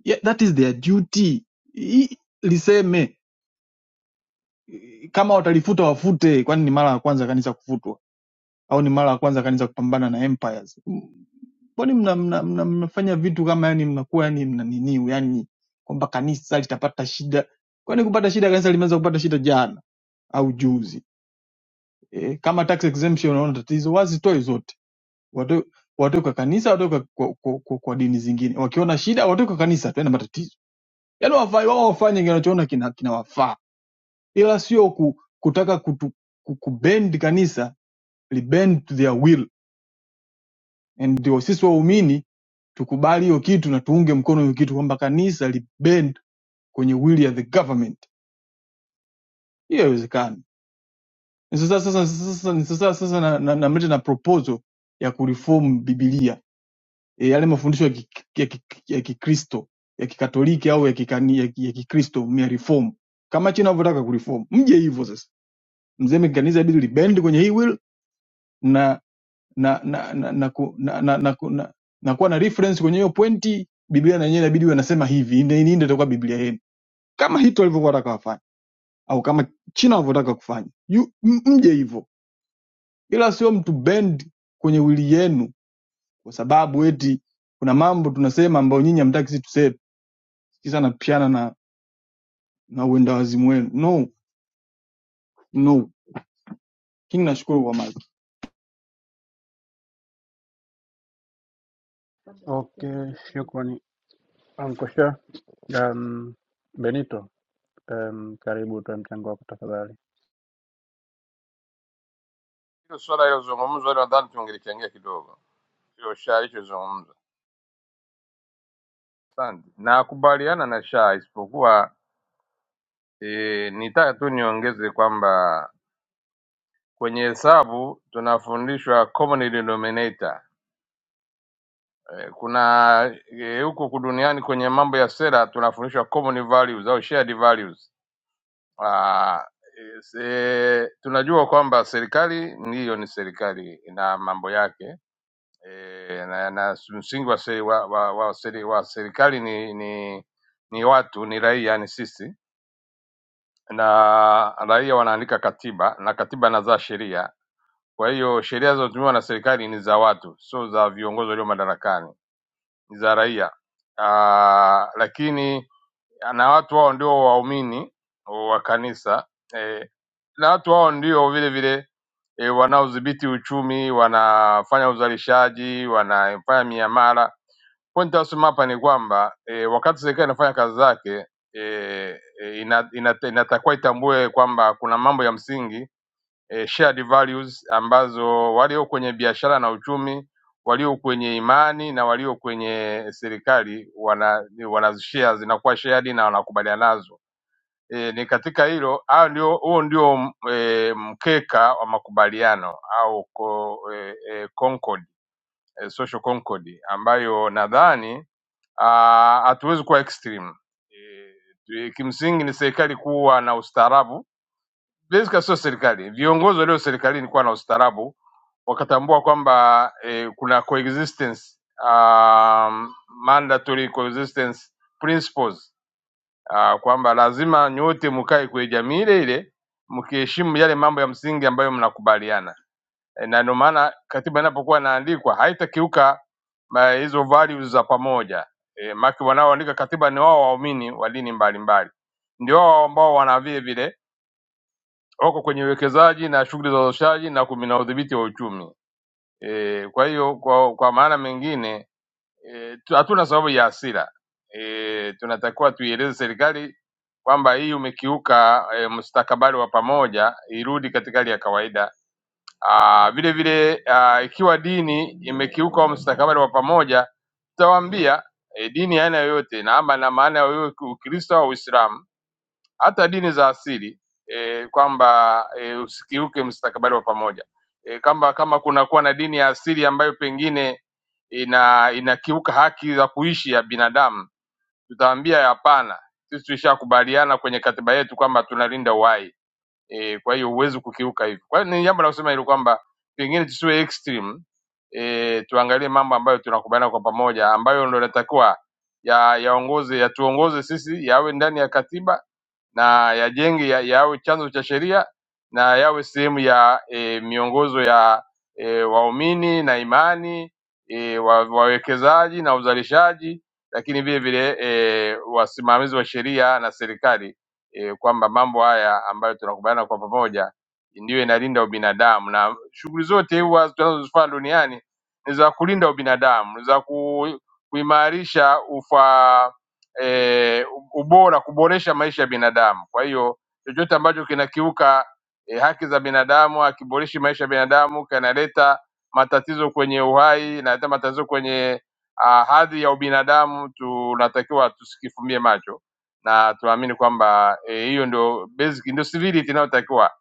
Yeah, that is their duty. I, liseme kama watalifuta wafute, kwani ni mara ya kwanza kanisa kufutwa? au ni mara ya kwanza kanisa kupambana na empires? M- Mbona mna, mna, mna, mnafanya vitu kama yani mnakuwa yani mna niniu yani kwamba kanisa litapata shida? Kwani kupata shida kanisa limeanza kupata shida jana au juzi? E, kama tax exemption unaona tatizo, wazitoe zote, watoe watoe kwa kanisa, watoe kwa, kwa, kwa, kwa, kwa dini zingine. Wakiona shida watoe kwa kanisa, tuende matatizo. Yani wafanye wao wafanye kinachoona kinawafaa kina kinawafaa. ila sio ku, kutaka kutu, ku, kubend kanisa libend to their will ndio sisi waumini tukubali hiyo kitu na tuunge mkono hiyo kitu kwamba kanisa li bend kwenye will ya the government hiyo haiwezekani Ni sasa sasa sasa ni sasa sasa na, na, namleta na proposal ya kureform bibilia e, yale mafundisho ya kikristo ya, ki, ya, kikristo ya kikatoliki au ya, kikani, ya, ki- ya kikristo mia reform kama china wanavyotaka kureform mje hivyo sasa mseme kanisa bidi libend kwenye hii will na na na na na, ku, na, na, na, ku- na, na kuwa na reference kwenye hiyo pointi biblia na yenyewe inabidi wanasema hivi ndio ndio itakuwa biblia yenu kama hito walivyokuwa wataka wafanye au kama china walivyotaka kufanya you, m- mje hivyo ila sio mtu bend kwenye wili yenu kwa sababu eti kuna mambo tunasema ambayo nyinyi hamtaki sisi tuseme sasa napishana na na uenda wazimu wenu no no king nashukuru kwa maji
Okay, shukrani anko Shah. Um, Benito, um, karibu utoe mchango wako tafadhali.
hilo swala lilozungumzwa, nadhani tungelikiangia kidogo. Hiyo sha alichozungumza. Asante, nakubaliana na sha, isipokuwa e, nitaka tu niongeze kwamba kwenye hesabu tunafundishwa common denominator. E, kuna e, huko ku duniani kwenye mambo ya sera tunafundishwa common values au shared values. Ah, e, se, tunajua kwamba serikali ndiyo ni serikali na mambo yake e, na, na msingi wa, seri, wa, wa, wa, seri, wa serikali ni, ni ni watu, ni raia, ni sisi na raia wanaandika katiba na katiba inazaa sheria. Kwa hiyo sheria zinazotumiwa na serikali ni za watu, sio za viongozi walio madarakani, ni za raia. Ah, lakini na watu hao ndio waumini wa kanisa eh, na watu hao ndio vile vile eh, wanaodhibiti uchumi, wanafanya uzalishaji, wanafanya miamala Pointi asema hapa ni kwamba e, wakati serikali inafanya kazi zake e, e, ina, ina, inatakiwa itambue kwamba kuna mambo ya msingi e, shared values ambazo walio kwenye biashara na uchumi walio kwenye imani na walio kwenye serikali wana, wanazishare zinakuwa shared na wanakubaliana nazo. E, ni katika hilo hayo ndio, huo ndio e, mkeka wa makubaliano au ko, e, e, concord, e, social concord ambayo nadhani ah, hatuwezi kuwa extreme. E, kimsingi ni serikali kuwa na ustaarabu Benska sio serikali. Viongozi walio serikalini kuwa na ustaarabu, wakatambua kwamba eh, kuna coexistence um, mandatory coexistence principles uh, kwamba lazima nyote mkae kwenye jamii ile ile mkiheshimu yale mambo ya msingi ambayo mnakubaliana e, na ndio maana katiba inapokuwa inaandikwa haitakiuka ma- hizo values za pamoja e, maki wanaoandika katiba ni wao waumini wa dini mbalimbali, ndio wao ambao wana vile vile wako kwenye uwekezaji na shughuli za uzalishaji na kumi na udhibiti wa uchumi. E, kwa hiyo kwa, kwa maana mengine eh, tu- hatuna sababu ya hasira e, tunatakiwa tuieleze serikali kwamba hii umekiuka e, mustakabali wa pamoja, irudi katika hali ya kawaida. Aa, Vile vile aa, ikiwa dini imekiuka wa mustakabali wa pamoja, tutawaambia e, dini ya aina yoyote na ama na maana ya wewe Ukristo au Uislamu hata dini za asili e, kwamba e, usikiuke mustakabali wa pamoja e, kama kama kunakuwa na dini ya asili ambayo pengine ina inakiuka haki za kuishi ya binadamu, tutaambia hapana, sisi tulishakubaliana kwenye katiba yetu kwamba tunalinda uhai e, kwa hiyo huwezi kukiuka hivyo. Kwa hiyo ni jambo la kusema hilo kwamba pengine tusiwe extreme e, tuangalie mambo ambayo tunakubaliana kwa pamoja, ambayo ndio yanatakiwa ya yaongoze yatuongoze sisi, yawe ndani ya katiba na yajenge ya, yawe chanzo cha sheria na yawe sehemu ya e, miongozo ya e, waumini na imani e, wa, wawekezaji na uzalishaji, lakini vile vile e, wasimamizi wa sheria na serikali e, kwamba mambo haya ambayo tunakubaliana kwa pamoja ndiyo inalinda ubinadamu, na shughuli zote huwa tunazozifanya duniani ni za kulinda ubinadamu, ni za ku, kuimarisha ufa e, ubora, kuboresha maisha ya binadamu. Kwa hiyo chochote ambacho kinakiuka e, haki za binadamu, hakiboreshi maisha ya binadamu, kinaleta matatizo kwenye uhai, inaleta matatizo kwenye ah, hadhi ya ubinadamu, tunatakiwa tusikifumbie macho na tunaamini kwamba eh, hiyo e, ndio basic ndio civility inayotakiwa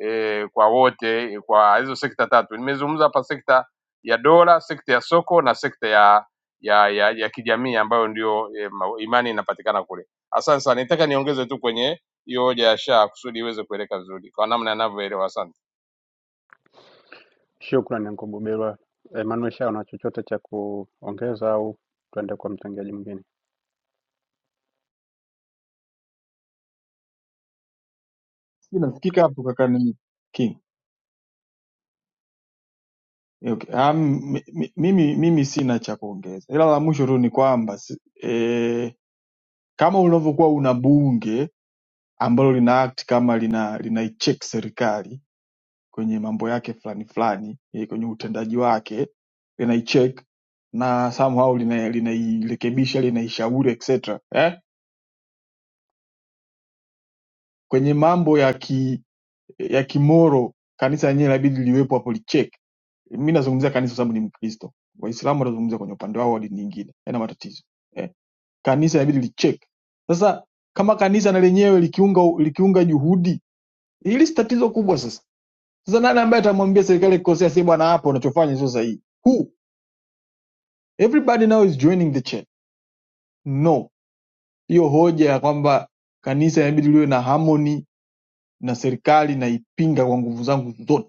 eh, kwa wote eh, kwa hizo sekta tatu. Nimezungumza hapa sekta ya dola, sekta ya soko na sekta ya ya ya, ya kijamii ambayo ndio eh, ma- imani inapatikana kule. Asante sana, nitaka niongeze tu kwenye hiyo hoja ya shaa kusudi iweze kueleka vizuri kwa namna yanavyoelewa. Asante.
Shukrani anko Buberwa. Emmanuel Shah, una chochote cha kuongeza au tuende kwa mchangiaji mwingine?
sijui nasikika hapo kaka nini king Okay. Um, mimi, mimi sina cha kuongeza ila la mwisho tu ni kwamba si- eh, kama unavyokuwa una bunge ambalo lina act kama lina linaicheck serikali kwenye mambo yake fulani fulani eh, kwenye utendaji wake linaicheck na somehow lina- linairekebisha linaishauri etc eh? kwenye mambo ya ki ya kimoro kanisa lenyewe inabidi liwepo hapo licheki mi nazungumzia kanisa kwa sababu ni mkristo waislamu wanazungumzia kwenye upande wao wa dini nyingine yana matatizo eh. kanisa inabidi licheki sasa kama kanisa na lenyewe likiunga likiunga juhudi hili si tatizo kubwa sasa sasa nani ambaye atamwambia serikali kikosea si bwana hapa unachofanya sio sahihi who everybody now is joining the church no hiyo hoja ya kwamba kanisa inabidi liwe na harmony na serikali naipinga kwa nguvu zangu zote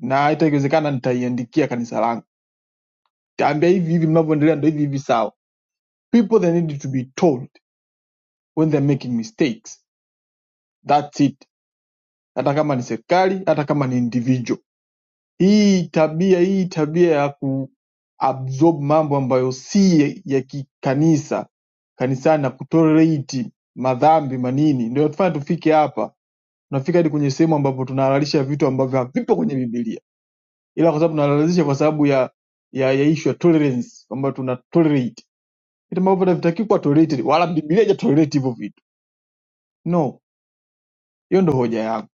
na hata ikiwezekana nitaiandikia kanisa langu taambia hivi hivi mnavyoendelea ndo hivi hivi sawa people they need to be told when they're making mistakes that's it hata kama ni serikali hata kama ni individual hii tabia hii tabia ya ku absorb mambo ambayo si ya kikanisa kanisani na kutolerate madhambi manini ndio tufanya tufike hapa tunafika hadi kwenye sehemu ambapo tunahalalisha vitu ambavyo havipo kwenye bibilia ila kwa sababu tunalazimisha kwa sababu ya ya, ya issue ya tolerance kwamba tuna tolerate vitu ambavyo bado vitaki kuwa tolerated wala Biblia haija tolerate hivyo vitu no hiyo ndo hoja yangu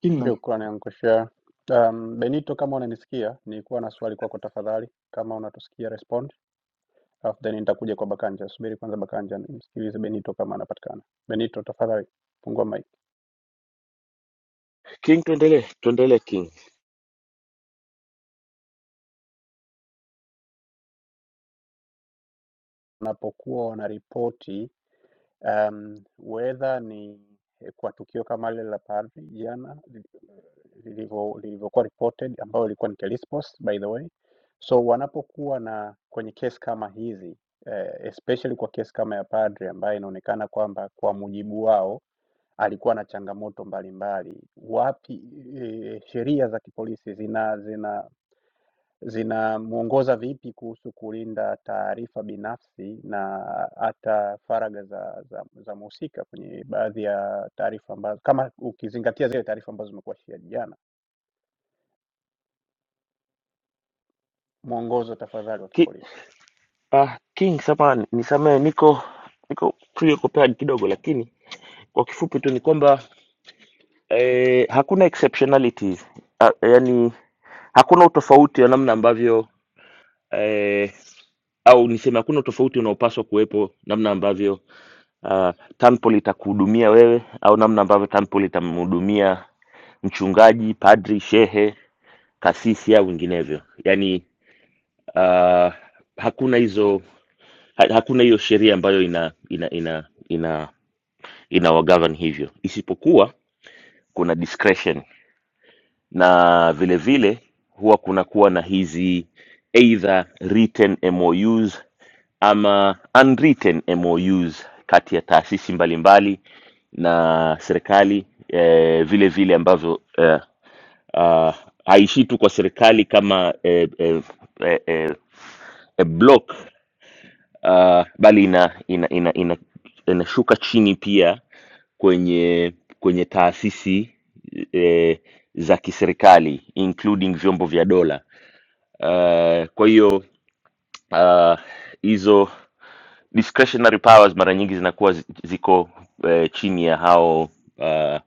king na
Shukrani Ankushia. Um, Benito, kama unanisikia, nilikuwa na swali kwako tafadhali, kama unatusikia respond, alafu then nitakuja kwa Bakanja. Subiri kwanza Bakanja, nimsikilize Benito kama anapatikana. Benito, tafadhali fungua mic.
King, tuendelee, tuendelee King.
wanapokuwa wanaripoti um, whether ni eh, kwa tukio kama lile la Paris jana lilivyo- lilivyokuwa reported, ambayo ilikuwa ni Kelespost by the way. So wanapokuwa na kwenye kesi kama hizi eh, especially kwa kesi kama ya padri ambayo inaonekana kwamba kwa mujibu wao alikuwa na changamoto mbalimbali. Wapi eh, sheria za kipolisi zina zina zinamwongoza vipi kuhusu kulinda taarifa binafsi na hata faragha za za za mhusika kwenye baadhi ya taarifa ambazo, kama ukizingatia zile taarifa ambazo zimekuwa shia jana. Mwongozo tafadhali wa
Ki,
kipolisi.
ah, King, samahani, nisamehe, niko niko preoccupied kidogo, lakini kwa kifupi tu ni kwamba eh, hakuna exceptionalities ah, yani hakuna utofauti wa namna ambavyo eh, au niseme hakuna utofauti unaopaswa kuwepo namna ambavyo ah, Tanpol itakuhudumia wewe au namna ambavyo Tanpol itamhudumia mchungaji, padri, shehe, kasisi au vinginevyo, yani ah, hakuna hizo Ha- hakuna hiyo sheria ambayo ina ina ina ina inawagovern hivyo, isipokuwa kuna discretion na vile vile huwa kunakuwa na hizi either written MOUs ama unwritten MOUs kati ya taasisi mbalimbali na serikali eh, vile vile ambavyo eh, ah, haishii tu kwa serikali kama eh, eh, eh, eh, a block uh, bali ina, ina, ina, ina, inashuka chini pia kwenye kwenye taasisi eh, za kiserikali including vyombo vya dola. Uh, kwa hiyo uh, hizo discretionary powers mara nyingi zinakuwa zi- ziko eh, chini ya hao uh,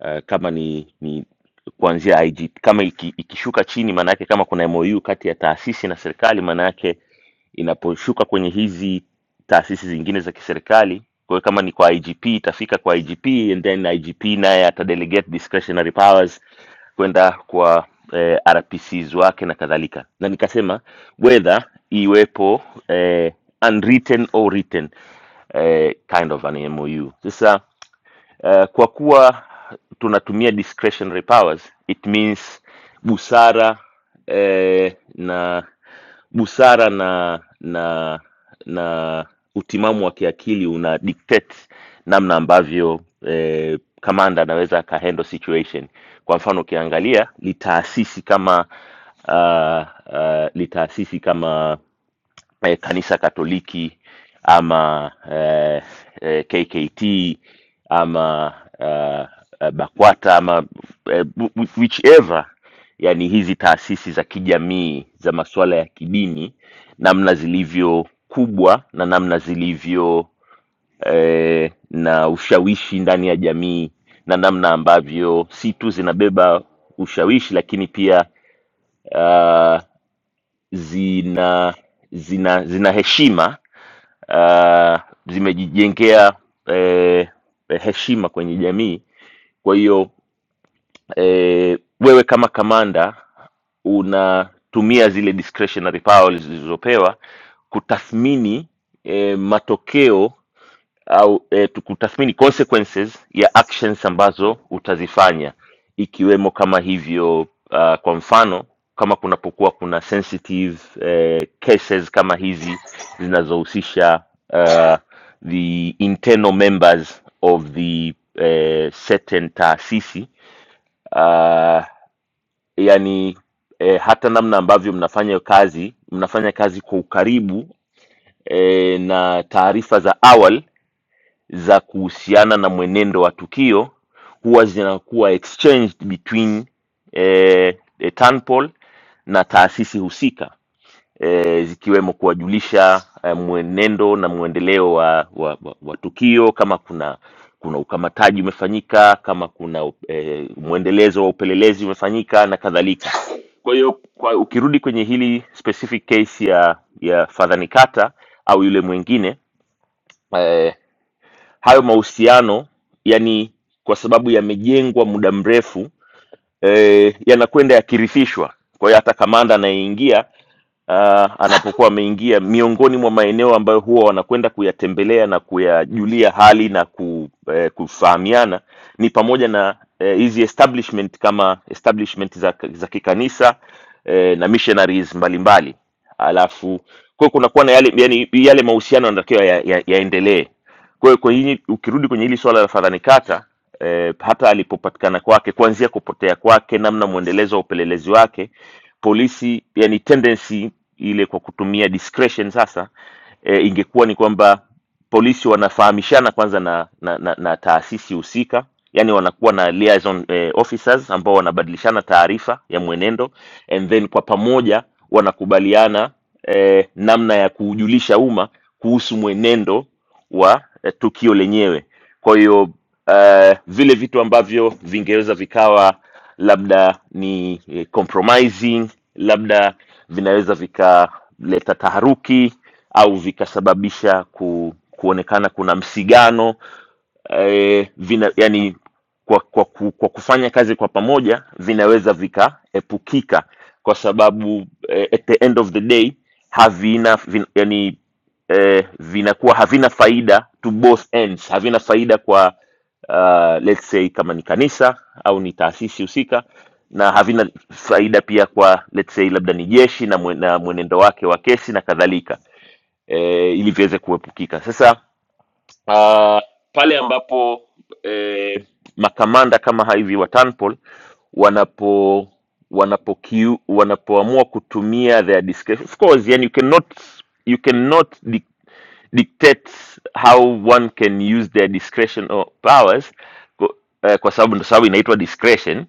uh, kama ni, ni kuanzia IG kama iki, ikishuka chini maana yake kama kuna MOU kati ya taasisi na serikali maana yake inaposhuka kwenye hizi taasisi zingine za kiserikali kwa hiyo kama ni kwa igp itafika kwa igp and then igp naye atadelegate discretionary powers kwenda kwa eh, rpcs wake na kadhalika na nikasema whether iwepo eh, unwritten or written eh, kind of an mou sasa Eh, kwa kuwa tunatumia discretionary powers it means busara eh, na busara na na na utimamu wa kiakili una dictate namna ambavyo eh, kamanda anaweza akahandle situation kwa mfano ukiangalia litaasisi kama uh, uh, litaasisi kama eh, kanisa katoliki ama eh, eh, kkt ama uh, uh, bakwata ama eh, wh- whichever yani hizi taasisi za kijamii za masuala ya kidini namna zilivyo kubwa na namna zilivyo eh, na ushawishi ndani ya jamii na namna ambavyo si tu zinabeba ushawishi lakini pia uh, zina zina zina heshima uh, zimejijengea eh, heshima kwenye jamii kwa hiyo eh, wewe kama kamanda unatumia zile discretionary powers zilizopewa kutathmini eh, matokeo au eh, tu- kutathmini consequences ya actions ambazo utazifanya ikiwemo kama hivyo uh, kwa mfano kama kunapokuwa kuna sensitive eh, cases kama hizi zinazohusisha uh, the internal members of the eh, certain taasisi uh, yani eh, hata namna ambavyo mnafanya hiyo kazi mnafanya kazi kwa ukaribu eh, na taarifa za awali za kuhusiana na mwenendo wa tukio huwa zinakuwa exchanged between eh, eh, Tanpol na taasisi husika eh, zikiwemo kuwajulisha eh, mwenendo na mwendeleo wa, wa, wa, wa tukio kama kuna kuna ukamataji umefanyika kama kuna eh, mwendelezo wa upelelezi umefanyika na kadhalika kwa hiyo kwa ukirudi kwenye hili specific case ya ya fadhanikata au yule mwingine eh, hayo mahusiano yani kwa sababu yamejengwa muda mrefu eh, yanakwenda yakirithishwa. Kwa hiyo hata kamanda anayeingia ah, anapokuwa ameingia miongoni mwa maeneo ambayo huwa wanakwenda kuyatembelea na kuyajulia hali na ku, eh, kufahamiana ni pamoja na eh, hizi establishment kama establishment za, za kikanisa eh, na missionaries mbalimbali alafu kwa hiyo kunakuwa na yale yani, yale mahusiano yanatakiwa yaendelee ya, ya yaendelee. Kwa hiyo kwa hili ukirudi kwenye hili swala la Fadhani Kata eh, hata alipopatikana kwake, kuanzia kupotea kwake, namna mwendelezo wa upelelezi wake, polisi yani tendency ile kwa kutumia discretion sasa eh, ingekuwa ni kwamba polisi wanafahamishana kwanza na, na, na, na taasisi husika yani wanakuwa na liaison eh, officers ambao wanabadilishana taarifa ya mwenendo and then kwa pamoja wanakubaliana eh, namna ya kuujulisha umma kuhusu mwenendo wa eh, tukio lenyewe. Kwa hiyo eh, vile vitu ambavyo vingeweza vikawa labda ni eh, compromising, labda vinaweza vikaleta taharuki au vikasababisha ku, kuonekana kuna msigano eh, vina yani kwa, kwa, ku- kwa kufanya kazi kwa pamoja vinaweza vikaepukika kwa sababu eh, at the end of the day havina vin, yani eh, vinakuwa havina faida to both ends havina faida kwa uh, let's say kama ni kanisa au ni taasisi husika na havina faida pia kwa let's say labda ni jeshi na mwe- na mwenendo wake wa kesi na kadhalika eh, ili viweze kuepukika sasa uh, pale ambapo eh, makamanda kama hivi wa Tanpol wanapo wanapokiu wanapoamua kutumia their discretion of course yani you cannot you cannot di dictate how one can use their discretion or powers kwa, eh, kwa sababu ndo sababu inaitwa discretion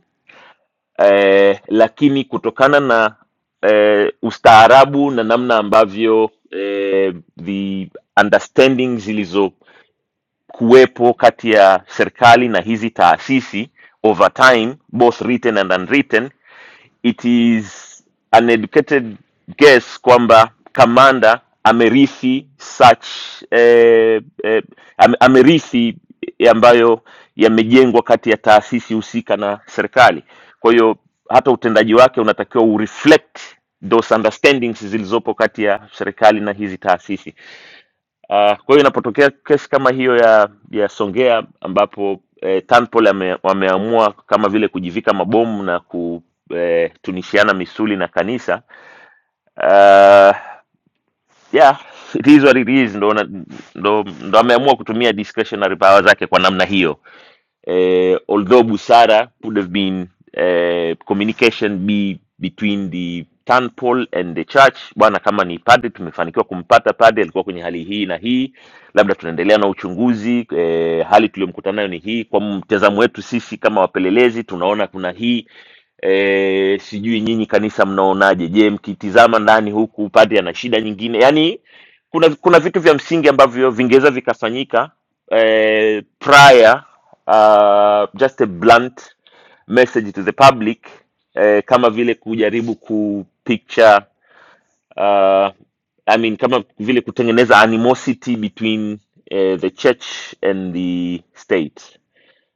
eh, lakini kutokana na eh, ustaarabu na namna ambavyo eh, the understanding zilizo kuwepo kati ya serikali na hizi taasisi over time both written and unwritten it is an educated guess kwamba kamanda amerithi such eh, eh, ame- amerithi ambayo yamejengwa kati ya taasisi husika na serikali kwa hiyo hata utendaji wake unatakiwa ureflect those understandings zilizopo kati ya serikali na hizi taasisi Uh, kwa hiyo inapotokea kesi kama hiyo ya ya Songea ambapo eh, Tanpol ame, wameamua kama vile kujivika mabomu na kutunishiana misuli na kanisa uh, yeah, it is what it is, ndo, na- ndo, ndo ameamua kutumia discretionary power zake kwa namna hiyo uh, although Busara would have been uh, communication be between the Tanpol and the church, bwana, kama ni padre, tumefanikiwa kumpata padre, alikuwa kwenye hali hii na hii, labda tunaendelea na uchunguzi eh, hali tuliyomkutana nayo ni hii. Kwa mtazamo wetu sisi kama wapelelezi tunaona kuna hii eh, sijui nyinyi kanisa mnaonaje? Je, mkitizama ndani huku padre ana shida nyingine? Yani kuna kuna vitu vya msingi ambavyo vingeweza vikafanyika eh, prior uh, just a blunt message to the public eh, kama vile kujaribu kupicture uh, I mean, kama vile kutengeneza animosity between eh, the church and the state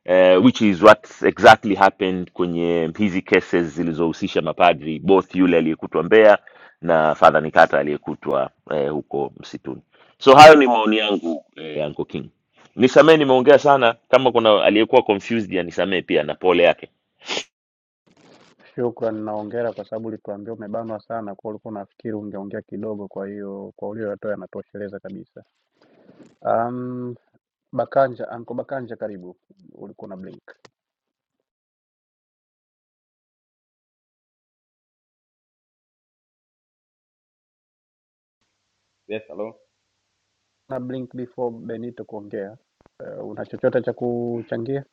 eh, which is what exactly happened kwenye hizi cases zilizohusisha mapadri both yule aliyekutwa Mbeya na Father Nikata aliyekutwa eh, huko msituni. So hayo ni maoni yangu eh, Uncle King. Nisamee nimeongea sana, kama kuna aliyekuwa confused ya nisamee pia na pole yake.
Shukran na hongera kwa sababu ulituambia umebanwa sana, kwa ulikuwa unafikiri ungeongea kidogo, kwa hiyo kwa ulioyatoa yanatosheleza kabisa. Um, Bakanja, Anko Bakanja, karibu. Ulikuwa na blink
Yes, hello.
na blink before Benito kuongea. Uh, una chochote cha kuchangia?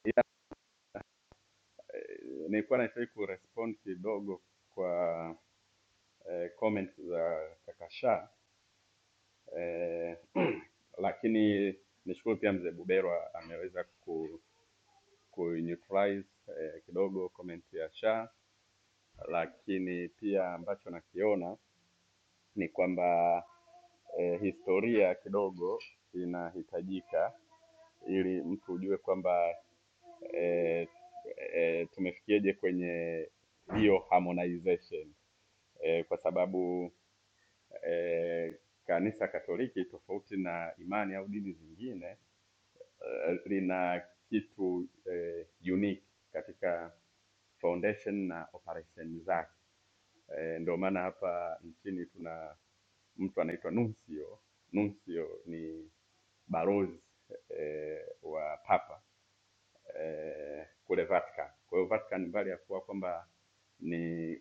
Eh, Nilikuwa nahitaji kurespond kidogo kwa eh, comment za kaka Sha eh, <clears throat> lakini nishukuru pia mzee Buberwa ameweza ku, ku neutralize eh, kidogo comment ya Sha, lakini pia ambacho nakiona ni kwamba eh, historia kidogo inahitajika ili mtu ujue kwamba eh, eh, tumefikiaje kwenye hiyo harmonization eh, kwa sababu eh, Kanisa Katoliki tofauti na imani au dini zingine eh, lina kitu eh, unique katika foundation na operation zake. Eh, ndio maana hapa nchini tuna mtu anaitwa nuncio. Nuncio ni balozi eh, wa papa eh, kule Vatican. Kwa hiyo Vatican mbali ya kuwa kwamba ni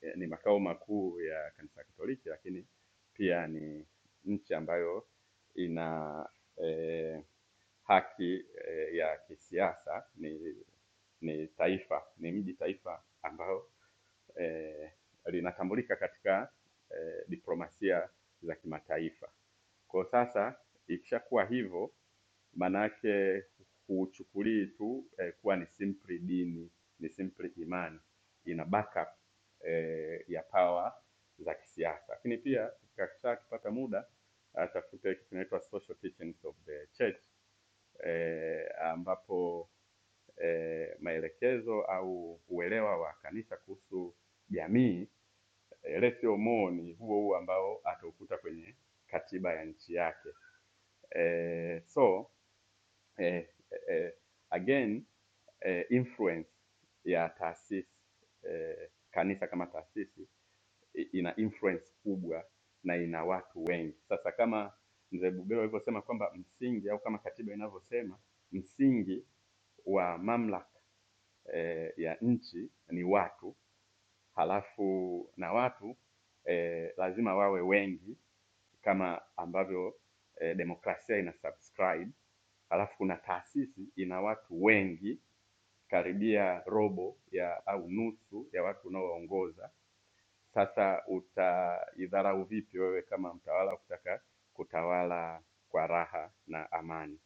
eh, ni makao makuu ya kanisa Katoliki, lakini pia ni nchi ambayo ina eh, haki eh, ya kisiasa, ni ni taifa, ni mji taifa ambao eh, linatambulika katika eh, diplomasia za kimataifa. Kwa sasa ikishakuwa hivyo, manake huuchukulii tu eh, kuwa ni simply dini, ni simply imani, ina backup eh, ya power za kisiasa. Lakini pia kakisha akipata muda atafute kitu kinaitwa Social Teachings of the Church eh, ambapo eh, maelekezo au uelewa wa kanisa kuhusu jamii eh, lesio more ni huo huo ambao ataukuta kwenye katiba ya nchi yake eh, so eh, eh, again eh, influence ya taasisi eh, kanisa kama taasisi i- ina influence kubwa na ina watu wengi. Sasa kama mzee Bubero alivyosema kwamba msingi au kama katiba inavyosema msingi wa mamlaka eh, ya nchi ni watu, halafu na watu eh, lazima wawe wengi kama ambavyo eh, demokrasia ina subscribe, alafu kuna taasisi ina watu wengi karibia robo ya au nusu ya watu unaowaongoza. Sasa utaidharau vipi wewe kama mtawala kutaka kutawala kwa raha na amani?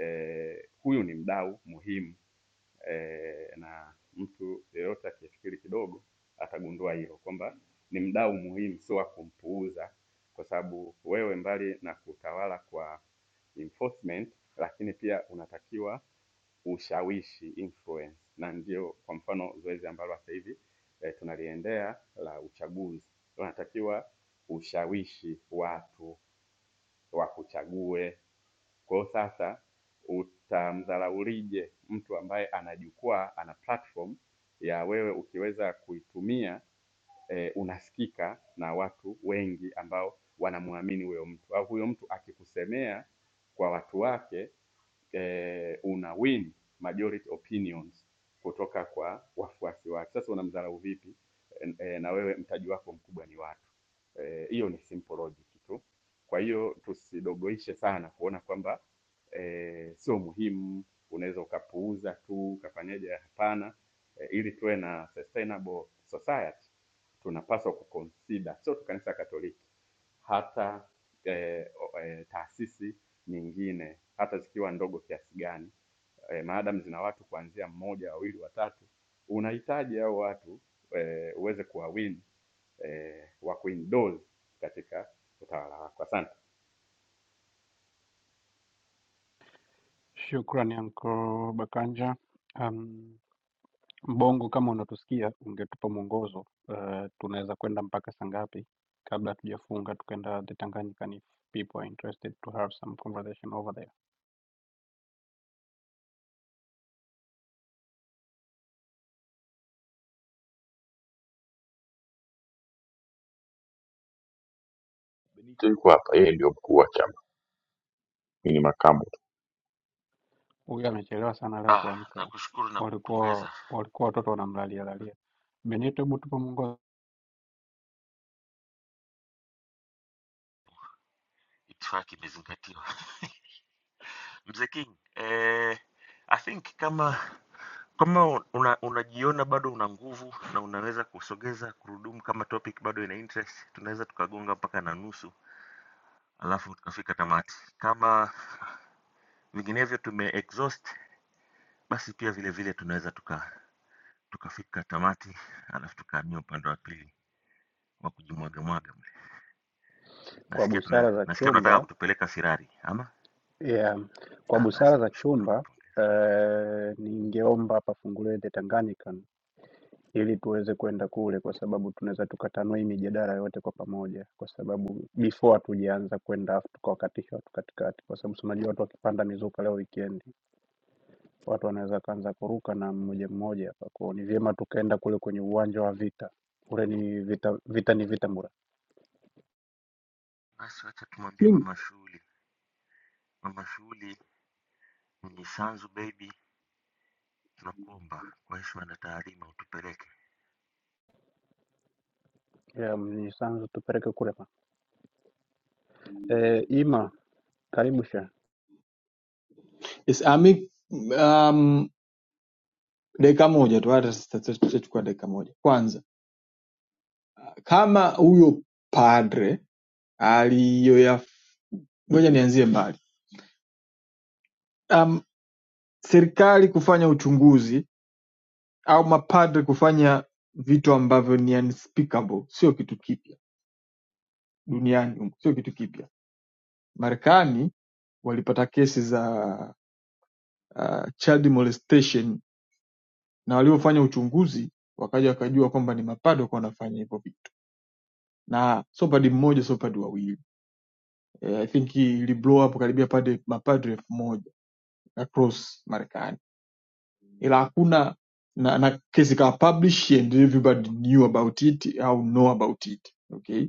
Eh, huyu ni mdau muhimu eh, na mtu yeyote akifikiri kidogo atagundua hilo kwamba ni mdau muhimu, sio wa kumpuuza, kwa sababu wewe mbali na kutawala kwa enforcement, lakini pia unatakiwa ushawishi influence, na ndio kwa mfano zoezi ambalo sasa hivi eh, tunaliendea la uchaguzi, unatakiwa ushawishi watu wakuchague kwa hiyo sasa utamdharaulije mtu ambaye ana jukwaa, ana platform ya wewe ukiweza kuitumia eh, unasikika na watu wengi ambao wanamwamini huyo mtu, au huyo mtu akikusemea kwa watu wake eh, una win majority opinions kutoka kwa wafuasi wake. Sasa unamdharau vipi eh, eh, na wewe mtaji wako mkubwa ni watu? Eh, Hiyo eh, ni simple logic tu. Kwa hiyo tusidogoishe sana kuona kwamba eh, sio muhimu, unaweza ukapuuza tu ukafanyaje. Hapana eh, ili tuwe na sustainable society tunapaswa kuconsider, sio tu kanisa Katoliki hata eh, o- eh, taasisi nyingine hata zikiwa ndogo kiasi gani eh, maadamu zina watu kuanzia mmoja wawili watatu unahitaji hao watu eh, uweze kuwawin eh, wa kuendorse katika utawala wako asante
Shukrani Anko Bakanja. Um, Mbongo, kama unatusikia ungetupa mwongozo uh, tunaweza kwenda mpaka saa ngapi kabla hatujafunga tukaenda the Tanganyika if people are interested to have some conversation over there.
Benito yuko hapa, yeye ndio mkuu wa chama, mimi ni makamu.
Huyu amechelewa sana leo kuamka, walikuwa walikuwa watoto wanamlalia lalia. Benito, hebu tupa mwongozo.
Fika tamati. Kama vinginevyo tume exhaust, basi pia vile vile tunaweza tuka tukafika tamati, alafu tukahamia upande wa pili wa kujimwaga mwaga mle.
Kwa
Nasikia tuna,
busara za
nasikia
chumba
tunataka kutupeleka Sirari ama
Yeah. Kwa
Ah, basi
busara za
nakushukuru.
chumba eh, ningeomba pafunguliwe The Tanganyikan ili tuweze kwenda kule, kwa sababu tunaweza tukatanua hii mijadala yote kwa pamoja, kwa sababu before hatujaanza kwenda afu tukawakatisha watu katikati, kwa sababu si unajua watu wakipanda mizuka leo weekend, watu wanaweza kaanza kuruka na mmoja mmoja hapa. Kwa hiyo ni vyema tukaenda kule kwenye uwanja wa vita, kule ni vita, vita ni vita mura.
king
Yeah, ni sanzu tupeleke kule ma. Eh, Ima, karibu sha.
yes, ami um, dakika moja tu hata tutachukua dakika moja kwanza kama huyo padre aliyoya ngoja nianzie mbali um, serikali kufanya uchunguzi au mapadre kufanya vitu ambavyo ni unspeakable sio kitu kipya duniani humu, sio kitu kipya Marekani walipata kesi za uh, child molestation na waliofanya uchunguzi wakaja wakajua kwamba ni mapado kwa wanafanya hivyo vitu, na sio padi mmoja, sio padi wawili. Eh, I think ili blow up karibia pade mapadre elfu moja across Marekani, ila hakuna na, na kesi ikawa publish and everybody knew about it au know about it okay,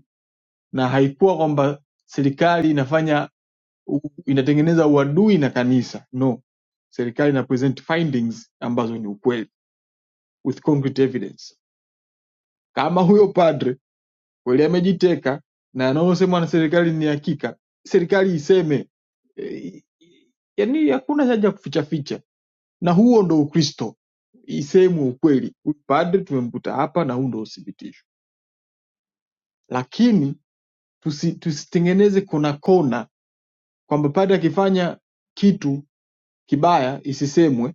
na haikuwa kwamba serikali inafanya u- inatengeneza uadui na kanisa no serikali ina present findings ambazo ni ukweli with concrete evidence kama huyo padre kweli amejiteka na anaosemwa na serikali ni hakika serikali iseme e, yani hakuna haja ya kufichaficha na huo ndo ukristo isemwe ukweli huyu padre tumemkuta hapa na huu ndo uthibitisho lakini tusi- tusitengeneze kona kona kwamba padre akifanya kitu kibaya isisemwe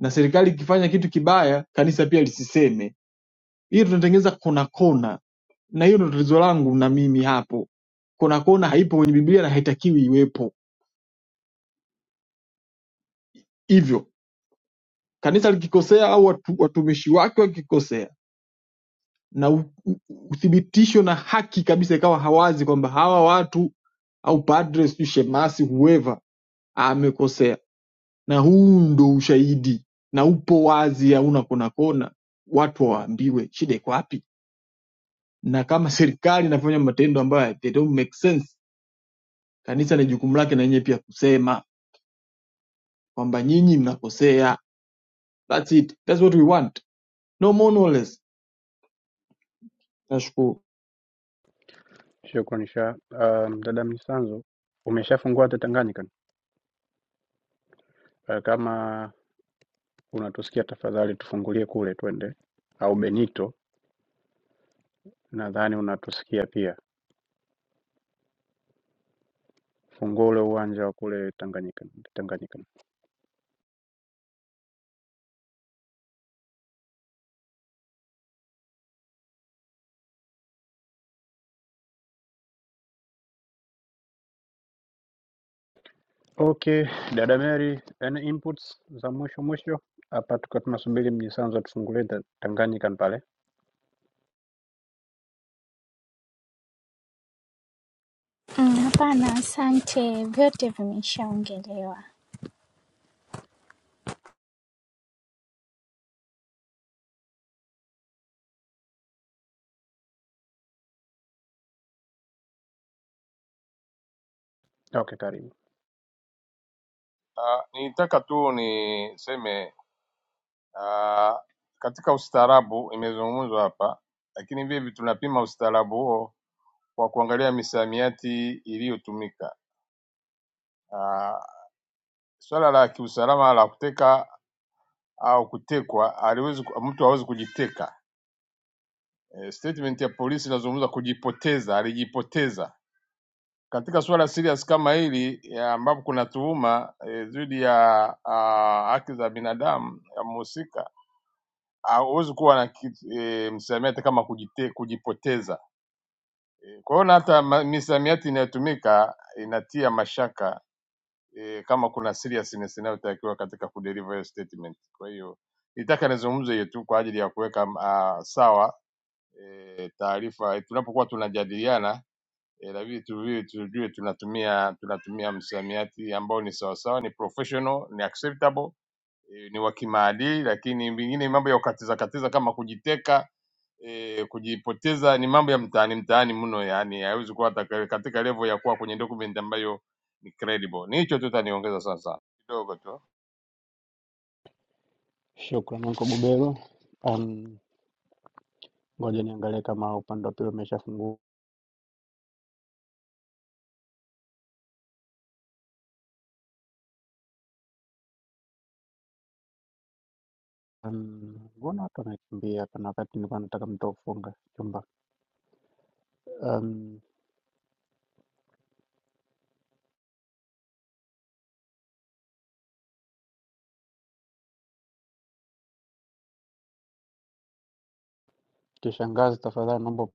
na serikali ikifanya kitu kibaya kanisa pia lisiseme. Hiyo tunatengeneza kona kona, na hiyo ndio tatizo langu na mimi hapo. Kona kona haipo kwenye Biblia na haitakiwi iwepo. Hivyo kanisa likikosea au watu, watumishi wake wakikosea, na u- u- uthibitisho na haki kabisa ikawa hawazi kwamba hawa watu au padre sijui shemasi whoever amekosea, na huu ndo ushahidi na upo wazi, hauna kona kona, watu waambiwe shida iko wapi? na kama serikali inafanya matendo ambayo they don't make sense, kanisa ni jukumu lake na yenyewe pia kusema kwamba nyinyi mnakosea. That's it. That's what we want. No more no less. Nashukuru.
Shukrani sha. Um, dada Mnyisanzu, umeshafungua The Tanganyika? Uh, kama unatusikia tafadhali tufungulie kule twende, au Benito nadhani unatusikia pia, fungua ule uwanja wa kule Tanganyika. Tanganyika. Okay, dada Mary, any inputs za mwisho mwisho hapa, tukiwa tunasubiri Mnyisanzu atufungulie The Tanganyika pale.
Te, vyote vimeisha
Okay, karibu.
Uh, nitaka tu niseme Ah, katika ustaarabu imezungumzwa hapa, lakini vipi tunapima ustaarabu huo kwa kuangalia misamiati iliyotumika. Ah, Swala la kiusalama la kuteka au kutekwa, aliwezi ku- mtu hawezi kujiteka. Eh, Statement ya polisi inazungumza kujipoteza, alijipoteza. Katika swala serious kama hili ya ambapo kuna tuhuma eh, dhidi e, ya ah, haki za binadamu ya mhusika ah, huwezi kuwa na kitu, e, msamiati kama kujite, kujipoteza. E, kwa hiyo na hata ma- misamiati inayotumika inatia mashaka e, kama kuna seriousness inayotakiwa katika kudeliver hiyo statement. Kwa hiyo nitaka nizungumze hiyo tu kwa ajili ya kuweka ah, sawa e, taarifa E, tunapokuwa tunajadiliana eh, na vitu vile tujue tunatumia tunatumia msamiati ambao ni sawasawa, ni professional, ni acceptable, eh, ni wa kimaadili, lakini vingine mambo ya kukatiza katiza kama kujiteka eh, kujipoteza ni mambo ya mtaani mtaani mno, yani haiwezi kuwa hata ka- katika level ya kuwa kwenye document ambayo ni credible. Ni hicho tu taniongeza sana sana kidogo tu.
Shukrani Uncle Bubelo. Um, ngoja niangalie kama upande wa pili umeshafungua. Um, mbona watu wanakimbia? Kuna wakati nilikuwa nataka mtu kufunga chumba. Um, kishangazi, tafadhali naomba.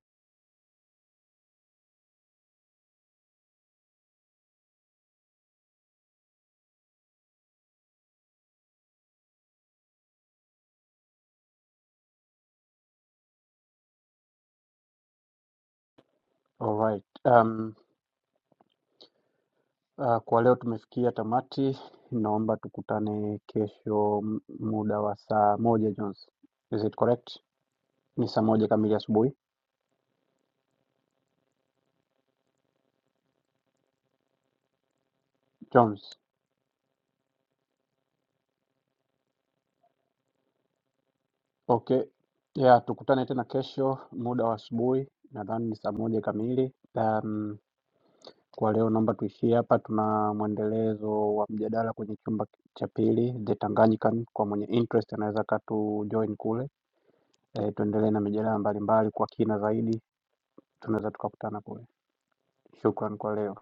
Alright. Um, uh, kwa leo tumefikia tamati, naomba tukutane kesho m- muda wa saa moja Jones. Is it correct? Ni saa moja kamili asubuhi Jones. Okay. Yeah, tukutane tena kesho muda wa asubuhi, nadhani ni saa moja kamili. Um, Kwa leo naomba tuishie hapa. Tuna mwendelezo wa mjadala kwenye chumba cha pili, The Tanganyika. Kwa mwenye interest anaweza akatujoin kule, e, tuendelee na mijadala mbalimbali kwa kina zaidi. Tunaweza tukakutana kule. Shukran kwa leo.